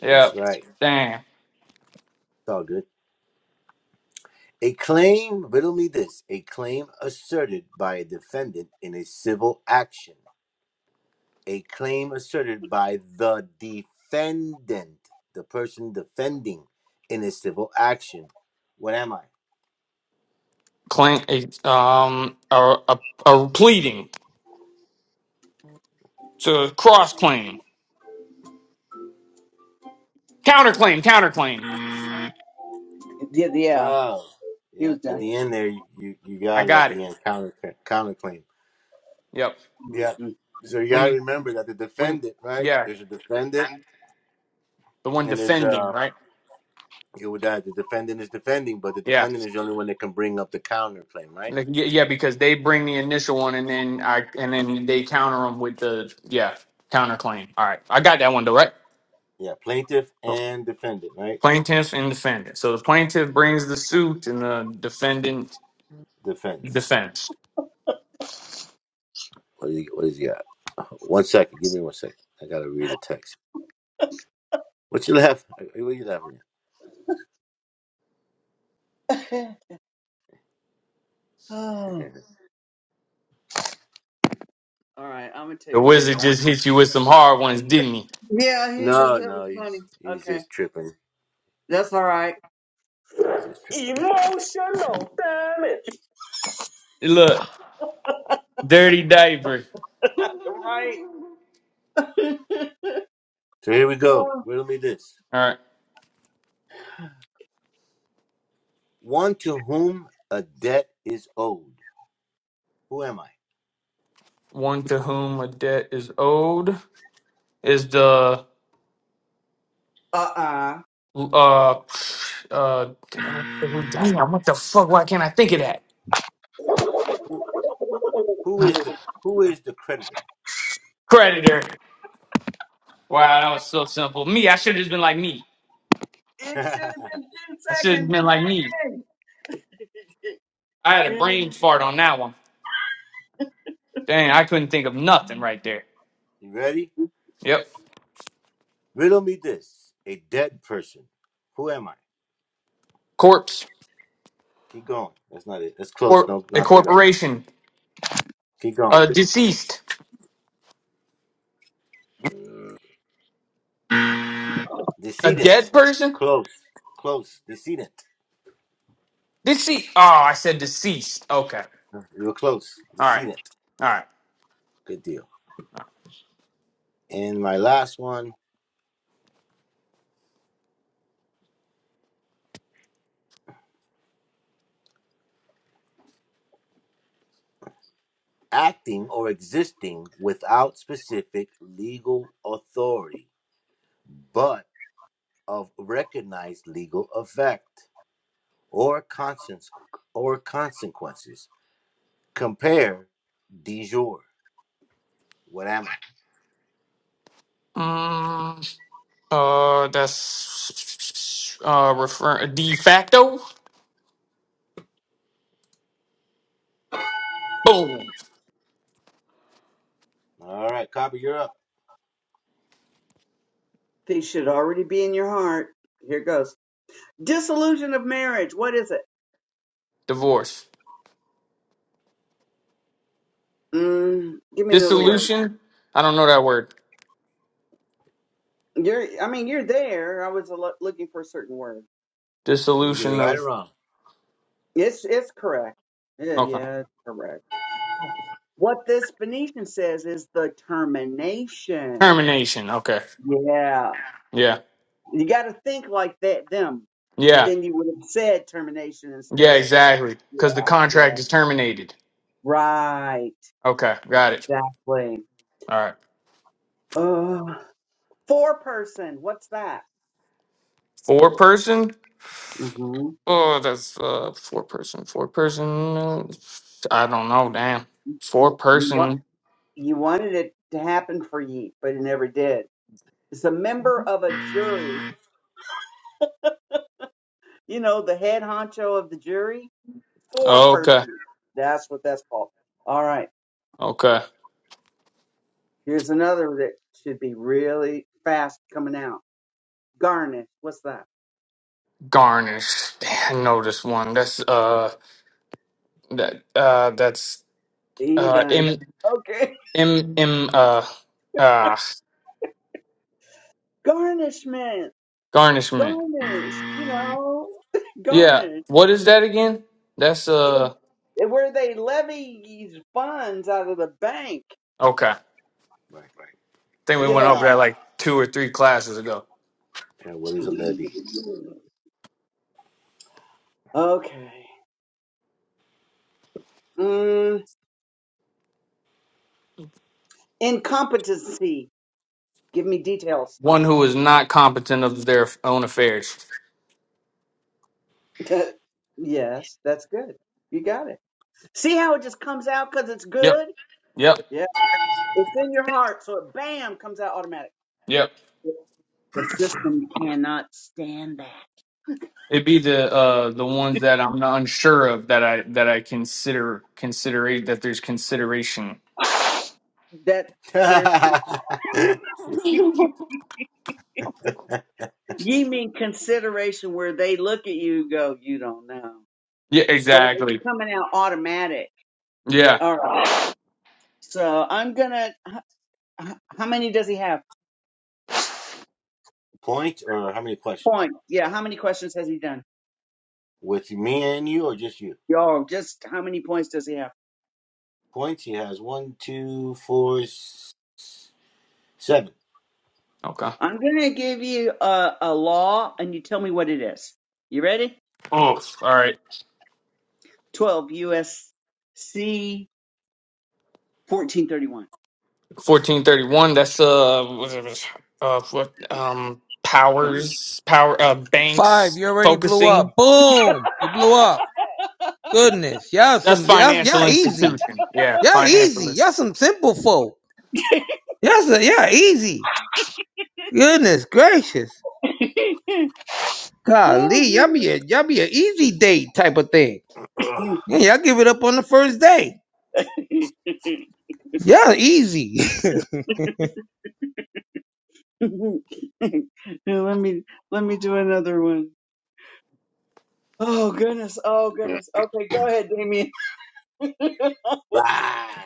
Speaker 4: yeah.
Speaker 3: That's right. It's
Speaker 4: Damn.
Speaker 3: all good. A claim, riddle me this, a claim asserted by a defendant in a civil action a claim asserted by the defendant, the person defending in a civil action. What am I?
Speaker 4: Claim a um a a, a pleading to cross claim, counterclaim, counterclaim.
Speaker 2: Yeah, yeah.
Speaker 3: Oh,
Speaker 2: He
Speaker 3: yeah.
Speaker 2: was
Speaker 3: At
Speaker 2: done.
Speaker 3: the end there, you, you, you
Speaker 4: I
Speaker 3: got it at
Speaker 4: got it.
Speaker 3: the end, counter counterclaim.
Speaker 4: Yep.
Speaker 3: Yeah.
Speaker 2: Mhm.
Speaker 3: So you
Speaker 4: When
Speaker 3: got to
Speaker 4: you
Speaker 3: remember that the
Speaker 4: when
Speaker 3: defendant, right?
Speaker 4: yeah,
Speaker 3: There's a defendant,
Speaker 4: the one
Speaker 3: and there's
Speaker 4: defending
Speaker 3: a
Speaker 4: right.
Speaker 3: you would that the defendant is defending, but the
Speaker 4: Yeah,
Speaker 3: defendant is the only one that can bring up the counterclaim, right?
Speaker 4: Like, yeah, yeah, because they bring the initial one and then I and then they counter them with the yeah counterclaim. All right, I got that one though, right?
Speaker 3: Yeah, plaintiff and defendant, right?
Speaker 4: plaintiff and defendant. So the plaintiff brings the suit and the defendant
Speaker 3: Defense.
Speaker 4: defends.
Speaker 3: What do you, what does he got? Oh, One second. Give me one second. I gotta read the text. What you laughing? What you laughing
Speaker 2: (laughs) oh. All
Speaker 3: at?
Speaker 2: right, I'm gonna tell
Speaker 4: The
Speaker 2: you what I'm
Speaker 4: wizard
Speaker 2: doing.
Speaker 4: just hit you with some hard ones, didn't he?
Speaker 2: Yeah,
Speaker 3: (laughs)
Speaker 2: he just
Speaker 3: no,
Speaker 2: that was
Speaker 3: no. He's
Speaker 2: funny.
Speaker 3: he's
Speaker 2: Okay.
Speaker 3: just tripping.
Speaker 2: That's all right.
Speaker 3: He's just tripping.
Speaker 2: Emotional damage. (laughs)
Speaker 4: Look, dirty diaper.
Speaker 2: Right.
Speaker 3: So here we
Speaker 2: (laughs)
Speaker 3: go. Riddle me this.
Speaker 4: All right.
Speaker 3: One to whom a debt is owed. Who am I?
Speaker 4: One to whom a debt is owed is the
Speaker 2: uh
Speaker 4: uh uh damn, damn what the fuck why can't I think of that?
Speaker 3: Who who is
Speaker 2: uh
Speaker 3: the who is the creditor?
Speaker 4: Creditor. Wow, that was so simple. Me, I should have just been like me.
Speaker 2: It should have been
Speaker 3: (laughs)
Speaker 2: ten
Speaker 4: I should have
Speaker 2: seconds.
Speaker 4: been like me.
Speaker 2: Bang!
Speaker 4: I had a brain
Speaker 2: And
Speaker 4: fart on that one. Dang, I couldn't think of nothing right there.
Speaker 3: you ready?
Speaker 4: Yep.
Speaker 3: Riddle me this. A dead person. Who am I?
Speaker 4: Corpse.
Speaker 3: Keep going. That's not it. That's close.
Speaker 4: Cor-
Speaker 3: No,
Speaker 4: a
Speaker 3: not to go.
Speaker 4: corporation.
Speaker 3: Keep going.
Speaker 4: A deceased. A
Speaker 3: Decedent.
Speaker 4: dead person?
Speaker 3: Close. Close. Decedent.
Speaker 4: Deceased. Oh, I said deceased. Okay.
Speaker 3: You were close.
Speaker 4: All right.
Speaker 3: Decedent.
Speaker 4: All right.
Speaker 3: Good deal. And my last one acting or existing without specific legal authority, but of recognized legal effect or conscience or consequences. Compare de jure. What am I?
Speaker 4: Mm, uh, that's uh refer de facto. Boom.
Speaker 3: All right, Copper, you're up.
Speaker 2: They should already be in your heart. Here goes. Disillusion of marriage. What is it?
Speaker 4: Divorce.
Speaker 2: Mm, give me another word.
Speaker 4: Dissolution. I don't know that word.
Speaker 2: You're. I mean, you're there. I was lo- looking for a certain word.
Speaker 3: Did you get it
Speaker 4: Dissolution
Speaker 3: right or
Speaker 4: of.
Speaker 3: wrong?
Speaker 2: It's. It's correct. Yeah.
Speaker 4: Okay.
Speaker 2: Yeah. It's correct. What this Phoenician says is the termination.
Speaker 4: Termination. Okay.
Speaker 2: Yeah.
Speaker 4: Yeah.
Speaker 2: You got to think like that. Them, and
Speaker 4: Yeah.
Speaker 2: then you would have said termination instead
Speaker 4: Yeah.
Speaker 2: of what.
Speaker 4: Exactly. Because the
Speaker 2: Yeah. Yeah.
Speaker 4: contract is terminated.
Speaker 2: Right.
Speaker 4: Okay. Got it.
Speaker 2: Exactly.
Speaker 4: All right.
Speaker 2: Uh, four person. What's that?
Speaker 4: Four person.
Speaker 2: hmm
Speaker 4: Oh, that's uh four person, four person. uh, I don't know, damn. Four
Speaker 2: You want
Speaker 4: person.
Speaker 2: you wanted it to happen for you, but it never did. It's a member of a jury. You know, the head honcho of the jury. Four
Speaker 4: Okay,
Speaker 2: person. That's what that's called. All right.
Speaker 4: okay.
Speaker 2: Here's another that should be really fast coming out. Garnish. What's that?
Speaker 4: Garnish. Damn, I know this one. That's uh that uh that's
Speaker 2: He
Speaker 4: uh
Speaker 2: done.
Speaker 4: m
Speaker 2: Okay.
Speaker 4: m m uh uh
Speaker 2: (laughs) Garnishment.
Speaker 4: garnishment.
Speaker 2: Garnish. You know. (laughs)
Speaker 4: Yeah.
Speaker 2: Garnish.
Speaker 4: What is that again? That's
Speaker 2: it,
Speaker 4: uh
Speaker 2: it- where they levies funds out of the bank.
Speaker 4: okay. I
Speaker 3: Right.
Speaker 4: think we went
Speaker 2: Yeah.
Speaker 3: Levy.
Speaker 4: over that like two or three classes ago.
Speaker 3: Yeah, what is a levy?
Speaker 2: Okay. Mm, incompetency. Give me details.
Speaker 4: One who is not competent of their own affairs.
Speaker 2: (laughs) yes, that's good. You got it. See how it just comes out because it's
Speaker 4: Yep.
Speaker 2: good?
Speaker 4: Yep.
Speaker 2: Yeah. It's in your heart, so it bam comes out automatic.
Speaker 4: Yep.
Speaker 2: The system cannot stand that.
Speaker 4: It'd be the uh the ones that I'm not unsure of that I that I consider considerate that there's consideration.
Speaker 2: That there's
Speaker 3: (laughs)
Speaker 2: you mean consideration where they look at you and go, you don't know.
Speaker 4: Yeah,
Speaker 2: But if it's
Speaker 4: exactly.
Speaker 2: coming out automatic.
Speaker 4: Yeah.
Speaker 2: All right. So I'm gonna. h- How many does he have?
Speaker 3: Point or how many questions?
Speaker 2: Point. Yeah. How many questions has he done?
Speaker 3: With me and you or just you?
Speaker 2: Yo, just how many points does he have?
Speaker 3: points. He has one, two, four, seven.
Speaker 4: Okay.
Speaker 2: I'm gonna give you a, a law, and you tell me what it is. You ready?
Speaker 4: Oh, all right.
Speaker 2: Twelve U.S.C. fourteen thirty one.
Speaker 4: Fourteen thirty one. That's uh, what it was, uh, what um,
Speaker 2: Come
Speaker 4: powers, power, uh,
Speaker 6: Five,
Speaker 4: banks
Speaker 6: you already blew
Speaker 4: focusing.
Speaker 6: up. Boom, you blew up. Goodness, y'all
Speaker 4: That's
Speaker 6: some y'all, y'all
Speaker 4: financial
Speaker 6: easy.
Speaker 4: institution. Yeah,
Speaker 6: Y'all easy.
Speaker 4: financial. ins-
Speaker 6: Y'all some simple folk. Y'all some, y'all easy. Goodness gracious.
Speaker 2: on. (laughs)
Speaker 6: Golly, y'all be
Speaker 2: Oh,
Speaker 6: a y'all be an easy date type of thing.
Speaker 3: Ugh.
Speaker 6: Yeah, y'all give it up on the first day.
Speaker 2: goodness.
Speaker 6: Y'all easy. (laughs)
Speaker 2: (laughs) let me let me do another one. Oh goodness. Oh goodness. Okay, go ahead, Damien. (laughs)
Speaker 3: Right.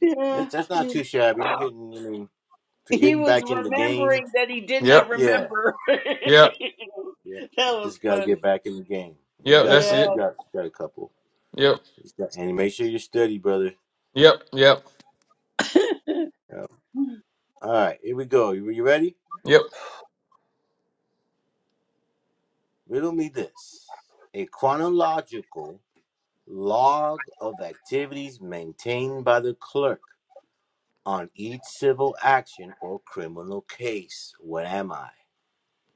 Speaker 2: yeah.
Speaker 3: Mitch, that's not too shabby. You're getting, I mean, for
Speaker 2: He
Speaker 3: getting
Speaker 2: was
Speaker 3: back in the game.
Speaker 2: remembering that he did not
Speaker 4: Yep.
Speaker 3: Yeah.
Speaker 2: remember. (laughs)
Speaker 4: Yep.
Speaker 3: Yeah.
Speaker 2: that
Speaker 3: You
Speaker 2: was
Speaker 3: just got to get
Speaker 2: funny.
Speaker 3: back in the game. And you
Speaker 4: Yep.
Speaker 3: got a
Speaker 4: That's
Speaker 2: Yeah.
Speaker 3: couple.
Speaker 4: it.
Speaker 3: You got, you got a couple.
Speaker 4: Yep.
Speaker 3: You got- and make sure you study, brother.
Speaker 4: Yep. Yep.
Speaker 2: (laughs) All
Speaker 3: Yeah. All right. Here we go. You, you ready?
Speaker 4: Yep.
Speaker 3: Riddle me this a chronological log of activities maintained by the clerk on each civil action or criminal case. What am I?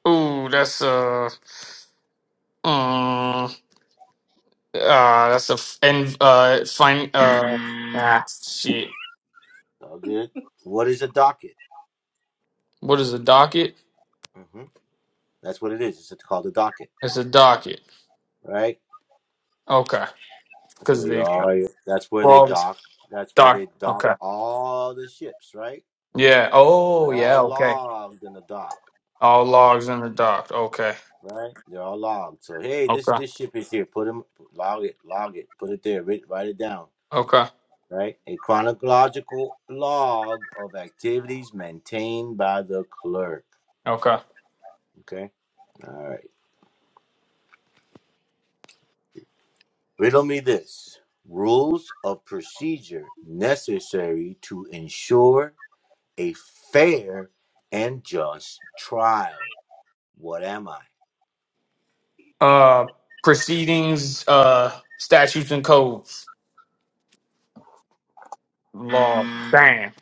Speaker 4: Ooh, that's uh. mm, Ah, that's a f- and uh fine uh ah shit.
Speaker 3: All good. What is a docket?
Speaker 4: What is the docket?
Speaker 3: hmm That's what it is. It's called a docket,
Speaker 4: It's a docket.
Speaker 3: right?
Speaker 4: Okay,
Speaker 3: That's
Speaker 4: because
Speaker 3: where you
Speaker 4: the
Speaker 3: are. That's where they
Speaker 4: well it's
Speaker 3: dock. That's where
Speaker 4: doc.
Speaker 3: they dock
Speaker 4: Okay.
Speaker 3: all the ships, right?
Speaker 4: Yeah. Oh
Speaker 3: They're all
Speaker 4: yeah. Okay.
Speaker 3: logged in the dock,
Speaker 4: All logs in the doc. Okay.
Speaker 3: right? They're all logged. So hey, this
Speaker 4: Okay.
Speaker 3: this ship is here. Put them, log it, log it, put it there. Write, write it down,
Speaker 4: Okay.
Speaker 3: right? A chronological log of activities maintained by the clerk.
Speaker 4: Okay.
Speaker 3: Okay. All right. Riddle me this. Rules of procedure necessary to ensure a fair and just trial. What am I?
Speaker 4: Uh, proceedings. Uh, statutes and codes. Law. Damn.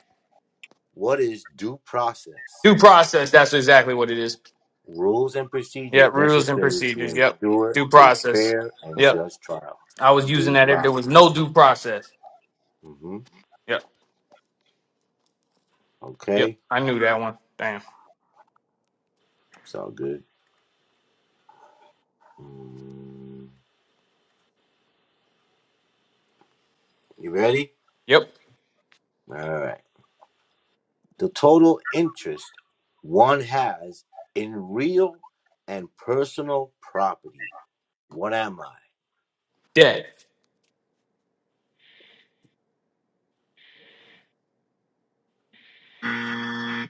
Speaker 3: What is due process?
Speaker 4: Due process. That's exactly what it is.
Speaker 3: Rules and
Speaker 4: Yep.
Speaker 3: procedures
Speaker 4: Rules and
Speaker 3: necessary to
Speaker 4: procedures. Yep.
Speaker 3: ensure
Speaker 4: Due
Speaker 3: a
Speaker 4: process.
Speaker 3: fair and
Speaker 4: Yep.
Speaker 3: just trial.
Speaker 4: I was using
Speaker 3: Due
Speaker 4: that if there was
Speaker 3: process.
Speaker 4: no due process.
Speaker 3: hmm
Speaker 4: Yep. Yep.
Speaker 3: Okay.
Speaker 4: I knew that one. Damn.
Speaker 3: It's all good. Mm, You ready?
Speaker 4: Yep.
Speaker 3: All right. the total interest one has in real and personal property. What am I?
Speaker 4: Dead.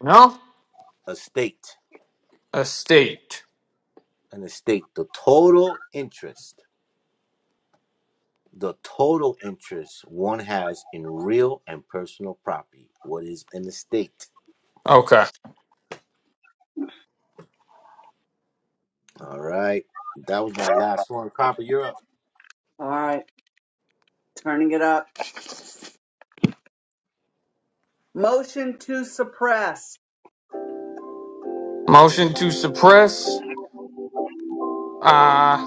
Speaker 4: No?
Speaker 3: Estate.
Speaker 4: Estate.
Speaker 3: An estate. The total interest. The total interest one has in real and personal property. What is an estate?
Speaker 4: Okay.
Speaker 3: All right. That was my last one. Copper, you're up.
Speaker 2: right. Turning it up. Motion to suppress.
Speaker 4: Motion to suppress. Uh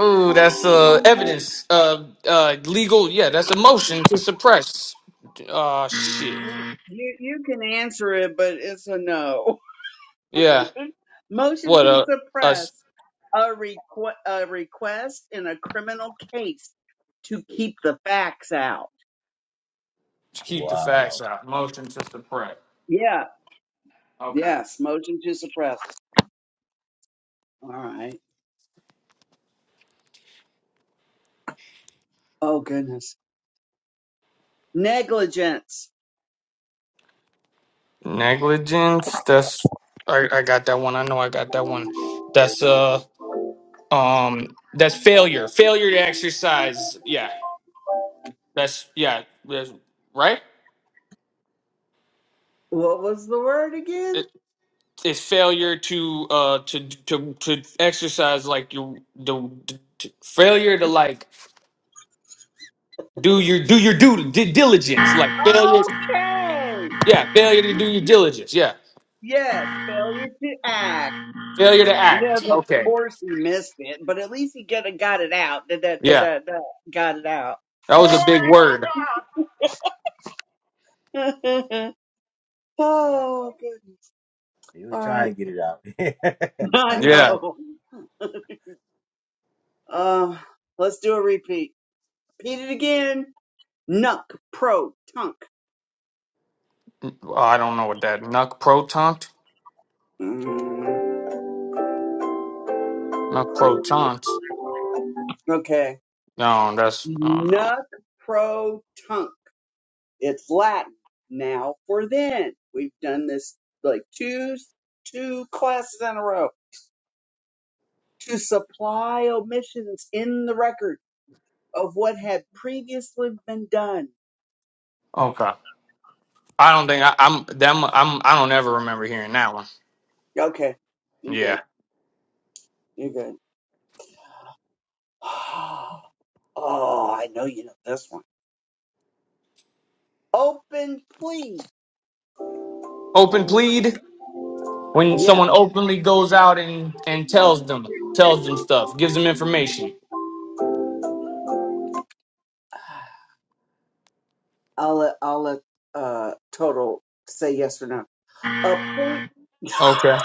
Speaker 4: ooh, that's uh evidence. Uh uh legal yeah, that's a motion to suppress. Uh shit.
Speaker 2: You, you you can answer it, but it's a no.
Speaker 4: Yeah.
Speaker 2: (laughs) Motion
Speaker 4: What
Speaker 2: to
Speaker 4: uh
Speaker 2: suppress
Speaker 4: us
Speaker 2: a requ- a request in a criminal case to keep the facts out.
Speaker 4: to keep the facts
Speaker 3: Wow.
Speaker 4: out. Motion to suppress.
Speaker 2: Yeah.
Speaker 4: Okay.
Speaker 2: Yes. Motion to suppress. All right. Oh goodness. Negligence.
Speaker 4: Negligence, that's I, I got that one. I know I got that one. That's uh um that's failure. Failure to exercise. Yeah. That's yeah. That's right.
Speaker 2: What was the word again?
Speaker 4: It, it's failure to uh to to to exercise like your the, the, to- failure to like do your do your due di- diligence like failure.
Speaker 2: Okay.
Speaker 4: Yeah, failure to do your diligence. Yeah,
Speaker 2: Yes, failure to act.
Speaker 4: failure to
Speaker 2: Yes,
Speaker 4: act.
Speaker 2: of
Speaker 4: Okay.
Speaker 2: course he missed it, but at least he get got it out. Da, da, da,
Speaker 4: Yeah,
Speaker 2: da, da. Got it out.
Speaker 4: that was a big word.
Speaker 2: (laughs)
Speaker 3: All right.
Speaker 2: oh goodness.
Speaker 3: He was
Speaker 2: All right.
Speaker 3: trying to get it out.
Speaker 2: (laughs)
Speaker 3: (laughs)
Speaker 2: I
Speaker 3: I
Speaker 4: Yeah.
Speaker 3: know.
Speaker 2: know. Uh, let's do a repeat. Repeat it again. Nuck pro tunk.
Speaker 4: Well, I don't know what that nuck proton
Speaker 2: Mm,
Speaker 4: nuck protont.
Speaker 2: Okay.
Speaker 4: No, that's I don't know.
Speaker 2: Nuck pro tunk. It's Latin now for then. We've done this like two two classes in a row to supply omissions in the record of what had previously been done.
Speaker 4: Okay. I don't think I, I'm. them I'm I don't ever remember hearing that one.
Speaker 2: Okay, you good?
Speaker 4: Yeah.
Speaker 2: You good? (sighs) Oh, I know you know this one. Open, please.
Speaker 4: Open plead. When
Speaker 2: Yeah,
Speaker 4: someone openly goes out and, and tells them tells them stuff, gives them information.
Speaker 2: I'll let I'll let uh total say yes or no. Appoint.
Speaker 4: Okay.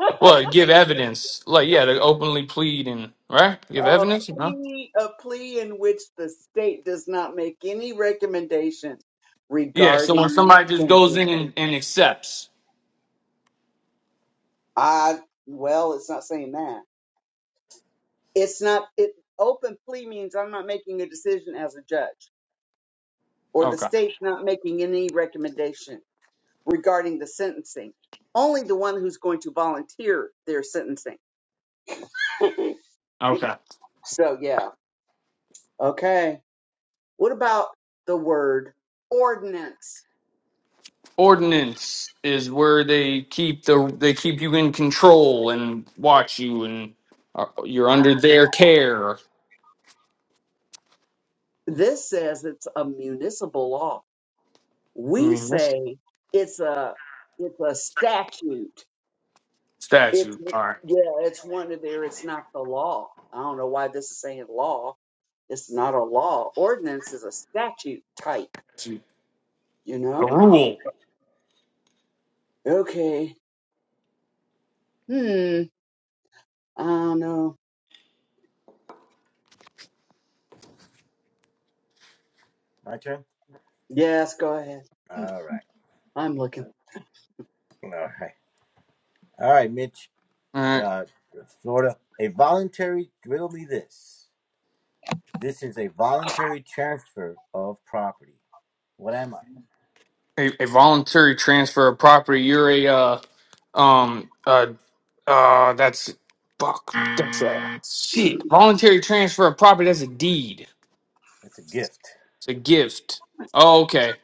Speaker 2: (laughs)
Speaker 4: Well, give evidence. Like yeah, they openly plead and right? Give
Speaker 2: a
Speaker 4: evidence? No?
Speaker 2: plea a plea in which the state does not make any recommendation
Speaker 4: Yeah, so when
Speaker 2: regarding
Speaker 4: somebody just goes
Speaker 2: sentencing.
Speaker 4: in and, and accepts.
Speaker 2: I well, it's not saying that. It's not it open plea means I'm not making a decision as a judge or the
Speaker 4: Okay.
Speaker 2: state's not making any recommendation regarding the sentencing. Only the one who's going to volunteer their sentencing. (laughs)
Speaker 4: Okay.
Speaker 2: so yeah. Okay. What about the word ordinance?
Speaker 4: Ordinance is where they keep the they keep you in control and watch you and uh, you're under their care.
Speaker 2: This says it's a municipal law.
Speaker 4: I
Speaker 2: We
Speaker 4: mean that's
Speaker 2: say it's a it's a statute. It's
Speaker 4: statute. All right.
Speaker 2: yeah, it's one of their. It's not the law. I don't know why this is saying law. It's not a law. Ordinance is a statute type.
Speaker 4: Statute.
Speaker 2: You
Speaker 4: A
Speaker 2: know.
Speaker 4: rule.
Speaker 2: Okay. Hmm. I don't know.
Speaker 3: My turn?
Speaker 2: Yes. Go ahead.
Speaker 3: All right.
Speaker 2: I'm looking.
Speaker 3: All right. All right, Mitch.
Speaker 4: All right.
Speaker 3: uh, Florida, a voluntary, riddle me this. This is a voluntary transfer of property. What am I?
Speaker 4: a, a voluntary transfer of property. You're a uh, um uh uh that's fuck that's a
Speaker 2: Hmm.
Speaker 4: shit. Voluntary transfer of property. That's a deed.
Speaker 3: It's a gift.
Speaker 4: It's a gift. Oh, okay.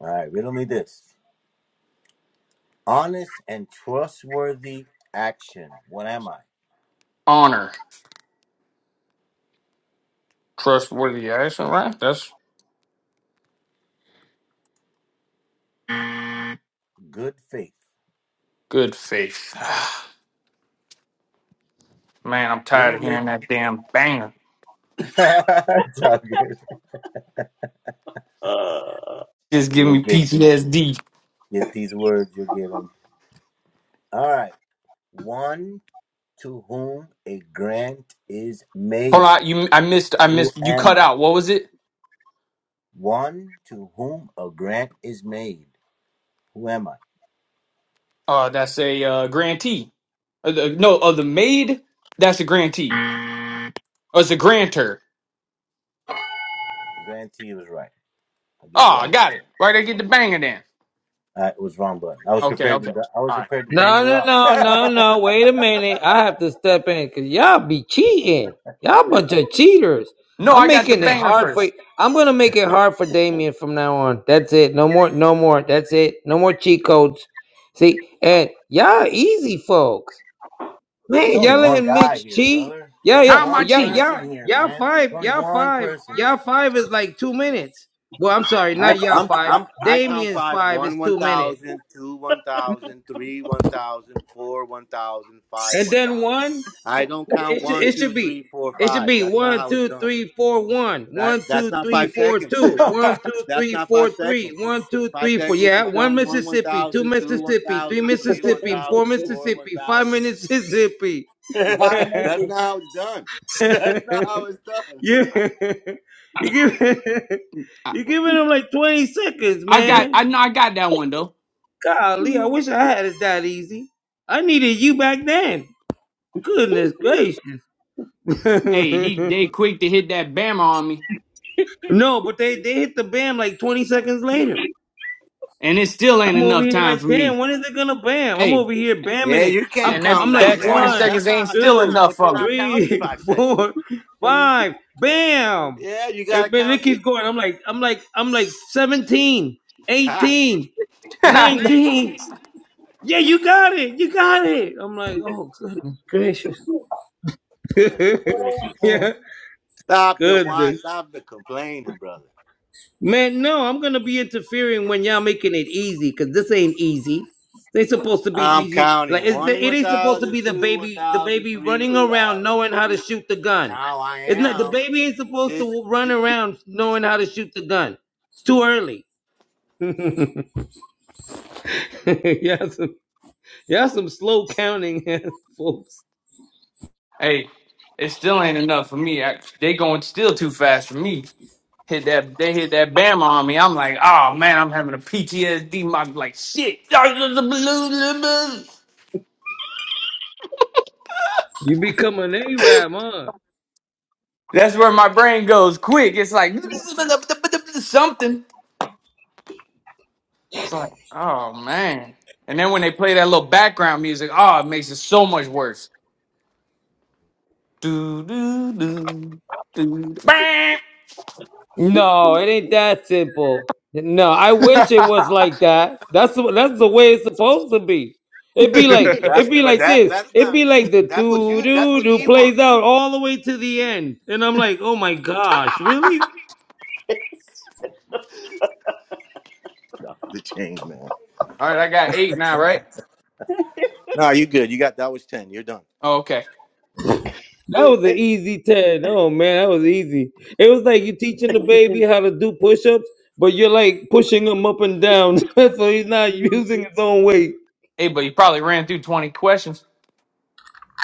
Speaker 3: All right, riddle me this. Honest and trustworthy action. What am I?
Speaker 4: Honor, trustworthy. Yeah, That's all right. That's
Speaker 3: Good faith.
Speaker 4: good faith. (sighs) Man, I'm tired
Speaker 3: Riddle
Speaker 4: of
Speaker 3: me.
Speaker 4: hearing that damn banger.
Speaker 3: (laughs) it's all good.
Speaker 2: Uh,
Speaker 4: Just give
Speaker 3: You'll
Speaker 4: me
Speaker 3: get these.
Speaker 4: PTSD.
Speaker 3: Get these words. You'll get them. All right. One to whom a grant is
Speaker 4: Hold
Speaker 3: made.
Speaker 4: on, you. I missed. I
Speaker 3: Who
Speaker 4: missed. You
Speaker 3: am
Speaker 4: cut
Speaker 3: I?
Speaker 4: out. What was it?
Speaker 3: One to whom a grant is made. Who am I?
Speaker 4: Uh, that's a uh, grantee. Uh, the, no, of the maid. That's a grantee. Oh, it's a grantor.
Speaker 3: Grantee was right. I'll give you
Speaker 4: Oh, I
Speaker 3: that one.
Speaker 4: got it. Where they get the banger then?
Speaker 3: Uh, it was wrong button. I was
Speaker 4: Okay,
Speaker 3: prepared
Speaker 4: okay.
Speaker 3: to. I was
Speaker 4: All right.
Speaker 3: prepared to bang
Speaker 6: No,
Speaker 3: you
Speaker 6: no,
Speaker 3: out.
Speaker 6: no, no, no.
Speaker 3: (laughs)
Speaker 6: Wait a minute. I have to step in because y'all be cheating. Y'all bunch of cheaters.
Speaker 4: No,
Speaker 6: I'm
Speaker 4: I got the
Speaker 6: making it
Speaker 4: banger
Speaker 6: hard for.
Speaker 4: first.
Speaker 6: I'm gonna make it hard for Damien from now on. That's it. No more. No more. That's it. No more cheat codes. See, and y'all easy folks.
Speaker 3: It's
Speaker 6: Man,
Speaker 3: only
Speaker 6: y'all
Speaker 3: one
Speaker 6: letting
Speaker 3: guy
Speaker 6: Mitch
Speaker 3: here,
Speaker 6: cheat.
Speaker 3: brother. It's
Speaker 6: Yeah,
Speaker 3: only
Speaker 6: yeah.
Speaker 4: How am
Speaker 6: Well,
Speaker 4: I
Speaker 3: one
Speaker 6: y'all,
Speaker 4: cheating?
Speaker 6: y'all,
Speaker 3: person here,
Speaker 6: y'all
Speaker 3: man. It's
Speaker 6: five.
Speaker 3: only
Speaker 6: Y'all
Speaker 3: one
Speaker 6: five.
Speaker 3: person.
Speaker 6: Y'all five is like two minutes. Well, I'm sorry,
Speaker 3: My,
Speaker 6: not y'all
Speaker 3: I'm,
Speaker 6: five.
Speaker 3: I'm, I count
Speaker 6: Damien's
Speaker 3: five.
Speaker 6: five is
Speaker 3: One, one
Speaker 6: two minutes,
Speaker 3: thousand, two, one thousand, three, one thousand, four, one thousand, five,
Speaker 6: and
Speaker 3: one
Speaker 6: then
Speaker 3: thousand.
Speaker 6: one.
Speaker 3: I don't count
Speaker 6: It should
Speaker 3: one,
Speaker 6: it
Speaker 3: two,
Speaker 6: should be
Speaker 3: three, four,
Speaker 6: it should
Speaker 3: five.
Speaker 6: be
Speaker 3: That's not
Speaker 6: one
Speaker 3: how it's
Speaker 6: two
Speaker 3: done.
Speaker 6: three four one
Speaker 3: That,
Speaker 6: one
Speaker 3: that's
Speaker 6: two
Speaker 3: not
Speaker 6: three
Speaker 3: five
Speaker 6: four
Speaker 3: seconds, then.
Speaker 6: two
Speaker 4: (laughs)
Speaker 6: one two
Speaker 3: That's
Speaker 6: three
Speaker 3: not
Speaker 6: four
Speaker 3: five
Speaker 6: three
Speaker 3: seconds.
Speaker 6: one two
Speaker 3: Five
Speaker 6: three four
Speaker 3: seconds
Speaker 6: yeah
Speaker 3: is
Speaker 6: one
Speaker 3: done. One, one
Speaker 6: Mississippi two
Speaker 3: thousand, two, one
Speaker 6: Mississippi three
Speaker 3: thousand, three, one
Speaker 6: Mississippi four
Speaker 3: thousand, four, one
Speaker 6: Mississippi five
Speaker 3: thousand.
Speaker 6: Mississippi (laughs) you
Speaker 3: (laughs) That's
Speaker 2: environmental.
Speaker 3: not how it's done. (laughs) That's
Speaker 6: (laughs)
Speaker 3: not how it's done.
Speaker 6: you give (laughs)
Speaker 4: I,
Speaker 6: you giving them like twenty seconds
Speaker 4: I got
Speaker 6: man
Speaker 4: I know I got that one though.
Speaker 6: golly I wish I had it that easy I needed you back then goodness gracious
Speaker 4: Hey, he
Speaker 6: (laughs)
Speaker 4: they quick to hit that bammer on me,
Speaker 6: No, but they they hit the bam like 20 seconds later.
Speaker 4: and it still ain't
Speaker 6: I'm over
Speaker 4: enough
Speaker 6: here
Speaker 4: time
Speaker 6: like,
Speaker 4: for me.
Speaker 6: damn, when is it gonna bam? I'm
Speaker 4: Hey,
Speaker 6: over here bamming
Speaker 3: Yeah,
Speaker 6: it.
Speaker 3: you can't
Speaker 6: I'm
Speaker 4: and that
Speaker 3: count
Speaker 6: I'm
Speaker 3: like
Speaker 6: like
Speaker 4: that 20
Speaker 3: that.
Speaker 6: one,
Speaker 3: That's
Speaker 4: seconds
Speaker 3: not.
Speaker 4: ain't
Speaker 3: How,
Speaker 4: still
Speaker 3: that's
Speaker 6: two,
Speaker 3: not.
Speaker 4: enough
Speaker 3: But you're
Speaker 4: for me.
Speaker 3: not counting
Speaker 6: three,
Speaker 3: five
Speaker 6: (laughs)
Speaker 3: seconds.
Speaker 6: four, five, bam.
Speaker 3: Yeah, you
Speaker 6: And
Speaker 3: gotta
Speaker 6: then
Speaker 3: count
Speaker 6: it
Speaker 3: the.
Speaker 6: keeps going. I'm like, I'm like, I'm like 17, 18,
Speaker 4: (laughs)
Speaker 6: 19.
Speaker 4: hey,
Speaker 6: Yeah, you got it. You got it. I'm like, oh goodness gracious.
Speaker 3: (laughs) Goodness
Speaker 6: (laughs)
Speaker 3: gracious!
Speaker 6: yeah,
Speaker 3: Stop the
Speaker 6: goodness.
Speaker 3: whine. Stop the complaining, brother.
Speaker 6: Man, no, I'm gonna be interfering when y'all making it easy, cause this ain't easy. They supposed to be
Speaker 3: I'm
Speaker 6: easy. Like
Speaker 3: counting
Speaker 6: it's, the,
Speaker 3: one,
Speaker 6: it
Speaker 3: one
Speaker 6: ain't supposed to
Speaker 3: thousand,
Speaker 6: be the
Speaker 3: two, one
Speaker 6: baby, the
Speaker 3: thousand,
Speaker 6: baby
Speaker 3: three,
Speaker 6: running
Speaker 3: one
Speaker 6: around
Speaker 3: thousand.
Speaker 6: knowing how to shoot the gun.
Speaker 3: Now I
Speaker 6: It's not the
Speaker 3: am
Speaker 6: baby ain't supposed
Speaker 3: this.
Speaker 6: to run around knowing how to shoot the gun. It's too early. (laughs) y'all some y'all some slow counting (laughs) folks.
Speaker 4: it still ain't enough for me. I, they going still too fast for me. Hit that they hit that bammer on me. I'm like, oh man, I'm having a PTSD. My like shit. (laughs)
Speaker 6: You become an Arab, huh?
Speaker 4: That's where my brain goes quick. It's like something. It's like, oh man. And then when they play that little background music, oh, it makes it so much worse. Do do do do. Bang!
Speaker 6: No, it ain't that simple. No, I
Speaker 4: (laughs) All
Speaker 6: wish it was like that. That's the, that's the way it's supposed to be. It'd be like (laughs)
Speaker 3: That's
Speaker 6: it'd be
Speaker 3: but
Speaker 6: like
Speaker 3: that
Speaker 6: this.
Speaker 3: that's
Speaker 6: It'd
Speaker 3: not
Speaker 6: be like the
Speaker 3: that's what
Speaker 6: doo
Speaker 3: you that's
Speaker 6: doo
Speaker 3: what
Speaker 6: doo
Speaker 3: ye want.
Speaker 6: plays out all the way to the end, and I'm like, oh my gosh, really?
Speaker 3: Things, man.
Speaker 4: right, I got eight now, right?
Speaker 3: No, you good. You got that was ten. You're done.
Speaker 4: Oh, okay.
Speaker 6: That was an easy ten. Oh man, that was easy. It was like you're teaching the baby how to do push-ups, but you're like pushing him up and down, (laughs) so he's not
Speaker 2: (laughs)
Speaker 6: using his own weight.
Speaker 4: Hey, but you probably ran through twenty questions.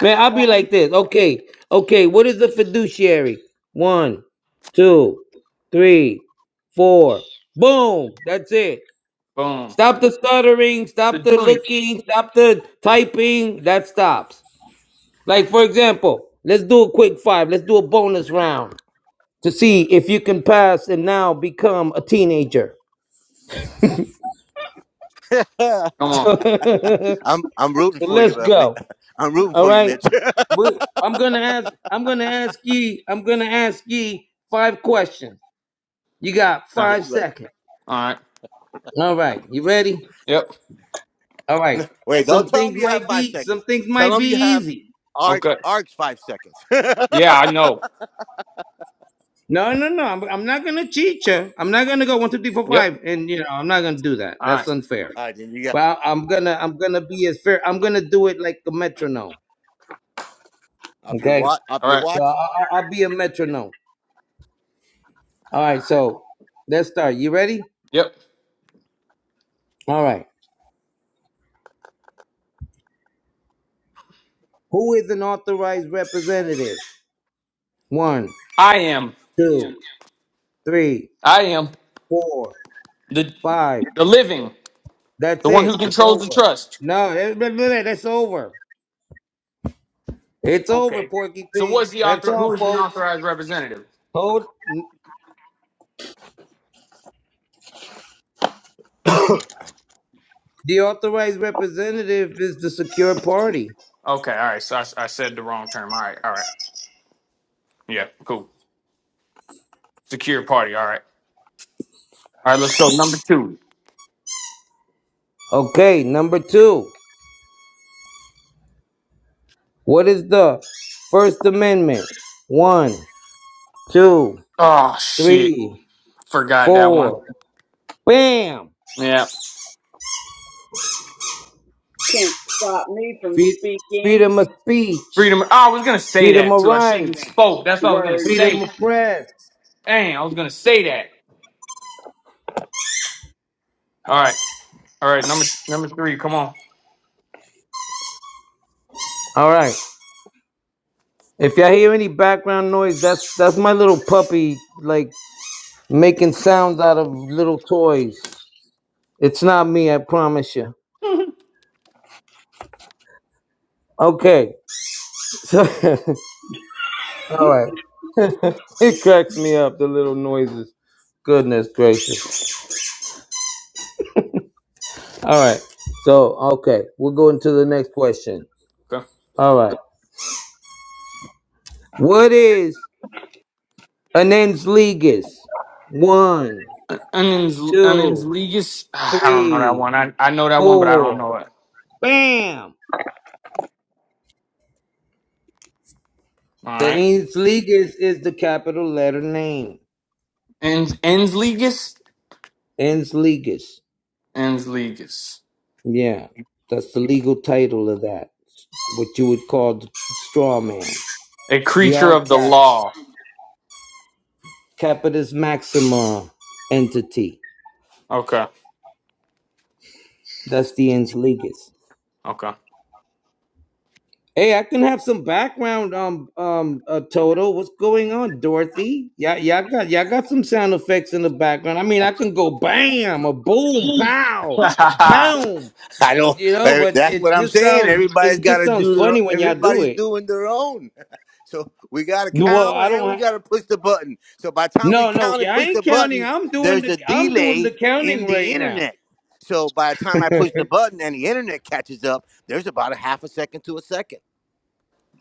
Speaker 6: Man, I'll be like this. Okay, okay. What is the fiduciary? One, two, three, four. Boom. That's it.
Speaker 4: Boom.
Speaker 6: Stop the stuttering.
Speaker 4: The
Speaker 6: Stop the
Speaker 4: duty.
Speaker 6: looking. Stop the typing. That stops. Like for example, let's do a quick five. Let's do a bonus round to see if you can pass and now become a teenager. (laughs)
Speaker 4: Come on.
Speaker 6: so
Speaker 3: (laughs) I'm I'm rooting for you,
Speaker 6: let's
Speaker 3: but Mi-
Speaker 6: go.
Speaker 3: (laughs) I'm rooting
Speaker 6: All
Speaker 3: for you,
Speaker 6: right.
Speaker 3: Mitch. (laughs)
Speaker 6: We- I'm gonna ask. I'm gonna ask ye. I'm gonna ask ye five questions. You got
Speaker 4: Nah.
Speaker 3: good
Speaker 6: five
Speaker 3: luck.
Speaker 6: seconds.
Speaker 4: All right.
Speaker 6: All right. You ready?
Speaker 4: Yep.
Speaker 6: All right.
Speaker 3: No, Wait, don't
Speaker 6: Some
Speaker 3: tell
Speaker 6: things
Speaker 3: them you have
Speaker 6: might
Speaker 3: five
Speaker 6: be some
Speaker 3: seconds.
Speaker 6: things
Speaker 3: Tell
Speaker 6: might
Speaker 3: them you
Speaker 6: be
Speaker 3: have
Speaker 6: easy.
Speaker 3: arc
Speaker 4: Okay.
Speaker 3: arcs five seconds. (laughs) All
Speaker 4: Yeah, I know.
Speaker 6: No, no, no. I'm, I'm not gonna cheat you. I'm not gonna go one, two, three, four,
Speaker 4: Yep.
Speaker 6: five, and you know I'm not gonna do that.
Speaker 4: All
Speaker 6: That's
Speaker 4: right.
Speaker 6: unfair.
Speaker 3: right, then you got
Speaker 6: But I, am gonna I'm gonna be as fair. I'm gonna do it like a metronome.
Speaker 3: off your
Speaker 6: Okay.
Speaker 3: watch. Off
Speaker 4: All
Speaker 3: your
Speaker 4: right.
Speaker 6: So
Speaker 3: watch.
Speaker 6: I, I- I'll be a metronome. All right. So let's start. You ready?
Speaker 4: Yep.
Speaker 6: All right. Who is an authorized representative? One,
Speaker 4: I am.
Speaker 6: two, three,
Speaker 4: I am.
Speaker 6: four,
Speaker 4: The
Speaker 6: five.
Speaker 4: the living,
Speaker 6: That's
Speaker 4: the one who
Speaker 6: it. It's
Speaker 4: controls the
Speaker 6: over.
Speaker 4: trust.
Speaker 6: No, eh, blah, blah, blah, that's over. It's over,
Speaker 4: Okay.
Speaker 6: Porky
Speaker 4: So what's
Speaker 6: Pig.
Speaker 4: the
Speaker 6: That's
Speaker 4: author?
Speaker 6: all,
Speaker 4: Who is the
Speaker 6: folks.
Speaker 4: authorized representative?
Speaker 6: Hold the authorized representative is the secure party.
Speaker 4: Okay. All right. So I, I said the wrong term. All right. All right. Yeah. Cool. Secure party. All right. All right. Let's go. Number two.
Speaker 6: Okay, number two. What is the First Amendment? One, two,
Speaker 4: Oh shit!
Speaker 6: three,
Speaker 4: Forgot that one.
Speaker 6: four. Bam!
Speaker 4: Yeah.
Speaker 2: Can't stop me from
Speaker 6: Free-
Speaker 2: speaking.
Speaker 6: Freedom of speech,
Speaker 4: Freedom. Oh, I was gonna say
Speaker 6: freedom
Speaker 4: that
Speaker 6: of
Speaker 4: too. I should have
Speaker 6: rights,
Speaker 4: spoke. That's what I was gonna
Speaker 2: Were you?
Speaker 4: say.
Speaker 6: freedom of press.
Speaker 4: Dang, I was gonna say that. All right. All right. Number number three. Come on.
Speaker 6: All right. If y'all hear any background noise, that's that's my little puppy, like making sounds out of little toys. It's not me, I promise you. Okay. So, (laughs) all right. (laughs) It cracks me up, the little noises. Goodness gracious. All right. So, okay. We'll go into the next question.
Speaker 4: Go.
Speaker 6: All right. What is an ens ligas? One,
Speaker 4: Onions. Onions.
Speaker 6: two,
Speaker 4: Legus. (sighs) I don't know that
Speaker 6: three,
Speaker 4: one. I I know that one, but I don't
Speaker 6: four.
Speaker 4: know it.
Speaker 6: Bam!
Speaker 4: All
Speaker 6: The
Speaker 4: right.
Speaker 6: ens ligas is the capital letter name.
Speaker 4: Ens Ensligus?
Speaker 6: Ens ligas.
Speaker 4: Ensligus.
Speaker 6: Yeah, that's the legal title of that. What you would call the straw man.
Speaker 4: A
Speaker 6: The
Speaker 4: creature
Speaker 6: all
Speaker 4: of the
Speaker 6: cap,
Speaker 4: law.
Speaker 6: capitis maxima entity.
Speaker 4: Okay.
Speaker 6: That's the ens legis.
Speaker 4: Okay.
Speaker 6: Hey, I can have some background. Um, um, uh, Toto, what's going on, Dorothy? Yeah, yeah, I got, yeah, I got some sound effects in the background. I mean, I can go bam, a boom, pow, a boom.
Speaker 3: I
Speaker 6: Uh,
Speaker 3: don't.
Speaker 6: you know,
Speaker 3: eh,
Speaker 6: but
Speaker 3: That's
Speaker 6: it
Speaker 3: what I'm
Speaker 6: just
Speaker 3: saying.
Speaker 6: sounds,
Speaker 3: Everybody's
Speaker 6: it
Speaker 3: got
Speaker 6: just
Speaker 3: to
Speaker 6: sounds
Speaker 3: do their.
Speaker 6: funny when y'all do
Speaker 3: Everybody's
Speaker 6: it.
Speaker 3: doing their own. (laughs) So we got to
Speaker 6: Well,
Speaker 3: count
Speaker 6: I
Speaker 3: and we
Speaker 6: don't.
Speaker 3: got to push the button. So by the time we
Speaker 6: No, no,
Speaker 3: count and
Speaker 6: yeah, I
Speaker 3: push the
Speaker 6: ain't counting.
Speaker 3: buttons,
Speaker 6: I'm doing
Speaker 3: there's
Speaker 6: the
Speaker 3: a
Speaker 6: I'm doing the
Speaker 3: delay in
Speaker 6: counting
Speaker 3: the
Speaker 6: right now.
Speaker 3: internet. So by the time I
Speaker 6: (laughs)
Speaker 3: push the button and the internet catches up, there's about a half a second to a second.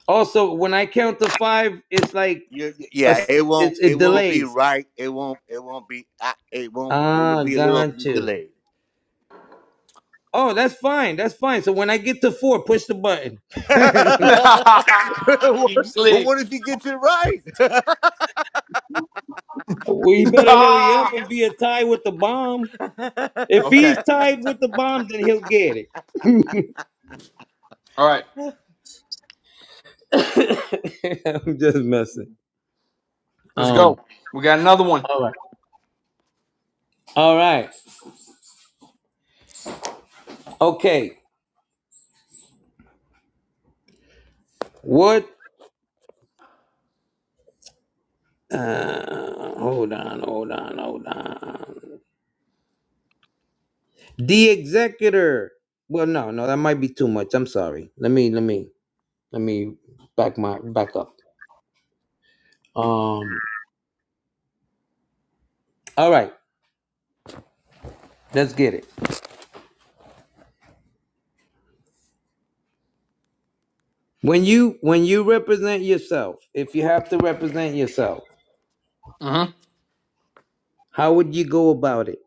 Speaker 6: Also, when I count to five, it's like
Speaker 3: You-
Speaker 6: a,
Speaker 3: yeah, it won't.
Speaker 6: it's
Speaker 3: It
Speaker 6: it
Speaker 3: won't be
Speaker 6: delays.
Speaker 3: right. It won't. It won't be. I, it won't. It'll
Speaker 6: Ah,
Speaker 3: be a little bit
Speaker 6: gotcha.
Speaker 3: delayed.
Speaker 6: Oh, that's fine. That's fine. So when I get to four, push the button.
Speaker 3: (laughs) well,
Speaker 6: (laughs)
Speaker 4: (laughs) you slick.
Speaker 3: what if he gets it right? (laughs)
Speaker 6: We
Speaker 4: (laughs)
Speaker 6: better hurry up and be a tie with the bomb.
Speaker 3: (laughs)
Speaker 6: If
Speaker 3: That's
Speaker 4: okay.
Speaker 6: he's tied with the bomb, then he'll get it.
Speaker 4: All right.
Speaker 6: (laughs) I'm just messing.
Speaker 4: Let's go.
Speaker 6: Um.
Speaker 4: We got another one.
Speaker 6: All right. All right. Okay. What? Uh, hold on, hold on, hold on. The executor. Well, no, no, that might be too much. I'm sorry. Let me, let me, let me back my back up. Um. All right, let's get it. When you when you represent yourself, if you have to represent yourself,
Speaker 4: hmm
Speaker 6: how would you go about it?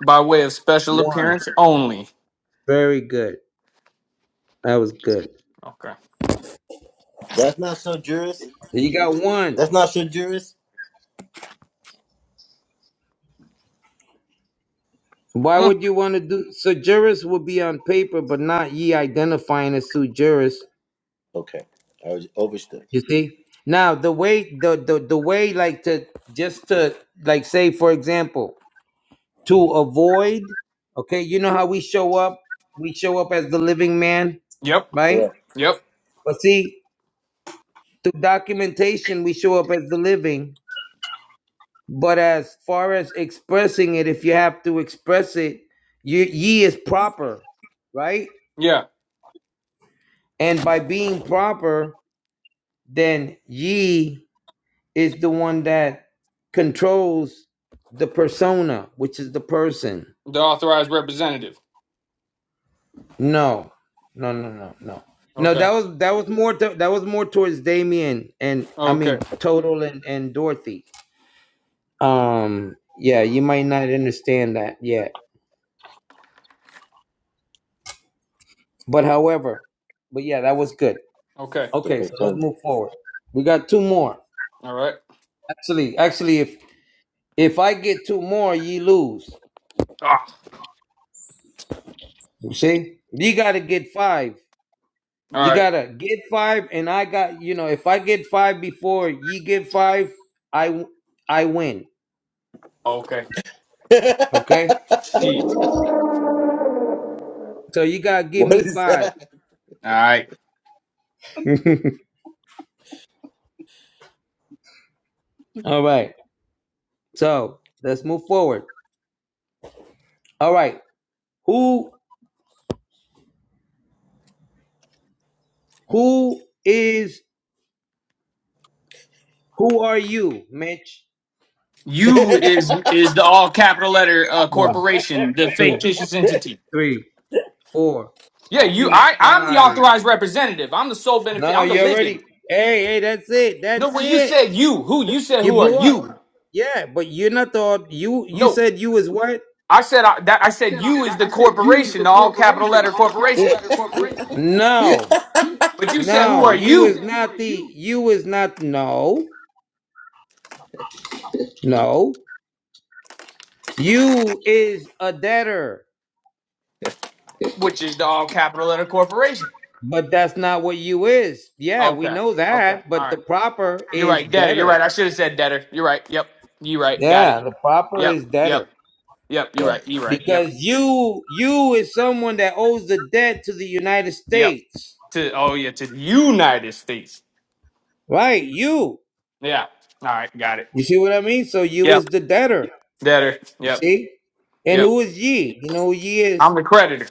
Speaker 4: By way of special
Speaker 6: One.
Speaker 4: appearance only.
Speaker 6: Very good. That was good.
Speaker 4: Okay.
Speaker 3: not so jurist.
Speaker 6: You got one.
Speaker 3: That's not so jurist. (laughs)
Speaker 6: Why
Speaker 4: Hmm.
Speaker 6: would you want to do so? Juris would be on paper, but not ye identifying as sue juris. You see? Now the way the, the the way like to just to like say for example, to avoid, okay, you know how we show up? We show up as the living man,
Speaker 4: Yep.
Speaker 6: right?
Speaker 4: Yep.
Speaker 6: But see, through documentation we show up as the living, but as far as expressing it, if you have to express it, you ye is proper, right?
Speaker 4: Yeah.
Speaker 6: And by being proper, then ye is the one that controls the persona, which is the person.
Speaker 4: The authorized representative.
Speaker 6: No, no, no, no, no. No, that
Speaker 4: Okay.
Speaker 6: was that was more to, that was more towards Damien and I
Speaker 4: Okay.
Speaker 6: mean Total and and Dorothy. Um, yeah, you might not understand that yet, but however, but yeah, that was good.
Speaker 4: Okay.
Speaker 6: Okay, so let's move forward. We got two more.
Speaker 4: All right.
Speaker 6: Actually, actually, if if I get two more, you lose.
Speaker 4: Ah.
Speaker 6: You see, you got to get five.
Speaker 4: All
Speaker 6: You
Speaker 4: right.
Speaker 6: gotta get five, and I got you know. If I get five before you get five, I w- I win.
Speaker 4: Okay.
Speaker 6: Okay,
Speaker 4: Shit.
Speaker 6: so you gotta give
Speaker 3: What
Speaker 6: me
Speaker 3: is that?
Speaker 6: five.
Speaker 4: All right.
Speaker 6: (laughs) All right, so let's move forward. All right, who who is who are you, Mitch?
Speaker 4: You is is the all capital letter uh,
Speaker 6: One,
Speaker 4: corporation, the
Speaker 6: two,
Speaker 4: fictitious entity.
Speaker 6: three, four,
Speaker 4: Yeah, you. I I'm the
Speaker 6: five.
Speaker 4: authorized representative. I'm the sole benefit.
Speaker 6: No,
Speaker 4: I'm the
Speaker 6: you
Speaker 4: living.
Speaker 6: already. Hey, hey, that's it.
Speaker 4: No,
Speaker 6: That's
Speaker 4: where you
Speaker 6: it.
Speaker 4: said you who you said
Speaker 6: You
Speaker 4: who are
Speaker 6: blew up.
Speaker 4: you?
Speaker 6: Yeah, but you're not the. You you
Speaker 4: No,
Speaker 6: said you was what?
Speaker 4: I said I, that I said
Speaker 6: said I,
Speaker 4: you is
Speaker 6: that,
Speaker 4: the
Speaker 6: I said you is
Speaker 4: corporation,
Speaker 6: the
Speaker 4: the all capital
Speaker 6: corporation, the
Speaker 4: letter
Speaker 6: all capital
Speaker 4: corporation.
Speaker 6: letter corporation. No,
Speaker 4: But you said who
Speaker 6: no,
Speaker 4: are
Speaker 6: you you is
Speaker 4: you,
Speaker 6: not the, you? you is not, no, no. You is a debtor,
Speaker 4: which is the all capital letter corporation.
Speaker 6: but that's not what you is. Yeah, we
Speaker 4: Okay,
Speaker 6: know
Speaker 4: okay,
Speaker 6: that,
Speaker 4: all
Speaker 6: but the
Speaker 4: right.
Speaker 6: proper
Speaker 4: You're
Speaker 6: is
Speaker 4: right, debtor. You're
Speaker 6: debtor.
Speaker 4: right. I should have said debtor. You're right. Yep. You right. Got it.
Speaker 6: Yeah, the proper
Speaker 4: Yep.
Speaker 6: is
Speaker 4: Yep.
Speaker 6: debtor
Speaker 4: Yep. You're right.
Speaker 3: Right.
Speaker 4: You right. Yep.
Speaker 6: because you, you is someone that owes the debt to the United
Speaker 4: Yep.
Speaker 6: States,
Speaker 4: to oh yeah to the United States.
Speaker 6: right? You,
Speaker 4: Yeah. All right, got it.
Speaker 6: you see what I mean? So you is
Speaker 4: Yep.
Speaker 6: the debtor.
Speaker 4: Debtor.
Speaker 6: You
Speaker 4: Yep.
Speaker 6: see? And
Speaker 4: Yep.
Speaker 6: who is ye? You know who ye is?
Speaker 4: I'm the creditor.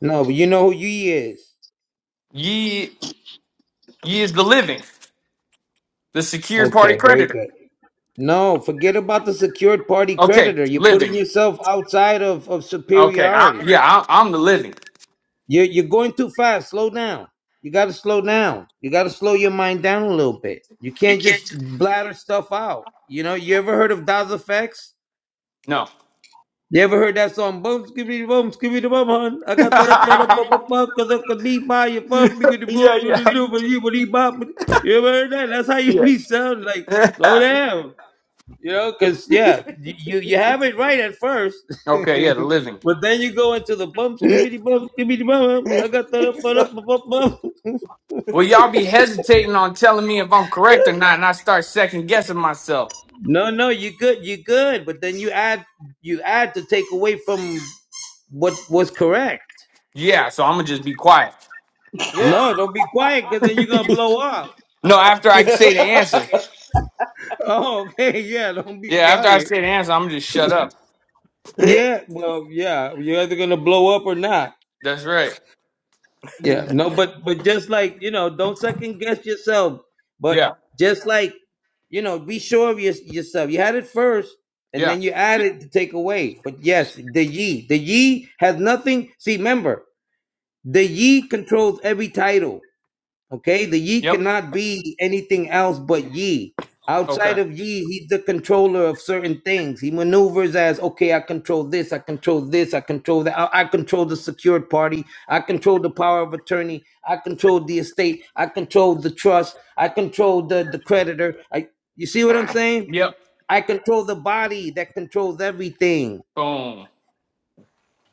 Speaker 6: No, but you know who ye is.
Speaker 4: Ye ye is the living, the secured party
Speaker 6: Okay, very
Speaker 4: creditor.
Speaker 6: good. No, forget about the secured party
Speaker 4: Okay,
Speaker 6: creditor. You're putting
Speaker 4: living.
Speaker 6: yourself outside of, of
Speaker 4: Okay, I,
Speaker 6: superiority.
Speaker 4: yeah, I, I'm the living.
Speaker 6: You're, you're going too fast. Slow down. You got to slow down. You got to slow your mind down a little bit. You can't just bladder stuff out. You know, you ever heard of Daz effects?
Speaker 4: No.
Speaker 6: You ever heard that song? Bum skibidi bum skibidi bum hun. I
Speaker 4: (laughs)
Speaker 6: got that up on up up up
Speaker 4: yeah,
Speaker 6: up cause I could be by your fun because the boom you the
Speaker 4: yeah.
Speaker 6: do for you but he bop. You ever heard that? That's how you be sound like slow
Speaker 4: (laughs)
Speaker 6: down. You know, cause yeah, you you you have it right at first.
Speaker 4: okay, yeah, the living.
Speaker 6: (laughs) But then you go into the bump skibidi bump skibidi bum. hun. I got that up on up up up up.
Speaker 4: Well, y'all be hesitating on telling me if I'm correct or not, and I start second guessing myself.
Speaker 6: No, no, you good, you good. But then you add you add to take away from what was correct.
Speaker 4: Yeah, so I'm gonna just be quiet.
Speaker 6: No, don't be quiet because then you're gonna blow up.
Speaker 4: No, after I say the answer.
Speaker 6: Oh, (laughs) okay, yeah, don't be
Speaker 4: Yeah, after I
Speaker 6: quiet.
Speaker 4: say the answer, I'm gonna just shut up.
Speaker 3: I
Speaker 6: Yeah, well, yeah, you're either gonna blow up or not.
Speaker 4: That's right.
Speaker 6: Yeah,
Speaker 2: (clears throat)
Speaker 6: no, but but just like you know, don't second guess yourself. But
Speaker 4: Yeah.
Speaker 6: just like you know, be sure of your, yourself. You had it first, and
Speaker 4: Yeah.
Speaker 6: then you add it to take away. But yes, the ye, the ye has nothing. See, remember, the ye controls every title. Okay, the ye
Speaker 4: Yep.
Speaker 6: cannot be anything else but ye. Outside
Speaker 4: Okay.
Speaker 6: of ye, he's the controller of certain things. He maneuvers as okay, I control this, I control this, I control that, I, I control the secured party, I control the power of attorney, I control the estate, I control the trust, I control the, the creditor. I you see what I'm saying?
Speaker 4: Yep.
Speaker 6: I control the body that controls everything.
Speaker 4: Boom. All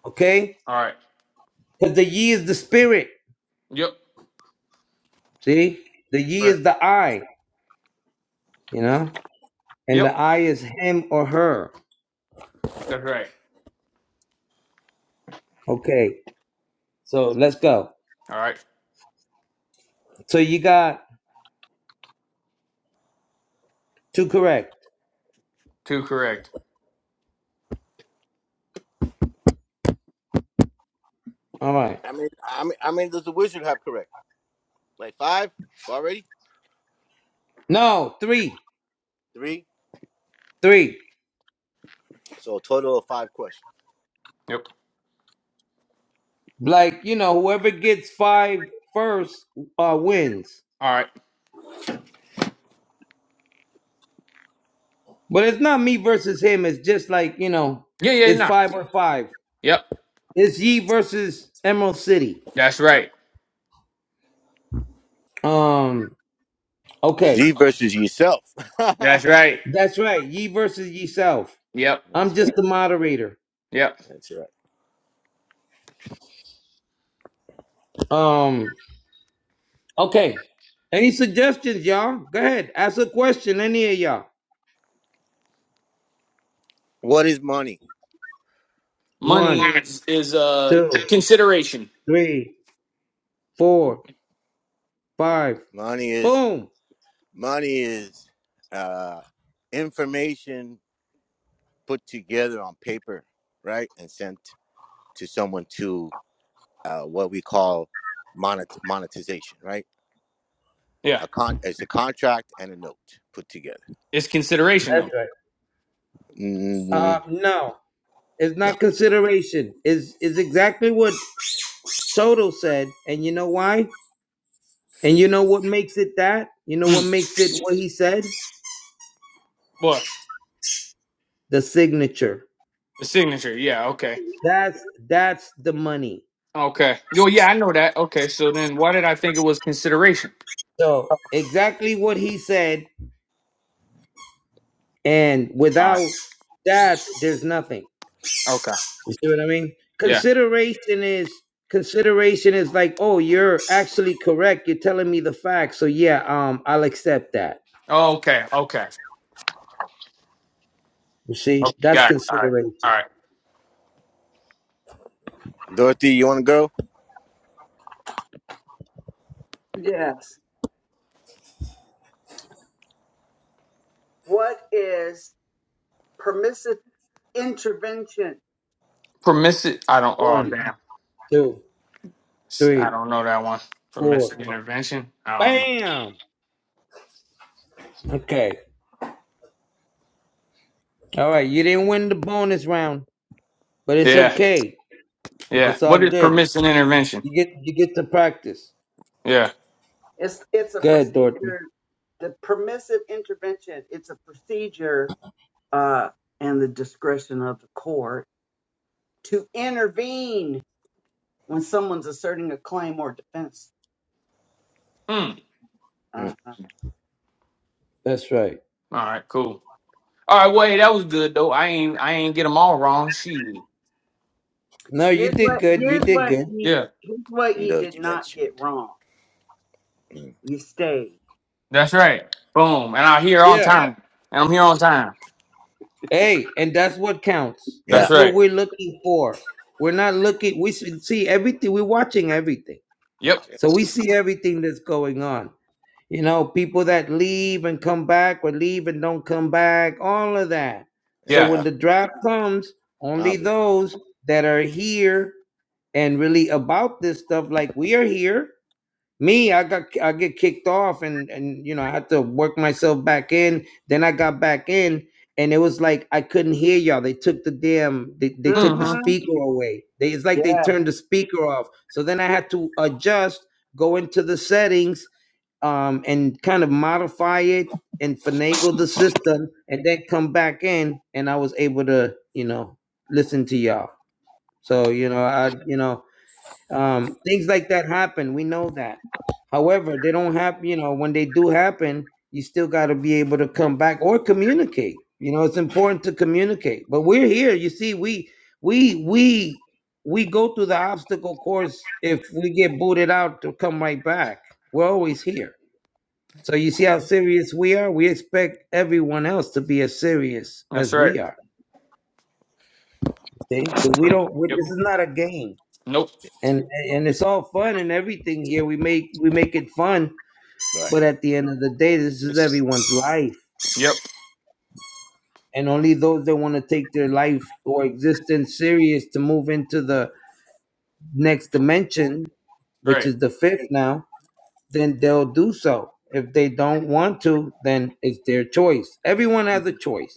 Speaker 6: Okay?
Speaker 4: right.
Speaker 6: Because the ye is the spirit.
Speaker 4: Yep. That's
Speaker 6: See? The ye
Speaker 4: right.
Speaker 6: is the I, you know? and
Speaker 4: Yep.
Speaker 6: the I is him or her.
Speaker 4: That's right.
Speaker 6: Okay, so let's go.
Speaker 4: All right.
Speaker 6: So you got two correct.
Speaker 4: Two correct.
Speaker 6: All right.
Speaker 3: mean, I mean, I mean, does the wizard have correct? Like five already?
Speaker 6: No, three.
Speaker 3: Three?
Speaker 6: Three.
Speaker 3: So a total of five questions.
Speaker 4: Yep.
Speaker 6: Like, you know, whoever gets five first uh, wins.
Speaker 4: All right.
Speaker 6: But it's not me versus him. It's just like, you know,
Speaker 4: Yeah, yeah,
Speaker 6: it's
Speaker 4: nah.
Speaker 6: five or five.
Speaker 4: Yep.
Speaker 6: It's Ye versus Emerald City.
Speaker 4: That's right.
Speaker 6: Um,
Speaker 3: It's
Speaker 6: okay.
Speaker 3: you versus yourself. (laughs) That's
Speaker 4: That's right.
Speaker 6: That's right. Ye versus Ye Self.
Speaker 4: Yep.
Speaker 6: I'm just
Speaker 3: right.
Speaker 6: the moderator.
Speaker 4: Yep.
Speaker 3: That's right.
Speaker 6: Um, Okay. Any suggestions, y'all? Go ahead. Ask a question, any of y'all.
Speaker 3: What is money?
Speaker 4: Money
Speaker 6: One,
Speaker 4: is, is uh
Speaker 6: two,
Speaker 4: consideration.
Speaker 6: three, four, five.
Speaker 3: Money is
Speaker 6: Boom.
Speaker 3: money is uh, information put together on paper, right, and sent to someone to uh, what we call monet- monetization, right?
Speaker 4: Yeah.
Speaker 3: A con- it's a contract and a note put together.
Speaker 4: It's consideration
Speaker 6: That's
Speaker 4: though.
Speaker 6: right. Uh
Speaker 3: mm
Speaker 6: no. It's
Speaker 3: No,
Speaker 6: not consideration. Is is exactly what Soto said. And you know why? And you know what makes it that? You know what
Speaker 4: Hmm.
Speaker 6: makes it what he said?
Speaker 4: What?
Speaker 6: The signature.
Speaker 4: The signature. Yeah, okay.
Speaker 6: That's that's the money.
Speaker 4: Okay. Yo, yeah, I know that. Okay. So then why did I think it was consideration?
Speaker 6: So exactly what he said, and
Speaker 4: All right.
Speaker 6: without that, there's nothing.
Speaker 4: Okay.
Speaker 6: You see what I mean?
Speaker 4: Yeah.
Speaker 6: Consideration is consideration is like, oh, you're actually correct. You're telling me the facts. So yeah, um, I'll accept that.
Speaker 4: Okay. Okay.
Speaker 6: You see?
Speaker 4: Okay,
Speaker 6: That's
Speaker 4: got it. All right. All
Speaker 6: consideration.
Speaker 4: right.
Speaker 3: Dorothy, you want to go?
Speaker 2: yes. What is permissive intervention?
Speaker 4: Permissive. I don't. Oh,
Speaker 6: One,
Speaker 4: damn.
Speaker 6: two,
Speaker 4: Sh- I
Speaker 6: three,
Speaker 4: don't know that one.
Speaker 6: four.
Speaker 4: Permissive intervention. I don't know.
Speaker 6: Bam. Okay. All right. You didn't win the bonus round, but it's
Speaker 4: Yeah.
Speaker 6: okay.
Speaker 4: Yeah.
Speaker 6: It's all
Speaker 4: What is
Speaker 6: good.
Speaker 4: permissive intervention?
Speaker 6: You get you get to practice.
Speaker 4: Yeah.
Speaker 2: It's it's a
Speaker 6: Good, Dorothy.
Speaker 2: procedure. The permissive intervention. It's a procedure uh, and the discretion of the court to intervene when someone's asserting a claim or defense.
Speaker 4: Mm.
Speaker 2: Uh,
Speaker 3: Mm,
Speaker 6: That's right.
Speaker 4: All right. Cool. All right. Wait, that was good though. I ain't. I ain't get them all wrong. She.
Speaker 6: No, you
Speaker 2: here's
Speaker 6: did
Speaker 2: what
Speaker 6: good. You
Speaker 2: here's
Speaker 6: did
Speaker 2: what
Speaker 6: good.
Speaker 2: you,
Speaker 4: Yeah.
Speaker 2: here's what you
Speaker 3: no,
Speaker 2: did
Speaker 3: you
Speaker 2: not get
Speaker 3: mentioned.
Speaker 2: wrong.
Speaker 3: Mm.
Speaker 2: You stayed.
Speaker 4: That's right. Boom. And I'm here on
Speaker 6: Yeah.
Speaker 4: time. And I'm here on time.
Speaker 6: Hey, and that's what counts.
Speaker 3: Yeah,
Speaker 4: That's
Speaker 6: That's what
Speaker 4: right.
Speaker 6: we're looking for. We're not looking. We should see everything. We're watching everything,
Speaker 4: Yep.
Speaker 6: so we see everything that's going on. You know, people that leave and come back, or leave and don't come back, all of that. So
Speaker 4: Yeah.
Speaker 6: when
Speaker 3: yeah,
Speaker 6: the draft comes,
Speaker 3: I
Speaker 6: only
Speaker 3: was
Speaker 6: those that are here and really about this stuff, like we are here. Me, I got I get kicked off, and and you know I had to work myself back in. Then I got back in, and it was like I couldn't hear y'all. They took the damn they, they took the
Speaker 4: Mm-hmm.
Speaker 2: Mm-hmm.
Speaker 6: speaker away. They, it's like they turned the speaker off. So then I had to adjust, go into the settings, um, and kind of modify it and finagle the system, and then come back in, and I was able to you know listen to y'all. So you know I you know um, things like that happen. We know that. However, they don't happen. You know, when they do happen, you still got to be able to come back or communicate. You know, it's important to communicate. But we're here. You see, we we we we go through the obstacle course. If we get booted out, to come right back. We're always here. So you see how serious we are. We expect everyone else to be as serious
Speaker 4: That's
Speaker 6: as
Speaker 4: right.
Speaker 6: we are. See, because we don't. We,
Speaker 4: Yep.
Speaker 6: this is not a game.
Speaker 4: Nope.
Speaker 6: and and it's all fun and everything here. We make we make it fun,
Speaker 3: right.
Speaker 6: but at the end of the day, this is
Speaker 4: It's.
Speaker 6: everyone's life,
Speaker 4: Yep.
Speaker 6: and only those that want to take their life or existence serious to move into the next dimension, which
Speaker 4: Right.
Speaker 6: is the fifth now, then they'll do so. If they don't want to, then it's their choice. Everyone has a choice.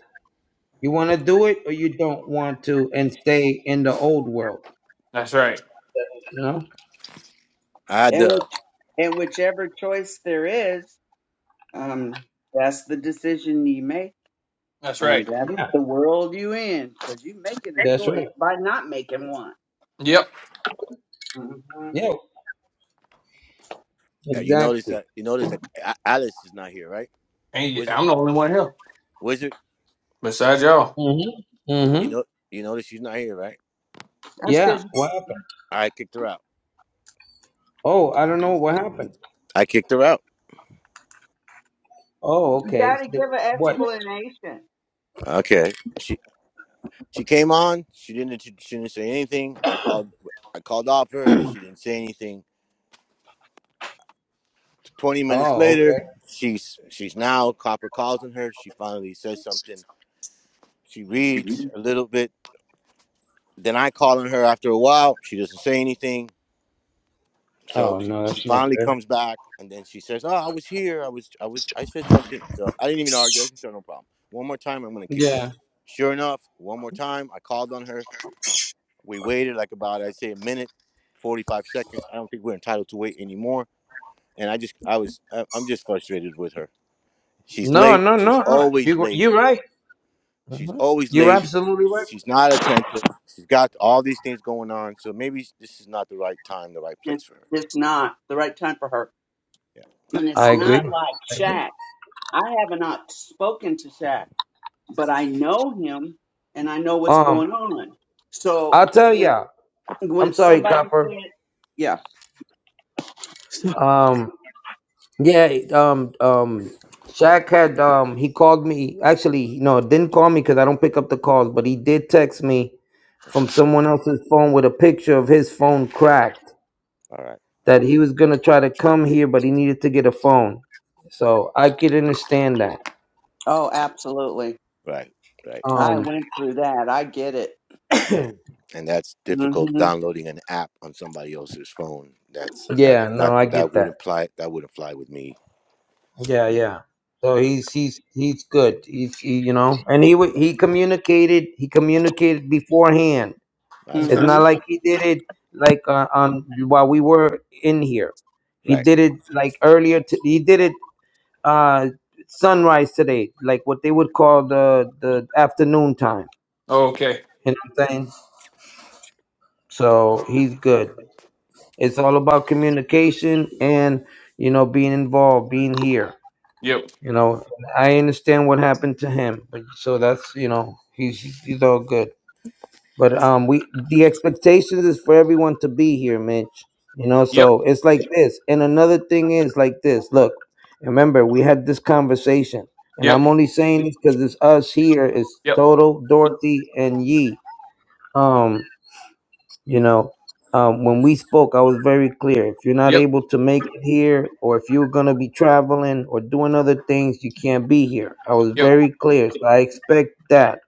Speaker 6: You want to do it or you don't want to, and stay in the old world.
Speaker 4: That's right.
Speaker 6: You know?
Speaker 3: I had
Speaker 2: And
Speaker 3: the.
Speaker 2: which, and whichever choice there is, um, that's the decision you make,
Speaker 4: That's
Speaker 2: and
Speaker 4: right.
Speaker 2: that's
Speaker 6: Yeah,
Speaker 2: the world you in, because you making a
Speaker 6: that's
Speaker 2: choice
Speaker 6: right.
Speaker 2: by not making one.
Speaker 4: Yep.
Speaker 2: Mhm.
Speaker 6: Yeah,
Speaker 3: Yeah, you notice
Speaker 6: exactly.
Speaker 3: that you notice that A- Alice is not here, right?
Speaker 4: Hey,
Speaker 3: Wizard,
Speaker 4: I'm the only one here
Speaker 3: wizard.
Speaker 4: besides y'all.
Speaker 6: Mm-hmm. Mm-hmm.
Speaker 3: You know, you notice she's not here, right?
Speaker 2: That's
Speaker 6: Yeah,
Speaker 2: because
Speaker 6: what happened?
Speaker 3: I kicked her out.
Speaker 6: Oh, I don't know what happened.
Speaker 3: I kicked her out.
Speaker 6: Oh,
Speaker 2: you
Speaker 6: okay.
Speaker 2: got to
Speaker 6: The-
Speaker 2: give an
Speaker 6: What?
Speaker 2: explanation.
Speaker 3: Okay. She she came on. She didn't she didn't say anything. I called I called off her. She didn't say anything. 20 minutes
Speaker 6: Oh,
Speaker 3: later,
Speaker 6: okay.
Speaker 3: she's she's now Copper calls on her. She finally says something. She reads a little bit. Then I call on her after a while. She doesn't say anything. So
Speaker 6: Oh
Speaker 3: she,
Speaker 6: no,
Speaker 3: she
Speaker 6: that's not
Speaker 3: finally
Speaker 6: good.
Speaker 3: comes back and then she says, Oh, I was here. I was I was I said something. So I didn't even argue. I said, "Sure, no problem. One more time, I'm gonna kick you
Speaker 6: Yeah.
Speaker 3: out. Sure enough, one more time, I called on her. We waited like about I'd say a minute, 45 seconds. I don't think we're entitled to wait anymore. And I just I was I- I'm just frustrated with her She's
Speaker 6: No,
Speaker 3: late.
Speaker 6: no,
Speaker 3: She's
Speaker 6: no, no.
Speaker 3: always
Speaker 6: You
Speaker 3: late.
Speaker 6: you're right.
Speaker 3: She's always
Speaker 6: You're
Speaker 3: late.
Speaker 6: absolutely right.
Speaker 3: She's not attentive. She's got all these things going on. So maybe s- this is not the right time, the right
Speaker 2: It's,
Speaker 3: place for her.
Speaker 2: it's not the right time for her,
Speaker 3: Yeah.
Speaker 2: and
Speaker 6: I
Speaker 2: it's not
Speaker 6: agree.
Speaker 2: like Shaq. I have not spoken to Shaq, but I know him, and I know what's
Speaker 6: Um,
Speaker 2: going on. So
Speaker 6: I'll tell
Speaker 2: when,
Speaker 6: ya. I'm
Speaker 2: when
Speaker 6: sorry,
Speaker 2: somebody
Speaker 6: Copper.
Speaker 2: said, "Yeah," (laughs)
Speaker 6: Um, yeah. Um, um, Shaq had um he called me. Actually, no, didn't call me because I don't pick up the calls. But he did text me from
Speaker 3: Okay.
Speaker 6: someone else's phone with a picture of his phone cracked.
Speaker 3: All right.
Speaker 6: that he was gonna try to come here, but he needed to get a phone. So I could understand that.
Speaker 2: oh, absolutely
Speaker 3: Right. Right.
Speaker 2: I
Speaker 6: Um,
Speaker 2: went through that. I get it.
Speaker 3: Yeah. And that's difficult
Speaker 2: Mhm.
Speaker 3: downloading an app on somebody else's phone. That's that
Speaker 6: yeah, no,
Speaker 3: that
Speaker 6: I get
Speaker 3: that would
Speaker 6: that.
Speaker 3: imply that wouldn't fly with me.
Speaker 6: Yeah,
Speaker 3: You-
Speaker 6: yeah. So
Speaker 3: Yeah.
Speaker 6: he's he's he's good. He's he, you know, and he wa-
Speaker 3: Right.
Speaker 6: he communicated. He communicated beforehand.
Speaker 3: That's
Speaker 6: It's
Speaker 4: Okay.
Speaker 6: not
Speaker 2: Mhm.
Speaker 3: awesome.
Speaker 6: like he did it like uh, on while we were in here. He
Speaker 3: Right.
Speaker 6: did it like earlier. T- he did it uh sunrise today, like what they would call the the afternoon time.
Speaker 4: Okay.
Speaker 6: You know what I'm saying? So he's good. It's all about communication and you know being involved, being here.
Speaker 4: Yep.
Speaker 6: You know, I understand what happened to him, but so that's you know he's he's all good. But um, we the expectations is for everyone to be here, Mitch. You know,
Speaker 4: Yep.
Speaker 3: Yeah.
Speaker 6: so it's like this. And another thing is like this. Look, remember we had this conversation, and
Speaker 4: Yep.
Speaker 6: I'm only saying this because it's us here. It's
Speaker 4: Yep.
Speaker 6: Total, Dorothy, and Yee. Um, you know, um, when we spoke, I was very clear. If you're not
Speaker 4: Yep.
Speaker 6: able to make it here, or if you're going to be traveling or doing other things, you can't be here. I was
Speaker 4: Yep.
Speaker 6: very clear. So I expect that.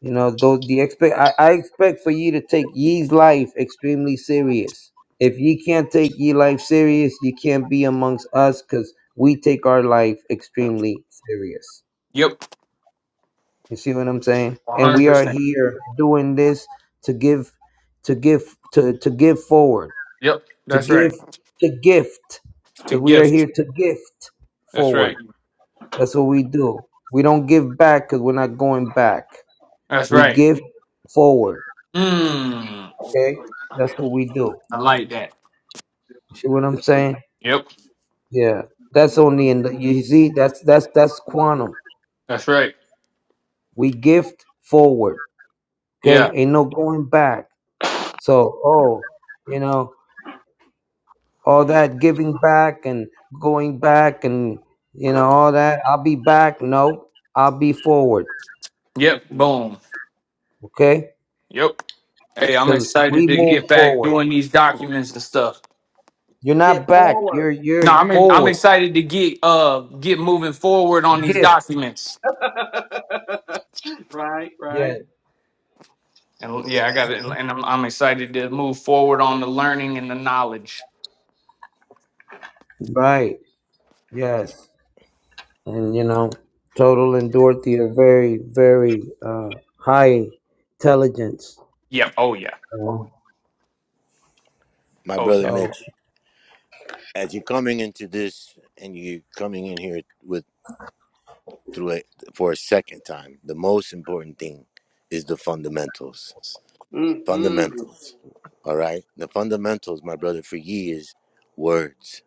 Speaker 6: You know, those the expect. I, I expect for you to take ye's life extremely serious. If ye can't take ye life serious, you can't be amongst us because we take our life extremely serious.
Speaker 4: Yep.
Speaker 6: You see what I'm saying?
Speaker 4: One
Speaker 6: And
Speaker 4: hundred
Speaker 6: we are
Speaker 4: percent.
Speaker 6: here doing this to give, to give, to to give forward
Speaker 4: Yep.
Speaker 6: to
Speaker 4: That's right.
Speaker 6: give to gift
Speaker 4: To
Speaker 6: because we are
Speaker 4: gift.
Speaker 6: here to gift
Speaker 4: That's
Speaker 6: forward
Speaker 4: right.
Speaker 6: that's what we do we don't give back because we're not going back
Speaker 4: That's
Speaker 6: we
Speaker 4: right.
Speaker 6: give forward
Speaker 4: Mmm.
Speaker 6: okay that's what we do
Speaker 4: I like that.
Speaker 6: you see what i'm saying
Speaker 4: Yep.
Speaker 6: yeah that's only in the you see that's that's that's quantum
Speaker 4: That's right.
Speaker 6: we gift forward okay
Speaker 4: Yeah.
Speaker 6: ain't no going back so oh you know all that giving back and going back and you know all that i'll be back no i'll be forward
Speaker 4: Yep. Boom.
Speaker 6: okay?
Speaker 4: Yep. Hey, I'm
Speaker 6: Because
Speaker 4: excited
Speaker 6: we
Speaker 4: to get
Speaker 6: move
Speaker 4: back
Speaker 6: forward.
Speaker 4: doing these documents and stuff.
Speaker 6: You're
Speaker 2: Get
Speaker 6: not back. You're
Speaker 2: forward.
Speaker 4: No,
Speaker 6: you're
Speaker 4: I'm I'm
Speaker 6: forward.
Speaker 4: excited to get uh get moving forward
Speaker 6: The
Speaker 4: on these
Speaker 6: gift.
Speaker 4: documents.
Speaker 2: (laughs) right, right.
Speaker 6: Yeah.
Speaker 4: And yeah, I got it. And I'm, I'm excited to move forward on the learning and the knowledge.
Speaker 6: Right. Yes. And you know, Total and Dorothy are very very uh, high intelligence.
Speaker 4: Yeah. Oh, yeah.
Speaker 6: Um,
Speaker 3: My
Speaker 4: Oh,
Speaker 3: brother
Speaker 4: yeah.
Speaker 6: so,
Speaker 3: Mitch, as you're coming into this and you're coming in here with. through it for a second time. The most important thing is the fundamentals.
Speaker 2: hmm
Speaker 3: Fundamentals. All right? The fundamentals, my brother, for ye is words.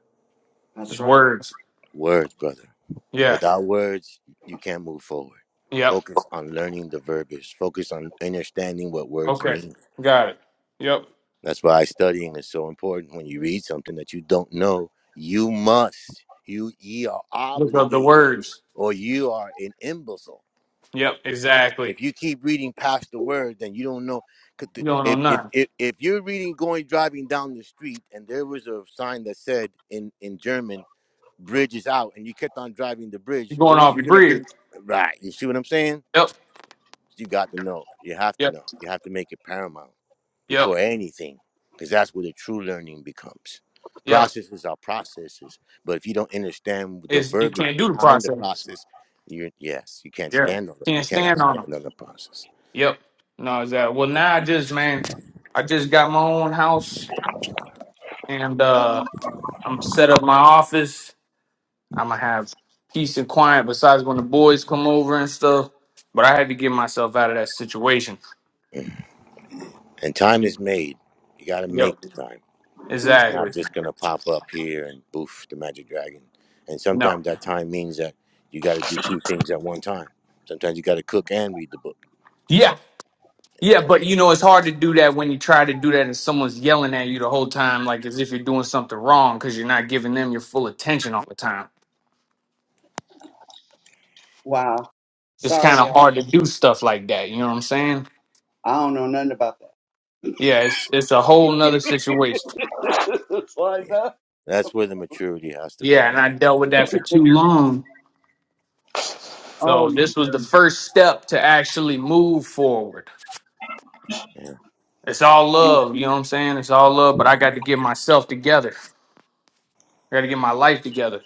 Speaker 2: That's
Speaker 4: It's
Speaker 2: right.
Speaker 4: words.
Speaker 3: Words, brother.
Speaker 4: Yeah.
Speaker 3: Without words, you can't move forward.
Speaker 4: Yep.
Speaker 3: Focus on learning the verbiage. Focus on understanding what words
Speaker 4: Okay.
Speaker 3: mean.
Speaker 4: Got it. Yep.
Speaker 3: That's why studying is so important. When you read something that you don't know, you must. You ye are
Speaker 4: Look up the
Speaker 3: obligated
Speaker 4: words.
Speaker 3: or you are an imbecile
Speaker 4: Yep. Exactly.
Speaker 3: If you keep reading past the word, then you don't know. 'Cause the-
Speaker 4: You don't know
Speaker 3: If if
Speaker 4: nothing.
Speaker 3: if, if you're reading going driving down the street and there was a sign that said in in German "bridge is out" and you kept on driving the bridge,
Speaker 4: You're going
Speaker 3: wouldn't
Speaker 4: off
Speaker 3: you
Speaker 4: your
Speaker 3: feel like
Speaker 4: breath.
Speaker 3: right? You see what I'm saying?
Speaker 4: Yep.
Speaker 3: You got to know. You have to
Speaker 4: Yep.
Speaker 3: know. You have to make it paramount
Speaker 4: Yep.
Speaker 3: before anything, because that's where the true learning becomes.
Speaker 4: Yep.
Speaker 3: Processes are processes, but if you don't understand the
Speaker 4: Is you
Speaker 3: verbiage
Speaker 4: can't do the
Speaker 3: behind the
Speaker 4: processes.
Speaker 3: process, you are yes, you can't
Speaker 4: Yeah.
Speaker 3: stand on it. You
Speaker 4: Can't
Speaker 3: cannot
Speaker 4: stand on them.
Speaker 3: stand on the process.
Speaker 4: Yep. No, is that well now I just man, I just got my own house and uh I'm set up my office I'm gonna have peace and quiet besides when the boys come over and stuff. But I had to get myself out of that situation.
Speaker 3: And time is made. You got to
Speaker 4: Yep,
Speaker 3: make the time. It's
Speaker 4: exactly.
Speaker 3: not
Speaker 2: Mhm.
Speaker 3: just going to pop up here and boof, the magic dragon. And
Speaker 4: No,
Speaker 3: sometimes that time means that you got to do two things at one time. Sometimes you got to cook and read the book,
Speaker 4: yeah,
Speaker 3: you
Speaker 4: yeah,
Speaker 3: know?
Speaker 4: but you know it's hard to do that when you try to do that and someone's yelling at you the whole time, like as if you're doing something wrong because you're not giving them your full attention all the time.
Speaker 2: Wow.
Speaker 4: It's kind
Speaker 2: Sorry,
Speaker 4: of
Speaker 2: y'all.
Speaker 4: hard to do stuff like that. You know what I'm saying?
Speaker 2: I don't know nothing about that.
Speaker 4: Yeah, it's it's a whole nother situation.
Speaker 2: (laughs) it's like
Speaker 3: Yeah.
Speaker 2: that.
Speaker 3: That's where the maturity has to come
Speaker 4: Yeah, and I dealt
Speaker 3: in.
Speaker 4: with
Speaker 3: Mm,
Speaker 4: that for
Speaker 2: It,
Speaker 4: too long.
Speaker 2: oh
Speaker 4: So
Speaker 2: my
Speaker 4: this was the
Speaker 2: god.
Speaker 4: first step to actually move forward.
Speaker 3: Yeah.
Speaker 4: It's all love, you know what I'm saying? It's all love, but I got to get myself together. I got to get my life together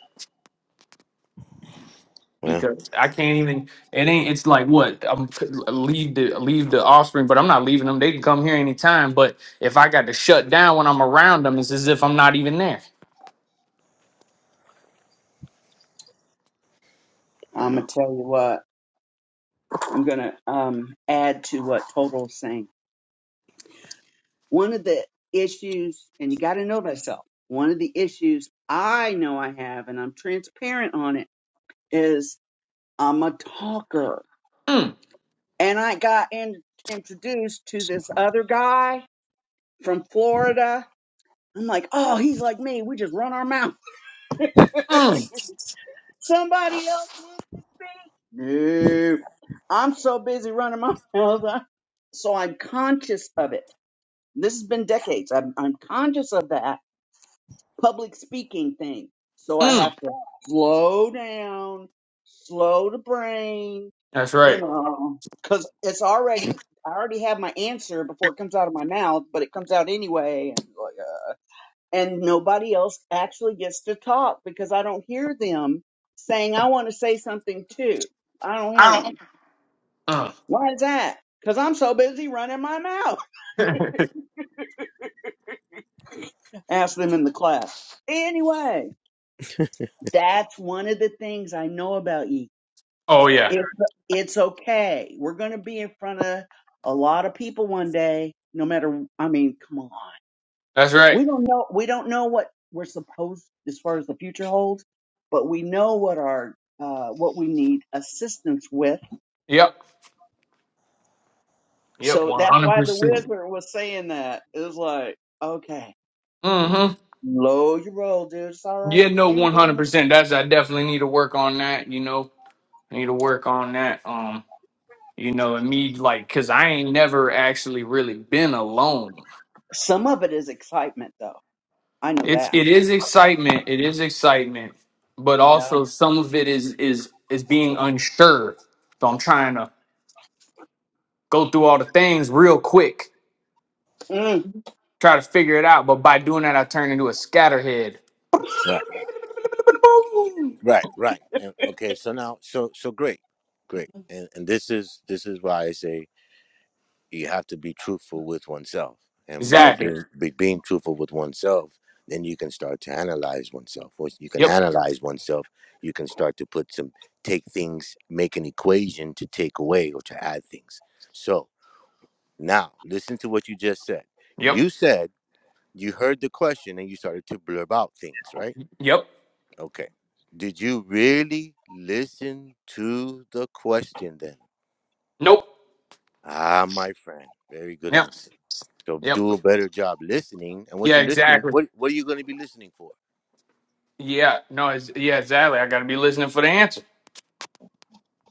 Speaker 3: Well,
Speaker 4: because I can't even. It ain't. It's like what I'm leave the leave the offspring, but I'm not leaving them. They can come here anytime. But if I got to shut down when I'm around them, it's as if I'm not even there.
Speaker 2: I'm gonna
Speaker 3: well.
Speaker 2: tell you what. I'm gonna um add to what Total's saying. One of the issues, and you got to know thyself. One of the issues I know I have, and I'm transparent on it, is I'm a talker.
Speaker 4: Mm,
Speaker 2: And I got in, introduced to this other guy from Florida. I'm like, oh, he's like me. We just run our mouth.
Speaker 4: mm,
Speaker 2: (laughs) Somebody else wants to speak. No, I'm so busy running my (laughs) mouth. So I'm conscious of it. This has been decades. I'm, I'm conscious of that public speaking thing. So I
Speaker 4: mm.
Speaker 2: have to slow down, slow the brain,
Speaker 4: That's
Speaker 2: you
Speaker 4: right.
Speaker 2: know, because it's already, I already have my answer before it comes out of my mouth, but it comes out anyway. And, like, uh, and nobody else actually gets to talk because I don't hear them saying, I want to say something too. I don't hear them.
Speaker 4: Mm.
Speaker 2: Why is that? Because I'm so busy running my mouth. (laughs) Ask them in the class. Anyway, that's one of the things I know about you.
Speaker 4: Oh yeah,
Speaker 2: It's it's okay. We're gonna be in front of a lot of people one day. No matter, I mean, come on.
Speaker 4: that's right.
Speaker 2: We don't know. We don't know what we're supposed as far as the future holds, but we know what our uh, what we need assistance with.
Speaker 4: Yep, yep,
Speaker 2: So
Speaker 4: one
Speaker 2: that's
Speaker 4: hundred
Speaker 2: why the
Speaker 4: percent.
Speaker 2: wizard was saying that. It was like, okay,
Speaker 3: mm.
Speaker 4: Mm-hmm.
Speaker 2: low your roll, dude. It's all
Speaker 4: Yeah,
Speaker 2: right.
Speaker 4: no,
Speaker 2: You ain't
Speaker 4: one
Speaker 2: going.
Speaker 4: hundred
Speaker 2: to-"
Speaker 4: percent. That's I definitely need to work on that. You know, need to work on that. Um. you know and me like because i ain't never actually really been alone
Speaker 2: Some of it is excitement, though. I know
Speaker 4: it's
Speaker 2: that.
Speaker 4: it is excitement it is excitement but
Speaker 2: Yeah.
Speaker 4: also some of it is is is being unsure so i'm trying to go through all the things real quick
Speaker 2: Mm,
Speaker 4: try to figure it out but by doing that i turn into a scatterhead
Speaker 3: Right. Right, right. And okay, so now so so great. Great. And and this is this is why I say you have to be truthful with oneself and by
Speaker 2: mhm,
Speaker 4: exactly
Speaker 3: being be, being truthful with oneself then you can start to analyze oneself once you can
Speaker 4: yep
Speaker 3: analyze oneself you can start to put some take things make an equation to take away or to add things so now listen to what you just said
Speaker 4: yep
Speaker 3: you said you heard the question and you started to blurb out things right
Speaker 4: yep
Speaker 3: okay did you really listen to the question then
Speaker 4: nope
Speaker 3: Ah, my friend, very good
Speaker 4: yep
Speaker 3: answer. So
Speaker 4: yep
Speaker 3: do a better job listening. And what
Speaker 4: yeah
Speaker 3: you're listening,
Speaker 4: exactly
Speaker 3: what what are you going to be listening for?
Speaker 4: yeah no it's, yeah exactly i gotta be listening for the answer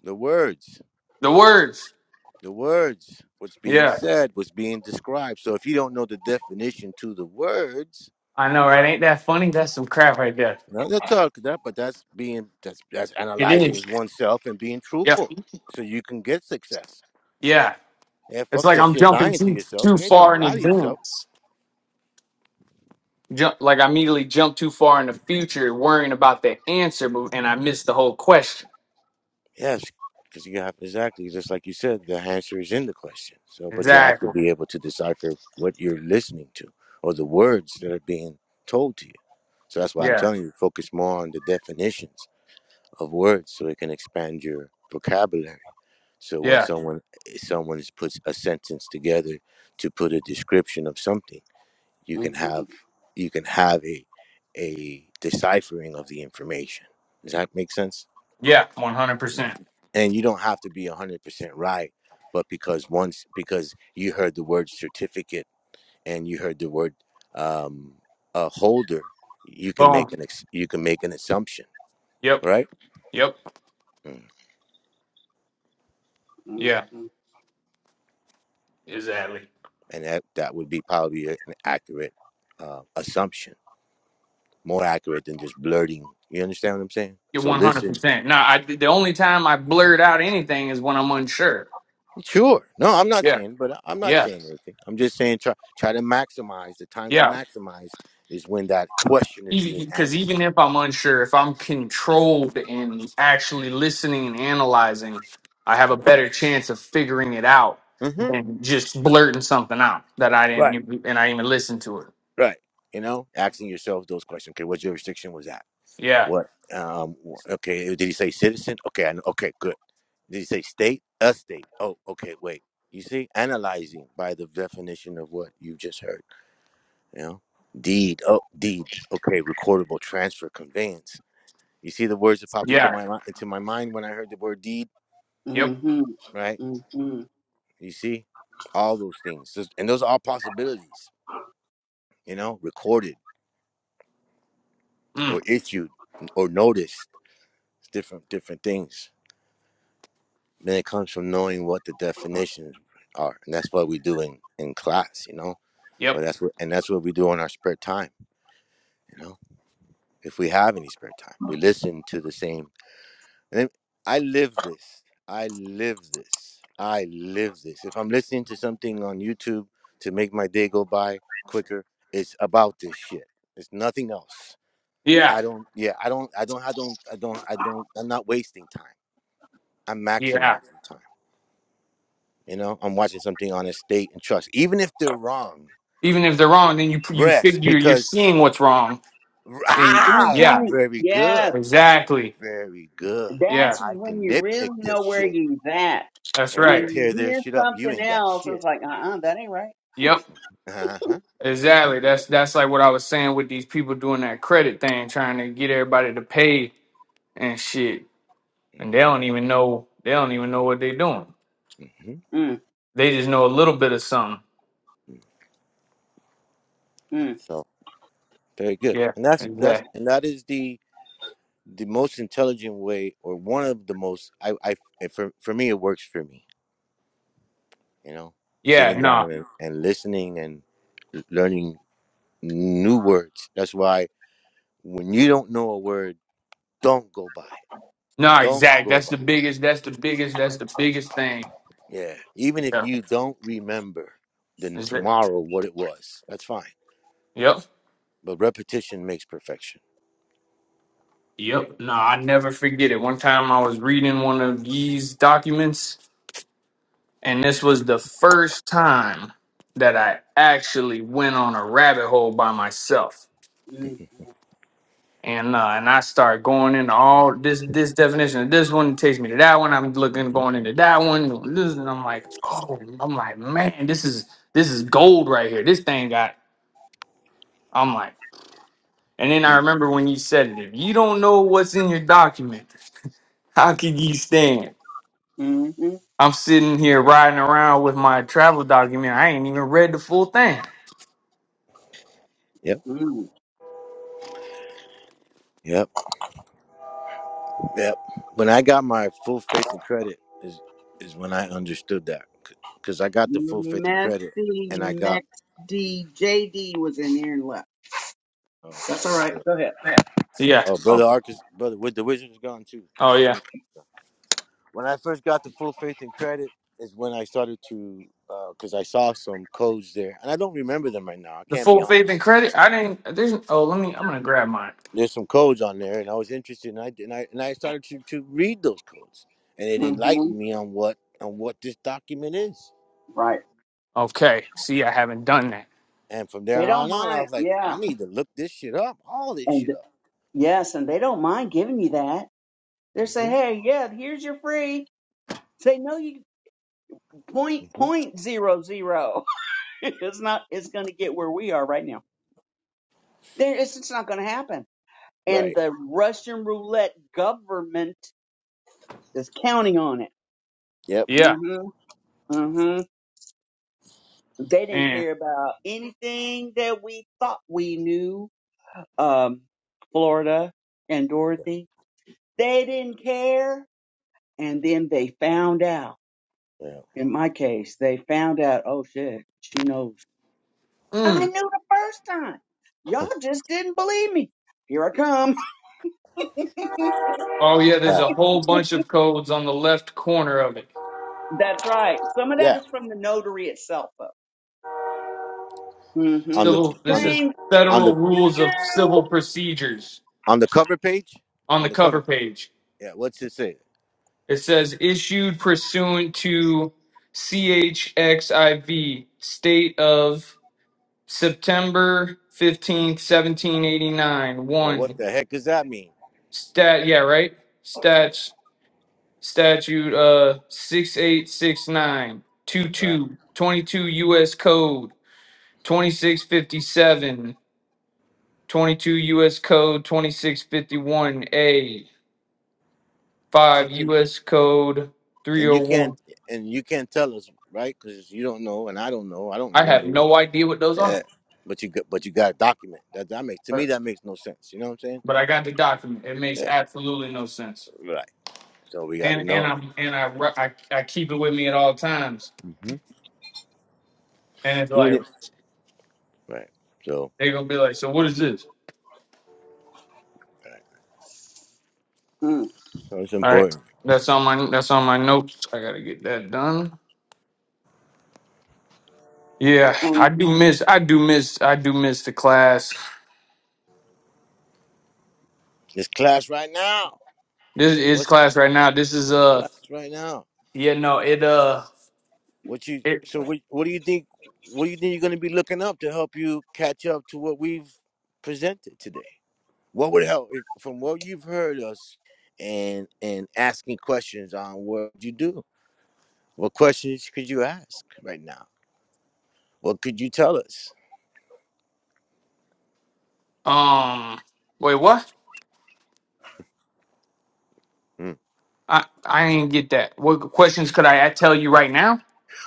Speaker 3: The words,
Speaker 4: the words
Speaker 3: the words, what's being
Speaker 4: Yeah.
Speaker 3: said, what's being described. So if you don't know the definition to the words,
Speaker 4: I know, right? Ain't that funny? That's some crap right there.
Speaker 3: no, that's all. That, but that's being that's that's
Speaker 4: It
Speaker 3: analyzing
Speaker 4: is.
Speaker 3: oneself and being
Speaker 4: Yep.
Speaker 3: truthful, so you can get success.
Speaker 4: Yeah.
Speaker 3: Yeah,
Speaker 4: It's
Speaker 3: fuck
Speaker 4: like
Speaker 3: that
Speaker 4: I'm
Speaker 3: shit.
Speaker 4: jumping
Speaker 3: Lying to
Speaker 4: too
Speaker 3: yourself,
Speaker 4: too
Speaker 3: you ain't trying
Speaker 4: far
Speaker 3: to
Speaker 4: in
Speaker 3: lie to yourself.
Speaker 4: advance. Jump like I immediately jump too far in the future, worrying about the answer, but- and I missed the whole question.
Speaker 3: Yes, because you have exactly just like you said, the answer is in the question. So, but you have to
Speaker 4: Exactly.
Speaker 3: be able to decipher what you're listening to or the words that are being told to you. So that's why I'm
Speaker 4: Yeah.
Speaker 3: telling you, focus more on the definitions of words so it can expand your vocabulary. So when
Speaker 4: Yeah.
Speaker 3: someone someone puts a sentence together to put a description of something, you can have
Speaker 2: mhm,
Speaker 3: you can have a a deciphering of the information. Does that make sense?
Speaker 4: Yeah. One hundred percent.
Speaker 3: and you don't have to be 100% right but because once because you heard the word certificate and you heard the word um a holder you can make
Speaker 4: Boom.
Speaker 3: an ex- you can make an assumption
Speaker 4: Yep.
Speaker 3: right
Speaker 4: Yep.
Speaker 3: Mm.
Speaker 4: Yeah.
Speaker 2: mhm,
Speaker 4: Exactly.
Speaker 3: and that that would be probably a- an accurate uh, assumption more accurate than just blurting you understand what i'm saying
Speaker 4: You're
Speaker 3: so
Speaker 4: one hundred
Speaker 3: listen
Speaker 4: percent. No, I the only time I blurt out anything is when I'm unsure.
Speaker 3: sure no i'm not
Speaker 4: Yeah.
Speaker 3: saying but i'm not
Speaker 4: Yeah.
Speaker 3: saying everything i'm just saying try try to maximize the time to
Speaker 4: Yeah.
Speaker 3: maximize is when that question is being
Speaker 4: because
Speaker 3: asked
Speaker 4: even if I'm unsure, if I'm controlled and actually listening and analyzing, I have a
Speaker 3: hmm
Speaker 4: better chance of figuring it out than just blurting something out that I didn't
Speaker 3: Right,
Speaker 4: e-, e-, and I didn't even listen to it.
Speaker 3: right. You know, asking yourself those questions. Okay, what jurisdiction was that?
Speaker 4: Yeah,
Speaker 3: What? Um. wh- Okay, did he say citizen? Okay, I know. Okay, good. Did he say state? A state. Oh, okay. Wait. You see, analyzing by the definition of what you just heard. You know, deed. Oh, deed. Okay, recordable transfer conveyance. You see the words that popped into
Speaker 4: yeah,
Speaker 3: my mi- into my mind when I heard the word deed.
Speaker 4: yep,
Speaker 2: mhm,
Speaker 3: Right.
Speaker 2: mhm.
Speaker 3: You see, all those things, Those- and those are all possibilities. You know, recorded
Speaker 4: mm,
Speaker 3: or issued or noticed It's different different things. Man, it comes from knowing what the definitions are, and that's what we do in in class, you know.
Speaker 4: yep,
Speaker 3: Or that's what and that's what we do in our spare time, you know. If we have any spare time, we listen to the same. And then I live this. I live this. I live this. If I'm listening to something on YouTube to make my day go by quicker, it's about this shit. It's nothing else.
Speaker 4: yeah,
Speaker 3: I don't. Yeah, I don't. I don't. I don't. I don't. I don't. I'm not wasting time. I'm
Speaker 4: yeah.
Speaker 3: maximizing time. You know, I'm watching something on estate and trust, even if they're wrong.
Speaker 4: Even if they're wrong, then you you
Speaker 3: Rest
Speaker 4: figure you're
Speaker 3: because
Speaker 4: seeing what's wrong, and
Speaker 3: ah,
Speaker 2: Mhm.
Speaker 4: yeah,
Speaker 3: very
Speaker 2: Yeah,
Speaker 3: good,
Speaker 4: exactly,
Speaker 3: very good.
Speaker 4: yeah,
Speaker 2: that's
Speaker 3: I
Speaker 2: when
Speaker 3: can
Speaker 2: you
Speaker 3: nitpick
Speaker 2: really
Speaker 3: this
Speaker 2: know where
Speaker 3: shit
Speaker 2: you're at.
Speaker 4: that's
Speaker 3: and I
Speaker 4: right,
Speaker 2: When you
Speaker 3: tear their
Speaker 2: hear
Speaker 3: shit up. You
Speaker 2: something
Speaker 3: ain't got
Speaker 2: else, it's
Speaker 3: shit,
Speaker 2: like, uh
Speaker 3: right?
Speaker 2: uh that ain't right.
Speaker 4: yep.
Speaker 3: Uh huh. Uh-huh.
Speaker 4: Exactly. That's that's like what I was saying with these people doing that credit thing, trying to get everybody to pay and shit, and they don't even know they don't even know what they're doing.
Speaker 3: hmm
Speaker 2: Mm,
Speaker 4: They just know a little bit of something.
Speaker 2: mm,
Speaker 3: So very good,
Speaker 4: Yeah,
Speaker 3: and that's that's
Speaker 4: exactly.
Speaker 3: and that is the the most intelligent way, or one of the most. I I and for for me, it works for me. You know,
Speaker 4: Yeah,
Speaker 3: sitting
Speaker 4: no,
Speaker 3: down and and listening and learning new words. That's why when you don't know a word, don't go by it.
Speaker 4: no,
Speaker 3: Don't
Speaker 4: exact.
Speaker 3: go
Speaker 4: That's
Speaker 3: by
Speaker 4: the biggest. That's the biggest. That's the biggest thing.
Speaker 3: it. Yeah. Even if
Speaker 4: Yeah.
Speaker 3: you don't remember then
Speaker 4: Is that?
Speaker 3: tomorrow what it was, that's fine.
Speaker 4: Yep.
Speaker 3: But repetition makes perfection.
Speaker 4: Yep. No, I never forget it. One time I was reading one of Yee's documents, and this was the first time that I actually went on a rabbit hole by myself
Speaker 2: mm,
Speaker 4: and uh, and I start going into all this this definition of this one takes me to that one. I'm looking going into that one. This and I'm like, oh, I'm like, man, this is this is gold right here. This thing got. I'm like, and then I
Speaker 3: Mm.
Speaker 4: remember when you said it. If you don't know what's in your document, how can you stand?
Speaker 2: mm,
Speaker 4: I'm sitting here riding around with my travel document. I ain't even read the full thing.
Speaker 3: Yep.
Speaker 2: mm, mm.
Speaker 3: Yep. Yep. When I got my full faith and credit is is when I understood that. Because I got the full faith and credit
Speaker 2: Messy,
Speaker 3: and I got
Speaker 2: messy. JD was in here and left.
Speaker 3: oh I
Speaker 2: That's all
Speaker 3: didn't
Speaker 2: right.
Speaker 3: say it.
Speaker 2: Go ahead.
Speaker 4: Yeah. Yeah.
Speaker 3: Oh brother Arcus brother with the wizard is gone too.
Speaker 4: Oh yeah.
Speaker 3: when I first got the full faith and credit is when I started to because I saw some codes there, and I don't remember them right now. I
Speaker 4: The
Speaker 3: can't be
Speaker 4: full faith and
Speaker 3: honest.
Speaker 4: credit. I didn't. There's. Oh, let me. I'm gonna grab mine.
Speaker 3: There's some codes on there, and I was interested, and I and I, and I started to, to read those codes, and it
Speaker 2: hmm
Speaker 3: enlightened me on what on what this document is.
Speaker 2: Right.
Speaker 4: Okay. See, I haven't done that.
Speaker 3: And from there
Speaker 2: They don't
Speaker 3: on on, I
Speaker 2: mind.
Speaker 3: was like,
Speaker 2: Yeah.
Speaker 3: I need to look this shit up, all this
Speaker 2: And
Speaker 3: shit up.
Speaker 2: yes, and they don't mind giving you that. They say,
Speaker 3: hmm
Speaker 2: hey, yeah, here's your free. Say, no, you point
Speaker 3: hmm
Speaker 2: point zero zero. (laughs) it's not it's going to get where we are right now there it's it's not going to happen and
Speaker 3: Right.
Speaker 2: the russian roulette government is counting on it
Speaker 3: Yep.
Speaker 4: Yeah.
Speaker 2: mhm mhm they didn't
Speaker 4: And
Speaker 2: care about anything that we thought we knew um florida and dorothy they didn't care and then they found out
Speaker 3: Yeah.
Speaker 2: in my case they found out oh shit she knows i
Speaker 4: Mm.
Speaker 2: knew the first time y'all just didn't believe me here i come
Speaker 4: oh yeah, there's
Speaker 3: Right.
Speaker 4: a whole bunch of codes on the left corner of it.
Speaker 2: That's right. Some of that
Speaker 3: Yeah.
Speaker 2: is from the notary itself.
Speaker 3: On
Speaker 2: Mm-hmm.
Speaker 3: the
Speaker 4: Civil
Speaker 3: on
Speaker 4: this
Speaker 3: the
Speaker 4: is
Speaker 2: Train,
Speaker 3: on the
Speaker 4: Federal Rules of
Speaker 2: choo-choo.
Speaker 4: Civil Procedures
Speaker 3: on the cover page,
Speaker 4: on
Speaker 3: on
Speaker 4: the
Speaker 3: the
Speaker 4: cover
Speaker 3: cover.
Speaker 4: page.
Speaker 3: Yeah. What's it say?
Speaker 4: It says issued pursuant to CHXIV state of September 15th, 1789.
Speaker 3: Well, what
Speaker 4: 1
Speaker 3: the heck does that mean?
Speaker 4: stat yeah, right?
Speaker 3: Yeah,
Speaker 4: Stats statute uh six eight six nine two
Speaker 3: right.
Speaker 4: two twenty two US code 2657, 22 U.S. Code 2651A, 5
Speaker 3: Something,
Speaker 4: U.S. Code
Speaker 3: and you can't,
Speaker 4: 301.
Speaker 3: and you can't tell us, right? Because you don't know, and I don't know. I don't
Speaker 4: I have
Speaker 3: remember. What,
Speaker 4: no idea what those are,
Speaker 3: yeah. But you, got- but you got to document that. That makes to me
Speaker 4: but,
Speaker 3: that makes no sense. You know what I'm saying?
Speaker 4: but I got the document. It makes
Speaker 3: Yeah.
Speaker 4: absolutely no sense.
Speaker 3: Right. So we got to
Speaker 4: And and
Speaker 3: know.
Speaker 4: I'm and I, re- I I keep it with me at all times.
Speaker 3: hmm
Speaker 4: And it's
Speaker 3: Even
Speaker 4: like
Speaker 3: if, right. So,
Speaker 4: they're gonna be like, so what is this?
Speaker 3: right.
Speaker 2: Mm.
Speaker 3: so it's
Speaker 4: All right,
Speaker 3: important.
Speaker 4: that's on my that's on my notes. I gotta get that done. Yeah, I
Speaker 2: And
Speaker 4: do miss I do miss I do miss the class.
Speaker 3: This class right now.
Speaker 4: This is
Speaker 3: What's
Speaker 4: class right now. This is
Speaker 3: this
Speaker 4: uh.
Speaker 3: class right now?
Speaker 4: Yeah, no, it uh
Speaker 3: What you?
Speaker 4: it
Speaker 3: So what? What do you think? What do you think you're going to be looking up to help you catch up to what we've presented today? what would help if, from what you've heard us and and asking questions on what you do what questions could you ask right now what could you tell us
Speaker 4: um wait what?
Speaker 3: Mm.
Speaker 4: I I didn't get that. What questions could I tell you right now?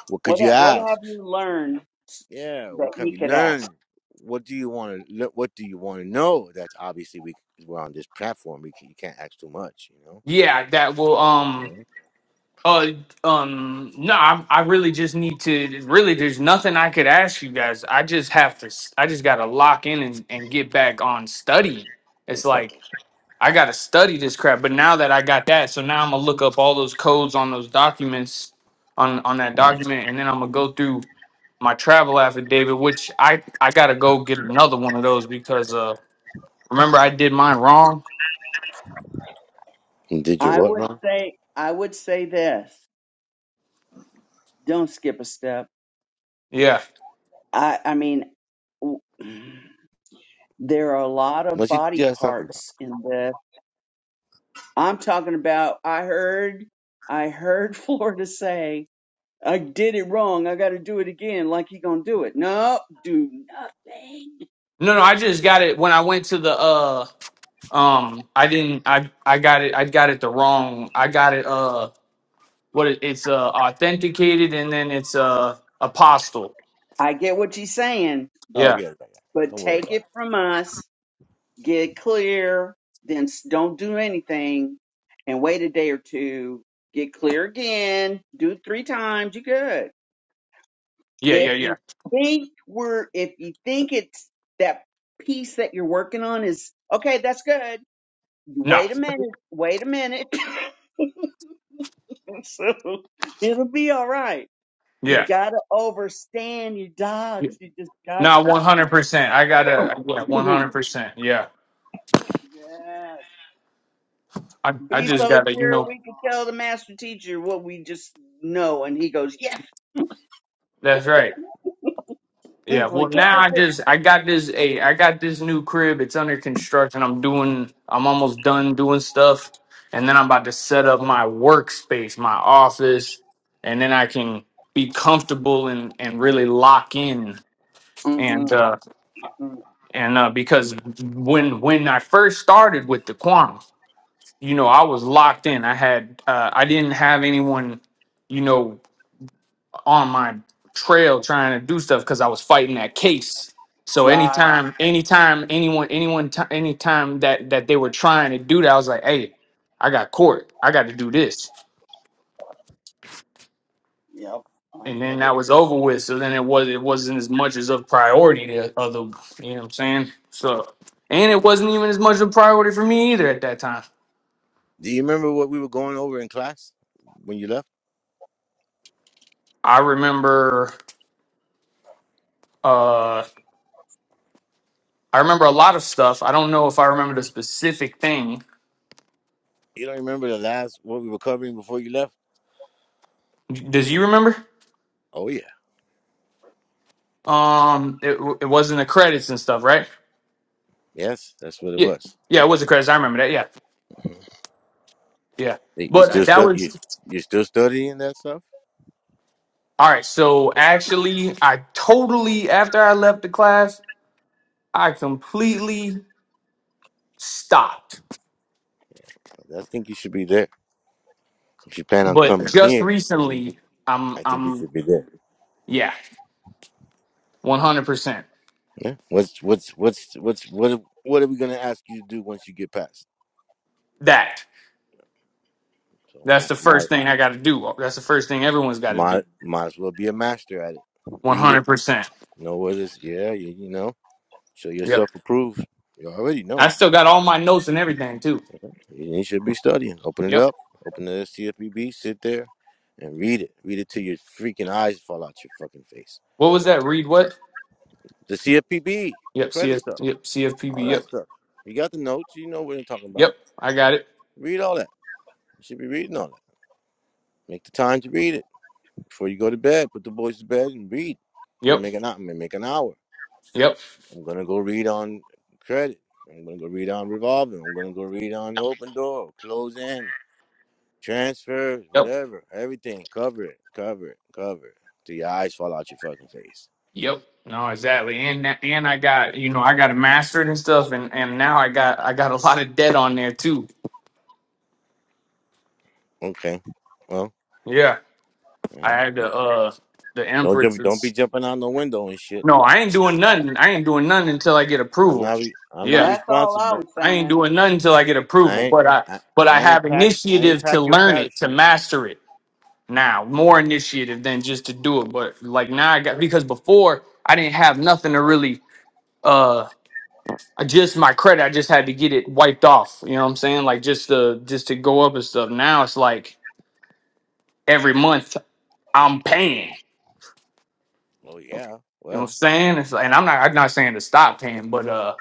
Speaker 3: what could
Speaker 2: what
Speaker 3: you
Speaker 2: ha- what have
Speaker 3: ask
Speaker 2: you learned
Speaker 3: yeah
Speaker 2: that
Speaker 3: what
Speaker 2: you
Speaker 3: have you
Speaker 2: could ask?
Speaker 3: learned what do you want to what do you want to know that's obviously we we're on this platform we can, you can't ask too much you know
Speaker 4: Yeah, that will um
Speaker 3: Yeah.
Speaker 4: uh um no, I I really just need to really there's nothing I could ask you guys. I just have to s- I just got to lock in and, and get back on studying. It's
Speaker 3: okay
Speaker 4: like I got to study this crap, but now that I got that, so now I'm going to look up all those codes on those documents on on that document and then I'm going to go through my travel affidavit, which I I gotta go get another one of those because uh remember I did mine wrong.
Speaker 3: And did you
Speaker 2: I
Speaker 3: what
Speaker 2: would
Speaker 3: wrong
Speaker 2: say I would say this. Don't skip a step.
Speaker 4: Yeah.
Speaker 2: I I mean, w- there are a lot of
Speaker 3: what's you
Speaker 2: body
Speaker 3: just talking about
Speaker 2: parts in this. I'm talking about. I heard I heard (laughs) Florida say. I did it wrong. I got to do it again. Like he gonna do it? No, do nothing
Speaker 4: No, no, I just got it when I went to the uh um I didn't I I got it I got it the wrong I got it uh what it, it's uh authenticated and then it's uh apostle.
Speaker 2: I get what you're saying,
Speaker 3: oh
Speaker 4: Yeah.
Speaker 3: yeah, yeah yeah
Speaker 2: but
Speaker 3: don't worry
Speaker 2: take
Speaker 3: about
Speaker 2: it
Speaker 3: it
Speaker 2: from us, get clear, then s- don't do anything and wait a day or two, get clear again, do it three times, you're good.
Speaker 4: Yeah,
Speaker 2: If
Speaker 4: yeah, yeah.
Speaker 2: you think we're, if you think it's that piece that you're working on is, okay, that's good.
Speaker 4: No.
Speaker 2: Wait a minute, wait a minute. (coughs) (laughs) so it'll be all right. You
Speaker 4: Yeah.
Speaker 2: gotta overstand your dogs. You just got
Speaker 4: No,
Speaker 2: to.
Speaker 4: one hundred percent. I gotta yeah,
Speaker 2: (coughs)
Speaker 4: one
Speaker 2: (laughs)
Speaker 4: hundred percent. Yeah.
Speaker 2: yes.
Speaker 4: I I
Speaker 2: Be
Speaker 4: just
Speaker 2: so
Speaker 4: gotta, you
Speaker 2: sure
Speaker 4: know,
Speaker 2: we could tell the master teacher what we just know, and he goes, "Yes."
Speaker 4: that's right. Yeah,
Speaker 2: He's
Speaker 4: well
Speaker 2: like, "What
Speaker 4: now
Speaker 2: is
Speaker 4: I
Speaker 2: it?"
Speaker 4: just I got this a I got this new crib. It's under construction. I'm doing I'm almost done doing stuff and then I'm about to set up my workspace, my office, and then I can be comfortable and and really lock in and
Speaker 2: Mm-hmm.
Speaker 4: uh
Speaker 2: mm
Speaker 4: and uh because when when I first started with the quantum, you know, I was locked in. I had uh I didn't have anyone, you know, on my trail trying to do stuff because I was fighting that case. So
Speaker 2: Right.
Speaker 4: anytime, anytime anyone, anyone, ti- anytime that that they were trying to do that, I was like, "Hey, I got court. I got to do this."
Speaker 2: Yep. I
Speaker 4: And
Speaker 2: get
Speaker 4: then
Speaker 2: it.
Speaker 4: that was over with. So then it was it wasn't as much as a priority to other. You know what I'm saying? So and it wasn't even as much of a priority for me either at that time.
Speaker 3: do you remember what we were going over in class when you left
Speaker 4: I remember. uh I remember a lot of stuff. I don't know if I remember the specific thing.
Speaker 3: You don't remember the last what we were covering before you left?
Speaker 4: Does you remember?
Speaker 3: Oh yeah,
Speaker 4: Um, it it wasn't the credits and stuff, right?
Speaker 3: yes, that's what it
Speaker 4: Yeah,
Speaker 3: was.
Speaker 4: yeah, it was the credits. I remember that. Yeah, yeah.
Speaker 3: Hey, You
Speaker 4: But
Speaker 3: still
Speaker 4: that
Speaker 3: stu-
Speaker 4: was
Speaker 3: you you still studying that stuff?
Speaker 4: all right. So actually, I totally after I left the class, I completely stopped.
Speaker 3: I think you should be there. If you plan on
Speaker 4: But
Speaker 3: coming
Speaker 4: just
Speaker 3: here, you-
Speaker 4: recently, I'm
Speaker 3: I think you
Speaker 4: I'm
Speaker 3: should be there.
Speaker 4: yeah, one hundred percent.
Speaker 3: Yeah. What's what's what's what's what what are we gonna ask you to do once you get past?
Speaker 4: That
Speaker 3: So
Speaker 4: that's
Speaker 3: my
Speaker 4: the
Speaker 3: my
Speaker 4: first thing I got to do. That's the first thing everyone's got to
Speaker 3: my
Speaker 4: do.
Speaker 3: might as well be a master at it.
Speaker 4: One
Speaker 3: Read it,
Speaker 4: hundred percent.
Speaker 3: know what it is. Yeah, you, you know, show
Speaker 4: Yep.
Speaker 3: yourself approved. You already know.
Speaker 4: I still got all my notes and everything too.
Speaker 3: You should be studying. Open it
Speaker 4: Yep.
Speaker 3: up. Open the CFPB. Sit there and read it. Read it till your freaking eyes fall out your fucking face.
Speaker 4: What was that? Read what?
Speaker 3: The CFPB, the
Speaker 4: Yep.
Speaker 3: credit
Speaker 4: CF.
Speaker 3: stuff,
Speaker 4: Yep.
Speaker 3: all
Speaker 4: CFPB. Yep.
Speaker 3: that stuff. You got the notes. You know what you're talking about.
Speaker 4: Yep, I got it.
Speaker 3: Read all that. You should be reading all that. Make the time to read it before you go to bed. Put the boys to bed and read.
Speaker 4: Yep,
Speaker 3: Make an hour. Make an hour.
Speaker 4: yep,
Speaker 3: I'm gonna go read on credit. I'm gonna go read on revolving. I'm gonna go read on open door, close end. transfers,
Speaker 4: yep,
Speaker 3: whatever, everything. Cover it, cover it, cover it. Till your eyes fall out your fucking face.
Speaker 4: yep. No, exactly. And that- and I got you know I got it mastered and stuff, and and now I got I got a lot of debt on there too.
Speaker 3: Okay. Well,
Speaker 4: Yeah, I
Speaker 3: yeah.
Speaker 4: had the uh the
Speaker 3: Don't jump, don't be
Speaker 4: empresses.
Speaker 3: jumping out the window and shit.
Speaker 4: No, I ain't doing nothing. I ain't doing nothing until I get
Speaker 3: I'm
Speaker 4: approval.
Speaker 3: not re- I'm not
Speaker 4: Yeah,
Speaker 2: That's all I was
Speaker 3: responsible.
Speaker 4: I ain't
Speaker 2: saying.
Speaker 4: doing nothing until I get
Speaker 3: I
Speaker 4: approval.
Speaker 3: ain't
Speaker 4: But I
Speaker 3: I,
Speaker 4: but I
Speaker 3: I
Speaker 4: have
Speaker 3: ain't pack I ain't
Speaker 4: initiative to
Speaker 3: pack your
Speaker 4: learn it to
Speaker 3: parachute.
Speaker 4: master it now. More initiative than just to do it. But like now I got because before I didn't have nothing to really. uh, I just my credit, I just had to get it wiped off. You know what I'm saying? Like just to just to go up and stuff. Now it's like every month I'm paying.
Speaker 3: Oh yeah.
Speaker 4: You know what I'm
Speaker 3: Well.
Speaker 4: saying? It's like, and I'm not I'm not saying to stop paying, but uh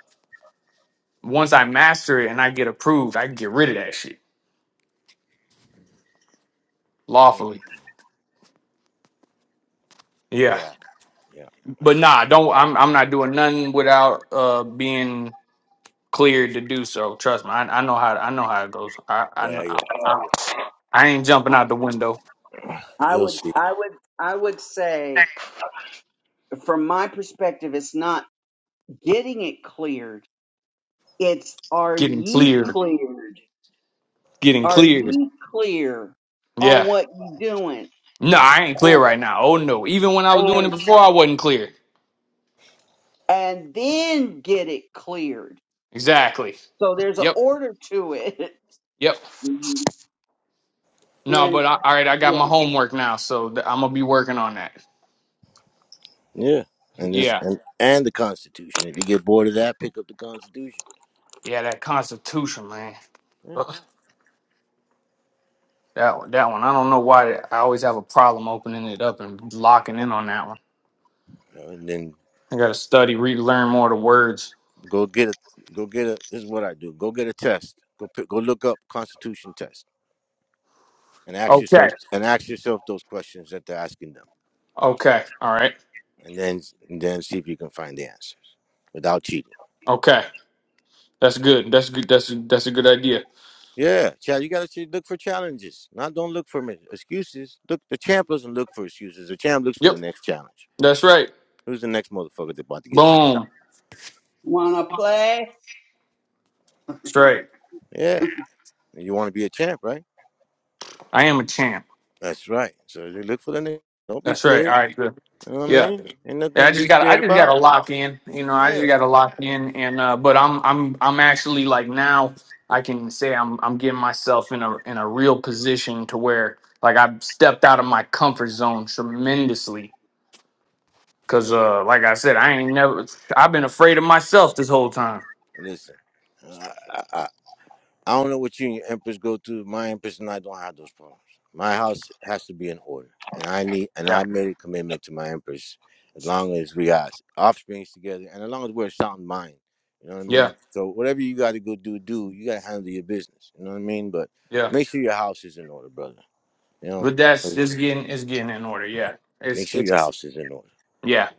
Speaker 4: once I master it and I get approved, I can get rid of that shit
Speaker 3: mm,
Speaker 4: lawfully. Yeah.
Speaker 3: Yeah. Yeah. I
Speaker 4: But
Speaker 3: see.
Speaker 4: nah, don't I'm I'm not doing nothing without uh being cleared to do so. Trust me. I, I know how I know how it goes. I I,
Speaker 3: Yeah,
Speaker 4: know- I
Speaker 3: you
Speaker 4: I I ain't jumping out the window,
Speaker 2: I
Speaker 3: you'll
Speaker 2: would,
Speaker 3: see.
Speaker 2: I would, I would say, from my perspective, it's not getting it cleared. It's are
Speaker 4: getting
Speaker 2: ye
Speaker 4: cleared,
Speaker 2: cleared?
Speaker 4: getting
Speaker 2: Are
Speaker 4: cleared.
Speaker 2: ye clear on
Speaker 4: Yeah.
Speaker 2: what you doing?
Speaker 4: No, I ain't clear
Speaker 2: And
Speaker 4: right now. Oh no. Even when I was doing it
Speaker 2: and
Speaker 4: before, I wasn't clear.
Speaker 2: and then get it cleared.
Speaker 4: Exactly.
Speaker 2: So there's an
Speaker 4: Yep.
Speaker 2: order to it.
Speaker 4: Yep.
Speaker 2: (laughs)
Speaker 4: No,
Speaker 2: And
Speaker 4: but I, all right, I got my
Speaker 2: yeah,
Speaker 4: homework now, so th- I'm gonna be working on that.
Speaker 3: Yeah. And this
Speaker 4: Yeah.
Speaker 3: and and the Constitution. If you get bored of that, pick up the Constitution.
Speaker 4: Yeah, that Constitution, man.
Speaker 3: Yeah.
Speaker 4: Ugh. That one, that one. I don't know why I always have a problem opening it up and locking in on that one.
Speaker 3: And then
Speaker 4: I gotta study, read, learn more of the words.
Speaker 3: Go get a go get a. This is what I do. Go get a test. Go pick, go look up Constitution test and ask
Speaker 4: Okay.
Speaker 3: yourself and ask yourself those questions that they're asking them,
Speaker 4: Okay. All right.
Speaker 3: and then and then see if you can find the answers without cheating.
Speaker 4: Okay. That's good. That's good. That's that's a good idea.
Speaker 3: Yeah, child, you gotta ch- look for challenges. Not don't look for mi- excuses. Look, the champ doesn't look for excuses. The champ looks for the
Speaker 4: Yep.
Speaker 3: next challenge.
Speaker 4: That's right.
Speaker 3: Who's the next motherfucker that's about to get knocked out?
Speaker 4: Boom.
Speaker 2: wanna play?
Speaker 4: Straight.
Speaker 3: Yeah, and you want to be a champ, right?
Speaker 4: I am a champ.
Speaker 3: That's right. So you look for the next. Don't be
Speaker 4: That's right. All
Speaker 3: scared.
Speaker 4: right. Good.
Speaker 3: You know what I
Speaker 4: Yeah.
Speaker 3: mean? Ain't
Speaker 4: Yeah,
Speaker 3: nothing
Speaker 4: I
Speaker 3: to
Speaker 4: just
Speaker 3: be
Speaker 4: got I
Speaker 3: scared
Speaker 4: just got to
Speaker 3: about.
Speaker 4: lock in. You know, I just
Speaker 3: Yeah.
Speaker 4: got to lock in and uh but I'm I'm I'm actually like now I can say I'm I'm getting myself in a in a real position to where like I've stepped out of my comfort zone tremendously cuz uh like I said I ain't never I've been afraid of myself this whole time.
Speaker 3: Listen, I, I, I I don't know what you and your empress go through. My empress and I don't have those problems. My house has to be in order, and I need and
Speaker 4: Yeah.
Speaker 3: I made a commitment to my empress. As long as we got offsprings together, and as long as we're of sound mind, you know what I
Speaker 4: Yeah.
Speaker 3: mean. So whatever you got to go do, do you got to handle your business. You know what I mean. But
Speaker 4: Yeah.
Speaker 3: make sure your house is in order, brother. You know,
Speaker 4: But that's it's getting it's getting in order. Yeah.
Speaker 3: make
Speaker 4: It's
Speaker 3: sure your
Speaker 4: it's
Speaker 3: house is in order.
Speaker 4: yeah.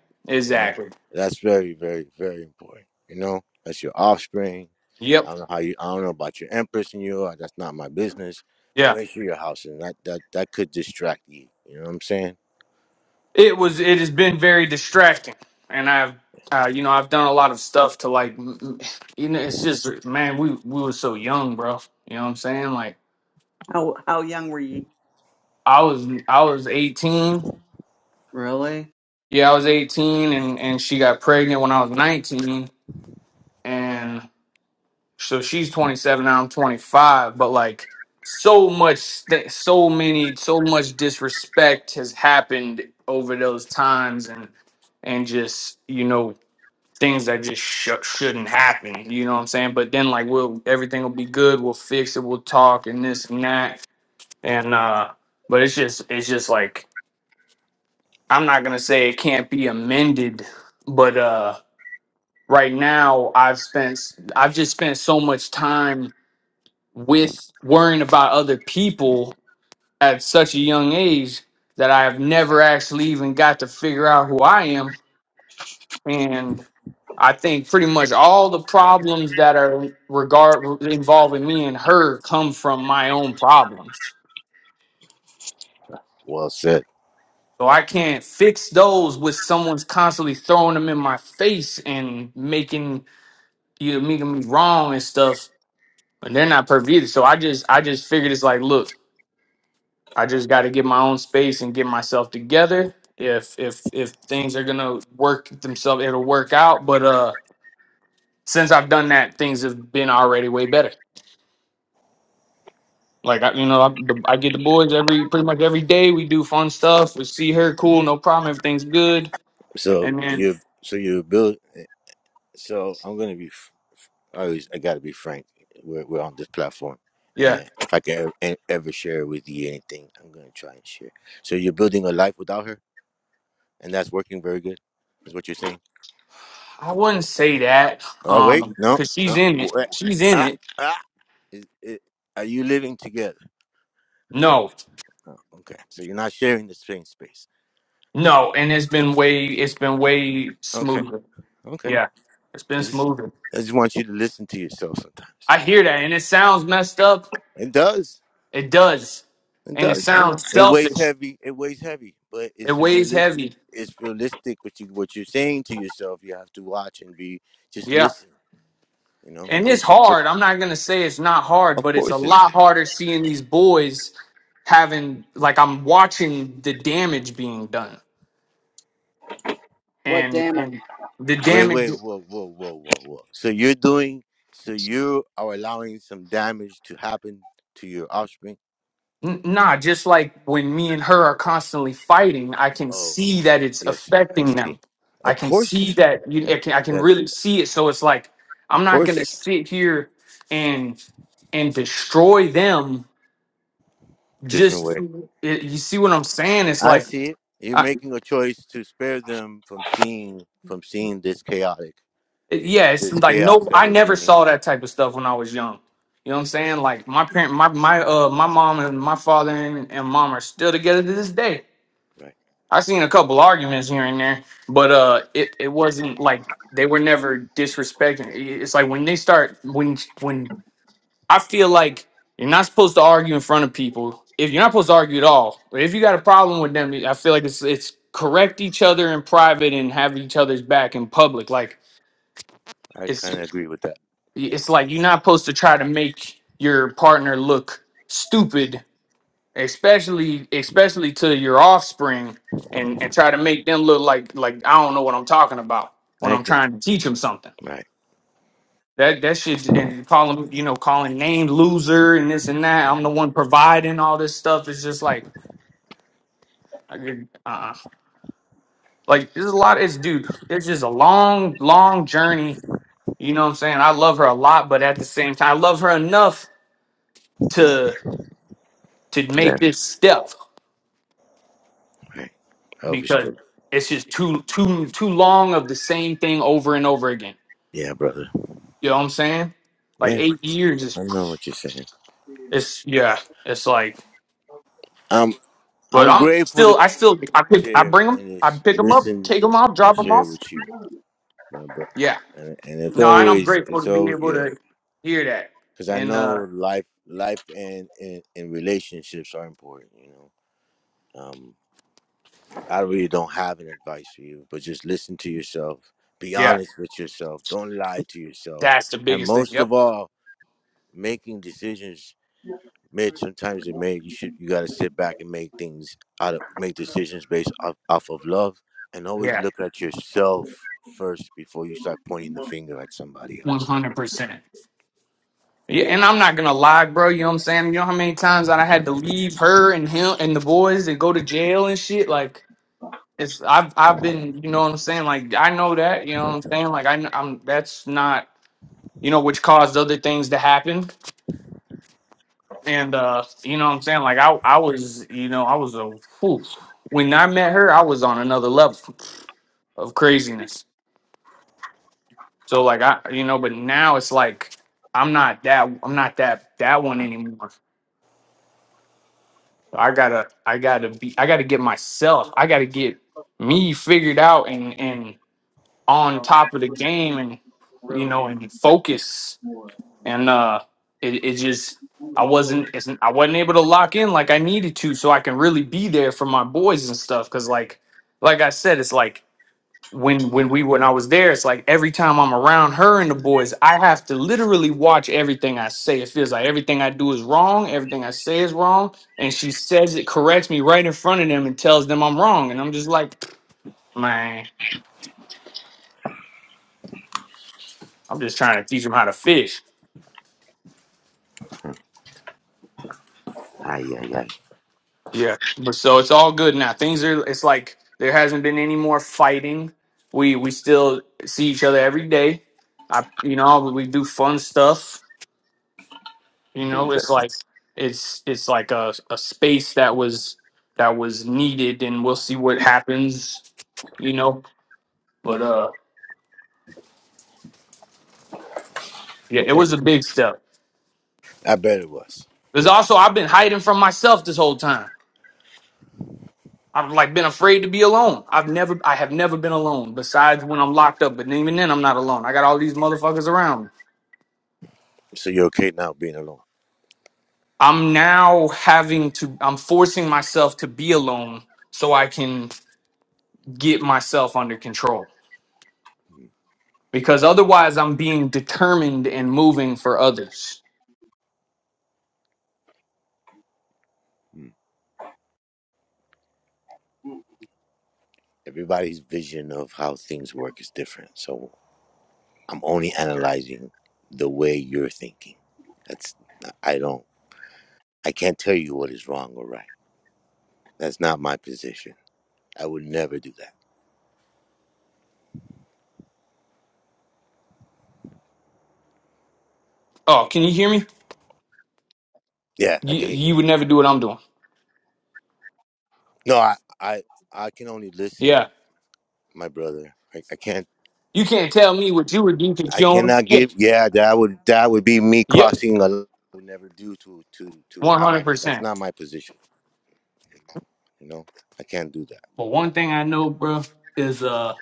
Speaker 3: You know,
Speaker 4: Exactly.
Speaker 3: that's very, very, very important. You know, that's your offspring.
Speaker 4: Yep.
Speaker 3: I don't know how you. I don't know about your empress and you. uh, that's not my business.
Speaker 4: Yeah.
Speaker 3: But make sure your house and that that that could distract you. You know what I'm saying?
Speaker 4: It was. It has been very distracting, and I've, uh, you know, I've done a lot of stuff to like, m- m- you know, it's just, man, we we were so young, bro. You know what I'm saying? Like,
Speaker 2: How how young were you?
Speaker 4: I was, I was 18.
Speaker 2: Really?
Speaker 4: Yeah, I was 18, and and she got pregnant when I was 19, and so she's 27 now. I'm 25, but like, so much, st- so many, so much disrespect has happened over those times, and and just you know things that just sh- shouldn't happen. You know what I'm saying? But then like we'll everything will be good. We'll fix it. We'll talk and this and that. And uh, but it's just it's just like I'm not gonna say it can't be amended, but uh, right now I've spent I've just spent so much time with worrying about other people at such a young age that I have never actually even got to figure out who I am and I think pretty much all the problems that are regard involving me and her come from my own problems.
Speaker 3: Well said.
Speaker 4: So I can't fix those with someone's constantly throwing them in my face and making you making me wrong and stuff. And they're not pervaded. So I just I just figured it's like, look, I just got to get my own space and get myself together. If if if things are gonna work themselves, it'll work out. But uh, since I've done that, things have been already way better. Like I, you know, I, I get the boys every pretty much every day. We do fun stuff. We see her, cool, no problem. Everything's good.
Speaker 3: So
Speaker 4: And then
Speaker 3: you so you build. So I'm gonna be. f- I always I gotta be frank. We're we're on this platform,
Speaker 4: yeah,
Speaker 3: and if I can ever, ever share with you anything, I'm gonna try and share. So you're building a life without her, and that's working very good. Is what you're saying?
Speaker 4: I wouldn't say that,
Speaker 3: Oh wait,
Speaker 4: um,
Speaker 3: no,
Speaker 4: cause she's
Speaker 3: no.
Speaker 4: in it.
Speaker 3: Wait.
Speaker 4: She's in
Speaker 3: Ah,
Speaker 4: it.
Speaker 3: ah. Is- i- are you living together?
Speaker 4: No,
Speaker 3: Okay, so you're not sharing the same space.
Speaker 4: no. And it's been way, it's been way
Speaker 3: Okay,
Speaker 4: smoother.
Speaker 3: okay.
Speaker 4: Yeah, it's
Speaker 3: I
Speaker 4: been
Speaker 3: just,
Speaker 4: smoother.
Speaker 3: I just want you to listen to yourself sometimes.
Speaker 4: I hear that, and it sounds messed up.
Speaker 3: It does.
Speaker 4: It does,
Speaker 3: It
Speaker 4: and it
Speaker 3: does. I know.
Speaker 4: sounds
Speaker 3: It weighs
Speaker 4: selfish.
Speaker 3: heavy. It weighs heavy, but
Speaker 4: It
Speaker 3: it's a
Speaker 4: weighs
Speaker 3: realistic.
Speaker 4: heavy.
Speaker 3: It's realistic. What you what you're saying to yourself, you have to watch and be just
Speaker 4: Yeah.
Speaker 3: listen. You know,
Speaker 4: And it's
Speaker 3: is the
Speaker 4: hard. I'm not gonna say it's not hard,
Speaker 3: of
Speaker 4: but it's a
Speaker 3: course it is.
Speaker 4: lot harder seeing these boys having like I'm watching the damage being done,
Speaker 2: What
Speaker 4: and
Speaker 2: damn it?
Speaker 4: and the
Speaker 3: Wait, wait,
Speaker 4: damage.
Speaker 3: whoa, whoa, whoa, whoa, whoa. So you're doing, so you are allowing some damage to happen to your offspring?
Speaker 4: n- Nah, just like when me and her are constantly fighting, I can
Speaker 3: Oh,
Speaker 4: see that it's
Speaker 3: yes, I
Speaker 4: affecting
Speaker 3: see.
Speaker 4: them. I
Speaker 3: Of
Speaker 4: can see
Speaker 3: course,
Speaker 4: that you. I can, I can
Speaker 3: that,
Speaker 4: really see it. So it's like
Speaker 3: of
Speaker 4: I'm not gonna
Speaker 3: course,
Speaker 4: sit here and and destroy them.
Speaker 3: different
Speaker 4: Just
Speaker 3: way.
Speaker 4: it, you see what I'm saying? It's
Speaker 3: I
Speaker 4: like.
Speaker 3: see it. You're making a choice to spare them from seeing, from seeing this chaotic,
Speaker 4: It- yeah, it's
Speaker 3: this
Speaker 4: like
Speaker 3: chaos
Speaker 4: no,
Speaker 3: that
Speaker 4: I
Speaker 3: we're
Speaker 4: never
Speaker 3: bringing.
Speaker 4: saw that type of stuff when I was young. You know what I'm
Speaker 3: Right,
Speaker 4: saying? Like my parent, my my uh, my mom and my father and, and mom are still together to this day.
Speaker 3: right.
Speaker 4: I seen a couple arguments here and there, but uh, it it wasn't like they were never disrespecting. It- It's like when they start when when I feel like you're not supposed to argue in front of people. If you're not supposed to argue at all, but if you got a problem with them, I feel like it's it's correct each other in private and have each other's back in public. Like
Speaker 3: I
Speaker 4: it's.
Speaker 3: kind of agree with that. Yeah.
Speaker 4: it's like you're not supposed to try to make your partner look stupid, especially especially to your offspring, and and try to make them look like like I don't know what I'm talking about when I'm
Speaker 3: Thank you.
Speaker 4: trying to teach them something.
Speaker 3: Right.
Speaker 4: That that shit and calling you know calling names loser and this and that. I'm the one providing all this stuff. It's just like. Uh, like there's a lot. It's dude. It's just a long, long journey. You know what I'm saying? I love her a lot, but at the same time, I love her enough to
Speaker 3: Yeah.
Speaker 4: make this step
Speaker 3: Right. I
Speaker 4: because
Speaker 3: understood.
Speaker 4: it's just too too too long of the same thing over and over again.
Speaker 3: Yeah, brother.
Speaker 4: You know what I'm saying? Like
Speaker 3: Yeah.
Speaker 4: eight years is
Speaker 3: I know what you're saying.
Speaker 4: it's yeah. It's like,
Speaker 3: Um,
Speaker 4: but
Speaker 3: I'm
Speaker 4: I'm
Speaker 3: grateful to
Speaker 4: still I still I pick I
Speaker 3: share
Speaker 4: bring
Speaker 3: and
Speaker 4: them I
Speaker 3: it's
Speaker 4: pick them up
Speaker 3: listen
Speaker 4: take them off
Speaker 3: and
Speaker 4: drop them
Speaker 3: share
Speaker 4: off.
Speaker 3: with you, my brother.
Speaker 4: Yeah.
Speaker 3: And, and it's
Speaker 4: No, and I'm
Speaker 3: always
Speaker 4: grateful
Speaker 3: it's
Speaker 4: to be
Speaker 3: always
Speaker 4: able
Speaker 3: yeah,
Speaker 4: to hear that.
Speaker 3: because I
Speaker 4: And
Speaker 3: know
Speaker 4: uh
Speaker 3: life life and, and and relationships are important. You know, um, I really don't have an advice for you, but just listen to yourself. Be
Speaker 4: yeah,
Speaker 3: honest with yourself. Don't lie to yourself.
Speaker 4: that's the
Speaker 3: And
Speaker 4: biggest thing.
Speaker 3: most
Speaker 4: Yep.
Speaker 3: of all, making decisions Mid sometimes it may you should you gotta sit back and make things out of make decisions based off, off of love and always
Speaker 4: Yeah.
Speaker 3: look at yourself first before you start pointing the finger at somebody
Speaker 4: One
Speaker 3: else.
Speaker 4: hundred percent. Yeah, and I'm not gonna lie, bro. You know what I'm saying? You know how many times that I had to leave her and him and the boys and go to jail and shit. Like it's I've I've been you know what I'm saying. Like I know that you know what I'm saying. Like I am that's not you know which caused other things to happen. And uh, you know what I'm saying. Like I I was you know I was a whew. when I met her I was on another level of craziness. So like I you know but now it's like I'm not that I'm not that that one anymore. I gotta I gotta be I gotta get myself I gotta get me figured out and and on top of the game and you know and focus and uh it, it just I wasn't it's, I wasn't able to lock in like I needed to so I can really be there for my boys and stuff because like like I said it's like when when we when I was there, it's like every time I'm around her and the boys, I have to literally watch everything I say. It feels like everything I do is wrong, everything I say is wrong, and she says it, corrects me right in front of them, and tells them I'm wrong, and I'm just like, man, I'm just trying to teach them how to fish.
Speaker 3: Ay, ay, ay.
Speaker 4: Yeah, but so it's all good now. Things are. It's like there hasn't been any more fighting. We we still see each other every day. I you know we do fun stuff you know it's like it's it's like a, a space that was that was needed and we'll see what happens you know but uh yeah it
Speaker 3: Yeah,
Speaker 4: was a big step
Speaker 3: I bet it was.
Speaker 4: because also i've been hiding from myself this whole time i've like been afraid to be alone i've never i have never been alone besides when i'm locked up but even then i'm not alone i got all these motherfuckers around me
Speaker 3: So you're okay now being alone.
Speaker 4: i'm now having to i'm forcing myself to be alone so i can get myself under control because otherwise I'm being determined and moving for others.
Speaker 3: Everybody's vision of how things work is different. So I'm only analyzing the way you're thinking. That's I don't I can't tell you what is wrong or right. That's not my position. I would never do that.
Speaker 4: Oh, can you hear me?
Speaker 3: Yeah, I
Speaker 4: You,
Speaker 3: can hear you now.
Speaker 4: you would never do what I'm doing.
Speaker 3: No, I, I, I can only
Speaker 4: Yeah.
Speaker 3: listen, my brother. I, I can't.
Speaker 4: You can't tell me what you would do because
Speaker 3: I
Speaker 4: you don't.
Speaker 3: cannot
Speaker 4: Yeah.
Speaker 3: give. Yeah, that would that would be me
Speaker 4: Yep.
Speaker 3: crossing a line I would never do to to to anybody. That's
Speaker 4: 100%.
Speaker 3: not my position. You know, I can't do that.
Speaker 4: But one thing I know, bro, is, uh,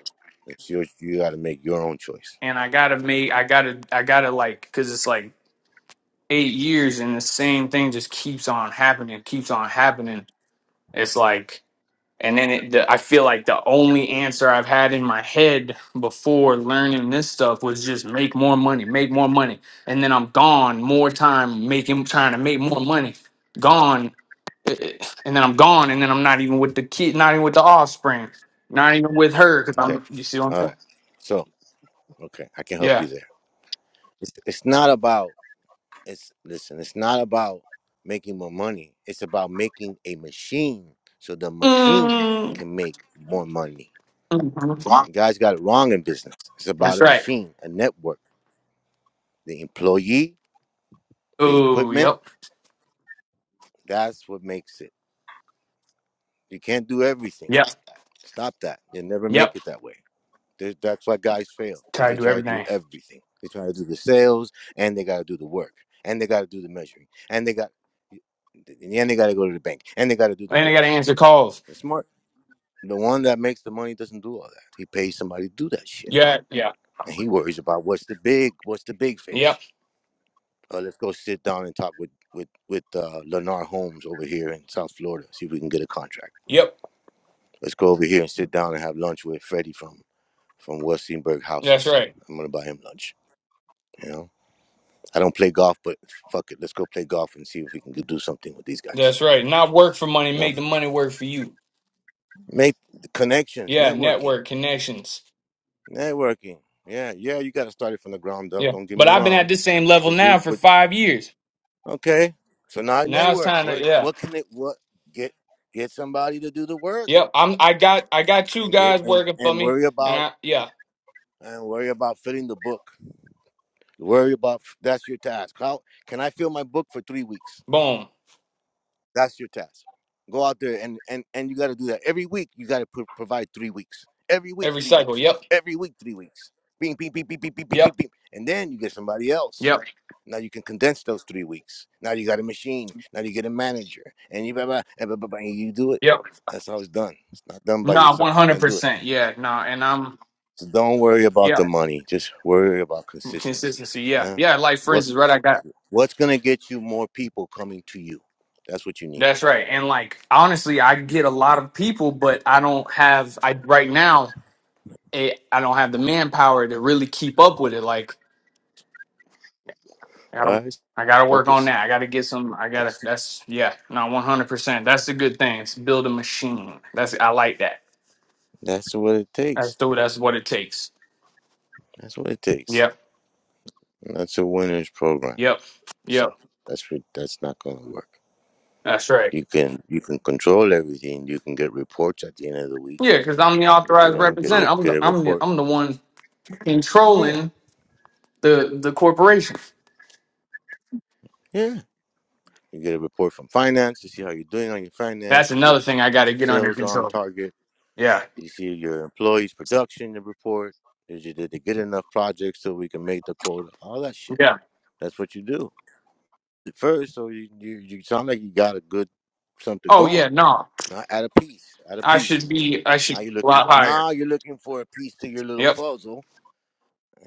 Speaker 3: It's your. You got to make your own choice.
Speaker 4: and I gotta make, I gotta, I gotta like, cause it's like eight years and the same thing just keeps on happening, keeps on happening. It's like, And then it, the, I feel like the only answer I've had in my head before learning this stuff was just make more money, make more money. And then I'm gone more time making, trying to make more money. Gone. Eh, eh, And then I'm gone. And then I'm not even with the kid, not even with the offspring, not even with her. Cause
Speaker 3: Okay.
Speaker 4: I'm, you see what I'm
Speaker 3: All
Speaker 4: saying?
Speaker 3: right. So okay, I can help you
Speaker 4: Yeah.
Speaker 3: there. It's it's not about. It's listen. It's not about making more money. It's about making a machine so the machine
Speaker 4: Mm,
Speaker 3: can make more money.
Speaker 4: mhm.
Speaker 3: Guys got it wrong in business. It's about
Speaker 4: That's
Speaker 3: a
Speaker 4: right.
Speaker 3: machine, a network, the employee, the
Speaker 4: Oh,
Speaker 3: equipment.
Speaker 4: yep.
Speaker 3: That's what makes it. You can't do everything.
Speaker 4: Yep.
Speaker 3: Stop that. You'll never make
Speaker 4: Yep.
Speaker 3: it that way. There- That's why guys fail because
Speaker 4: Try to
Speaker 3: they
Speaker 4: do
Speaker 3: try to do
Speaker 4: everything.
Speaker 3: everything. They try to do the sales and they got to do the work and they got to do the measuring and they got in the end they got to go to the bank and they got to do the
Speaker 4: And I got to
Speaker 3: books.
Speaker 4: answer calls.
Speaker 3: They're smart. The one that makes the money doesn't do all that. He pays somebody to do that shit
Speaker 4: Yeah. Yeah.
Speaker 3: and he worries about what's the big what's the big fish.
Speaker 4: Yep.
Speaker 3: Uh, let's go sit down and talk with with with uh, Lenar Holmes over here in South Florida. See if we can get a contract.
Speaker 4: Yep.
Speaker 3: Let's go over here and sit down and have lunch with Freddie from from Westingberg
Speaker 4: That's
Speaker 3: Houses.
Speaker 4: right.
Speaker 3: I'm gonna buy him lunch. You know, I don't play golf, but fuck it, let's go play golf and see if we can do something with these guys.
Speaker 4: That's right. Not work for money,
Speaker 3: You know,
Speaker 4: make the money work for you.
Speaker 3: make the connections,
Speaker 4: Yeah,
Speaker 3: networking,
Speaker 4: network connections.
Speaker 3: networking. Yeah, yeah, you got to start it from the ground up.
Speaker 4: Yeah.
Speaker 3: Don't get
Speaker 4: But
Speaker 3: me
Speaker 4: I've been at
Speaker 3: wrong,
Speaker 4: this same level
Speaker 3: but you,
Speaker 4: now for
Speaker 3: but
Speaker 4: five years.
Speaker 3: okay. So now I
Speaker 4: Now it's
Speaker 3: network.
Speaker 4: time to
Speaker 3: What
Speaker 4: yeah.
Speaker 3: what can it what get get somebody to do the work?
Speaker 4: Yep. I'm I got I got two
Speaker 3: and get
Speaker 4: guys
Speaker 3: and,
Speaker 4: working for
Speaker 3: and
Speaker 4: me
Speaker 3: worry
Speaker 4: and
Speaker 3: about
Speaker 4: I yeah.
Speaker 3: and worry about filling the book. Worry about that's your task. How can I fill my book for three weeks?
Speaker 4: Boom.
Speaker 3: That's your task. Go out there and and and you got to do that every week. You got to pro- provide three weeks. Every week,
Speaker 4: Every
Speaker 3: three
Speaker 4: cycle.
Speaker 3: weeks.
Speaker 4: Yep.
Speaker 3: Every week, three weeks. Bing, bing, bing, bing, bing, bing, bing, bing,
Speaker 4: Yep.
Speaker 3: bing. And then you get somebody else.
Speaker 4: Yep.
Speaker 3: Now you can condense those three weeks. Now you got a machine. Now you get a manager, and you blah, blah, and blah, blah, blah, and you do it.
Speaker 4: Yep.
Speaker 3: That's how it's done. It's not done by
Speaker 4: Nah,
Speaker 3: yourself.
Speaker 4: one
Speaker 3: You
Speaker 4: hundred
Speaker 3: can't do it.
Speaker 4: percent. Yeah, nah. And I'm
Speaker 3: So Don't worry about
Speaker 4: yeah.
Speaker 3: the money. Just worry about consistency.
Speaker 4: Consistency. Yeah.
Speaker 3: huh?
Speaker 4: Yeah. Like for
Speaker 3: What
Speaker 4: instance, right, I got
Speaker 3: what's gonna get you more people coming to you? That's what you need
Speaker 4: that's
Speaker 3: right
Speaker 4: right. And like honestly, I get a lot of people, but I don't have I right now it, I don't have the manpower to really keep up with it. Like I
Speaker 3: now. All
Speaker 4: gotta,
Speaker 3: right,
Speaker 4: I gotta work on
Speaker 3: focus,
Speaker 4: that. I gotta get some. I gotta.
Speaker 3: focus.
Speaker 4: That's yeah, not one hundred percent. That's the good thing. It's build a machine. That's I like that.
Speaker 3: That's what it
Speaker 4: That's
Speaker 3: takes.
Speaker 4: the, that's what it takes.
Speaker 3: That's what it takes.
Speaker 4: Yep,
Speaker 3: And that's a winner's program.
Speaker 4: yep,
Speaker 3: So
Speaker 4: yep.
Speaker 3: that's what, that's not gonna work.
Speaker 4: That's right.
Speaker 3: You can you can control everything. You can get reports at the end of the week.
Speaker 4: Yeah, because I'm the
Speaker 3: You
Speaker 4: authorized
Speaker 3: know, get a re-
Speaker 4: representative. I'm
Speaker 3: get
Speaker 4: the,
Speaker 3: a
Speaker 4: I'm the,
Speaker 3: report.
Speaker 4: I'm the one
Speaker 3: Yeah,
Speaker 4: controlling the the corporation.
Speaker 3: yeah. You get a report from finance to see how you're doing on your
Speaker 4: That's
Speaker 3: finance. You
Speaker 4: another
Speaker 3: get
Speaker 4: thing I got
Speaker 3: your
Speaker 4: to get under
Speaker 3: sales on
Speaker 4: control.
Speaker 3: target
Speaker 4: Yeah,
Speaker 3: You see your employees' production report. Is you did they get enough projects so we can make the quota? All that shit.
Speaker 4: yeah.
Speaker 3: That's what you do at first. So you you, you sound like you got a good something
Speaker 4: Oh yeah,
Speaker 3: going.
Speaker 4: no.
Speaker 3: Now add a piece. Add a
Speaker 4: I should
Speaker 3: piece.
Speaker 4: be. I
Speaker 3: Now
Speaker 4: should
Speaker 3: you're
Speaker 4: be a
Speaker 3: looking.
Speaker 4: lot higher.
Speaker 3: Now you're looking for a piece to your little
Speaker 4: Yep.
Speaker 3: puzzle.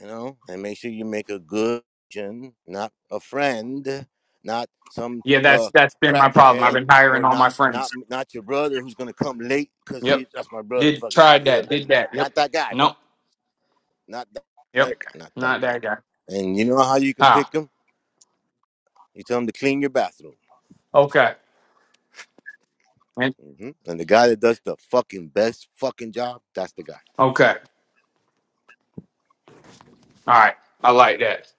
Speaker 3: You know, and make sure you make a good, gen, not a friend, not some
Speaker 4: Yeah, that's
Speaker 3: uh
Speaker 4: that's been my problem. I've
Speaker 3: crackhead
Speaker 4: been hiring
Speaker 3: or
Speaker 4: all my
Speaker 3: not not
Speaker 4: friends.
Speaker 3: not your brother who's gonna come late because he
Speaker 4: Yep.
Speaker 3: that's my brother.
Speaker 4: Did
Speaker 3: Fuck it, he,
Speaker 4: tried
Speaker 3: he'll
Speaker 4: that.
Speaker 3: let
Speaker 4: Did
Speaker 3: me not
Speaker 4: that. Yep.
Speaker 3: not that guy, bro
Speaker 4: Nope.
Speaker 3: not that
Speaker 4: Yep.
Speaker 3: guy, not that
Speaker 4: Not
Speaker 3: guy.
Speaker 4: that guy.
Speaker 3: And you know how you can
Speaker 4: How?
Speaker 3: pick him? You tell him to clean your bathroom.
Speaker 4: Okay. And-
Speaker 3: hmm And the guy that does the fucking best fucking job, that's the guy.
Speaker 4: okay. All right. I like that.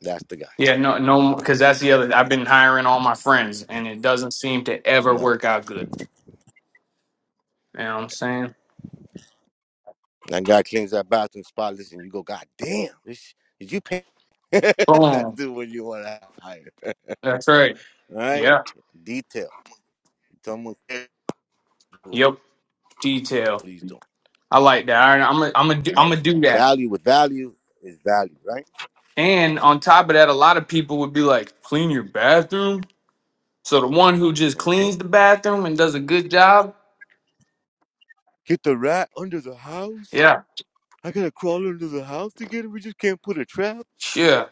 Speaker 3: That's the guy.
Speaker 4: Yeah. No. No. Because that's the other. I've been hiring all my friends, and it doesn't seem to ever
Speaker 3: No,
Speaker 4: work out good. You know what I'm saying?
Speaker 3: that guy cleans that bathroom spotless, and you go, God damn, this, did you pay? (laughs) that's
Speaker 4: Boom.
Speaker 3: the one you want to hire. (laughs)
Speaker 4: That's right.
Speaker 3: All right,
Speaker 4: Yeah.
Speaker 3: detail. Someone cares what
Speaker 4: Yep. Detail.
Speaker 3: he's doing.
Speaker 4: I like that. All right, I'm gonna I'm gonna do, I'm
Speaker 3: That's
Speaker 4: gonna do that.
Speaker 3: value. With value is value, right?
Speaker 4: And on top of that, a lot of people would be like, "Clean your bathroom." So the one who just
Speaker 3: hmm
Speaker 4: cleans the bathroom and does a good job,
Speaker 3: Get the rat under the house.
Speaker 4: yeah,
Speaker 3: I gotta crawl under the house to get it. We just can't put a trap.
Speaker 4: sure.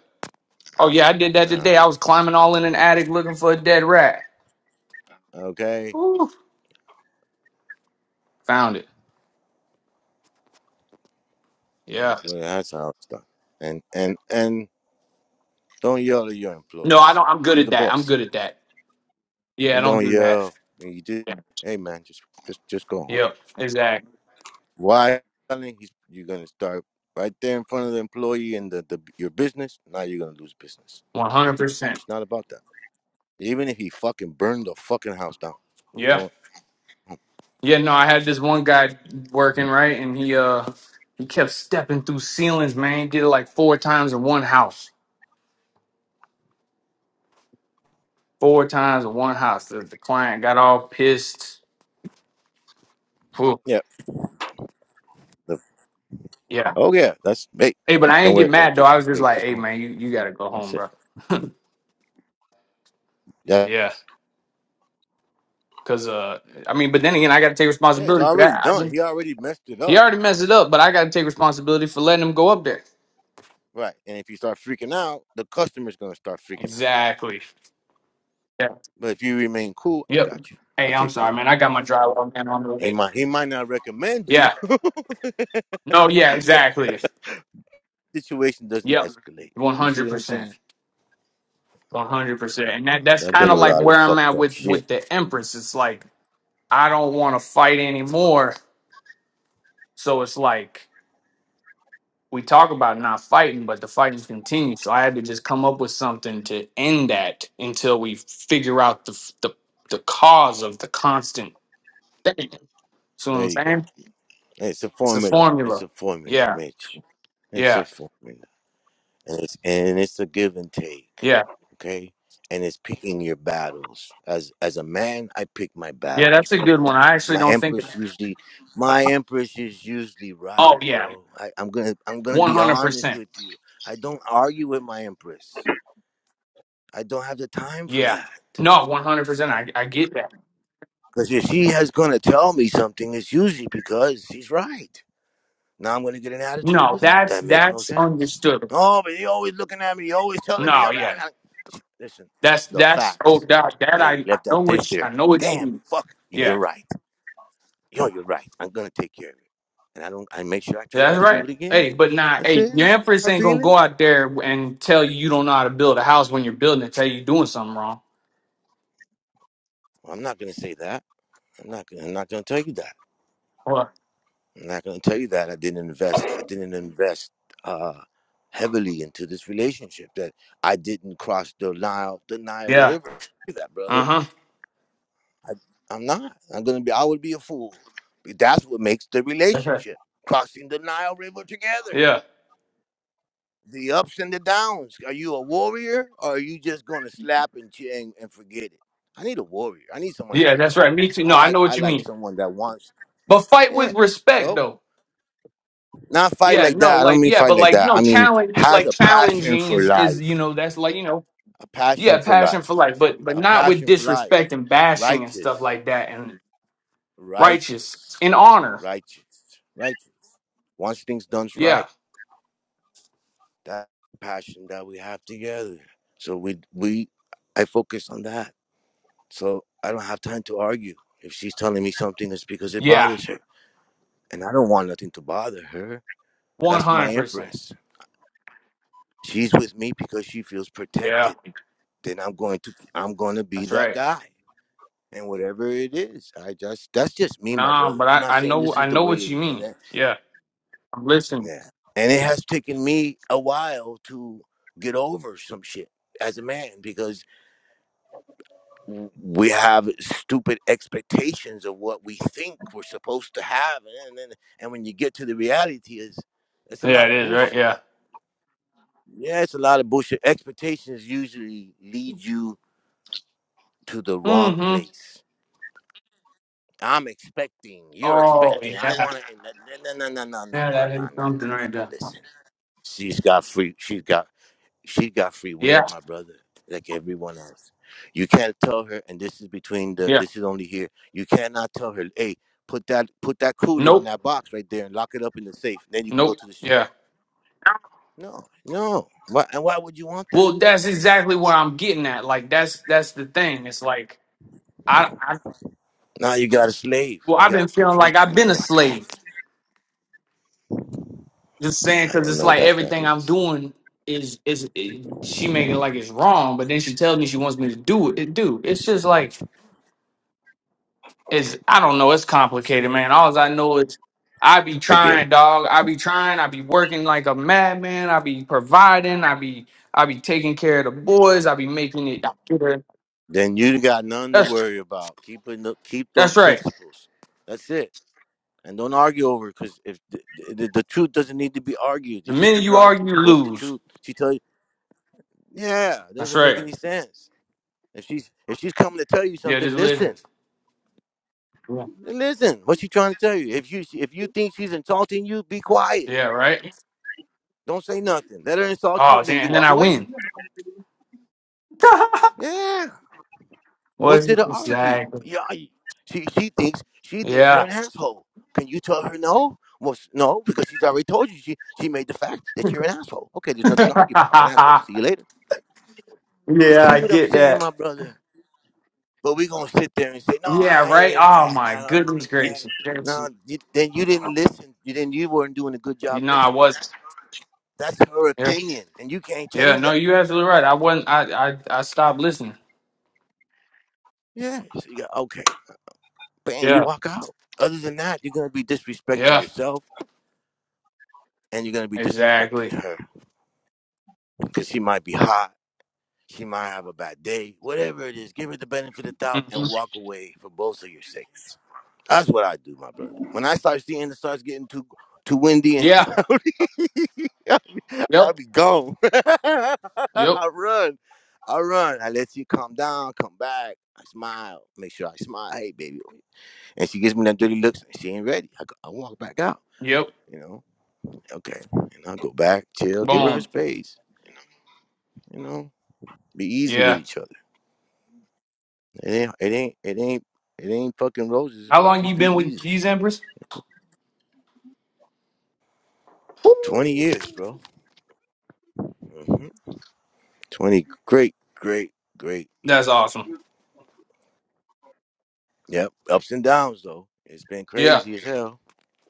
Speaker 4: Oh yeah, I did that today.
Speaker 3: Nah.
Speaker 4: I was climbing all in an attic looking for a dead rat.
Speaker 3: Okay.
Speaker 4: Woo. Found it. Yeah.
Speaker 3: That's what that's how it's done. And and and don't yell at your
Speaker 4: No, I
Speaker 3: employees.
Speaker 4: don't. I'm good
Speaker 3: You're
Speaker 4: at
Speaker 3: the
Speaker 4: that. I'm
Speaker 3: boss.
Speaker 4: good at that. Yeah, I don't
Speaker 3: Don't
Speaker 4: do that.
Speaker 3: yell. And you did.
Speaker 4: Yeah.
Speaker 3: Hey man, just just just go home.
Speaker 4: Yep. Exactly.
Speaker 3: Why yelling? He's- You're gonna start right there in front of the employee and the, the your business. Now you're gonna lose business.
Speaker 4: One hundred percent.
Speaker 3: It's not about that. Even if he fucking burned the fucking house down,
Speaker 4: Yeah.
Speaker 3: won't.
Speaker 4: Yeah. No, I had this one guy working right, and he uh he kept stepping through ceilings. Man, he did it like four times in one house. Four times in one house. The, the client got all pissed. Whew.
Speaker 3: Yeah. The,
Speaker 4: yeah.
Speaker 3: oh yeah. That's hey.
Speaker 4: Hey, but
Speaker 3: hey,
Speaker 4: I
Speaker 3: Don't
Speaker 4: ain't get
Speaker 3: worry, bro.
Speaker 4: mad though.
Speaker 3: Just
Speaker 4: I was just
Speaker 3: hey,
Speaker 4: like,
Speaker 3: just
Speaker 4: hey
Speaker 3: go home.
Speaker 4: man, you, you gotta go
Speaker 3: That's
Speaker 4: home,
Speaker 3: it.
Speaker 4: bro.
Speaker 3: Yeah.
Speaker 4: Yeah. Cause uh I mean, but then again I gotta take
Speaker 3: Yeah, it's
Speaker 4: responsibility for
Speaker 3: already
Speaker 4: that. i
Speaker 3: done.
Speaker 4: been
Speaker 3: He already messed it
Speaker 4: he
Speaker 3: up.
Speaker 4: already messed it up, but I gotta take responsibility for letting him go up there.
Speaker 3: Right. And if you start freaking out, the customer's gonna start freaking out.
Speaker 4: Exactly. Yeah.
Speaker 3: But if you remain cool, I
Speaker 4: Yep.
Speaker 3: got you. I'll
Speaker 4: Hey, I'm
Speaker 3: take care of
Speaker 4: sorry, man. I got my drywall man on the
Speaker 3: it. He
Speaker 4: way.
Speaker 3: might he might not recommend you.
Speaker 4: Yeah.
Speaker 3: (laughs)
Speaker 4: No, yeah, exactly.
Speaker 3: Situation doesn't
Speaker 4: Yep.
Speaker 3: escalate.
Speaker 4: One
Speaker 3: You see
Speaker 4: hundred
Speaker 3: what I'm
Speaker 4: percent.
Speaker 3: saying?
Speaker 4: One hundred
Speaker 3: All
Speaker 4: percent.
Speaker 3: right.
Speaker 4: And that
Speaker 3: Cause
Speaker 4: that's
Speaker 3: I've done
Speaker 4: kinda
Speaker 3: a
Speaker 4: like
Speaker 3: lot of
Speaker 4: where I'm
Speaker 3: fucked
Speaker 4: at
Speaker 3: up
Speaker 4: with
Speaker 3: shit.
Speaker 4: with the Empress. It's like I don't wanna fight anymore. So it's like we talk about not fighting, but the fighting continues. So I had to just come up with something to end that until we figure out the f- the, the cause of the constant thing. So what
Speaker 3: There
Speaker 4: I'm
Speaker 3: you go.
Speaker 4: saying
Speaker 3: It's a
Speaker 4: it's a
Speaker 3: formula. It's
Speaker 4: formula.
Speaker 3: a formula,
Speaker 4: Yeah,
Speaker 3: Mitch. It's
Speaker 4: yeah,
Speaker 3: a formula. and it's and it's a give and take
Speaker 4: yeah,
Speaker 3: okay and it's picking your battles as as a man i pick my
Speaker 4: yeah.
Speaker 3: battles
Speaker 4: That's a
Speaker 3: brother
Speaker 4: good one. I actually
Speaker 3: my
Speaker 4: don't think.
Speaker 3: empress usually my empress is usually right
Speaker 4: Oh yeah,
Speaker 3: bro I, i'm gonna i'm gonna
Speaker 4: one
Speaker 3: be
Speaker 4: hundred
Speaker 3: honest
Speaker 4: percent.
Speaker 3: with you i don't argue with my empress i don't have the time for
Speaker 4: Yeah,
Speaker 3: that
Speaker 4: no, one hundred percent. I I get that.
Speaker 3: because if she has gonna tell me something it's usually because she's right Now I'm gonna get an attitude
Speaker 4: No,
Speaker 3: with her?
Speaker 4: that's
Speaker 3: That makes no
Speaker 4: that's
Speaker 3: sense.
Speaker 4: understood.
Speaker 3: Oh, but you are always looking at me. You are always telling me. i
Speaker 4: No, yeah,
Speaker 3: i i Listen,
Speaker 4: that's
Speaker 3: the
Speaker 4: that's oh
Speaker 3: facts.
Speaker 4: that that
Speaker 3: Hey, you
Speaker 4: I I
Speaker 3: left
Speaker 4: know
Speaker 3: that dish
Speaker 4: which I
Speaker 3: there.
Speaker 4: know what you
Speaker 3: Damn,
Speaker 4: mean.
Speaker 3: fuck.
Speaker 4: Yeah.
Speaker 3: You're right. Yo, you're right. I'm gonna take care of it. And I don't. I make sure I try
Speaker 4: Yeah,
Speaker 3: not
Speaker 4: That's
Speaker 3: to do
Speaker 4: right.
Speaker 3: it again.
Speaker 4: Hey, but nah,
Speaker 3: That's
Speaker 4: hey,
Speaker 3: it.
Speaker 4: your empress
Speaker 3: Her
Speaker 4: ain't gonna go
Speaker 3: feelings.
Speaker 4: out there and tell you you don't know how to build a house when you're building it, tell you you're doing something wrong.
Speaker 3: Well, I'm not gonna say that. I'm not. I'm not gonna tell you that.
Speaker 4: Or
Speaker 3: I'm not going to tell you that I didn't invest. I didn't invest uh, heavily into this relationship. That I didn't cross the Nile, the Nile
Speaker 4: yeah.
Speaker 3: River. Do That brother,
Speaker 4: Uh-huh.
Speaker 3: I, I'm not. I'm going to be. I would be a fool. But that's what makes the
Speaker 4: That's right.
Speaker 3: relationship crossing the Nile River together.
Speaker 4: Yeah.
Speaker 3: The ups and the downs. Are you a warrior, or are you just going to slap and ching and forget it? I need a warrior. I need someone that's
Speaker 4: Yeah,
Speaker 3: going to
Speaker 4: that's
Speaker 3: fight.
Speaker 4: right. Me too.
Speaker 3: I
Speaker 4: No, I
Speaker 3: like.
Speaker 4: know
Speaker 3: I
Speaker 4: what you
Speaker 3: like
Speaker 4: mean.
Speaker 3: someone that wants.
Speaker 4: But fight
Speaker 3: Yeah.
Speaker 4: with respect
Speaker 3: So
Speaker 4: though.
Speaker 3: Not fight
Speaker 4: Yeah,
Speaker 3: like
Speaker 4: no,
Speaker 3: that. I don't
Speaker 4: like
Speaker 3: mean
Speaker 4: yeah,
Speaker 3: fight
Speaker 4: but
Speaker 3: like
Speaker 4: like
Speaker 3: that. I
Speaker 4: no
Speaker 3: mean
Speaker 4: challenge
Speaker 3: has
Speaker 4: like
Speaker 3: a passion
Speaker 4: challenging
Speaker 3: for
Speaker 4: is is you
Speaker 3: life.
Speaker 4: know, that's like, you know,
Speaker 3: A passion
Speaker 4: yeah,
Speaker 3: for
Speaker 4: passion
Speaker 3: life.
Speaker 4: for life, but but
Speaker 3: A
Speaker 4: not with
Speaker 3: passion for life.
Speaker 4: disrespect and bashing and stuff
Speaker 3: Righteous.
Speaker 4: like that and righteous
Speaker 3: Righteous.
Speaker 4: in honor.
Speaker 3: Righteous. Righteous. Once things done
Speaker 4: Yeah.
Speaker 3: right, that passion that we have together. So we we I focus on that. So I don't have time to argue. If she's telling me something, it's because it
Speaker 4: Yeah.
Speaker 3: bothers her. And I don't want nothing to bother her.
Speaker 4: One
Speaker 3: That's my
Speaker 4: hundred percent.
Speaker 3: empress. She's with me because she feels
Speaker 4: Yeah.
Speaker 3: protected then I'm going to I'm going to be
Speaker 4: That's
Speaker 3: that
Speaker 4: right.
Speaker 3: guy. And whatever it is, I just that's just me, my
Speaker 4: Nah,
Speaker 3: brother.
Speaker 4: but
Speaker 3: I'm
Speaker 4: I,
Speaker 3: not
Speaker 4: I
Speaker 3: saying
Speaker 4: know
Speaker 3: this is
Speaker 4: I
Speaker 3: the
Speaker 4: know
Speaker 3: way.
Speaker 4: what
Speaker 3: It,
Speaker 4: you
Speaker 3: and
Speaker 4: mean.
Speaker 3: that,
Speaker 4: Yeah, I'm listening.
Speaker 3: yeah, and it has taken me a while to get over some shit as a man because w- we have stupid expectations of what we think we're supposed to have, and then and when you get to the reality, is it's a
Speaker 4: Yeah,
Speaker 3: lot
Speaker 4: it
Speaker 3: of
Speaker 4: is right.
Speaker 3: bullshit.
Speaker 4: Yeah.
Speaker 3: Yeah, it's a lot of bullshit. Expectations usually lead you to the wrong
Speaker 4: Mm-hmm.
Speaker 3: place I'm expecting, you're
Speaker 4: Oh
Speaker 3: expecting, I
Speaker 4: yeah.
Speaker 3: want to, no, no, no, no, no, no,
Speaker 4: Yeah,
Speaker 3: no,
Speaker 4: that
Speaker 3: no,
Speaker 4: is
Speaker 3: no,
Speaker 4: something
Speaker 3: no,
Speaker 4: right
Speaker 3: no,
Speaker 4: there.
Speaker 3: listen. She's got free, she's got, she got free will,
Speaker 4: Yeah.
Speaker 3: my brother, like everyone else. You can't tell her, and this is between the,
Speaker 4: Yeah.
Speaker 3: this is only here, you cannot tell her, hey, put that, put that cooter in
Speaker 4: Nope.
Speaker 3: that box right there and lock it up in the safe, then you can go
Speaker 4: Nope.
Speaker 3: to the street.
Speaker 4: Yeah.
Speaker 3: No, no. Why, and why would you want that?
Speaker 4: Well, that's exactly what I'm getting at. Like that's that's the thing. It's like I, I
Speaker 3: Now you got a slave,
Speaker 4: well,
Speaker 3: you
Speaker 4: I've
Speaker 3: got
Speaker 4: been feeling like
Speaker 3: control.
Speaker 4: I've
Speaker 3: I don't
Speaker 4: been a
Speaker 3: want that.
Speaker 4: slave. Just saying,
Speaker 3: I
Speaker 4: because
Speaker 3: don't
Speaker 4: it's
Speaker 3: know
Speaker 4: like
Speaker 3: what that
Speaker 4: everything I'm
Speaker 3: means.
Speaker 4: doing is is is she making it like it's wrong, but then she tells me she wants me to do it. Dude, it's just like is I don't know. It's complicated, man. All I know is I be
Speaker 3: I get it.
Speaker 4: trying, dog. I be trying. I be working like a madman. I be providing. I be I be taking care of the boys. I be making it.
Speaker 3: Then you got none to
Speaker 4: That's
Speaker 3: worry about. Keep it, keep those
Speaker 4: that's right.
Speaker 3: principles. That's it. And don't argue over because if the, the, the truth doesn't need to be argued,
Speaker 4: The
Speaker 3: you just
Speaker 4: minute you
Speaker 3: figure out
Speaker 4: argue, you
Speaker 3: what's the
Speaker 4: lose.
Speaker 3: truth. She tell you, yeah, it
Speaker 4: That's
Speaker 3: doesn't make
Speaker 4: right.
Speaker 3: any sense. If she's if she's coming to tell you
Speaker 4: Yeah,
Speaker 3: something,
Speaker 4: just listen.
Speaker 3: listen,
Speaker 4: Yeah,
Speaker 3: listen. What's she trying to tell you? If you if you think she's insulting you, be quiet.
Speaker 4: yeah right.
Speaker 3: Don't say nothing. Let her insult you,
Speaker 4: Oh,
Speaker 3: and then
Speaker 4: damn.
Speaker 3: you
Speaker 4: And then
Speaker 3: walk
Speaker 4: I win.
Speaker 3: away.
Speaker 4: (laughs)
Speaker 3: Yeah. What's
Speaker 4: What's
Speaker 3: there to argue?
Speaker 4: exactly?
Speaker 3: Yeah, I- she she thinks she thinks you're
Speaker 4: Yeah.
Speaker 3: an asshole. Can you tell her no? Well, s- no, because she's already told you. She she made the fact that you're an asshole. Okay,
Speaker 4: (laughs)
Speaker 3: there's nothing to argue about. I'm an asshole.
Speaker 4: yeah,
Speaker 3: See you later. You see
Speaker 4: I
Speaker 3: what I'm
Speaker 4: get
Speaker 3: saying, my
Speaker 4: that.
Speaker 3: brother? But we gonna sit there and say, no,
Speaker 4: Yeah,
Speaker 3: I
Speaker 4: right.
Speaker 3: ain't no
Speaker 4: Oh my
Speaker 3: asshole.
Speaker 4: goodness
Speaker 3: and that."
Speaker 4: gracious.
Speaker 3: No,
Speaker 4: You
Speaker 3: you, then you didn't listen. You then you weren't doing a good job
Speaker 4: know I
Speaker 3: listening.
Speaker 4: was.
Speaker 3: That's her opinion, and you can't
Speaker 4: Yeah,
Speaker 3: change
Speaker 4: no,
Speaker 3: that
Speaker 4: you
Speaker 3: opinion.
Speaker 4: absolutely right. I wasn't. I I, I stopped listening.
Speaker 3: Yeah. So you got okay. Bam, you
Speaker 4: Yeah.
Speaker 3: walk out. Other than that, you're gonna be disrespecting
Speaker 4: Yeah.
Speaker 3: yourself and you're gonna be disrespecting
Speaker 4: Exactly.
Speaker 3: her because she might be hot, she might have a bad day, whatever it is. Give her the benefit of the doubt and
Speaker 4: Mhm.
Speaker 3: walk away for both of your sakes. That's what I do, my brother. When I start seeing it starts getting too too windy and
Speaker 4: Yeah.
Speaker 3: cloudy, (laughs) I'll, be, I'll
Speaker 4: Yep.
Speaker 3: be gone. (laughs) I
Speaker 4: Yep.
Speaker 3: run, I run. I let you calm down, come back. I smile, make sure I smile. Hey, baby, and she gives me that dirty looks. And she ain't ready. I, go, I walk back out.
Speaker 4: Yep.
Speaker 3: You know, okay, and I go back, chill, give her her
Speaker 4: Boom.
Speaker 3: space You know, be easy with
Speaker 4: Yeah.
Speaker 3: each other. It ain't, it ain't, it ain't, it ain't fucking roses,
Speaker 4: How
Speaker 3: but
Speaker 4: long you
Speaker 3: just be
Speaker 4: been with
Speaker 3: easy.
Speaker 4: these Empress?
Speaker 3: Twenty years, bro. hmm Twenty great, great, great
Speaker 4: That's
Speaker 3: years.
Speaker 4: awesome.
Speaker 3: Yep, ups and downs though. It's been
Speaker 4: Yeah.
Speaker 3: crazy as hell,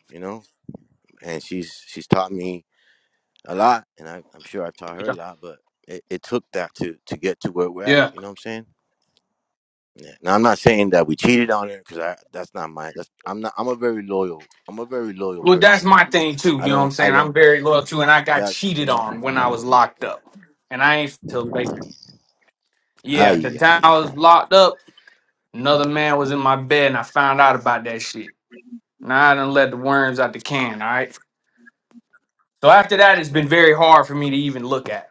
Speaker 3: you know. And she's she's taught me a lot, and I, I'm sure I've taught her a
Speaker 4: Yeah.
Speaker 3: lot. But it, it took that to to get to where we're at.
Speaker 4: Yeah.
Speaker 3: You know what I'm saying? Yeah. Now I'm not saying that we cheated on her because I that's not my that's I'm not I'm a very loyal I'm a very loyal
Speaker 4: Well,
Speaker 3: person
Speaker 4: that's
Speaker 3: at
Speaker 4: my
Speaker 3: heart.
Speaker 4: thing too.
Speaker 3: I
Speaker 4: You know what
Speaker 3: don't.
Speaker 4: I'm
Speaker 3: I
Speaker 4: saying?
Speaker 3: don't.
Speaker 4: I'm very loyal too, and I got
Speaker 3: That's you
Speaker 4: cheated
Speaker 3: know.
Speaker 4: on when I was locked
Speaker 3: Yeah.
Speaker 4: up, and I ain't till later. Yeah. The
Speaker 3: Ay, ay,
Speaker 4: time I was
Speaker 3: ay.
Speaker 4: locked up, another man was in my bed, and I found out about that shit. Now I done let the worms out the can. All right. So after that, it's been
Speaker 3: Right,
Speaker 4: very
Speaker 3: right.
Speaker 4: hard for me to even look at.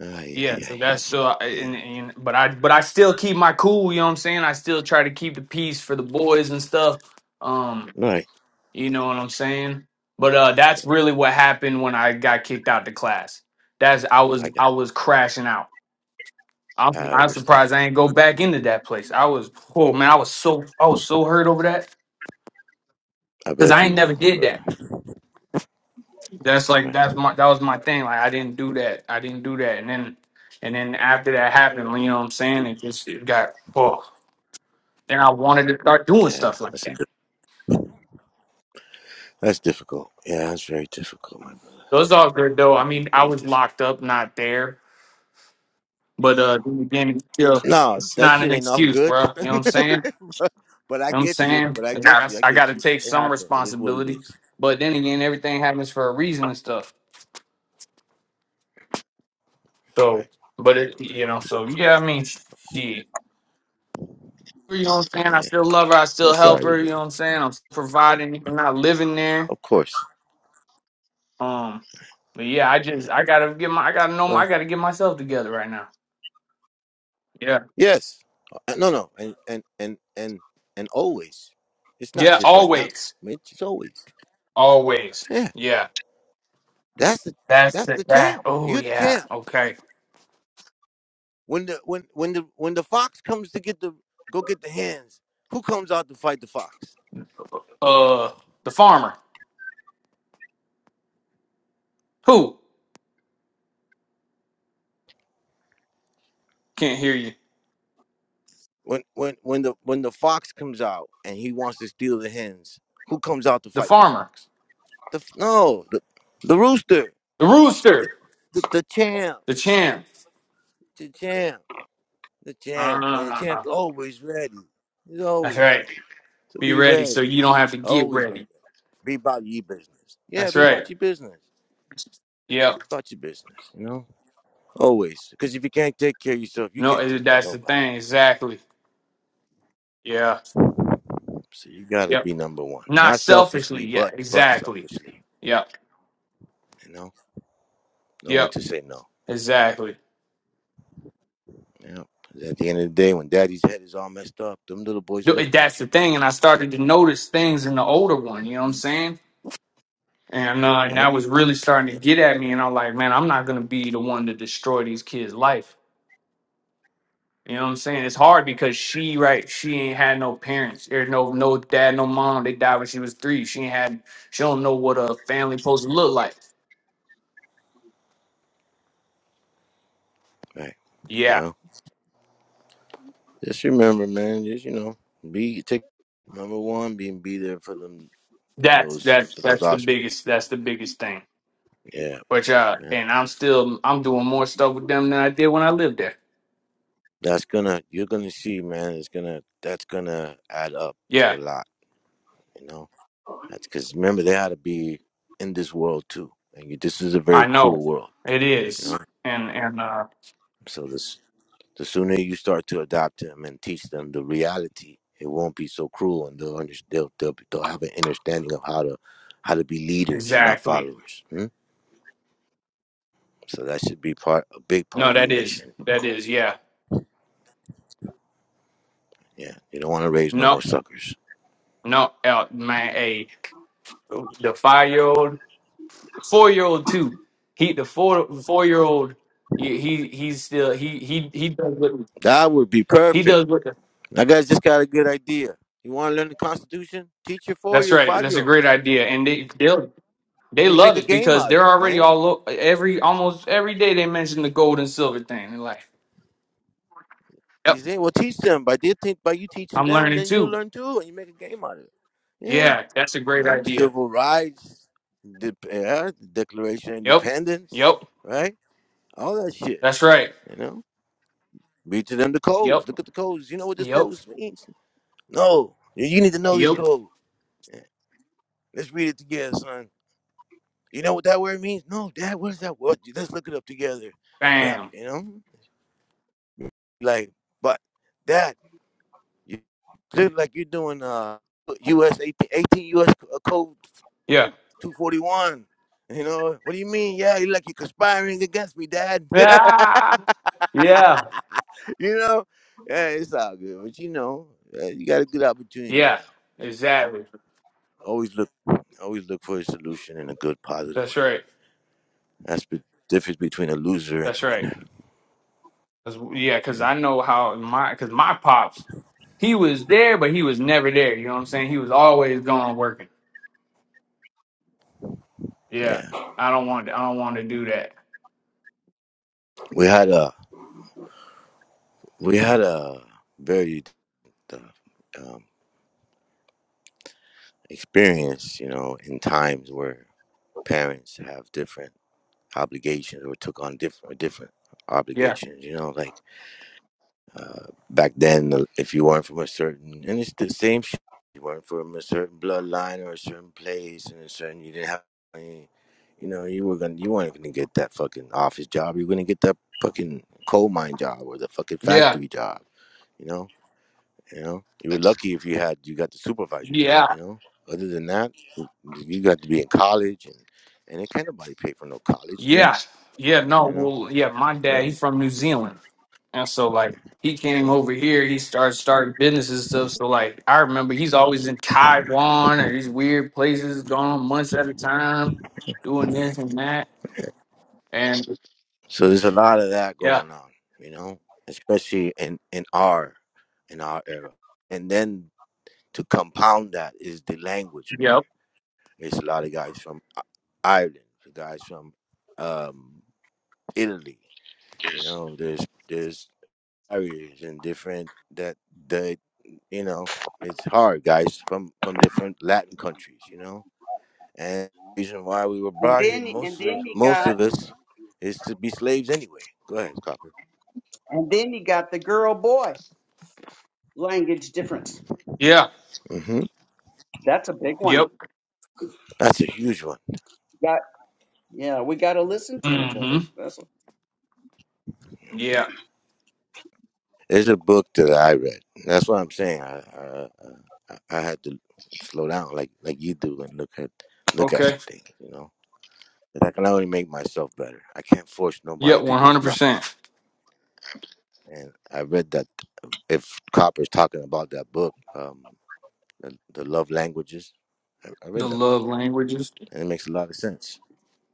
Speaker 3: Ay,
Speaker 4: Yeah,
Speaker 3: ay,
Speaker 4: so
Speaker 3: ay.
Speaker 4: that's so. I,
Speaker 3: Yeah.
Speaker 4: and, and but I but I still keep my cool. You know what I'm saying? I still try to keep the peace for the boys and stuff. Um,
Speaker 3: Right.
Speaker 4: you know what I'm saying? But uh, that's really what happened when I got kicked out the class. That's I
Speaker 3: I
Speaker 4: was
Speaker 3: got.
Speaker 4: I was crashing out. I'm
Speaker 3: I
Speaker 4: I'm
Speaker 3: understand.
Speaker 4: surprised I ain't go back into that place. I was oh man, I was so I was so hurt over that
Speaker 3: I
Speaker 4: because
Speaker 3: bet
Speaker 4: I
Speaker 3: you
Speaker 4: ain't never
Speaker 3: were my
Speaker 4: did that.
Speaker 3: brother.
Speaker 4: That's like
Speaker 3: Right.
Speaker 4: that's my that was my thing. Like I didn't do that. I didn't do that. And then and then after that happened, you know what I'm saying? It just it got oh. Then I wanted to start doing
Speaker 3: Yeah.
Speaker 4: stuff like
Speaker 3: That's a.
Speaker 4: that.
Speaker 3: Di- that's difficult. Yeah, that's very difficult, my brother.
Speaker 4: So it's all good though. I
Speaker 3: That's
Speaker 4: mean, I
Speaker 3: very
Speaker 4: was
Speaker 3: difficult.
Speaker 4: locked up, not there. But uh then again, it's still
Speaker 3: No,
Speaker 4: it's
Speaker 3: that
Speaker 4: not
Speaker 3: shit
Speaker 4: an
Speaker 3: ain't all
Speaker 4: excuse,
Speaker 3: good.
Speaker 4: bro. You know what I'm
Speaker 3: (laughs)
Speaker 4: saying? You
Speaker 3: but, but I
Speaker 4: know what I'm
Speaker 3: get you.
Speaker 4: saying?
Speaker 3: But I
Speaker 4: It's
Speaker 3: get
Speaker 4: like
Speaker 3: you. I
Speaker 4: I, I
Speaker 3: get
Speaker 4: gotta
Speaker 3: you.
Speaker 4: take
Speaker 3: It
Speaker 4: some
Speaker 3: happened. It is what it
Speaker 4: responsibility.
Speaker 3: is.
Speaker 4: But then again, everything happens for a reason and stuff. So
Speaker 3: Right.
Speaker 4: but it you
Speaker 3: Right.
Speaker 4: know, so
Speaker 3: right.
Speaker 4: yeah, I mean shit. You know what I'm saying? I
Speaker 3: Yeah.
Speaker 4: still love her. I
Speaker 3: I'm
Speaker 4: still help
Speaker 3: sorry to
Speaker 4: her.
Speaker 3: hear
Speaker 4: You know
Speaker 3: that.
Speaker 4: what I'm saying? I'm providing. I'm not living there.
Speaker 3: Of course.
Speaker 4: Um, but yeah, I just
Speaker 3: Right.
Speaker 4: I gotta get my I gotta know my,
Speaker 3: Well,
Speaker 4: I gotta get myself together right now. Yeah,
Speaker 3: Yes. Uh, No, no. And and and and and always. It's not
Speaker 4: yeah,
Speaker 3: just right now.
Speaker 4: always,
Speaker 3: I mean, it's just always.
Speaker 4: always.
Speaker 3: Yeah.
Speaker 4: Yeah,
Speaker 3: That's the
Speaker 4: that's
Speaker 3: that's
Speaker 4: the
Speaker 3: the
Speaker 4: that.
Speaker 3: champ.
Speaker 4: Oh
Speaker 3: You're the
Speaker 4: yeah,
Speaker 3: champ.
Speaker 4: okay.
Speaker 3: When the when when the when the fox comes to get the go get the hands, who comes out to fight the fox?
Speaker 4: Uh, the farmer. Who can't hear you?
Speaker 3: When when when the when the fox comes out and he wants to steal the hens, who comes out to
Speaker 4: The
Speaker 3: fight the
Speaker 4: farmer.
Speaker 3: fox? The f- no, the the rooster.
Speaker 4: The
Speaker 3: The
Speaker 4: rooster.
Speaker 3: the, the champ.
Speaker 4: The champ.
Speaker 3: The champ. the champ, and the
Speaker 4: Uh,
Speaker 3: champ's always ready. He's
Speaker 4: that's
Speaker 3: always
Speaker 4: right.
Speaker 3: ready. So
Speaker 4: Be
Speaker 3: be
Speaker 4: ready so
Speaker 3: ready.
Speaker 4: you don't have to get
Speaker 3: Always be ready.
Speaker 4: ready.
Speaker 3: Be about your business. Yeah,
Speaker 4: That's
Speaker 3: be
Speaker 4: right.
Speaker 3: about your business. Be
Speaker 4: Yep.
Speaker 3: about your business, you know? Always. Because if you can't take care of yourself, you can't
Speaker 4: No,
Speaker 3: take care of
Speaker 4: that's the
Speaker 3: nobody.
Speaker 4: thing. Exactly. Yeah.
Speaker 3: So you gotta
Speaker 4: Yep.
Speaker 3: be number one.
Speaker 4: Not
Speaker 3: Not
Speaker 4: selfishly.
Speaker 3: selfishly,
Speaker 4: Yeah,
Speaker 3: but but
Speaker 4: exactly.
Speaker 3: selfishly.
Speaker 4: Yep.
Speaker 3: You know? No one
Speaker 4: Yep.
Speaker 3: to say no.
Speaker 4: Exactly.
Speaker 3: Yeah. 'Cause At the end of the day, when daddy's head is all messed up, them little boys
Speaker 4: Th-
Speaker 3: looking
Speaker 4: That's
Speaker 3: at you,
Speaker 4: the
Speaker 3: bro.
Speaker 4: thing. And I started to notice things in the older one, you know what I'm saying? And, uh, and
Speaker 3: Yep.
Speaker 4: that was really starting
Speaker 3: Yeah.
Speaker 4: to get at me. And I'm like, man, I'm not going to be the one to destroy these kids' life. You know what I'm saying? It's hard because she, right, she ain't had no parents. There's no no dad, no mom. They died when she was three. She ain't had, she don't know what a family supposed to look like.
Speaker 3: Right.
Speaker 4: Yeah.
Speaker 3: Well. Just remember, man. Just you know, be take number one, being be there for them, for
Speaker 4: That's,
Speaker 3: those,
Speaker 4: that's,
Speaker 3: for those
Speaker 4: that's the
Speaker 3: options.
Speaker 4: biggest, that's the biggest thing.
Speaker 3: Yeah,
Speaker 4: But yeah,
Speaker 3: man.
Speaker 4: and I'm still I'm doing more stuff with them than I did when I lived there.
Speaker 3: That's gonna you're gonna see, man. It's gonna that's gonna add up to
Speaker 4: Yeah,
Speaker 3: a lot. You know, that's because remember they had to be in this world too, and you, this is a very
Speaker 4: I know.
Speaker 3: cruel world.
Speaker 4: It
Speaker 3: You
Speaker 4: is.
Speaker 3: know,
Speaker 4: And and uh
Speaker 3: so this the sooner you start to adopt them and teach them the reality, it won't be so cruel, and they'll under, they'll, they'll they'll have an understanding of how to how to be leaders, not
Speaker 4: exactly.
Speaker 3: followers. hmm? So that should be part a big part
Speaker 4: No,
Speaker 3: of
Speaker 4: that
Speaker 3: your
Speaker 4: is.
Speaker 3: mission.
Speaker 4: That is, yeah.
Speaker 3: Yeah, you don't want to raise no
Speaker 4: No,
Speaker 3: more suckers.
Speaker 4: no, uh, man, hey, the five year old four year old too. He the four four year old he he- he's still he he he does what
Speaker 3: That would be
Speaker 4: he
Speaker 3: perfect.
Speaker 4: does what
Speaker 3: That guy's just got a good idea. You want to learn the Constitution? Teach your four
Speaker 4: that's
Speaker 3: year,
Speaker 4: right.
Speaker 3: five
Speaker 4: That's
Speaker 3: year
Speaker 4: a great
Speaker 3: olds,
Speaker 4: idea. And they they'll they
Speaker 3: and you make
Speaker 4: love
Speaker 3: a
Speaker 4: it
Speaker 3: game
Speaker 4: because
Speaker 3: out of
Speaker 4: they're
Speaker 3: it,
Speaker 4: already
Speaker 3: man.
Speaker 4: all o- every almost every day they mention the gold and silver thing. They're like
Speaker 3: You
Speaker 4: Yep.
Speaker 3: say, well, teach them. By they think by you teaching
Speaker 4: I'm
Speaker 3: them,
Speaker 4: learning
Speaker 3: then you'll
Speaker 4: too.
Speaker 3: learn too, and you make a game out of it. Yeah,
Speaker 4: Yeah, that's a
Speaker 3: you
Speaker 4: great
Speaker 3: know,
Speaker 4: idea.
Speaker 3: civil rights, the uh, Declaration of
Speaker 4: Yep.
Speaker 3: Independence,
Speaker 4: Yep.
Speaker 3: right? All that shit.
Speaker 4: That's right.
Speaker 3: You know, read to them the codes.
Speaker 4: Yep.
Speaker 3: Look at the codes. You know what this
Speaker 4: Yep.
Speaker 3: codes means? No, you need to know this
Speaker 4: Yep.
Speaker 3: code. Yeah, Let's read it together, son. You know what that word means? No, Dad, what is that word? Let's look it up together. Bam,
Speaker 4: Bam.
Speaker 3: You know? Like, but that, you look like you're doing uh US 18, US uh, code
Speaker 4: Yeah. (laughs)
Speaker 3: 241. You know? What do you mean? Yeah, you're like you're conspiring against me, Dad. (laughs)
Speaker 4: Ah, yeah.
Speaker 3: you know? Yeah, it's all good. But you know, uh, you got a good opportunity
Speaker 4: Yeah.
Speaker 3: now.
Speaker 4: Exactly.
Speaker 3: always look always look for a solution in a good positive way
Speaker 4: That's right.
Speaker 3: that's the difference between a loser and
Speaker 4: That's
Speaker 3: the
Speaker 4: right.
Speaker 3: winner
Speaker 4: That's, yeah, because
Speaker 3: Mhm.
Speaker 4: I know how my because my pops he was there, but he was never there. You know what I'm saying? He was always gone working. Yeah.
Speaker 3: yeah
Speaker 4: I don't want. I don't want to do that.
Speaker 3: we had a we had a very uh, um, experience you know in times where parents have different obligations or took on different different
Speaker 4: Yeah.
Speaker 3: obligations you know like back then uh, if you weren't from a certain and it's the same shit. you weren't from a certain bloodline or a certain place and a certain you didn't have any you know you were gonna you weren't gonna get that fucking office job you were gonna get that fucking coal mine job or the fucking
Speaker 4: Yeah.
Speaker 3: factory job you know you know you were lucky if you had you got the supervisor job
Speaker 4: Yeah.
Speaker 3: you know other than that you you got to be in college and and it can't nobody pay for no college you know
Speaker 4: Yeah. Yeah. No.
Speaker 3: you know
Speaker 4: Well. Yeah. My
Speaker 3: yeah.
Speaker 4: dad. He's from New Zealand. And so like he came over here, he started starting businesses and stuff. So like I remember he's always in Taiwan or these weird places, gone months at a time, doing this and that. And
Speaker 3: So there's a lot of that
Speaker 4: yeah,
Speaker 3: going on, you know, especially in in our in our era. And then to compound that is the language barrier.
Speaker 4: yep,
Speaker 3: There's a lot of guys from I- Ireland, the guys from um, Italy. You know, there's there's barriers and different that the you know it's hard guys from from different Latin countries. You know, and the reason why we were
Speaker 2: And
Speaker 3: brought here
Speaker 2: then
Speaker 3: most
Speaker 2: and then
Speaker 3: of
Speaker 2: you
Speaker 3: most
Speaker 2: got
Speaker 3: of us is to be slaves anyway. Go ahead, Copper.
Speaker 2: and then you got the girl boy language difference.
Speaker 4: yeah,
Speaker 3: hmm
Speaker 2: That's a big one.
Speaker 4: yep,
Speaker 3: That's a huge one.
Speaker 2: Got yeah, we gotta listen to each other.
Speaker 4: mm-hmm,
Speaker 2: That's a,
Speaker 4: yeah,
Speaker 3: It's a book that I read. That's what I'm saying. I I, I I had to slow down, like like you do, and look at look at
Speaker 4: okay,
Speaker 3: some things. You know, 'Cause I can only make myself better. I can't force nobody
Speaker 4: yep,
Speaker 3: to
Speaker 4: one
Speaker 3: do
Speaker 4: hundred
Speaker 3: nothing.
Speaker 4: percent.
Speaker 3: And I read that if Copper's talking about that book, um, the, the love languages. I, I
Speaker 4: The
Speaker 3: read that book,
Speaker 4: love languages.
Speaker 3: and it makes a lot of sense.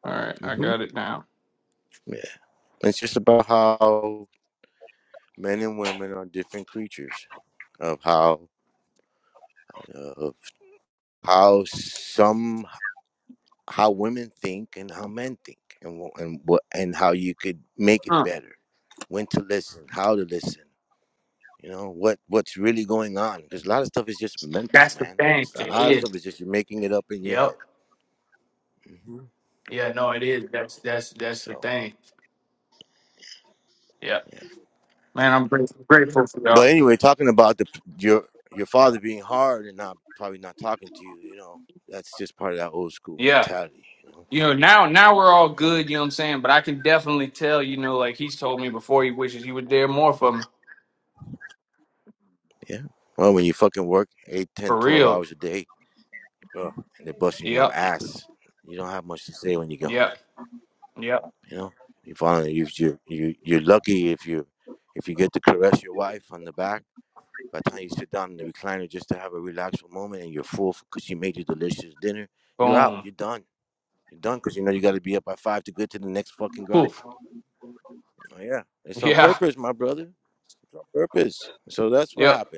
Speaker 4: All right, I
Speaker 3: hmm
Speaker 4: got it now.
Speaker 3: Yeah, it's just about how men and women are different creatures. Of how uh, of. how some how women think and how men think and wh- and what and how you could make it
Speaker 4: Huh.
Speaker 3: better when to listen how to listen you know what what's really going on because a lot of stuff is just mental
Speaker 4: That's the
Speaker 3: man
Speaker 4: thing.
Speaker 3: it's a
Speaker 4: It
Speaker 3: lot of stuff
Speaker 4: is.
Speaker 3: is just you're making it up in your
Speaker 4: Yep.
Speaker 3: head hmm
Speaker 4: Yeah. No, it is. That's that's that's the
Speaker 3: so
Speaker 4: thing. Yep.
Speaker 3: yeah
Speaker 4: Man, I'm grateful grateful for y'all.
Speaker 3: but anyway talking about the your your father being hard and not probably not talking to you you know that's just part of that old school
Speaker 4: Yeah.
Speaker 3: mentality you know
Speaker 4: you know now now we're all
Speaker 3: you
Speaker 4: good
Speaker 3: know
Speaker 4: you know what i'm saying but i can definitely tell you know like he's told me before he wishes he would dare more from
Speaker 3: yeah well when you fucking work 8, ten,
Speaker 4: for
Speaker 3: 12
Speaker 4: real
Speaker 3: hours a day Sure. And they're busting your
Speaker 4: yep
Speaker 3: ass. You don't have much to say when you get home.
Speaker 4: yep yep
Speaker 3: You know, you finally you you you you're lucky if you if you get to caress your wife on the back. By the time you sit down in the recliner just to have a relaxful moment and you're full because she made you delicious dinner, you're out.
Speaker 4: boom
Speaker 3: You're done. You're done because you know you got to be up by five to get to the next fucking grind.
Speaker 4: poof
Speaker 3: Oh, yeah,
Speaker 4: (laughs)
Speaker 3: it's on
Speaker 4: yeah
Speaker 3: purpose, my brother. It's on purpose. So that's what
Speaker 4: yep
Speaker 3: happened.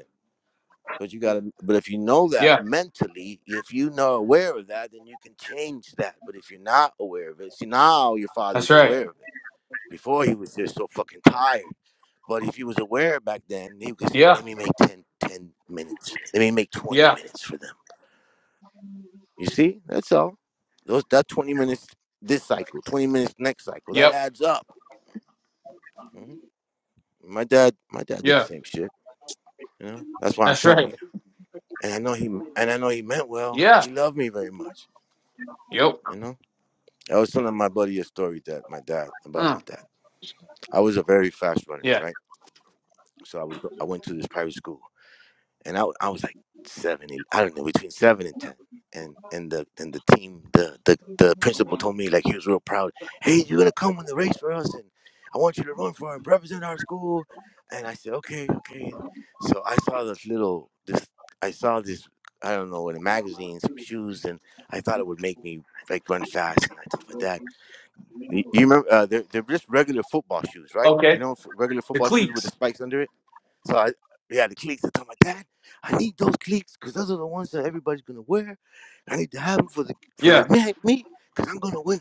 Speaker 3: But you gotta but if you know that
Speaker 4: yeah
Speaker 3: mentally, if you know aware of that, then you can change that. But if you're not aware of it, see now your father
Speaker 4: that's
Speaker 3: is
Speaker 4: right
Speaker 3: aware of it. Before he was just so fucking tired. But if he was aware back then, he could say,
Speaker 4: yeah
Speaker 3: Let me make 10 10 minutes. Let me make 20
Speaker 4: yeah
Speaker 3: minutes for them. You see? That's all. Those that 20 minutes this cycle, 20 minutes next cycle, that
Speaker 4: yep
Speaker 3: adds up. Mhm. My dad my dad did the
Speaker 4: yeah
Speaker 3: same shit. You know? That's why I'm
Speaker 4: that's
Speaker 3: telling
Speaker 4: right
Speaker 3: you. And I know he and I know he meant well.
Speaker 4: yeah
Speaker 3: He loved me very much.
Speaker 4: yep
Speaker 3: You know? I was telling my buddy a story that my dad about my
Speaker 4: mm,
Speaker 3: dad. I was a very fast runner,
Speaker 4: yeah
Speaker 3: right? So I was go- I went to this private school, and I w- I was like seven, eight, I don't know, between seven and ten. And and the and the team, the the the principal told me like he was real proud. Hey, you're gonna come win the race for us, and I want you to run for and represent our school. And I said, okay, okay. So I saw this little this I saw this I don't know in a magazine some shoes, and I thought it would make me like run fast. And I told my dad. You you remember uh, they're they're just regular football shoes, right? You
Speaker 4: okay
Speaker 3: know, f- regular
Speaker 4: the
Speaker 3: football shoes with the
Speaker 4: cleats
Speaker 3: spikes under it. So I yeah, the cleats. I told my dad, I need those cleats because those are the ones that everybody's gonna wear. I need to have them for the for the
Speaker 4: yeah
Speaker 3: meet meet because I'm gonna win.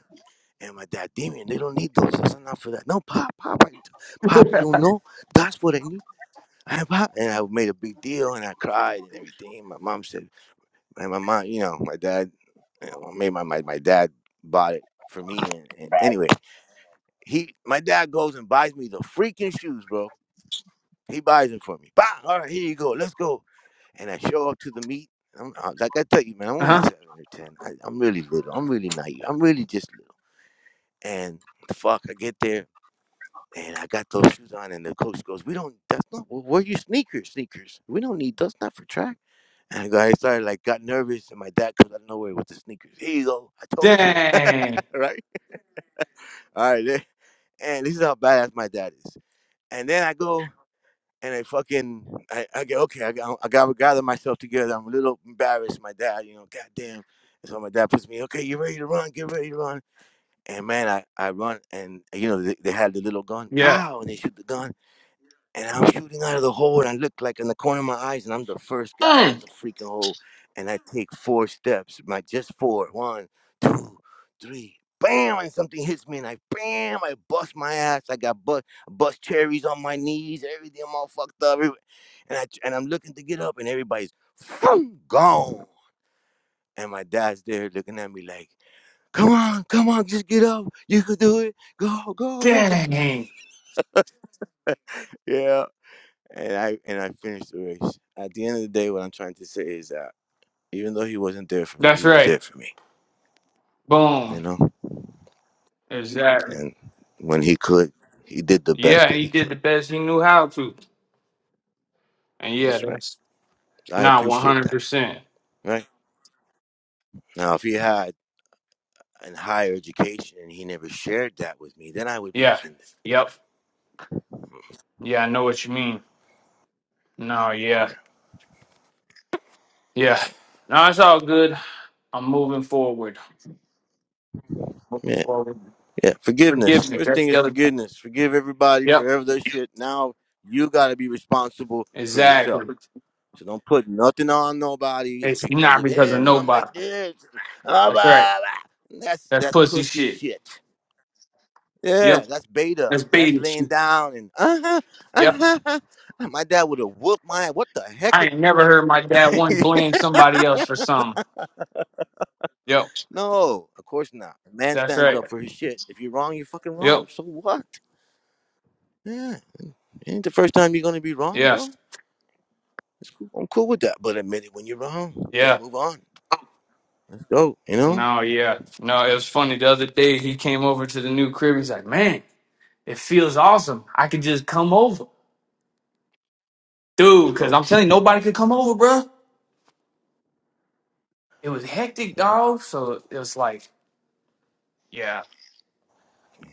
Speaker 3: And my dad, Damien, they don't need those. That's not for that. No, pop, pop, I, pop. You don't know. That's what I need. I have pop. And I made a big deal, and I cried and everything. My mom said, and my mom, you know, my dad, you know, made my my my dad bought it for me. And, and anyway. He, my dad goes and buys me the freaking shoes, bro. He buys them for me. Bam! All right, here you go. Let's go. And I show up to the meet. I'm, I, like I tell you, man, I'm only
Speaker 4: uh-huh
Speaker 3: seven or ten. I, I'm really little. I'm really naive. I'm really just little. And fuck, I get there and I got those shoes on, and the coach goes, "We don't. That's not. Where are your sneakers? Sneakers. We don't need those. Not for track." And I, got, I started like got nervous, and my dad comes out of nowhere with the sneakers. Here you go. I told you, (laughs)
Speaker 4: dang
Speaker 3: right? All right. And this is how badass my dad is. And then I go. and I fucking I, I get okay. I got I gotta gather myself together. I'm a little embarrassed. My dad, you know, goddamn. And so my dad puts me, okay, you ready to run? Get ready to run. And man, I, I run, and you know they, they had the little gun,
Speaker 4: yeah
Speaker 3: pow, and they shoot the gun, and I'm shooting out of the hole, and I look like in the corner of my eyes, and I'm the first guy out
Speaker 4: mm,
Speaker 3: the freaking hole, and I take four steps, my just four, one, two, three, bam, and something hits me, and I bam, I bust my ass, I got bust, bust cherries on my knees, everything, I'm all fucked up, every- and I and I'm looking to get up, and everybody's boom, gone, and my dad's there looking at me like. Come on, come on, just get up. You could do it. Go, go, go. (laughs)
Speaker 4: dang
Speaker 3: Yeah, and I and I finished the race. At the end of the day, what I'm trying to say is that even though he wasn't there for me,
Speaker 4: that's
Speaker 3: he was
Speaker 4: right
Speaker 3: there for me.
Speaker 4: boom
Speaker 3: You know,
Speaker 4: exactly
Speaker 3: and when he could, he did the best
Speaker 4: yeah
Speaker 3: that
Speaker 4: he
Speaker 3: he
Speaker 4: did
Speaker 3: could.
Speaker 4: the best he knew how to And yeah,
Speaker 3: That's right.
Speaker 4: that's
Speaker 3: I
Speaker 4: not one
Speaker 3: appreciate
Speaker 4: hundred
Speaker 3: that.
Speaker 4: percent.
Speaker 3: Right now, if he had a higher education and he never shared that with me, then I would be
Speaker 4: Yeah.
Speaker 3: offended.
Speaker 4: Yep. Yeah, I know what you mean. No, yeah.
Speaker 3: Yeah,
Speaker 4: Yeah. No, it's all good. I'm moving forward. Moving
Speaker 3: yeah.
Speaker 4: forward.
Speaker 3: yeah. Forgiveness.
Speaker 4: Forgiveness.
Speaker 3: First thing
Speaker 4: That's the
Speaker 3: is
Speaker 4: other thing.
Speaker 3: forgiveness. Forgive everybody
Speaker 4: Yep.
Speaker 3: for every their shit. Now you got to be responsible for
Speaker 4: Exactly.
Speaker 3: yourself. So don't put nothing on nobody. It's
Speaker 4: It's
Speaker 3: because
Speaker 4: not
Speaker 3: of
Speaker 4: because of
Speaker 3: him. I'm
Speaker 4: nobody.
Speaker 3: like this. Ah,
Speaker 4: That's right.
Speaker 3: blah, blah. That's
Speaker 4: That's
Speaker 3: that's
Speaker 4: pussy
Speaker 3: pussy
Speaker 4: shit.
Speaker 3: shit. Yeah,
Speaker 4: Yep.
Speaker 3: that's beta.
Speaker 4: That's
Speaker 3: That's
Speaker 4: baby
Speaker 3: laying
Speaker 4: shit.
Speaker 3: down and uh-huh,
Speaker 4: Yep.
Speaker 3: uh-huh. My dad would have whooped my. What the heck?
Speaker 4: I
Speaker 3: is-"
Speaker 4: ain't never heard my dad once blame somebody else for something. Yep.
Speaker 3: (laughs) no, of course not. A man
Speaker 4: That's
Speaker 3: stands
Speaker 4: right.
Speaker 3: up for his shit. If you're wrong, you're fucking wrong.
Speaker 4: Yep.
Speaker 3: So what? Yeah, ain't the first time you're gonna be wrong,
Speaker 4: Yes.
Speaker 3: bro. It's cool. I'm cool with that. But admit it when you're wrong. Let's
Speaker 4: Yeah.
Speaker 3: move on. Let's go. You know?
Speaker 4: No, yeah. No, it was funny. The other day he came over to the new crib. He's like, man, it feels awesome. I could just come over. Dude, because
Speaker 3: Oh
Speaker 4: I'm telling you,
Speaker 3: shit.
Speaker 4: nobody could come over, bruh. It was hectic,
Speaker 3: Right.
Speaker 4: dog. So it was like, yeah.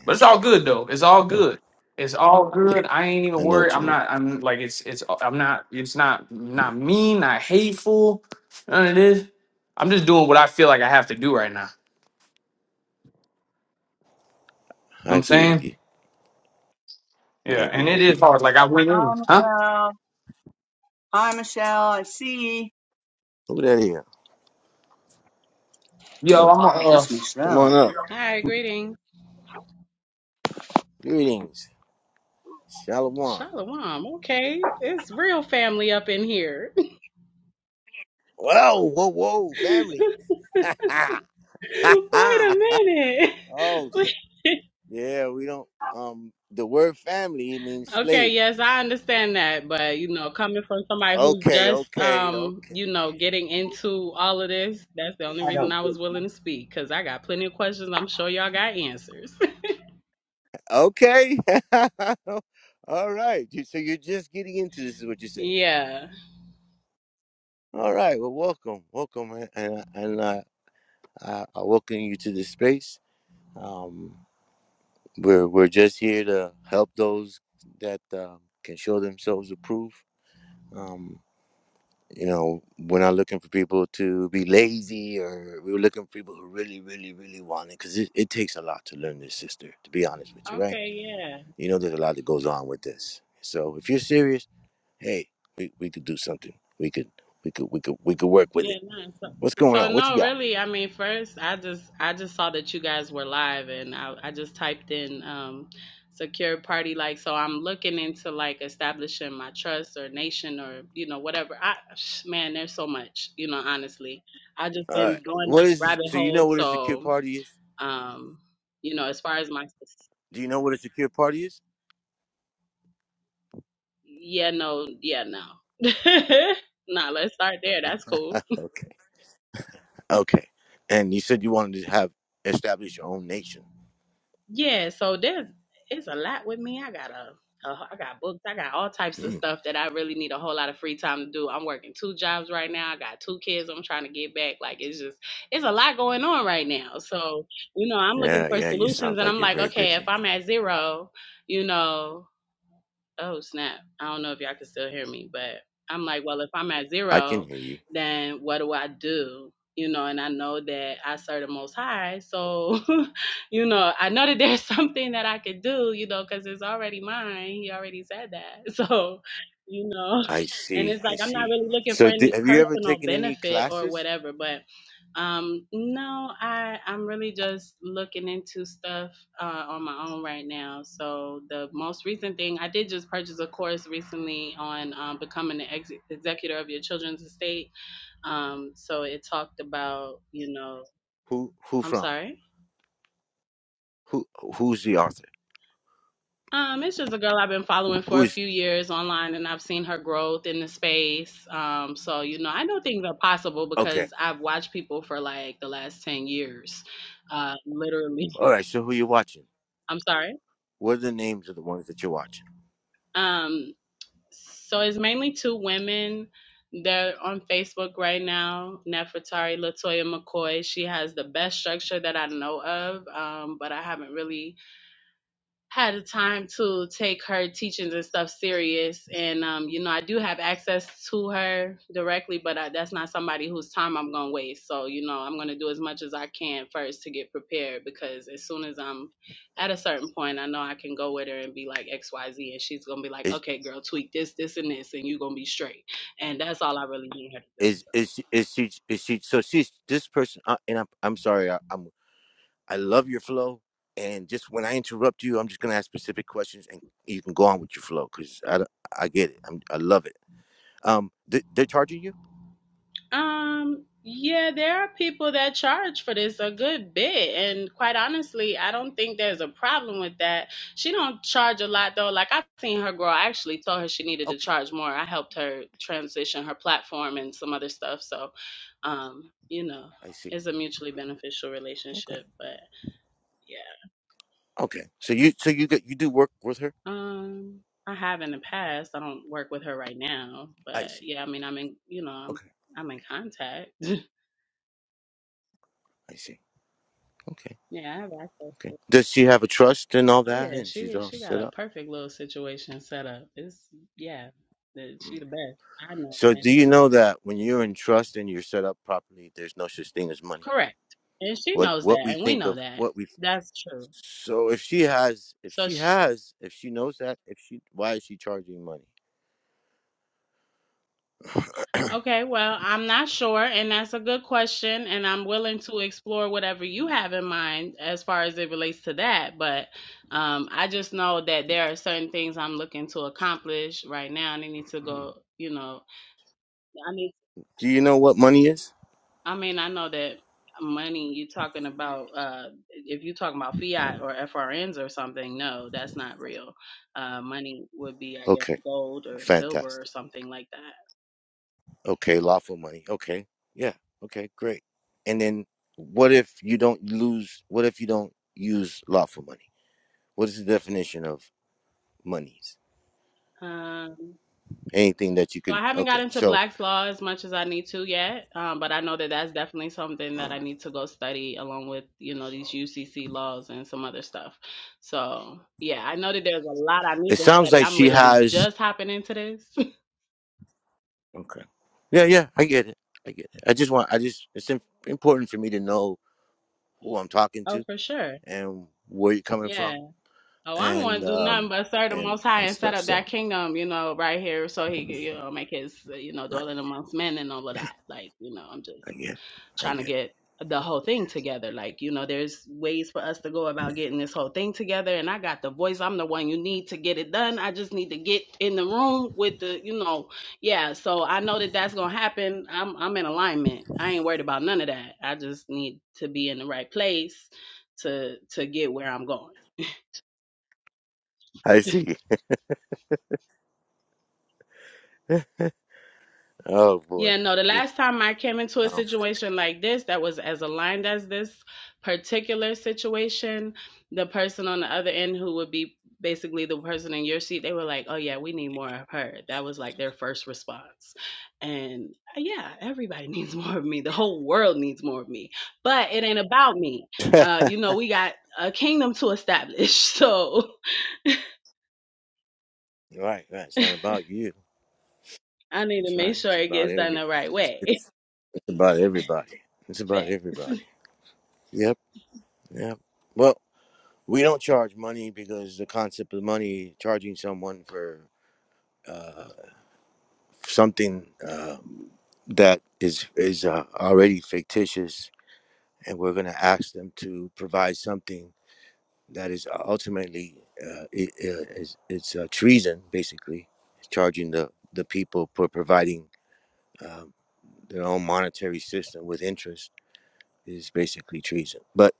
Speaker 4: But it's all good, though. It's all good. It's all
Speaker 3: Yeah,
Speaker 4: good. I ain't even
Speaker 3: I know
Speaker 4: worried.
Speaker 3: what you
Speaker 4: I'm
Speaker 3: mean.
Speaker 4: not, I'm like, it's, it's, I'm not, it's not, not mean, not hateful. None of this. I'm just doing what I feel like I have to do right now.
Speaker 3: I
Speaker 4: You know what I'm
Speaker 3: agree with
Speaker 4: saying?
Speaker 3: you. I
Speaker 4: Yeah.
Speaker 3: agree
Speaker 4: And it
Speaker 3: with you.
Speaker 4: is hard. Like, I went
Speaker 2: Hi
Speaker 4: in. Huh?
Speaker 2: Michelle. Hi Michelle, I see.
Speaker 3: Who that is?
Speaker 4: Yo,
Speaker 3: Oh,
Speaker 4: I'm uh.
Speaker 2: Miss
Speaker 3: come on
Speaker 2: Michelle.
Speaker 3: up.
Speaker 7: Hi, greeting.
Speaker 3: Greetings. Shalom. Whoa,
Speaker 7: Shalom. Okay, it's real family up in here. (laughs) Wait
Speaker 3: whoa, whoa, family. (laughs)
Speaker 7: a minute.
Speaker 3: oh,
Speaker 7: (laughs) Wait-
Speaker 3: yeah, we don't, um, the word family means
Speaker 7: okay,
Speaker 3: slave.
Speaker 7: yes, I understand that, but you know, coming from somebody who's
Speaker 3: Okay,
Speaker 7: just
Speaker 3: okay,
Speaker 7: um,
Speaker 3: okay.
Speaker 7: you know, getting into all of this, that's the only
Speaker 2: I
Speaker 7: reason
Speaker 2: don't
Speaker 7: I was willing to speak cuz I got plenty of questions. I'm sure y'all got answers.
Speaker 3: Okay. (laughs) All right. You- So you're just getting into this is what you're
Speaker 7: (laughs)
Speaker 3: saying.
Speaker 7: yeah.
Speaker 3: All right. Well, welcome. Welcome. And, and I, I, I welcome you to this space. Um, We're we're just here to help those that um, can show themselves approved. Um, you know, we're not looking for people to be lazy, or we were looking for people who really, really, really want it, because it, it takes a lot to learn this, sister. To be honest with you, right?
Speaker 7: Okay, yeah.
Speaker 3: You know, there's a lot that goes on with this. So if you're serious, hey, we, we could do something. We could we could we could we could work with
Speaker 7: Yeah,
Speaker 3: it.
Speaker 7: no. So,
Speaker 3: What's going
Speaker 7: so
Speaker 3: on? What you
Speaker 7: no,
Speaker 3: got?
Speaker 7: really. I mean, first, I just I just saw that you guys were live, and I I just typed in um secure party like. So I'm looking into like establishing my trust or nation or you know whatever. I (sighs) (sniffs) man, there's so much. You know, honestly, I just
Speaker 3: All
Speaker 7: been
Speaker 3: right.
Speaker 7: going
Speaker 3: What
Speaker 7: down a
Speaker 3: is
Speaker 7: rabbit
Speaker 3: so you
Speaker 7: hole.
Speaker 3: know what a secure
Speaker 7: So
Speaker 3: party is?
Speaker 7: um, you know, as far as my
Speaker 3: Do you know what a secure party is?
Speaker 7: yeah, no, yeah, no. (laughs) nah, let's start there. That's cool.
Speaker 3: Okay. And you said you wanted to have establish your own nation.
Speaker 7: Yeah, so there's it's a lot with me. I got a, a I got books. I got all types of
Speaker 3: Hmm.
Speaker 7: stuff that I really need a whole lot of free time to do. I'm working two jobs right now. I got two kids. I'm trying to get back. Like it's just it's a lot going on right now. So you know, I'm looking
Speaker 3: Yeah,
Speaker 7: for
Speaker 3: yeah. You
Speaker 7: solutions,
Speaker 3: sounds
Speaker 7: and
Speaker 3: like
Speaker 7: I'm
Speaker 3: you're
Speaker 7: like,
Speaker 3: very
Speaker 7: okay, if
Speaker 3: busy.
Speaker 7: I'm at zero, you know oh snap i don't know if y'all can still hear me but i'm like well if i'm at
Speaker 3: I can
Speaker 7: zero
Speaker 3: hear you.
Speaker 7: then what do i do you know and i know that i serve the most high so (laughs) you know i know that there's (laughs) something that i could do you know because it's already mine he already said that (laughs) so you know
Speaker 3: I
Speaker 7: and
Speaker 3: see.
Speaker 7: it's
Speaker 3: I
Speaker 7: like i'm not
Speaker 3: see.
Speaker 7: really looking for
Speaker 3: So, di-
Speaker 7: any
Speaker 3: have you ever
Speaker 7: personal
Speaker 3: taken any
Speaker 7: benefit or
Speaker 3: classes?
Speaker 7: whatever but um, no, I I'm really just looking into stuff uh, on my own right now. So the most recent thing I did just purchase a course recently on um, becoming the ex- executor of your children's estate. Um, so it talked about you know
Speaker 3: Who? Who
Speaker 7: I'm
Speaker 3: from?
Speaker 7: sorry.
Speaker 3: Who? Who's the author?
Speaker 7: Um, it's just a girl I've been following for a
Speaker 3: Who's?
Speaker 7: few years online, and I've seen her growth in the space. Um, so you know I know things are possible
Speaker 3: Okay.
Speaker 7: because I've watched people for like the last ten years, uh, literally.
Speaker 3: All right. So, who you watching?
Speaker 7: (laughs) I'm sorry.
Speaker 3: What are the names of the ones that you're watching?
Speaker 7: Um, so it's mainly two women. They're on Facebook right now. Nefertari Latoya McCoy. She has the best structure that I know of, um, but I haven't really had the time to take her teachings and stuff serious and um, you know i do have access to her directly but I, that's not somebody whose time i'm going to waste so you know i'm going to do as much as i can first to get prepared because as soon as i'm at a certain point i know i can go with her and be like xyz and she's going to be like
Speaker 3: Is
Speaker 7: okay girl tweak this this and this and you're going to be straight and that's all i really need her to do
Speaker 3: is is is she? Is she? So she's this person. Uh, and I'm I'm sorry. I, I'm I love your flow. And just when I interrupt you, I'm just gonna ask specific questions, and you can go on with your flow because I, don't- I get it. I'm, I love it. Um, they, they're charging you?
Speaker 7: Um, yeah, there are people that charge for this a good bit, and quite honestly, I don't think there's a problem with that. She don't charge a lot though. Like I've seen her grow. I actually told her she needed to
Speaker 3: Okay,
Speaker 7: charge more. I helped her transition her platform and some other stuff. So, um, you know,
Speaker 3: I see.
Speaker 7: it's a mutually beneficial
Speaker 3: Okay,
Speaker 7: relationship. But yeah,
Speaker 3: okay. So you so you get you do work with her?
Speaker 7: um, I have in the past. I don't work with her right now,
Speaker 3: I
Speaker 7: but
Speaker 3: see.
Speaker 7: yeah, I mean, I'm in. You know, I'm
Speaker 3: Okay,
Speaker 7: I'm in contact. (laughs)
Speaker 3: I see. Okay,
Speaker 7: yeah, I have access to.
Speaker 3: okay. Does she have a trust and all
Speaker 7: Oh
Speaker 3: that,
Speaker 7: yeah,
Speaker 3: and she's
Speaker 7: she
Speaker 3: all
Speaker 7: she got
Speaker 3: set
Speaker 7: a
Speaker 3: up?
Speaker 7: perfect little situation set up. It's yeah, the- she the best. I know,
Speaker 3: So
Speaker 7: and
Speaker 3: do you know that when you're in trust and you're set up properly, there's no such thing as money?
Speaker 7: correct, and she
Speaker 3: What
Speaker 7: knows
Speaker 3: what
Speaker 7: that,
Speaker 3: we
Speaker 7: and we
Speaker 3: think
Speaker 7: know
Speaker 3: of
Speaker 7: that.
Speaker 3: what we
Speaker 7: That's true.
Speaker 3: So if she has, if
Speaker 7: So
Speaker 3: she
Speaker 7: sh
Speaker 3: has, if she knows that, if she, why is she charging money?
Speaker 7: okay, well, I'm not sure, and that's a good question, and I'm willing to explore whatever you have in mind as far as it relates to that. But um, I just know that there are certain things I'm looking to accomplish right now, and I need to go. You know, I need.
Speaker 3: Do you know what money is?
Speaker 7: I mean, I know that money you talking about uh if you talking about fiat or FRNs or something, no, that's not real. Uh money would be I guess
Speaker 3: Okay,
Speaker 7: gold or silver or
Speaker 3: fantastic.
Speaker 7: something like that.
Speaker 3: Okay, lawful money. Okay, yeah. Okay, great. And then what if you don't lose? What if you don't use lawful money? What is the definition of monies?
Speaker 7: Um
Speaker 3: Anything that you
Speaker 7: so
Speaker 3: can.
Speaker 7: I haven't got
Speaker 3: Okay,
Speaker 7: into
Speaker 3: so
Speaker 7: Black's Law as much as I need to yet, um, but I know that that's definitely something that I
Speaker 3: uh,
Speaker 7: need to go study along with, you know, these UCC laws and some other stuff. So yeah, I know that there's a lot I need
Speaker 3: it
Speaker 7: to
Speaker 3: sounds
Speaker 7: study.
Speaker 3: like
Speaker 7: I'm
Speaker 3: she
Speaker 7: literally
Speaker 3: has.
Speaker 7: just hopping into this. (laughs)
Speaker 3: Okay. Yeah, yeah. I get it. I get it. I just want. I just. It's im- important for me to know who I'm talking to
Speaker 7: oh, for sure.
Speaker 3: and where you're coming
Speaker 7: Yeah.
Speaker 3: from
Speaker 7: Oh, I don't
Speaker 3: and
Speaker 7: want to do nothing
Speaker 3: um
Speaker 7: but serve the
Speaker 3: and
Speaker 7: Most High
Speaker 3: and
Speaker 7: and set
Speaker 3: stuff.
Speaker 7: up
Speaker 3: So
Speaker 7: that kingdom, you know, right here, so he can, you know, make his, uh, you know,
Speaker 3: right,
Speaker 7: dwelling amongst men and all of that. Like, you know, I'm
Speaker 3: I
Speaker 7: just
Speaker 3: get, it. I
Speaker 7: trying to
Speaker 3: get. It.
Speaker 7: get the whole thing together. Like, you know, there's ways for us to go about getting this whole thing together, and I got the voice. I'm the one you need to get it done. I just need to get in the room with the, you know, yeah. So I know that that's gonna happen. I'm, I'm in alignment. I ain't worried about none of that. I just need to be in the right place to to get where I'm going.
Speaker 3: I see. (laughs) Oh boy.
Speaker 7: Yeah, no, the
Speaker 3: Yeah,
Speaker 7: last time I came into a
Speaker 3: Um,
Speaker 7: situation like this that was as aligned as this particular situation, the person on the other end who would be basically the person in your seat, they were like, oh, yeah, we need more of her. That was like their first response. And uh, yeah, everybody (laughs) needs more of me. The whole world needs more of me. But it ain't about me.
Speaker 3: (laughs) right,
Speaker 7: Uh, you know, we got a kingdom to establish. (laughs) So
Speaker 3: right. It's not about you.
Speaker 7: I need
Speaker 3: That's
Speaker 7: to make
Speaker 3: right.
Speaker 7: sure
Speaker 3: It's
Speaker 7: it
Speaker 3: about
Speaker 7: gets done the
Speaker 3: every.
Speaker 7: right
Speaker 3: It's,
Speaker 7: way.
Speaker 3: it's it's about everybody. It's
Speaker 7: (laughs)
Speaker 3: about
Speaker 7: Fact.
Speaker 3: everybody. Yep. Yep. Well, we don't charge money because the concept of money charging someone for uh, something um, that is is uh, already fictitious and we're going to ask them to provide something that is uh, ultimately uh, it, uh, is, it's uh, treason basically charging the, the people for providing um, their own monetary system with interest is basically treason but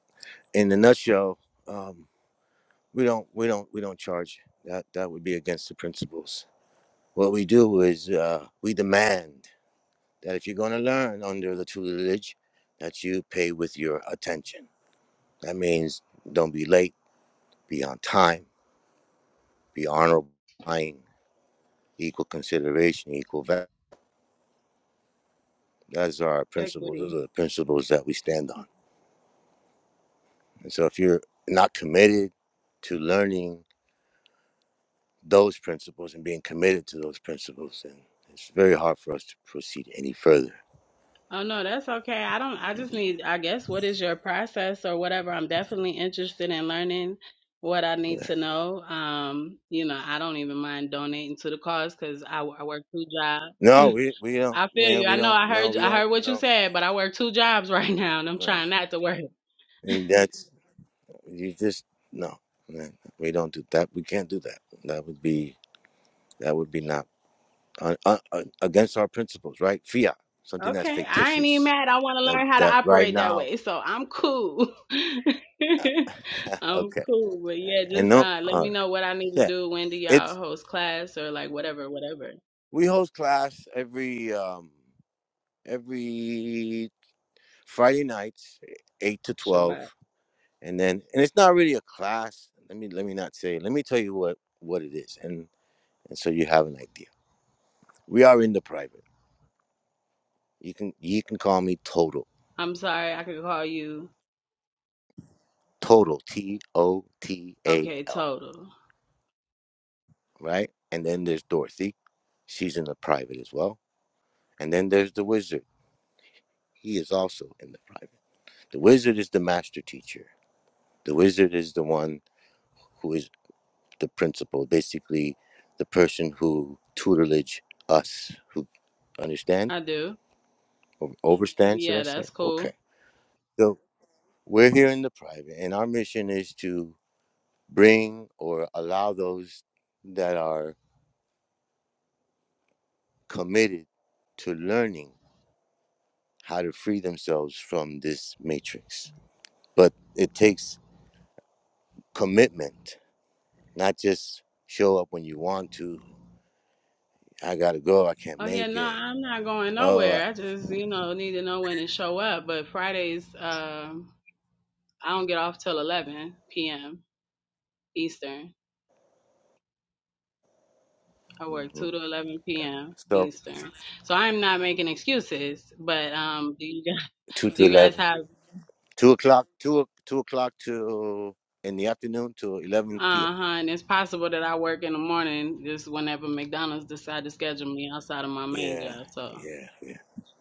Speaker 3: in a nutshell um, we don't we don't we don't charge that that would be against the principles what we do is uh, we demand that if you're going to learn under the tutelage that you pay with your attention that means don't be late be on time, be honorable, kind, equal consideration, equal value. Those are our principles.
Speaker 7: Equity.
Speaker 3: Those are the principles that we stand on. And so if you're not committed to learning those principles and being committed to those principles, then it's very hard for us to proceed any further.
Speaker 7: Oh no, that's okay. I don't I just need I guess what is your process or whatever. I'm definitely interested in learning what I need
Speaker 3: Yeah.
Speaker 7: to know. Um, you know, I don't even mind donating to the cause cuz I I work two jobs.
Speaker 3: No,
Speaker 7: (laughs)
Speaker 3: we we don't,
Speaker 7: I feel
Speaker 3: man.
Speaker 7: you. I
Speaker 3: We
Speaker 7: know
Speaker 3: don't.
Speaker 7: I
Speaker 3: No,
Speaker 7: heard
Speaker 3: we
Speaker 7: I
Speaker 3: don't.
Speaker 7: heard what you
Speaker 3: No.
Speaker 7: said, but I work two jobs (laughs) right now and I'm
Speaker 3: Yeah.
Speaker 7: trying not to work.
Speaker 3: And that's you just no. Man, we don't do that. We can't do that. That would be that would be not. uh, uh, uh, against our principles, right? Fiat, something that's
Speaker 7: Okay, I ain't even
Speaker 3: fictitious.
Speaker 7: mad. I want to
Speaker 3: That
Speaker 7: learn how to
Speaker 3: that right
Speaker 7: operate that
Speaker 3: now,
Speaker 7: way, so I'm cool. (laughs)
Speaker 3: (laughs)
Speaker 7: I'm
Speaker 3: okay,
Speaker 7: cool, but
Speaker 3: Yeah,
Speaker 7: yeah,
Speaker 3: yeah. and
Speaker 7: just
Speaker 3: no,
Speaker 7: uh, let
Speaker 3: all
Speaker 7: me
Speaker 3: right,
Speaker 7: know what I need to
Speaker 3: yeah.
Speaker 7: do. When do y'all
Speaker 3: It's
Speaker 7: host class or like whatever, whatever.
Speaker 3: we host class every um every Friday nights, eh, eight to twelve,
Speaker 7: Shabbat.
Speaker 3: and then and it's not really a class. Let me let me not say. Let me tell you what what it is, and and so you have an idea. We are in the private. You can you can call me Total,
Speaker 7: I'm sorry, I could call you.
Speaker 3: Total, T O T A
Speaker 7: Okay,
Speaker 3: L,
Speaker 7: total.
Speaker 3: right? And then there's Dorothy She's in the private as well. And then there's the wizard. He is also in the private. The wizard is the master teacher. The wizard is the one who is the principal, basically the person who tutelage us, who understand
Speaker 7: I do.
Speaker 3: or overstand, should I
Speaker 7: Yeah,
Speaker 3: say?
Speaker 7: that's cool.
Speaker 3: Okay. So we're here in the private, and our mission is to bring or allow those that are committed to learning how to free themselves from this matrix. But it takes commitment, not just show up when you want to. I gotta go. I can't
Speaker 7: Oh yeah,
Speaker 3: make
Speaker 7: no,
Speaker 3: it.
Speaker 7: I'm not going
Speaker 3: Oh, I,
Speaker 7: nowhere. I just you know need to know when to show up. But Fridays, um, I don't get off till 11 p.m. Eastern. I work
Speaker 3: hmm
Speaker 7: 2 to 11 p.m.
Speaker 3: so
Speaker 7: Eastern. So I'm not making excuses, but um, do you guys,
Speaker 3: two
Speaker 7: (laughs) do
Speaker 3: to
Speaker 7: you guys
Speaker 3: eleven,
Speaker 7: have,
Speaker 3: two o'clock, two o- two o'clock to in the afternoon to eleven p.m.
Speaker 7: uh-huh, and it's possible that I work in the morning just whenever McDonald's decide to schedule me outside of my main
Speaker 3: Yeah,
Speaker 7: job. So,
Speaker 3: yeah, yeah.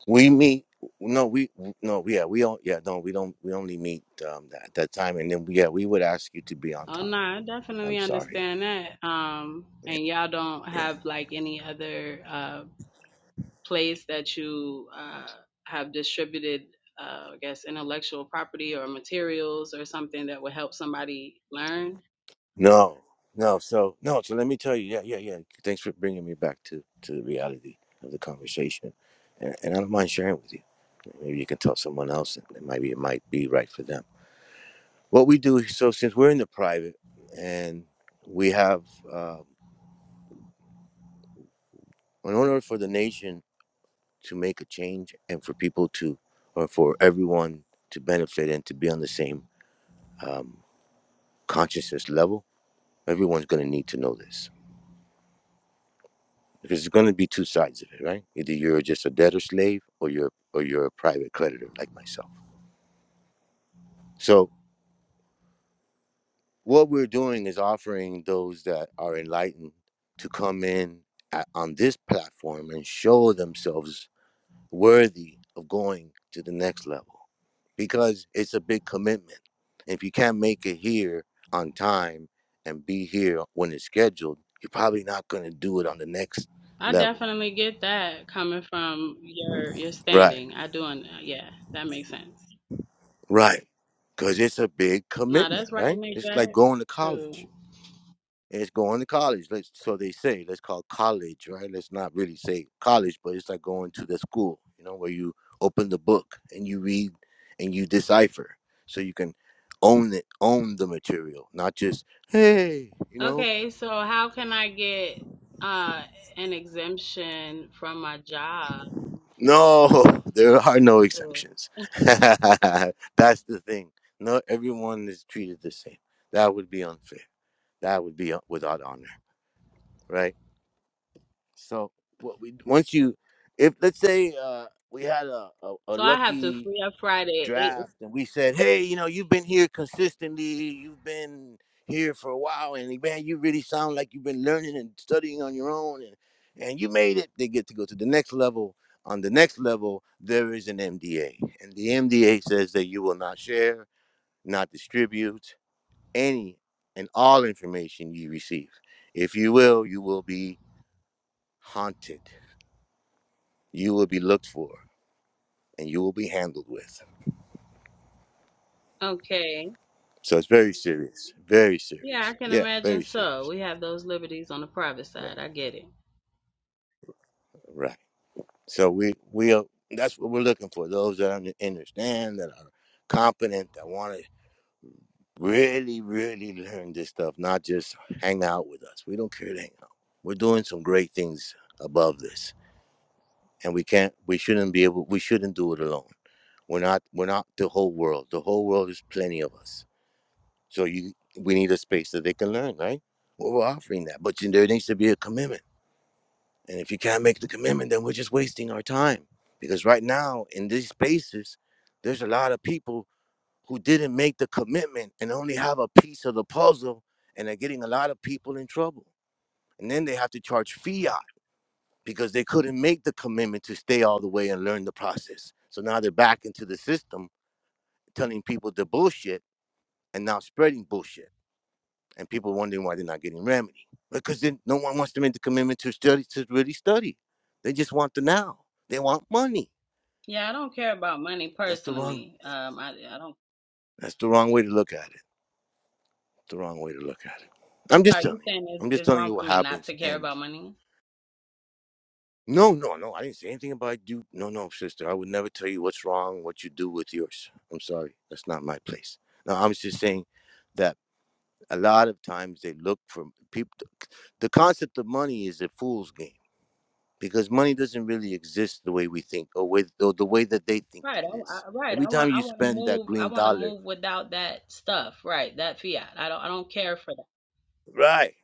Speaker 3: We meet. No, we no, yeah, we don't. Yeah, no, we don't. We only meet um, at that time, and then yeah, we would ask you to be on
Speaker 7: oh no,
Speaker 3: time.
Speaker 7: I
Speaker 3: I'm
Speaker 7: definitely
Speaker 3: sorry.
Speaker 7: understand that. Um,
Speaker 3: Yeah.
Speaker 7: and y'all don't
Speaker 3: yeah.
Speaker 7: have like any other uh, place that you uh, have distributed uh, I guess intellectual property or materials or something that would help somebody learn
Speaker 3: No, no. So no. So let me tell you. Yeah, yeah, yeah. Thanks for bringing me back to to the reality of the conversation, and, and I don't mind sharing with you. Maybe you can tell someone else, and it might be it might be right for them. What we do. So since we're in the private, and we have, um, in order for the nation to make a change, and for people to, or for everyone to benefit and to be on the same um, consciousness level, everyone's going to need to know this. because there's going to be two sides of it, right? Either you're just a debtor slave or you're or you're a private creditor like myself. So what we're doing is offering those that are enlightened to come in at, on this platform and show themselves worthy of going to the next level because it's a big commitment. If you can't make it here on time and be here when it's scheduled, you're probably not going to do it on the next
Speaker 7: I
Speaker 3: level.
Speaker 7: definitely get that coming from your your
Speaker 3: Right.
Speaker 7: standing. I do, un- yeah, that makes sense.
Speaker 3: Right. Because it's a big
Speaker 7: Nah,
Speaker 3: commitment,
Speaker 7: that's right
Speaker 3: right?
Speaker 7: and
Speaker 3: It's like
Speaker 7: exact.
Speaker 3: going to
Speaker 7: True.
Speaker 3: college. It's going to college. Let's, so they say, let's call college, right? Let's not really say college, but it's like going to the school, you know, where you open the book and you read and you decipher so you can own it, own the material, not just, hey, you know.
Speaker 7: Okay, so how can I get uh an exemption from my job?
Speaker 3: No, (laughs) there are no
Speaker 7: too?
Speaker 3: exemptions. (laughs) That's the thing. No, everyone is treated the same. That would be unfair. That would be uh, without honor, right? So what we once you, if let's say uh, we had a, a a
Speaker 7: so I have to
Speaker 3: lucky
Speaker 7: free up Friday. Eight,
Speaker 3: draft and we said, hey, you know, you've been here consistently, you've been here for a while, and man, you really sound like you've been learning and studying on your own, and and you made it. They get to go to the next level. On the next level, there is an MDA, and the MDA says that you will not share, not distribute any and all information you receive. If you will, you will be haunted you will be looked for and you will be handled with.
Speaker 7: okay.
Speaker 3: So it's very serious, very
Speaker 7: Yeah,
Speaker 3: serious.
Speaker 7: I can
Speaker 3: Yeah,
Speaker 7: imagine
Speaker 3: very
Speaker 7: so.
Speaker 3: serious.
Speaker 7: We have those liberties on the private
Speaker 3: Right,
Speaker 7: side. I get it.
Speaker 3: right. So we we are, that's what we're looking for. Those that under- understand, that are competent, that want to really, really learn this stuff, not just hang out with us. We don't care to hang out. We're doing some great things above this, and we can't. We shouldn't be able. We shouldn't do it alone. We're not. We're not the whole world. The whole world is plenty of us So you, we need a space that they can learn, right? Well, we're offering that, but there needs to be a commitment. And if you can't make the commitment, then we're just wasting our time. Because right now in these spaces, there's a lot of people who didn't make the commitment and only have a piece of the puzzle, and are getting a lot of people in trouble. And then they have to charge fiat because they couldn't make the commitment to stay all the way and learn the process. So now they're back into the system, telling people the bullshit and now spreading bullshit. and people wondering why they're not getting remedy because then no one wants to make the commitment to study to really study they just want the now they want money
Speaker 7: Yeah, I don't care about money
Speaker 3: that's the wrong
Speaker 7: personally. Um, I I don't.
Speaker 3: that's the wrong way to look at it the wrong way to look at it i'm
Speaker 7: I'm
Speaker 3: just
Speaker 7: sorry, you
Speaker 3: telling you
Speaker 7: saying it's
Speaker 3: i'm just
Speaker 7: it's
Speaker 3: telling
Speaker 7: wrong
Speaker 3: you
Speaker 7: for
Speaker 3: what
Speaker 7: me not
Speaker 3: happens
Speaker 7: to care
Speaker 3: and
Speaker 7: about money?
Speaker 3: no no no i didn't say anything about you no no sister i would never tell you what's wrong what you do with yours i'm sorry that's not my place no i'm just saying that a lot of times they look for people the concept of money is a fool's game because money doesn't really exist the way we think or with or the way that they think
Speaker 7: Right, I,
Speaker 3: it
Speaker 7: I,
Speaker 3: is.
Speaker 7: right.
Speaker 3: Every
Speaker 7: I
Speaker 3: time
Speaker 7: want, I
Speaker 3: you
Speaker 7: want to
Speaker 3: spend that
Speaker 7: move. I
Speaker 3: green
Speaker 7: want to
Speaker 3: dollar,
Speaker 7: move without that stuff. Right, that fiat. I don't, I don't care for
Speaker 3: right,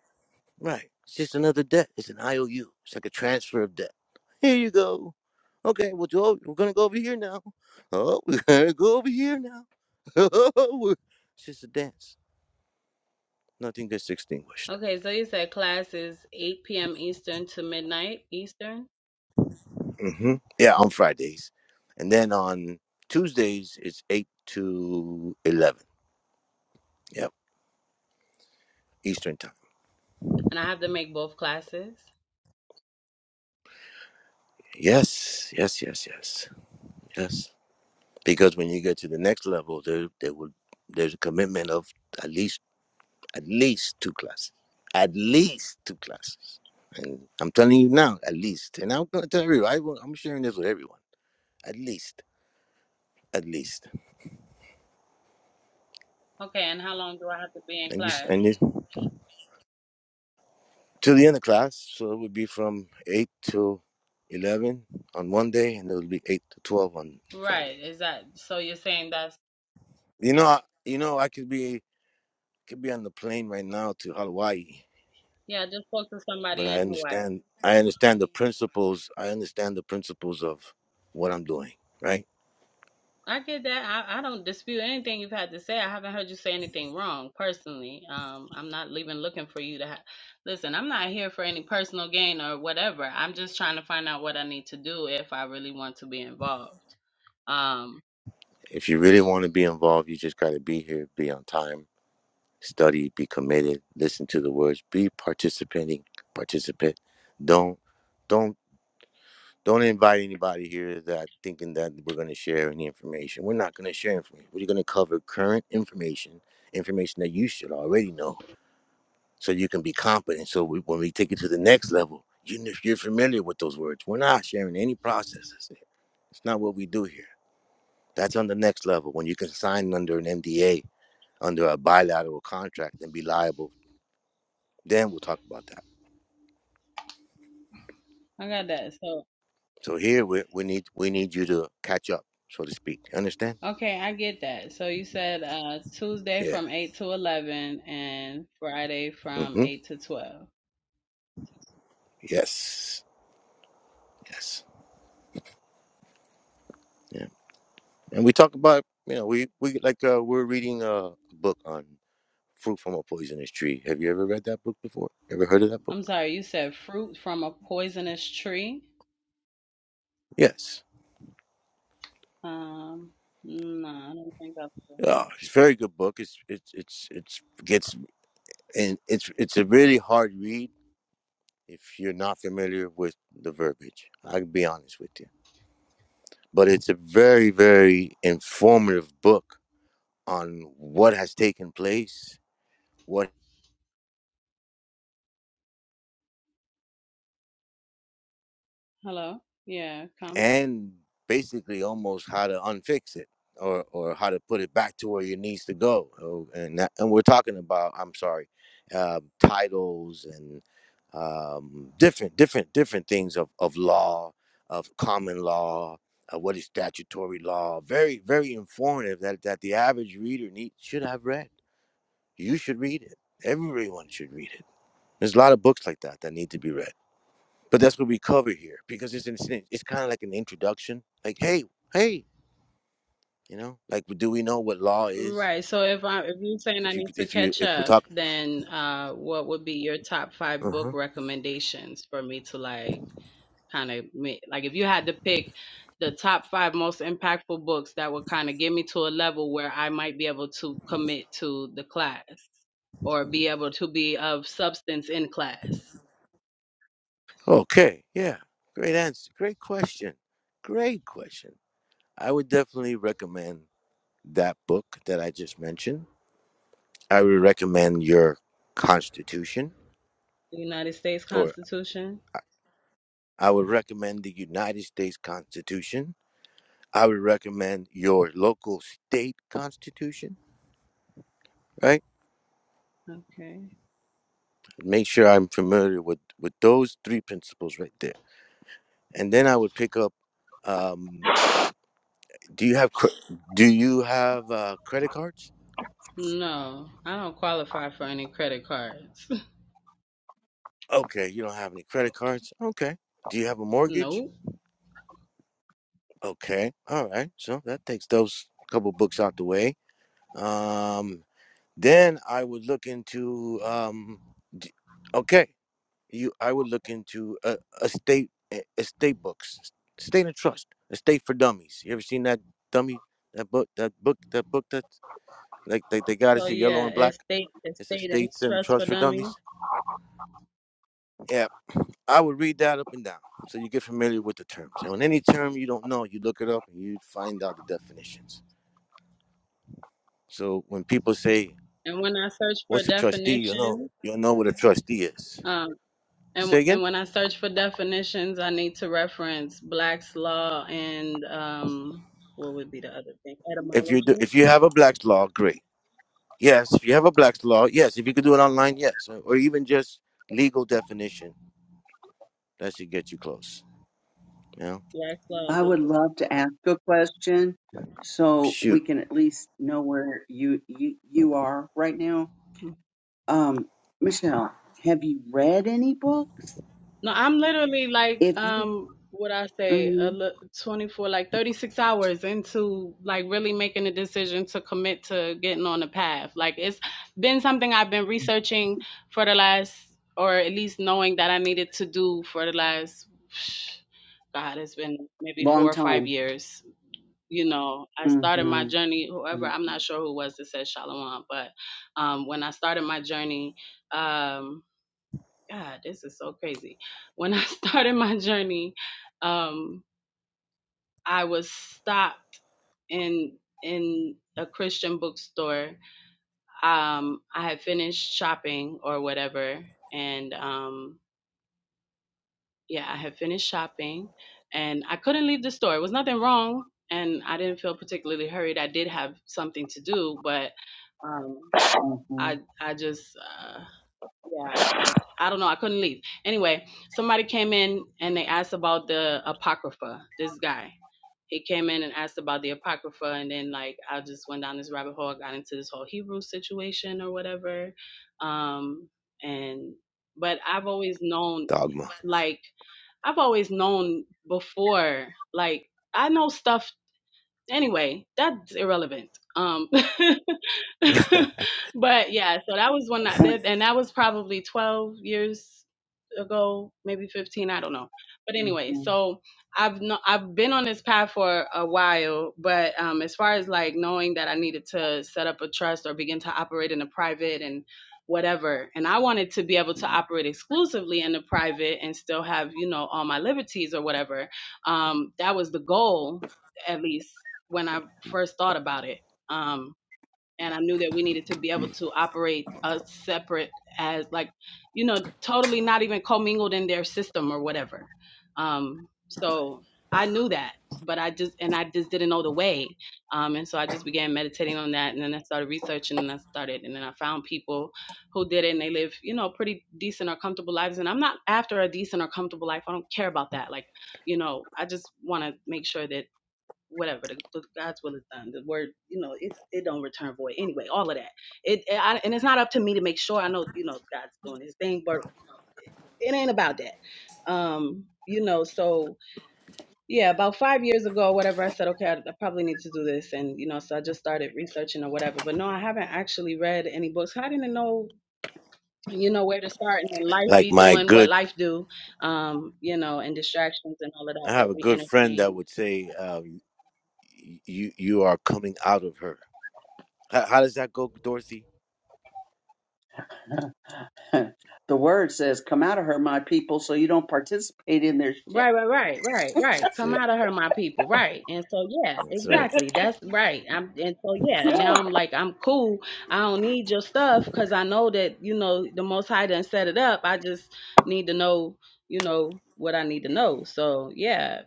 Speaker 3: right, it's just another debt. It's an IOU. It's like a transfer of debt. Here you go. Okay, well, Joe, we're gonna go over here now. Oh, (laughs) we're gonna go over here now. (laughs) we it's just a dance. Nothing gets
Speaker 7: that.
Speaker 3: extinguished.
Speaker 7: Okay, so you said class is 8 p.m. Eastern to midnight Eastern,
Speaker 3: hmm Yeah, on Fridays, and then on Tuesdays it's eight to eleven. Yep, Eastern time.
Speaker 7: and I have to make both classes.
Speaker 3: Yes, yes, yes, yes, yes. Because when you get to the next level, there there would there's a commitment of at least at least two classes, at least two classes. And I'm telling you now, at least. And I'm going to tell you, I, will- I'm sharing this with everyone. At least, at least.
Speaker 7: Okay, and how long do I have to be in
Speaker 3: And you
Speaker 7: class?
Speaker 3: and you, to the end of class, so it would be from eight to eleven on one day, and it would be eight to twelve on
Speaker 7: Right,
Speaker 3: Fridays.
Speaker 7: is that so? You're saying that's
Speaker 3: You know, I, you know, I could be could be on the plane right now to Hawaii
Speaker 7: yeah. I just spoke to
Speaker 3: but
Speaker 7: somebody
Speaker 3: I
Speaker 7: in Hawaii.
Speaker 3: understand I understand the principles I understand the principles of what I'm doing, right?
Speaker 7: I get that. I, I don't dispute anything you've had to say. I haven't heard you say anything wrong personally. Um, I'm not even looking for you to ha- listen. I'm not here for any personal gain or whatever. I'm just trying to find out what I need to do if I really want to be involved. Um,
Speaker 3: If you really want to be involved, you just got to be here, be on time, study, be committed, listen to the words, be participating, participate. Don't don't don't invite anybody here that thinking that we're going to share any information. We're not going to share information. We're going to cover current information, information that you should already know so you can be competent. So we, when we take it to the next level, you if you're familiar with those words, we're not sharing any processes. It's not what we do here. That's on the next level when you can sign under an MDA, under a bilateral contract, and be liable. Then we'll talk about that.
Speaker 7: I got that. So
Speaker 3: So here we, we need we need you to catch up, so to speak. You understand?
Speaker 7: okay, I get that. So you said uh Tuesday
Speaker 3: Yeah.
Speaker 7: from eight to eleven and Friday from
Speaker 3: Mm-hmm.
Speaker 7: eight to twelve.
Speaker 3: Yes. Yes. Yeah. And we talk about you know we we like uh, we're reading a book on fruit from a poisonous tree. Have you ever read that book before? Ever heard of that book?
Speaker 7: I'm sorry, you said fruit from a poisonous tree.
Speaker 3: Yes.
Speaker 7: Um, no, I don't think I've.
Speaker 3: Uh, it's a very good book. It's it's it's it's gets and it's it's a really hard read if you're not familiar with the verbiage. I can be honest with you. But it's a very, very informative book on what has taken place, What
Speaker 7: Hello. Yeah, come.
Speaker 3: and basically almost how to unfix it or or how to put it back to where it needs to go. Oh, And that, and we're talking about I'm sorry, uh, titles and um, different different different things of of law, of common law, uh, what is statutory law. Very very informative that that the average reader need should have read. You should read it. Everyone should read it. There's a lot of books like that that need to be read but that's what we cover here because it's an, it's kind of like an introduction like hey hey you know like do we know what law is
Speaker 7: Right. So if I if you're saying I
Speaker 3: if you
Speaker 7: need to
Speaker 3: if you
Speaker 7: catch
Speaker 3: if we're
Speaker 7: up,
Speaker 3: talking
Speaker 7: then uh what would be your top five book
Speaker 3: uh-huh.
Speaker 7: recommendations for me to like kind of make like if you had to pick the top five most impactful books that would kind of get me to a level where I might be able to commit to the class or be able to be of substance in class.
Speaker 3: okay yeah great answer great question great question i would definitely recommend that book that i just mentioned i would recommend your constitution
Speaker 7: The United States
Speaker 3: or
Speaker 7: Constitution.
Speaker 3: i would recommend the united states constitution i would recommend your local state constitution right
Speaker 7: Okay.
Speaker 3: make sure I'm familiar with with those three principles right there. And then I would pick up. Um, do you have cre- do you have uh, credit cards?
Speaker 7: No, I don't qualify for any credit cards.
Speaker 3: Okay, you don't have any credit cards. Okay. Do you have a
Speaker 7: (laughs) Nope.
Speaker 3: mortgage? Okay. All right. So that takes those couple books out the way. Um, then I would look into. Um, d- okay. you I would look into a estate e- estate books, estate and trust, estate for dummies. You ever seen that dummy that book that book that book that like they, they got it's
Speaker 7: So
Speaker 3: the yellow
Speaker 7: yeah,
Speaker 3: and black.
Speaker 7: estate
Speaker 3: It's
Speaker 7: estate and
Speaker 3: estates and
Speaker 7: trust for
Speaker 3: trust for
Speaker 7: dummies.
Speaker 3: dummies. Yeah, I would read that up and down so you get familiar with the terms. And on any term you don't know, you look it up and you find out the definitions. So when people say,
Speaker 7: And when I search for
Speaker 3: "What's a trustee?" you know
Speaker 7: definition,
Speaker 3: you'll know what a trustee is.
Speaker 7: um, and
Speaker 3: Say
Speaker 7: w-
Speaker 3: again.
Speaker 7: and when I search for definitions, I need to reference Black's law and um, what would be the other thing?
Speaker 3: If you do,
Speaker 7: Etymology.
Speaker 3: if you have a Black's law, great Yes, if you have a Black's Law, yes. If you could do it online, yes. Or even just legal definition, that should get you close. You know?
Speaker 7: Black's law. of
Speaker 2: I would
Speaker 7: legal.
Speaker 2: love to ask a question so we
Speaker 3: Shoot,
Speaker 2: can at least know where you you, you are right now. Um, Michelle, have you read any books?
Speaker 7: No, I'm literally like
Speaker 2: If you,
Speaker 7: um what I say, a
Speaker 2: mm
Speaker 7: li- 24 like 36 hours into like really making a decision to commit to getting on the path. Like it's been something I've been researching for the last or at least knowing that I needed to do for the last (sighs) God, it's been maybe
Speaker 2: long
Speaker 7: 4 or 5
Speaker 2: time.
Speaker 7: years. You know, I started my
Speaker 2: Mm-hmm.
Speaker 7: journey
Speaker 2: hmm
Speaker 7: whoever I'm not sure who it was that said Shalom, but um when I started my journey um God, this is so crazy. When I (laughs) started my journey, um, I was stopped in in a Christian bookstore. Um, I had finished shopping or whatever, and um, yeah, I had finished shopping, and I couldn't leave the store. It was nothing wrong, and I didn't feel particularly hurried. I did have something to do, but um,
Speaker 2: hmm
Speaker 7: I I just uh, Yeah, I, I don't know. I couldn't leave. Anyway, somebody came in and they asked about the Apocrypha. This guy, he came in and asked about the Apocrypha, and then like I just went down this rabbit hole. I got into this whole Hebrew situation or whatever. Um, and but I've always known,
Speaker 3: dogma.
Speaker 7: like I've always known before, like I know stuff. Anyway, that's irrelevant. Um, (laughs)
Speaker 3: (laughs)
Speaker 7: (laughs) but yeah, so that was one that, that- and that was probably 12 years ago, maybe 15, I don't know. But anyway,
Speaker 2: hmm
Speaker 7: so I've no, I've been on this path for a while, but um as far as like knowing that I needed to set up a trust or begin to operate in the private and whatever, and I wanted to be able to operate exclusively in the private and still have, you know, all my liberties or whatever. Um that was the goal at least when I first thought about it. Um and I knew that we needed to be able to operate uh, separate as like, you know, totally not even commingled in their system or whatever. Um, so I knew that, but I just and I just didn't know the way. Um, and so I just began meditating on that, and then I started researching, and I started, and then I found people who did it, and they live, you know, pretty decent or comfortable lives. And I'm not after a decent or comfortable life. I don't care about that. Like, you know, I just want to make sure that whatever the, the god's will is done the word you know it, it don't return void anyway all of that it and I, and it's not up to me to make sure i know you know god's doing his thing but it ain't about that um you know so yeah about five years ago or whatever i said okay I, I probably need to do this and you know so i just started researching or whatever but no i haven't actually read any books i didn't know you know where to start and then life
Speaker 3: like
Speaker 7: be
Speaker 3: my
Speaker 7: doing what
Speaker 3: good,
Speaker 7: life do um you know and distractions and all of that
Speaker 3: I have
Speaker 7: that
Speaker 3: a
Speaker 7: we
Speaker 3: good friend
Speaker 7: entertain
Speaker 3: that would say, um, "You you are coming out of her." How, how does that go, Dorothy?
Speaker 2: (laughs) the word says, "Come out of her, my people," so you don't participate in their shit.
Speaker 7: Right, right, right, right, right.
Speaker 3: That's
Speaker 7: Come
Speaker 3: it.
Speaker 7: out of her, my people. Right. And so yeah,
Speaker 3: That's right.
Speaker 7: exactly. That's right. I'm and so yeah, now I'm like, I'm cool. I don't need your stuff because I know that, you know, the most high done set it up. I just need to know, you know, what I need to know. So yeah.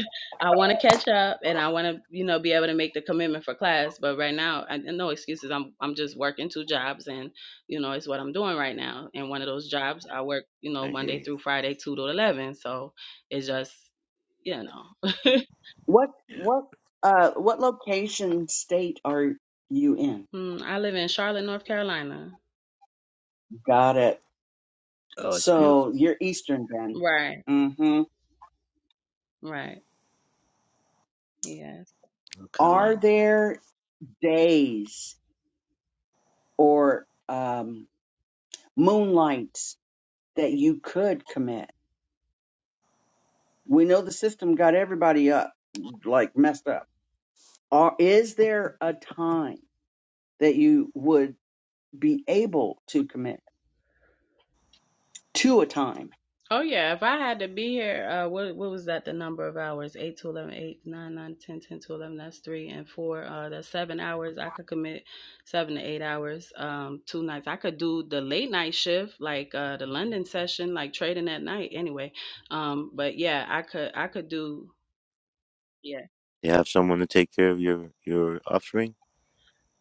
Speaker 7: (laughs) I want to catch up and I want to, you know, be able to make the commitment for class. But right now, I, no excuses. I'm I'm just working two jobs and you know, it's what I'm doing right now. And one of those jobs I work, you know,
Speaker 3: I hear
Speaker 7: Monday
Speaker 3: you.
Speaker 7: through Friday, two to eleven. So it's just, you know. (laughs)
Speaker 2: What,
Speaker 3: Yeah.
Speaker 2: what, uh, what location, state are you in?
Speaker 7: Mm, I live in Charlotte, North Carolina.
Speaker 2: Got it.
Speaker 3: Oh, it's beautiful,
Speaker 2: So you're Eastern then.
Speaker 7: Right,
Speaker 2: Mm-hmm.
Speaker 7: right. Yes.
Speaker 3: North
Speaker 2: Are
Speaker 3: Carolina.
Speaker 2: there days or um, moonlights that you could commit? We know the system got everybody up, like messed up. Or is there a time that you would be able to commit to a time?
Speaker 7: Oh yeah, if I had to be here, uh what what was that the number of hours? 8 to 11, eight, nine, nine, ten, ten to 11, that's 3 and 4. Uh that's 7 hours. I could commit 7 to 8 hours um two nights. I could do the late night shift like uh the London session like trading at night anyway. Um but yeah, I could I could do yeah,
Speaker 3: You have someone to take care of your your offspring.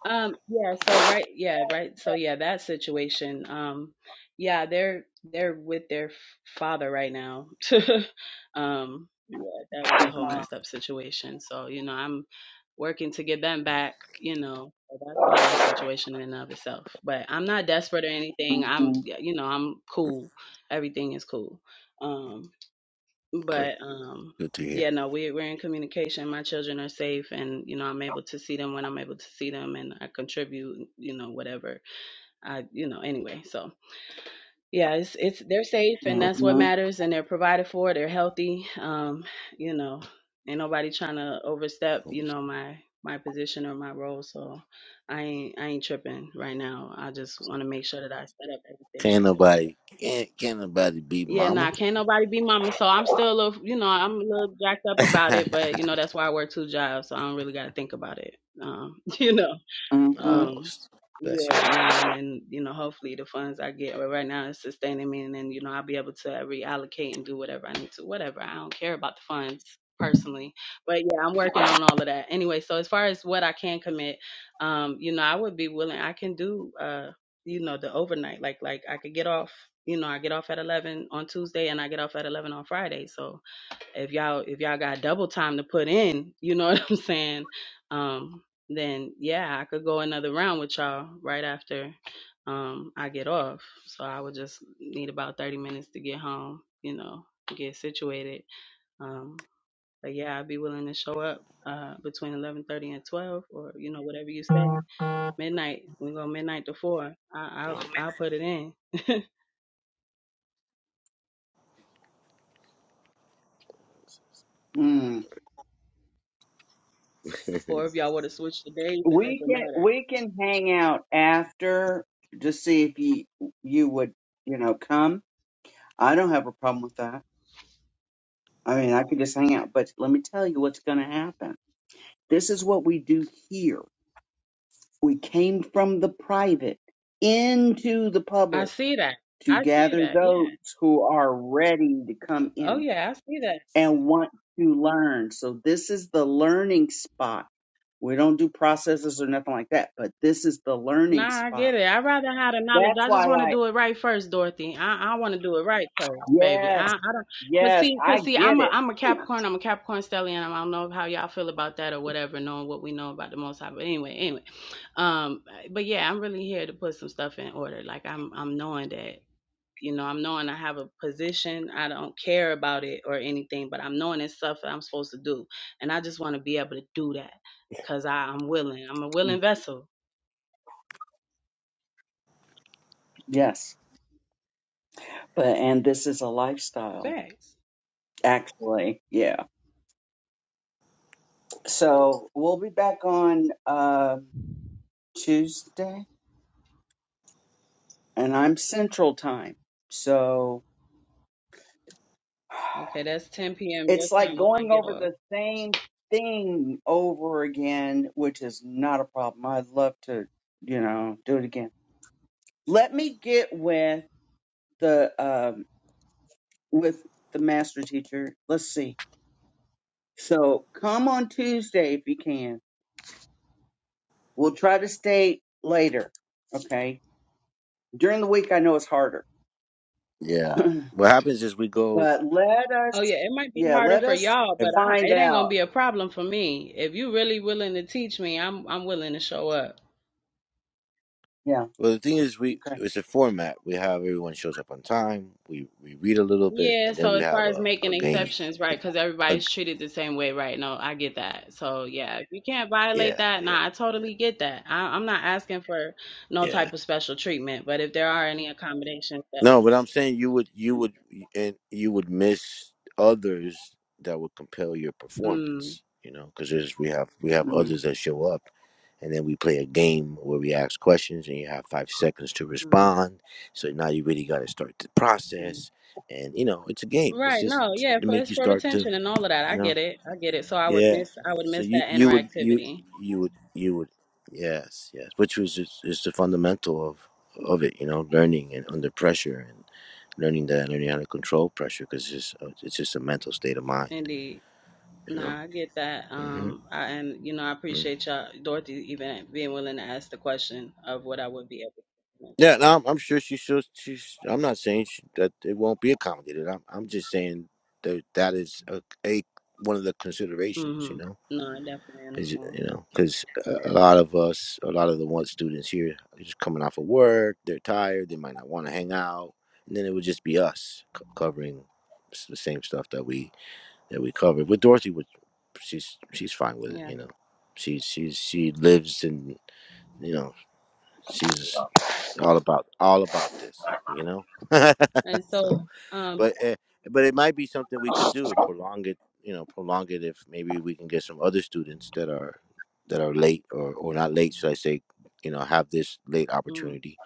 Speaker 7: Um, yeah, so right, yeah, right. So yeah, that situation. Um, yeah, they're they're with their f- father right now. (laughs) Um, yeah, that was a whole
Speaker 3: Okay,
Speaker 7: messed up situation. So, you know, I'm working to get them back, you know. So that's a whole situation in and of itself. But I'm not desperate or anything. I'm,
Speaker 2: hmm
Speaker 7: yeah, you know, I'm cool. Everything is cool. Um
Speaker 3: great.
Speaker 7: but um
Speaker 3: Good to hear.
Speaker 7: yeah no we, we're in communication my children are safe and you know i'm able to see them when i'm able to see them and i contribute you know whatever i you know anyway so yeah it's it's they're safe and that's what
Speaker 2: hmm
Speaker 3: Overstep.
Speaker 7: matters and they're provided for they're healthy um you know ain't nobody trying to overstep you
Speaker 3: Overstep.
Speaker 7: know my my position or my role so i ain't i ain't tripping right now i just want to make sure that i set up everything
Speaker 3: Can't
Speaker 7: the right way
Speaker 3: nobody can't, can't nobody beat
Speaker 7: yeah,
Speaker 3: mama.
Speaker 7: nah, can't nobody be mama. So I'm still a little, you know, I'm a little jacked
Speaker 3: (laughs)
Speaker 7: up about
Speaker 3: oh,
Speaker 7: it, but you know, that's why I work two jobs. So I don't really got to think about it. Um, (laughs) you know.
Speaker 2: hmm
Speaker 7: Um,
Speaker 3: s- bless your
Speaker 7: yeah,
Speaker 3: heart.
Speaker 7: nah, and then you know, hopefully the funds I get but right now it's sustaining me, and then you know I'll be able to reallocate and do whatever I need to, whatever. I don't care about the funds personally, but yeah, I'm working on all of that anyway. So as far as what I can commit, um, you know, I would be willing. I can do uh, you know, the overnight, like like I could get off. You know, I get off at eleven on Tuesday, and I get off at eleven on Friday, so if y'all if y'all got double time to put in, you know (laughs) what I'm saying? Um, then yeah, I could go another round with y'all right after um I get off. So I would just need about thirty minutes to get home, you know, get situated. Um, but yeah, I'd be willing to show up uh between eleven thirty and twelve or, you know, whatever you say. Midnight. We go midnight to four. I I'll I'll put it in. (laughs)
Speaker 2: Mm.
Speaker 3: (laughs)
Speaker 7: or if y'all want to switch the days, it
Speaker 2: We
Speaker 7: doesn't
Speaker 2: can
Speaker 7: matter.
Speaker 2: we can hang out after to see if you you would you know come. I don't have a problem with that. I mean, I could just hang out, but let me tell you what's going to happen. This is what we do here. We came from the private into the
Speaker 7: I
Speaker 2: public
Speaker 7: see that.
Speaker 2: to
Speaker 7: I see
Speaker 2: gather
Speaker 7: that. Yeah.
Speaker 2: those who are ready to come
Speaker 7: Oh
Speaker 2: in
Speaker 7: yeah, I see that.
Speaker 2: and want to learn. So this is the learning spot. We don't do processes or nothing like that, but this is the learning
Speaker 7: Nah, I
Speaker 2: spot.
Speaker 7: get it. I'd rather have the knowledge.
Speaker 2: That's
Speaker 7: I
Speaker 2: why
Speaker 7: just want to
Speaker 2: I
Speaker 7: do it right first, Dorothy. I, I want to do it right first, baby.
Speaker 2: yes,
Speaker 7: I, I don't cause
Speaker 2: yes,
Speaker 7: see,
Speaker 2: I
Speaker 7: cause see,
Speaker 2: get
Speaker 7: I'm a
Speaker 2: it.
Speaker 7: I'm a Capricorn. I'm a Capricorn stellium. I don't know how y'all feel about that or whatever, knowing what we know about the Most High. But anyway, anyway, um, but yeah, I'm really here to put some stuff in order. Like I'm I'm knowing that. You know, I'm knowing I have a position. I don't care about it or anything, but I'm knowing it's stuff that I'm supposed to do, and I just want to be able to do that because I'm willing. I'm a
Speaker 2: Mm,
Speaker 7: willing vessel.
Speaker 2: Yes. But and this is a lifestyle,
Speaker 7: Facts.
Speaker 2: actually. Yeah. So we'll be back on uh Tuesday and I'm central time. So
Speaker 7: Okay, that's 10 p.m. your
Speaker 2: It's like
Speaker 7: time when I
Speaker 2: going
Speaker 7: get
Speaker 2: over
Speaker 7: off.
Speaker 2: the same thing over again, which is not a problem. I'd love to, you know, do it again. Let me get with the um with the master teacher. Let's see. So come on Tuesday if you can. We'll try to stay later. Okay. During the week I know it's harder. (clears throat)
Speaker 3: Yeah.
Speaker 2: but
Speaker 3: What happens is we go.
Speaker 2: let
Speaker 7: Oh
Speaker 2: us
Speaker 7: yeah, it might be
Speaker 2: yeah,
Speaker 7: harder
Speaker 2: let
Speaker 7: for
Speaker 2: us
Speaker 7: y'all, but
Speaker 3: ev-
Speaker 7: I,
Speaker 2: find
Speaker 7: it ain't gonna
Speaker 2: out.
Speaker 7: be a problem for me. If you really willing to teach me, I'm I'm willing to show up.
Speaker 2: Yeah,
Speaker 3: Well, the thing is, we
Speaker 2: okay.
Speaker 3: it's a format. We have everyone shows up on time. We we read a little bit,
Speaker 7: Yeah.
Speaker 3: and then
Speaker 7: So
Speaker 3: we
Speaker 7: as far
Speaker 3: have
Speaker 7: as
Speaker 3: a a
Speaker 7: making
Speaker 3: game.
Speaker 7: exceptions, right? Because
Speaker 3: A, g
Speaker 7: everybody's treated the same way, right? No, I get that. So yeah, if you can't violate
Speaker 3: yeah,
Speaker 7: that,
Speaker 3: yeah,
Speaker 7: nah, I totally get that. I, I'm not asking for no
Speaker 3: yeah.
Speaker 7: type of special treatment, but if there are any accommodations that,
Speaker 3: No, but I'm saying you would you would and you would miss others that would compel your
Speaker 7: mm,
Speaker 3: performance. You know, because there's we have we have
Speaker 2: Mm.
Speaker 3: others that show up, and then we play a game where we ask questions and you have five seconds to
Speaker 7: mm,
Speaker 3: respond. So now you really got to start the
Speaker 7: mm.
Speaker 3: process, and you know it's a game. It's
Speaker 7: Right,
Speaker 3: just
Speaker 7: no, yeah,
Speaker 3: to
Speaker 7: for
Speaker 3: make
Speaker 7: it's
Speaker 3: you
Speaker 7: for
Speaker 3: start to
Speaker 7: retention and all of that.
Speaker 3: you
Speaker 7: I
Speaker 3: know.
Speaker 7: get it. I get it. So I would
Speaker 3: Yeah.
Speaker 7: miss I would
Speaker 3: So
Speaker 7: miss
Speaker 3: you
Speaker 7: that
Speaker 3: you would you
Speaker 7: interactivity.
Speaker 3: you would you would yes yes, which was is, is the fundamental of of it. You know, learning and under pressure and learning that learning how to control pressure because it's just, uh, it's just a mental state of mind.
Speaker 7: Indeed.
Speaker 3: You know.
Speaker 7: Nah, I get that.
Speaker 3: hmm
Speaker 7: Um I and you know, I
Speaker 3: mm
Speaker 7: appreciate y'all Dorothy even being willing to ask the question of what I would be able to do.
Speaker 3: Yeah, no, I'm, I'm sure she should. She's. I'm not saying she, that it won't be accommodated. I'm I'm just saying that that is a, a one of the
Speaker 7: So,
Speaker 3: considerations. You
Speaker 7: mm-hmm.
Speaker 3: know.
Speaker 7: No, I definitely
Speaker 3: Is
Speaker 7: understand.
Speaker 3: you know, because a a lot of us, a lot of the one students here, are just coming off of work, they're tired, they might not want to hang out, and then it would just be us c- covering s- the same stuff that we that we covered. With Dorothy, which she's she's fine with it,
Speaker 7: Yeah.
Speaker 3: you know. She she's she lives in you know she's all about all about this, you know. (laughs)
Speaker 7: And
Speaker 3: so
Speaker 7: so um
Speaker 3: but uh, but it might be something we could do prolong it you know prolong it if maybe we can get some other students that are that are late or or not late should i say you know have this late
Speaker 7: mm,
Speaker 3: opportunity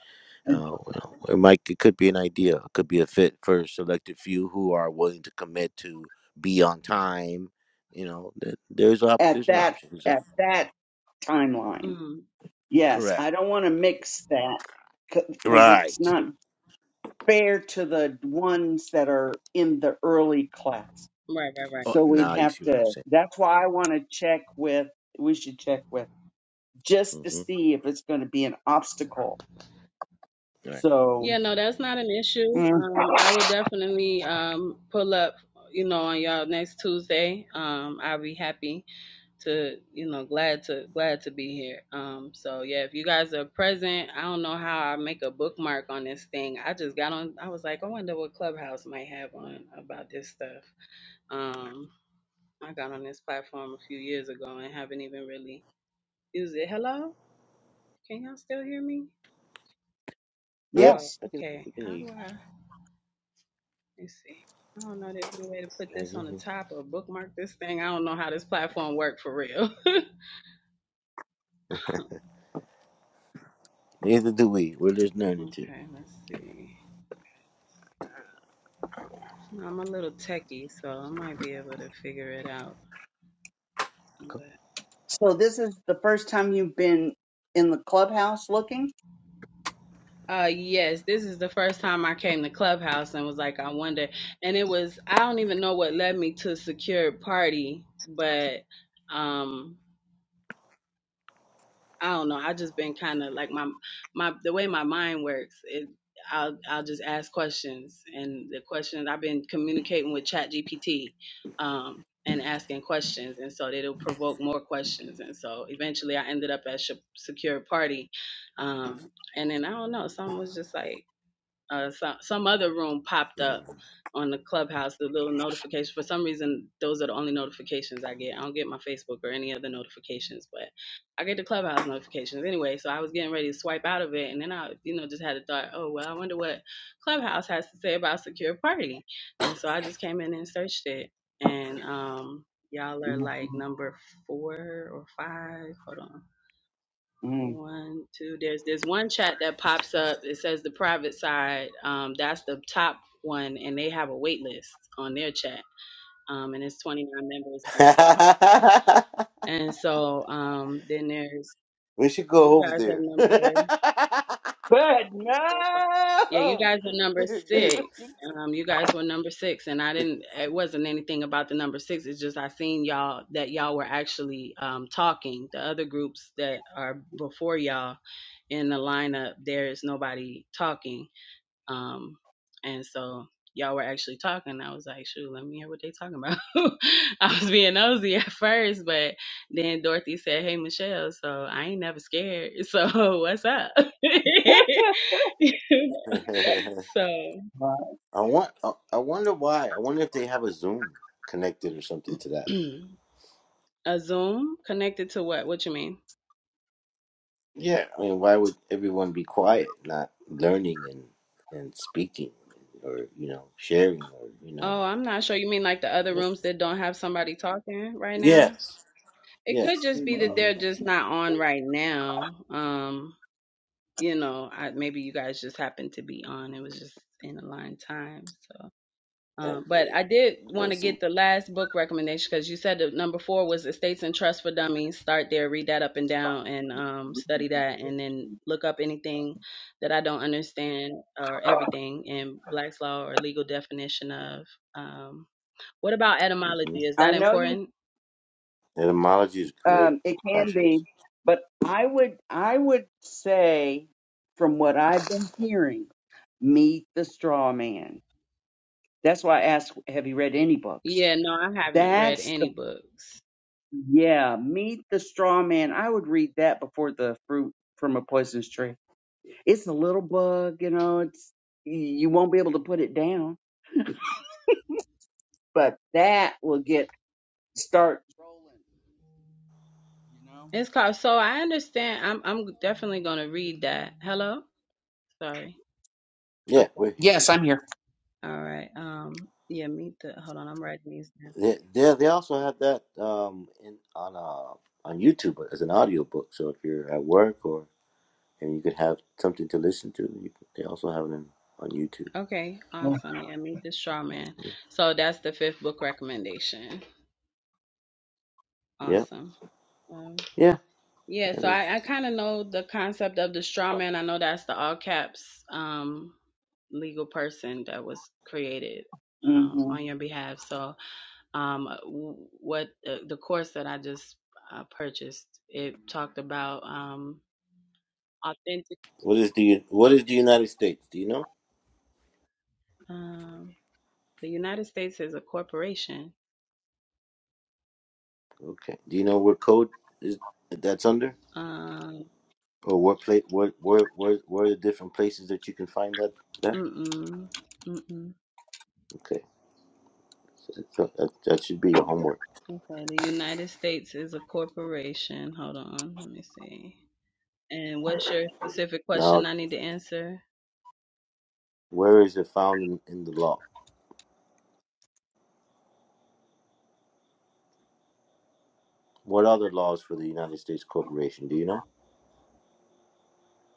Speaker 3: uh, you know, it might it could be an idea it could be a fit for a selected few who are willing to commit to be on time you know th- there's op-
Speaker 2: At
Speaker 3: there's an
Speaker 2: that
Speaker 3: option There's a-
Speaker 2: at that timeline.
Speaker 7: mm,
Speaker 2: Yes,
Speaker 3: correct
Speaker 2: I don't want to mix that because it's
Speaker 3: right
Speaker 2: not fair to the ones that are in the early class.
Speaker 7: right, right, right.
Speaker 3: oh,
Speaker 2: So we'd
Speaker 3: now you
Speaker 2: have
Speaker 3: see what i'm
Speaker 2: to,
Speaker 3: saying
Speaker 2: that's why I want to check with, we should check with just to
Speaker 3: mm-hmm.
Speaker 2: see if it's going to be an obstacle.
Speaker 3: right
Speaker 2: So,
Speaker 7: Yeah, no, that's not an issue.
Speaker 2: mm,
Speaker 7: Um I will definitely um pull up, you know, on y'all next Tuesday. Um I'll be happy to you know glad to glad to be here um so yeah if you guys are present i don't know how i make a bookmark on this thing i just got on i was like i wonder what clubhouse might have on about this stuff um i got on this platform a few years ago and haven't even really used it hello can y'all still hear me
Speaker 3: yep
Speaker 7: oh
Speaker 2: yes.
Speaker 7: okay
Speaker 3: we can
Speaker 7: how
Speaker 3: eat.
Speaker 7: do i let's see i don't know there's no way to put
Speaker 3: Yeah,
Speaker 7: this
Speaker 3: yeah,
Speaker 7: on the
Speaker 3: yeah.
Speaker 7: top or bookmark this thing i don't know how this platform worked for real (laughs)
Speaker 3: neither do we we're just learning to
Speaker 7: okay let's see I'm a little techie, so I might be able to figure it out. But
Speaker 2: So this is the first time you've been in the clubhouse looking?
Speaker 7: uh yes, this is the first time I came to Clubhouse and was like, I wonder and it was I don't even know what led me to secured party, but um I don't know. I just been kind of like my my the way my mind works. It I'll I'll just ask questions, and the questions I've been communicating with ChatGPT um, and asking questions, and so it'll provoke more questions, and so eventually I ended up at Sh- Secure Party, um, and then I don't know. Someone was just like uh, some some other room popped up on the clubhouse. The little notification. For some reason, those are the only notifications I get. I don't get my Facebook or any other notifications, but I get the clubhouse notifications anyway. So I was getting ready to swipe out of it, and then I, you know, just had a thought. Oh well, I wonder what clubhouse has to say about secure party. And so I just came in and searched it, and um, y'all are
Speaker 2: Mhm,
Speaker 7: like
Speaker 2: mhm,
Speaker 7: number four or five. Hold on.
Speaker 2: mhm.
Speaker 7: One, two. There's there's one chat that pops up. It says the private side. Um, that's the top one, and they have a wait list on their chat. Um, and it's 29 members.
Speaker 3: (laughs)
Speaker 7: And so um, then there's
Speaker 3: we should
Speaker 7: you
Speaker 3: go over
Speaker 7: guys are
Speaker 3: there. (laughs)
Speaker 7: number
Speaker 2: Good.
Speaker 7: three, four, five. Yeah, you
Speaker 2: No.
Speaker 7: guys are number six. Um, you guys were number six, and I didn't. It wasn't anything about the number six. It's just I seen y'all that y'all were actually um talking. The other groups that are before y'all in the lineup there is nobody talking um and so y'all were actually talking i was like shoot let me hear what they talking about (laughs) i was being nosy at first but then dorothy said hey michelle so i ain't never scared so (laughs) what's up (laughs)
Speaker 2: (laughs)
Speaker 7: so
Speaker 2: Well, I
Speaker 3: I want. I I wonder why. I wonder if they have a Zoom connected or something to that.
Speaker 7: (clears throat) a zoom connected to what what you mean
Speaker 3: Yeah, I mean, why would everyone be quiet, not learning and and speaking, or you know, sharing, or you know,
Speaker 7: oh i'm not sure you mean like the other
Speaker 3: with
Speaker 7: rooms that don't have somebody talking right now
Speaker 3: yes,
Speaker 7: it could
Speaker 3: yes.
Speaker 7: just
Speaker 2: came
Speaker 7: be that
Speaker 2: up.
Speaker 3: hmm
Speaker 7: they're just not on right now. Um, you know, I, maybe you guys just happened to be on. It was just in aligned time. So,
Speaker 3: That's
Speaker 7: um, but
Speaker 3: weird.
Speaker 7: I did want to
Speaker 3: That's
Speaker 7: get the last book recommendation because you said that number four was Estates and Trust for Dummies. Start there, read that up and down, and um, study that, and then look up anything that I don't understand or everything in Black's Law or legal definition of. Um, what about etymology?
Speaker 3: hmm
Speaker 7: Is
Speaker 2: I
Speaker 7: that
Speaker 2: know you
Speaker 7: important?
Speaker 3: Etymology is great,
Speaker 2: Um, it can
Speaker 3: fantastic.
Speaker 2: be, but I would I would say, from what I've been hearing, meet the straw man. That's why I asked, have you read any books?
Speaker 7: Yeah, no, I haven't read
Speaker 2: That's the
Speaker 7: any books.
Speaker 2: yeah, meet the straw man. I would read that before the fruit from a poisonous tree. It's a little bug, you know. It's you won't be able to put it down, but that will get start rolling, you know.
Speaker 7: It's called. So I understand. I'm I'm definitely gonna read that. Hello. Sorry.
Speaker 3: Yeah,
Speaker 7: Okay.
Speaker 3: we're here.
Speaker 2: Yes, I'm here.
Speaker 7: All right. Um. Yeah. Meet the. Hold on. I'm writing these down.
Speaker 3: They they, they also have that um in on uh on YouTube as an audio book. So if you're at work or and you could have something to listen to, you can, they also have it in, on YouTube.
Speaker 7: Okay. Awesome. Yeah. Meet the straw man. So that's the fifth book recommendation.
Speaker 3: Yeah,
Speaker 7: Awesome. Um,
Speaker 3: yeah.
Speaker 7: yeah.
Speaker 3: That
Speaker 7: So
Speaker 3: is,
Speaker 7: I I kind of know the concept of the straw man. I know that's the all caps um legal person that was created
Speaker 2: hmm
Speaker 7: um on your behalf. So um, what uh, the course that I just uh, purchased. It talked about um, authentic.
Speaker 3: what is the what is the United States? Do you know?
Speaker 7: Um, the United States is a corporation.
Speaker 3: Okay. Do you know what code is that's under,
Speaker 7: Um,
Speaker 3: or what plate? What where where where are the different places that you can find that that?
Speaker 7: mm-mm, mm-mm.
Speaker 3: Okay. So, so that that should be your homework.
Speaker 7: Okay, the United States is a corporation. Hold on, let me see. And what's your specific question
Speaker 3: Now,
Speaker 7: I need to answer?
Speaker 3: where is it found in, in the law? What other laws for the United States Corporation? Do you know?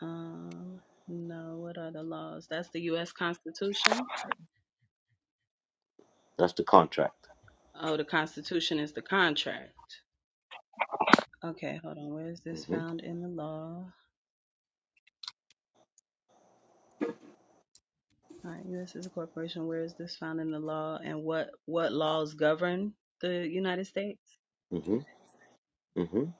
Speaker 7: Um, no, what are the laws? That's the U.S. Constitution.
Speaker 3: That's the contract.
Speaker 7: Oh, the Constitution is the contract. Okay, hold on. Where is this
Speaker 3: Mhm.
Speaker 7: found in the law? All right, U.S. is a corporation. Where is this found in the law, and what what laws govern the United States?
Speaker 3: Mhm. Mhm.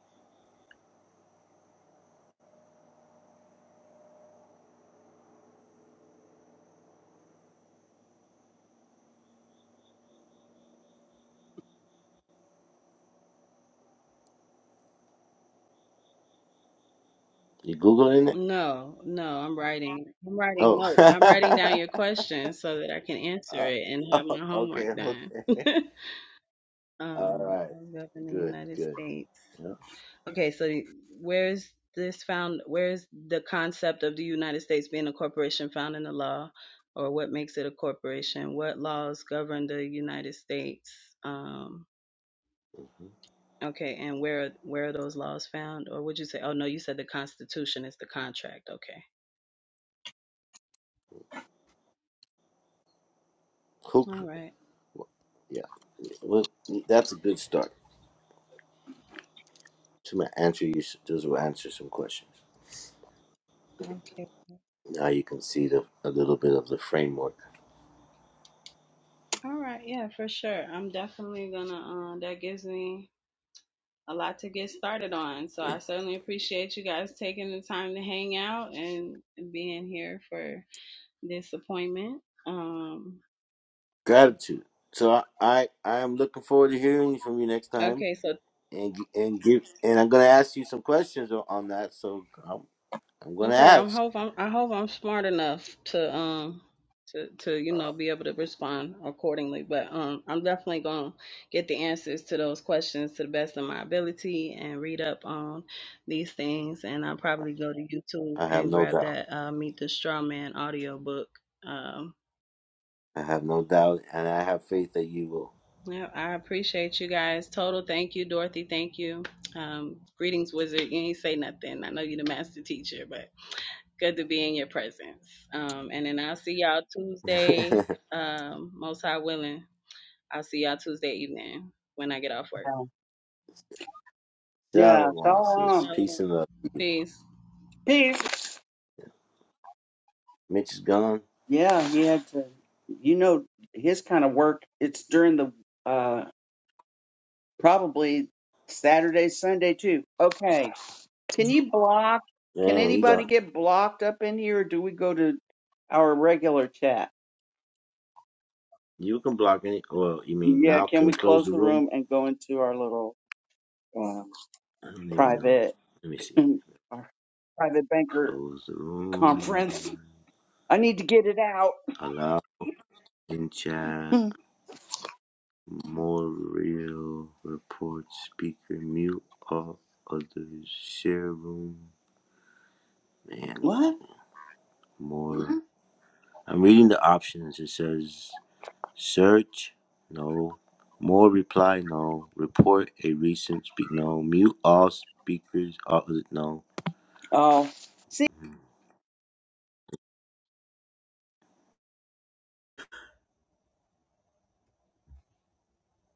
Speaker 3: You googling it?
Speaker 7: No, no, I'm writing. I'm writing
Speaker 3: Oh.
Speaker 7: notes. I'm writing down your
Speaker 3: (laughs)
Speaker 7: question so that I can answer it and
Speaker 3: Uh,
Speaker 7: have
Speaker 3: oh.
Speaker 7: my homework
Speaker 3: Okay.
Speaker 7: done.
Speaker 3: Okay. (laughs)
Speaker 7: (laughs)
Speaker 3: All
Speaker 7: um, what
Speaker 3: right.
Speaker 7: laws govern the
Speaker 3: Good.
Speaker 7: United
Speaker 3: Good.
Speaker 7: States?
Speaker 3: Yeah.
Speaker 7: Okay, so where's this found? Where's the concept of the United States being a corporation found in the law, or what makes it a corporation? What laws govern the United States? Um,
Speaker 3: Mm-hmm.
Speaker 7: Okay, and where where are those laws found? Or would you say, oh no, you said the Constitution is the contract. Okay.
Speaker 3: Who? cr-
Speaker 7: All right.
Speaker 3: Yeah. Well, that's a good start. So I'm gonna answer you. s- Those will answer some questions.
Speaker 7: Okay.
Speaker 3: Now you can see the a little bit of the framework.
Speaker 7: All right. Yeah, for sure. I'm definitely gonna. Uh, that gives me a lot to get started on. So I certainly appreciate you guys taking the time to hang out and being here for this appointment. Um.
Speaker 3: Gratitude. So I I I am looking forward to hearing from you next time,
Speaker 7: Okay. So.
Speaker 3: and g- and give and I'm gonna ask you some questions o- on that. So I'm I'm gonna
Speaker 7: Okay, I'm
Speaker 3: ask.
Speaker 7: hope I'm I hope I'm smart enough to um to to you know be able to respond accordingly. But um I'm definitely gonna get the answers to those questions to the best of my ability and read up on these things and I'll probably go to YouTube
Speaker 3: I have
Speaker 7: and
Speaker 3: no
Speaker 7: grab
Speaker 3: doubt.
Speaker 7: that uh Meet the Straw Man audiobook. Um
Speaker 3: I have no doubt, and I have faith that you will.
Speaker 7: yeah, I appreciate you guys. Total thank you, Dorothy, thank you. Um greetings, wizard. You ain't say nothing. I know you're the master teacher, Good to be in your presence. Um, and then I'll see y'all Tuesday.
Speaker 3: (laughs)
Speaker 7: Um, most high willing. I'll see y'all Tuesday evening when I get off work.
Speaker 2: yeah, Yeah. so
Speaker 3: Shalom, sis.
Speaker 2: um,
Speaker 7: Shalom.
Speaker 3: Peace and love.
Speaker 7: Peace.
Speaker 2: peace.
Speaker 3: Mitch is gone.
Speaker 2: Yeah, he had to. You know, his kind of work. It's during the uh probably Saturday, Sunday too. Okay, can you block? Can
Speaker 3: Man, he's
Speaker 2: anybody
Speaker 3: out.
Speaker 2: get blocked up in here, or do we go to our regular chat?
Speaker 3: You can block any. Well, you mean
Speaker 2: Yeah,
Speaker 3: now?
Speaker 2: can
Speaker 3: Can we
Speaker 2: we
Speaker 3: close
Speaker 2: close
Speaker 3: the
Speaker 2: the
Speaker 3: room?
Speaker 2: room and go into our little uh,
Speaker 3: I don't even know.
Speaker 2: private,
Speaker 3: Let me
Speaker 2: (laughs)
Speaker 3: see.
Speaker 2: our private banker
Speaker 3: Close the room.
Speaker 2: conference? I need to get it out.
Speaker 3: Allow in chat.
Speaker 2: (laughs)
Speaker 3: More real report. Speaker mute all others. Share room. And
Speaker 2: what?
Speaker 3: more. Mhm. I'm reading the options. It says search. No. More reply. No. Report a recent speak. No. Mute all speakers. All other, no.
Speaker 2: Oh.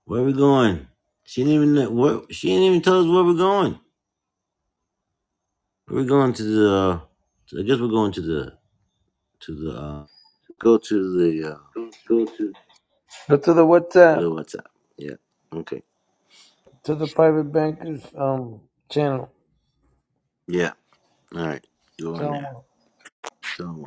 Speaker 3: Where we going? She didn't even know- where, she didn't even tell us where we're going. We're going to the. I guess we're going to the to the. Uh, Go to the uh,
Speaker 6: but to the what's that?
Speaker 3: the WhatsApp. Yeah. Okay.
Speaker 6: To the private bankers um channel.
Speaker 3: Yeah. All right. Go on there.
Speaker 6: So
Speaker 3: Show 'em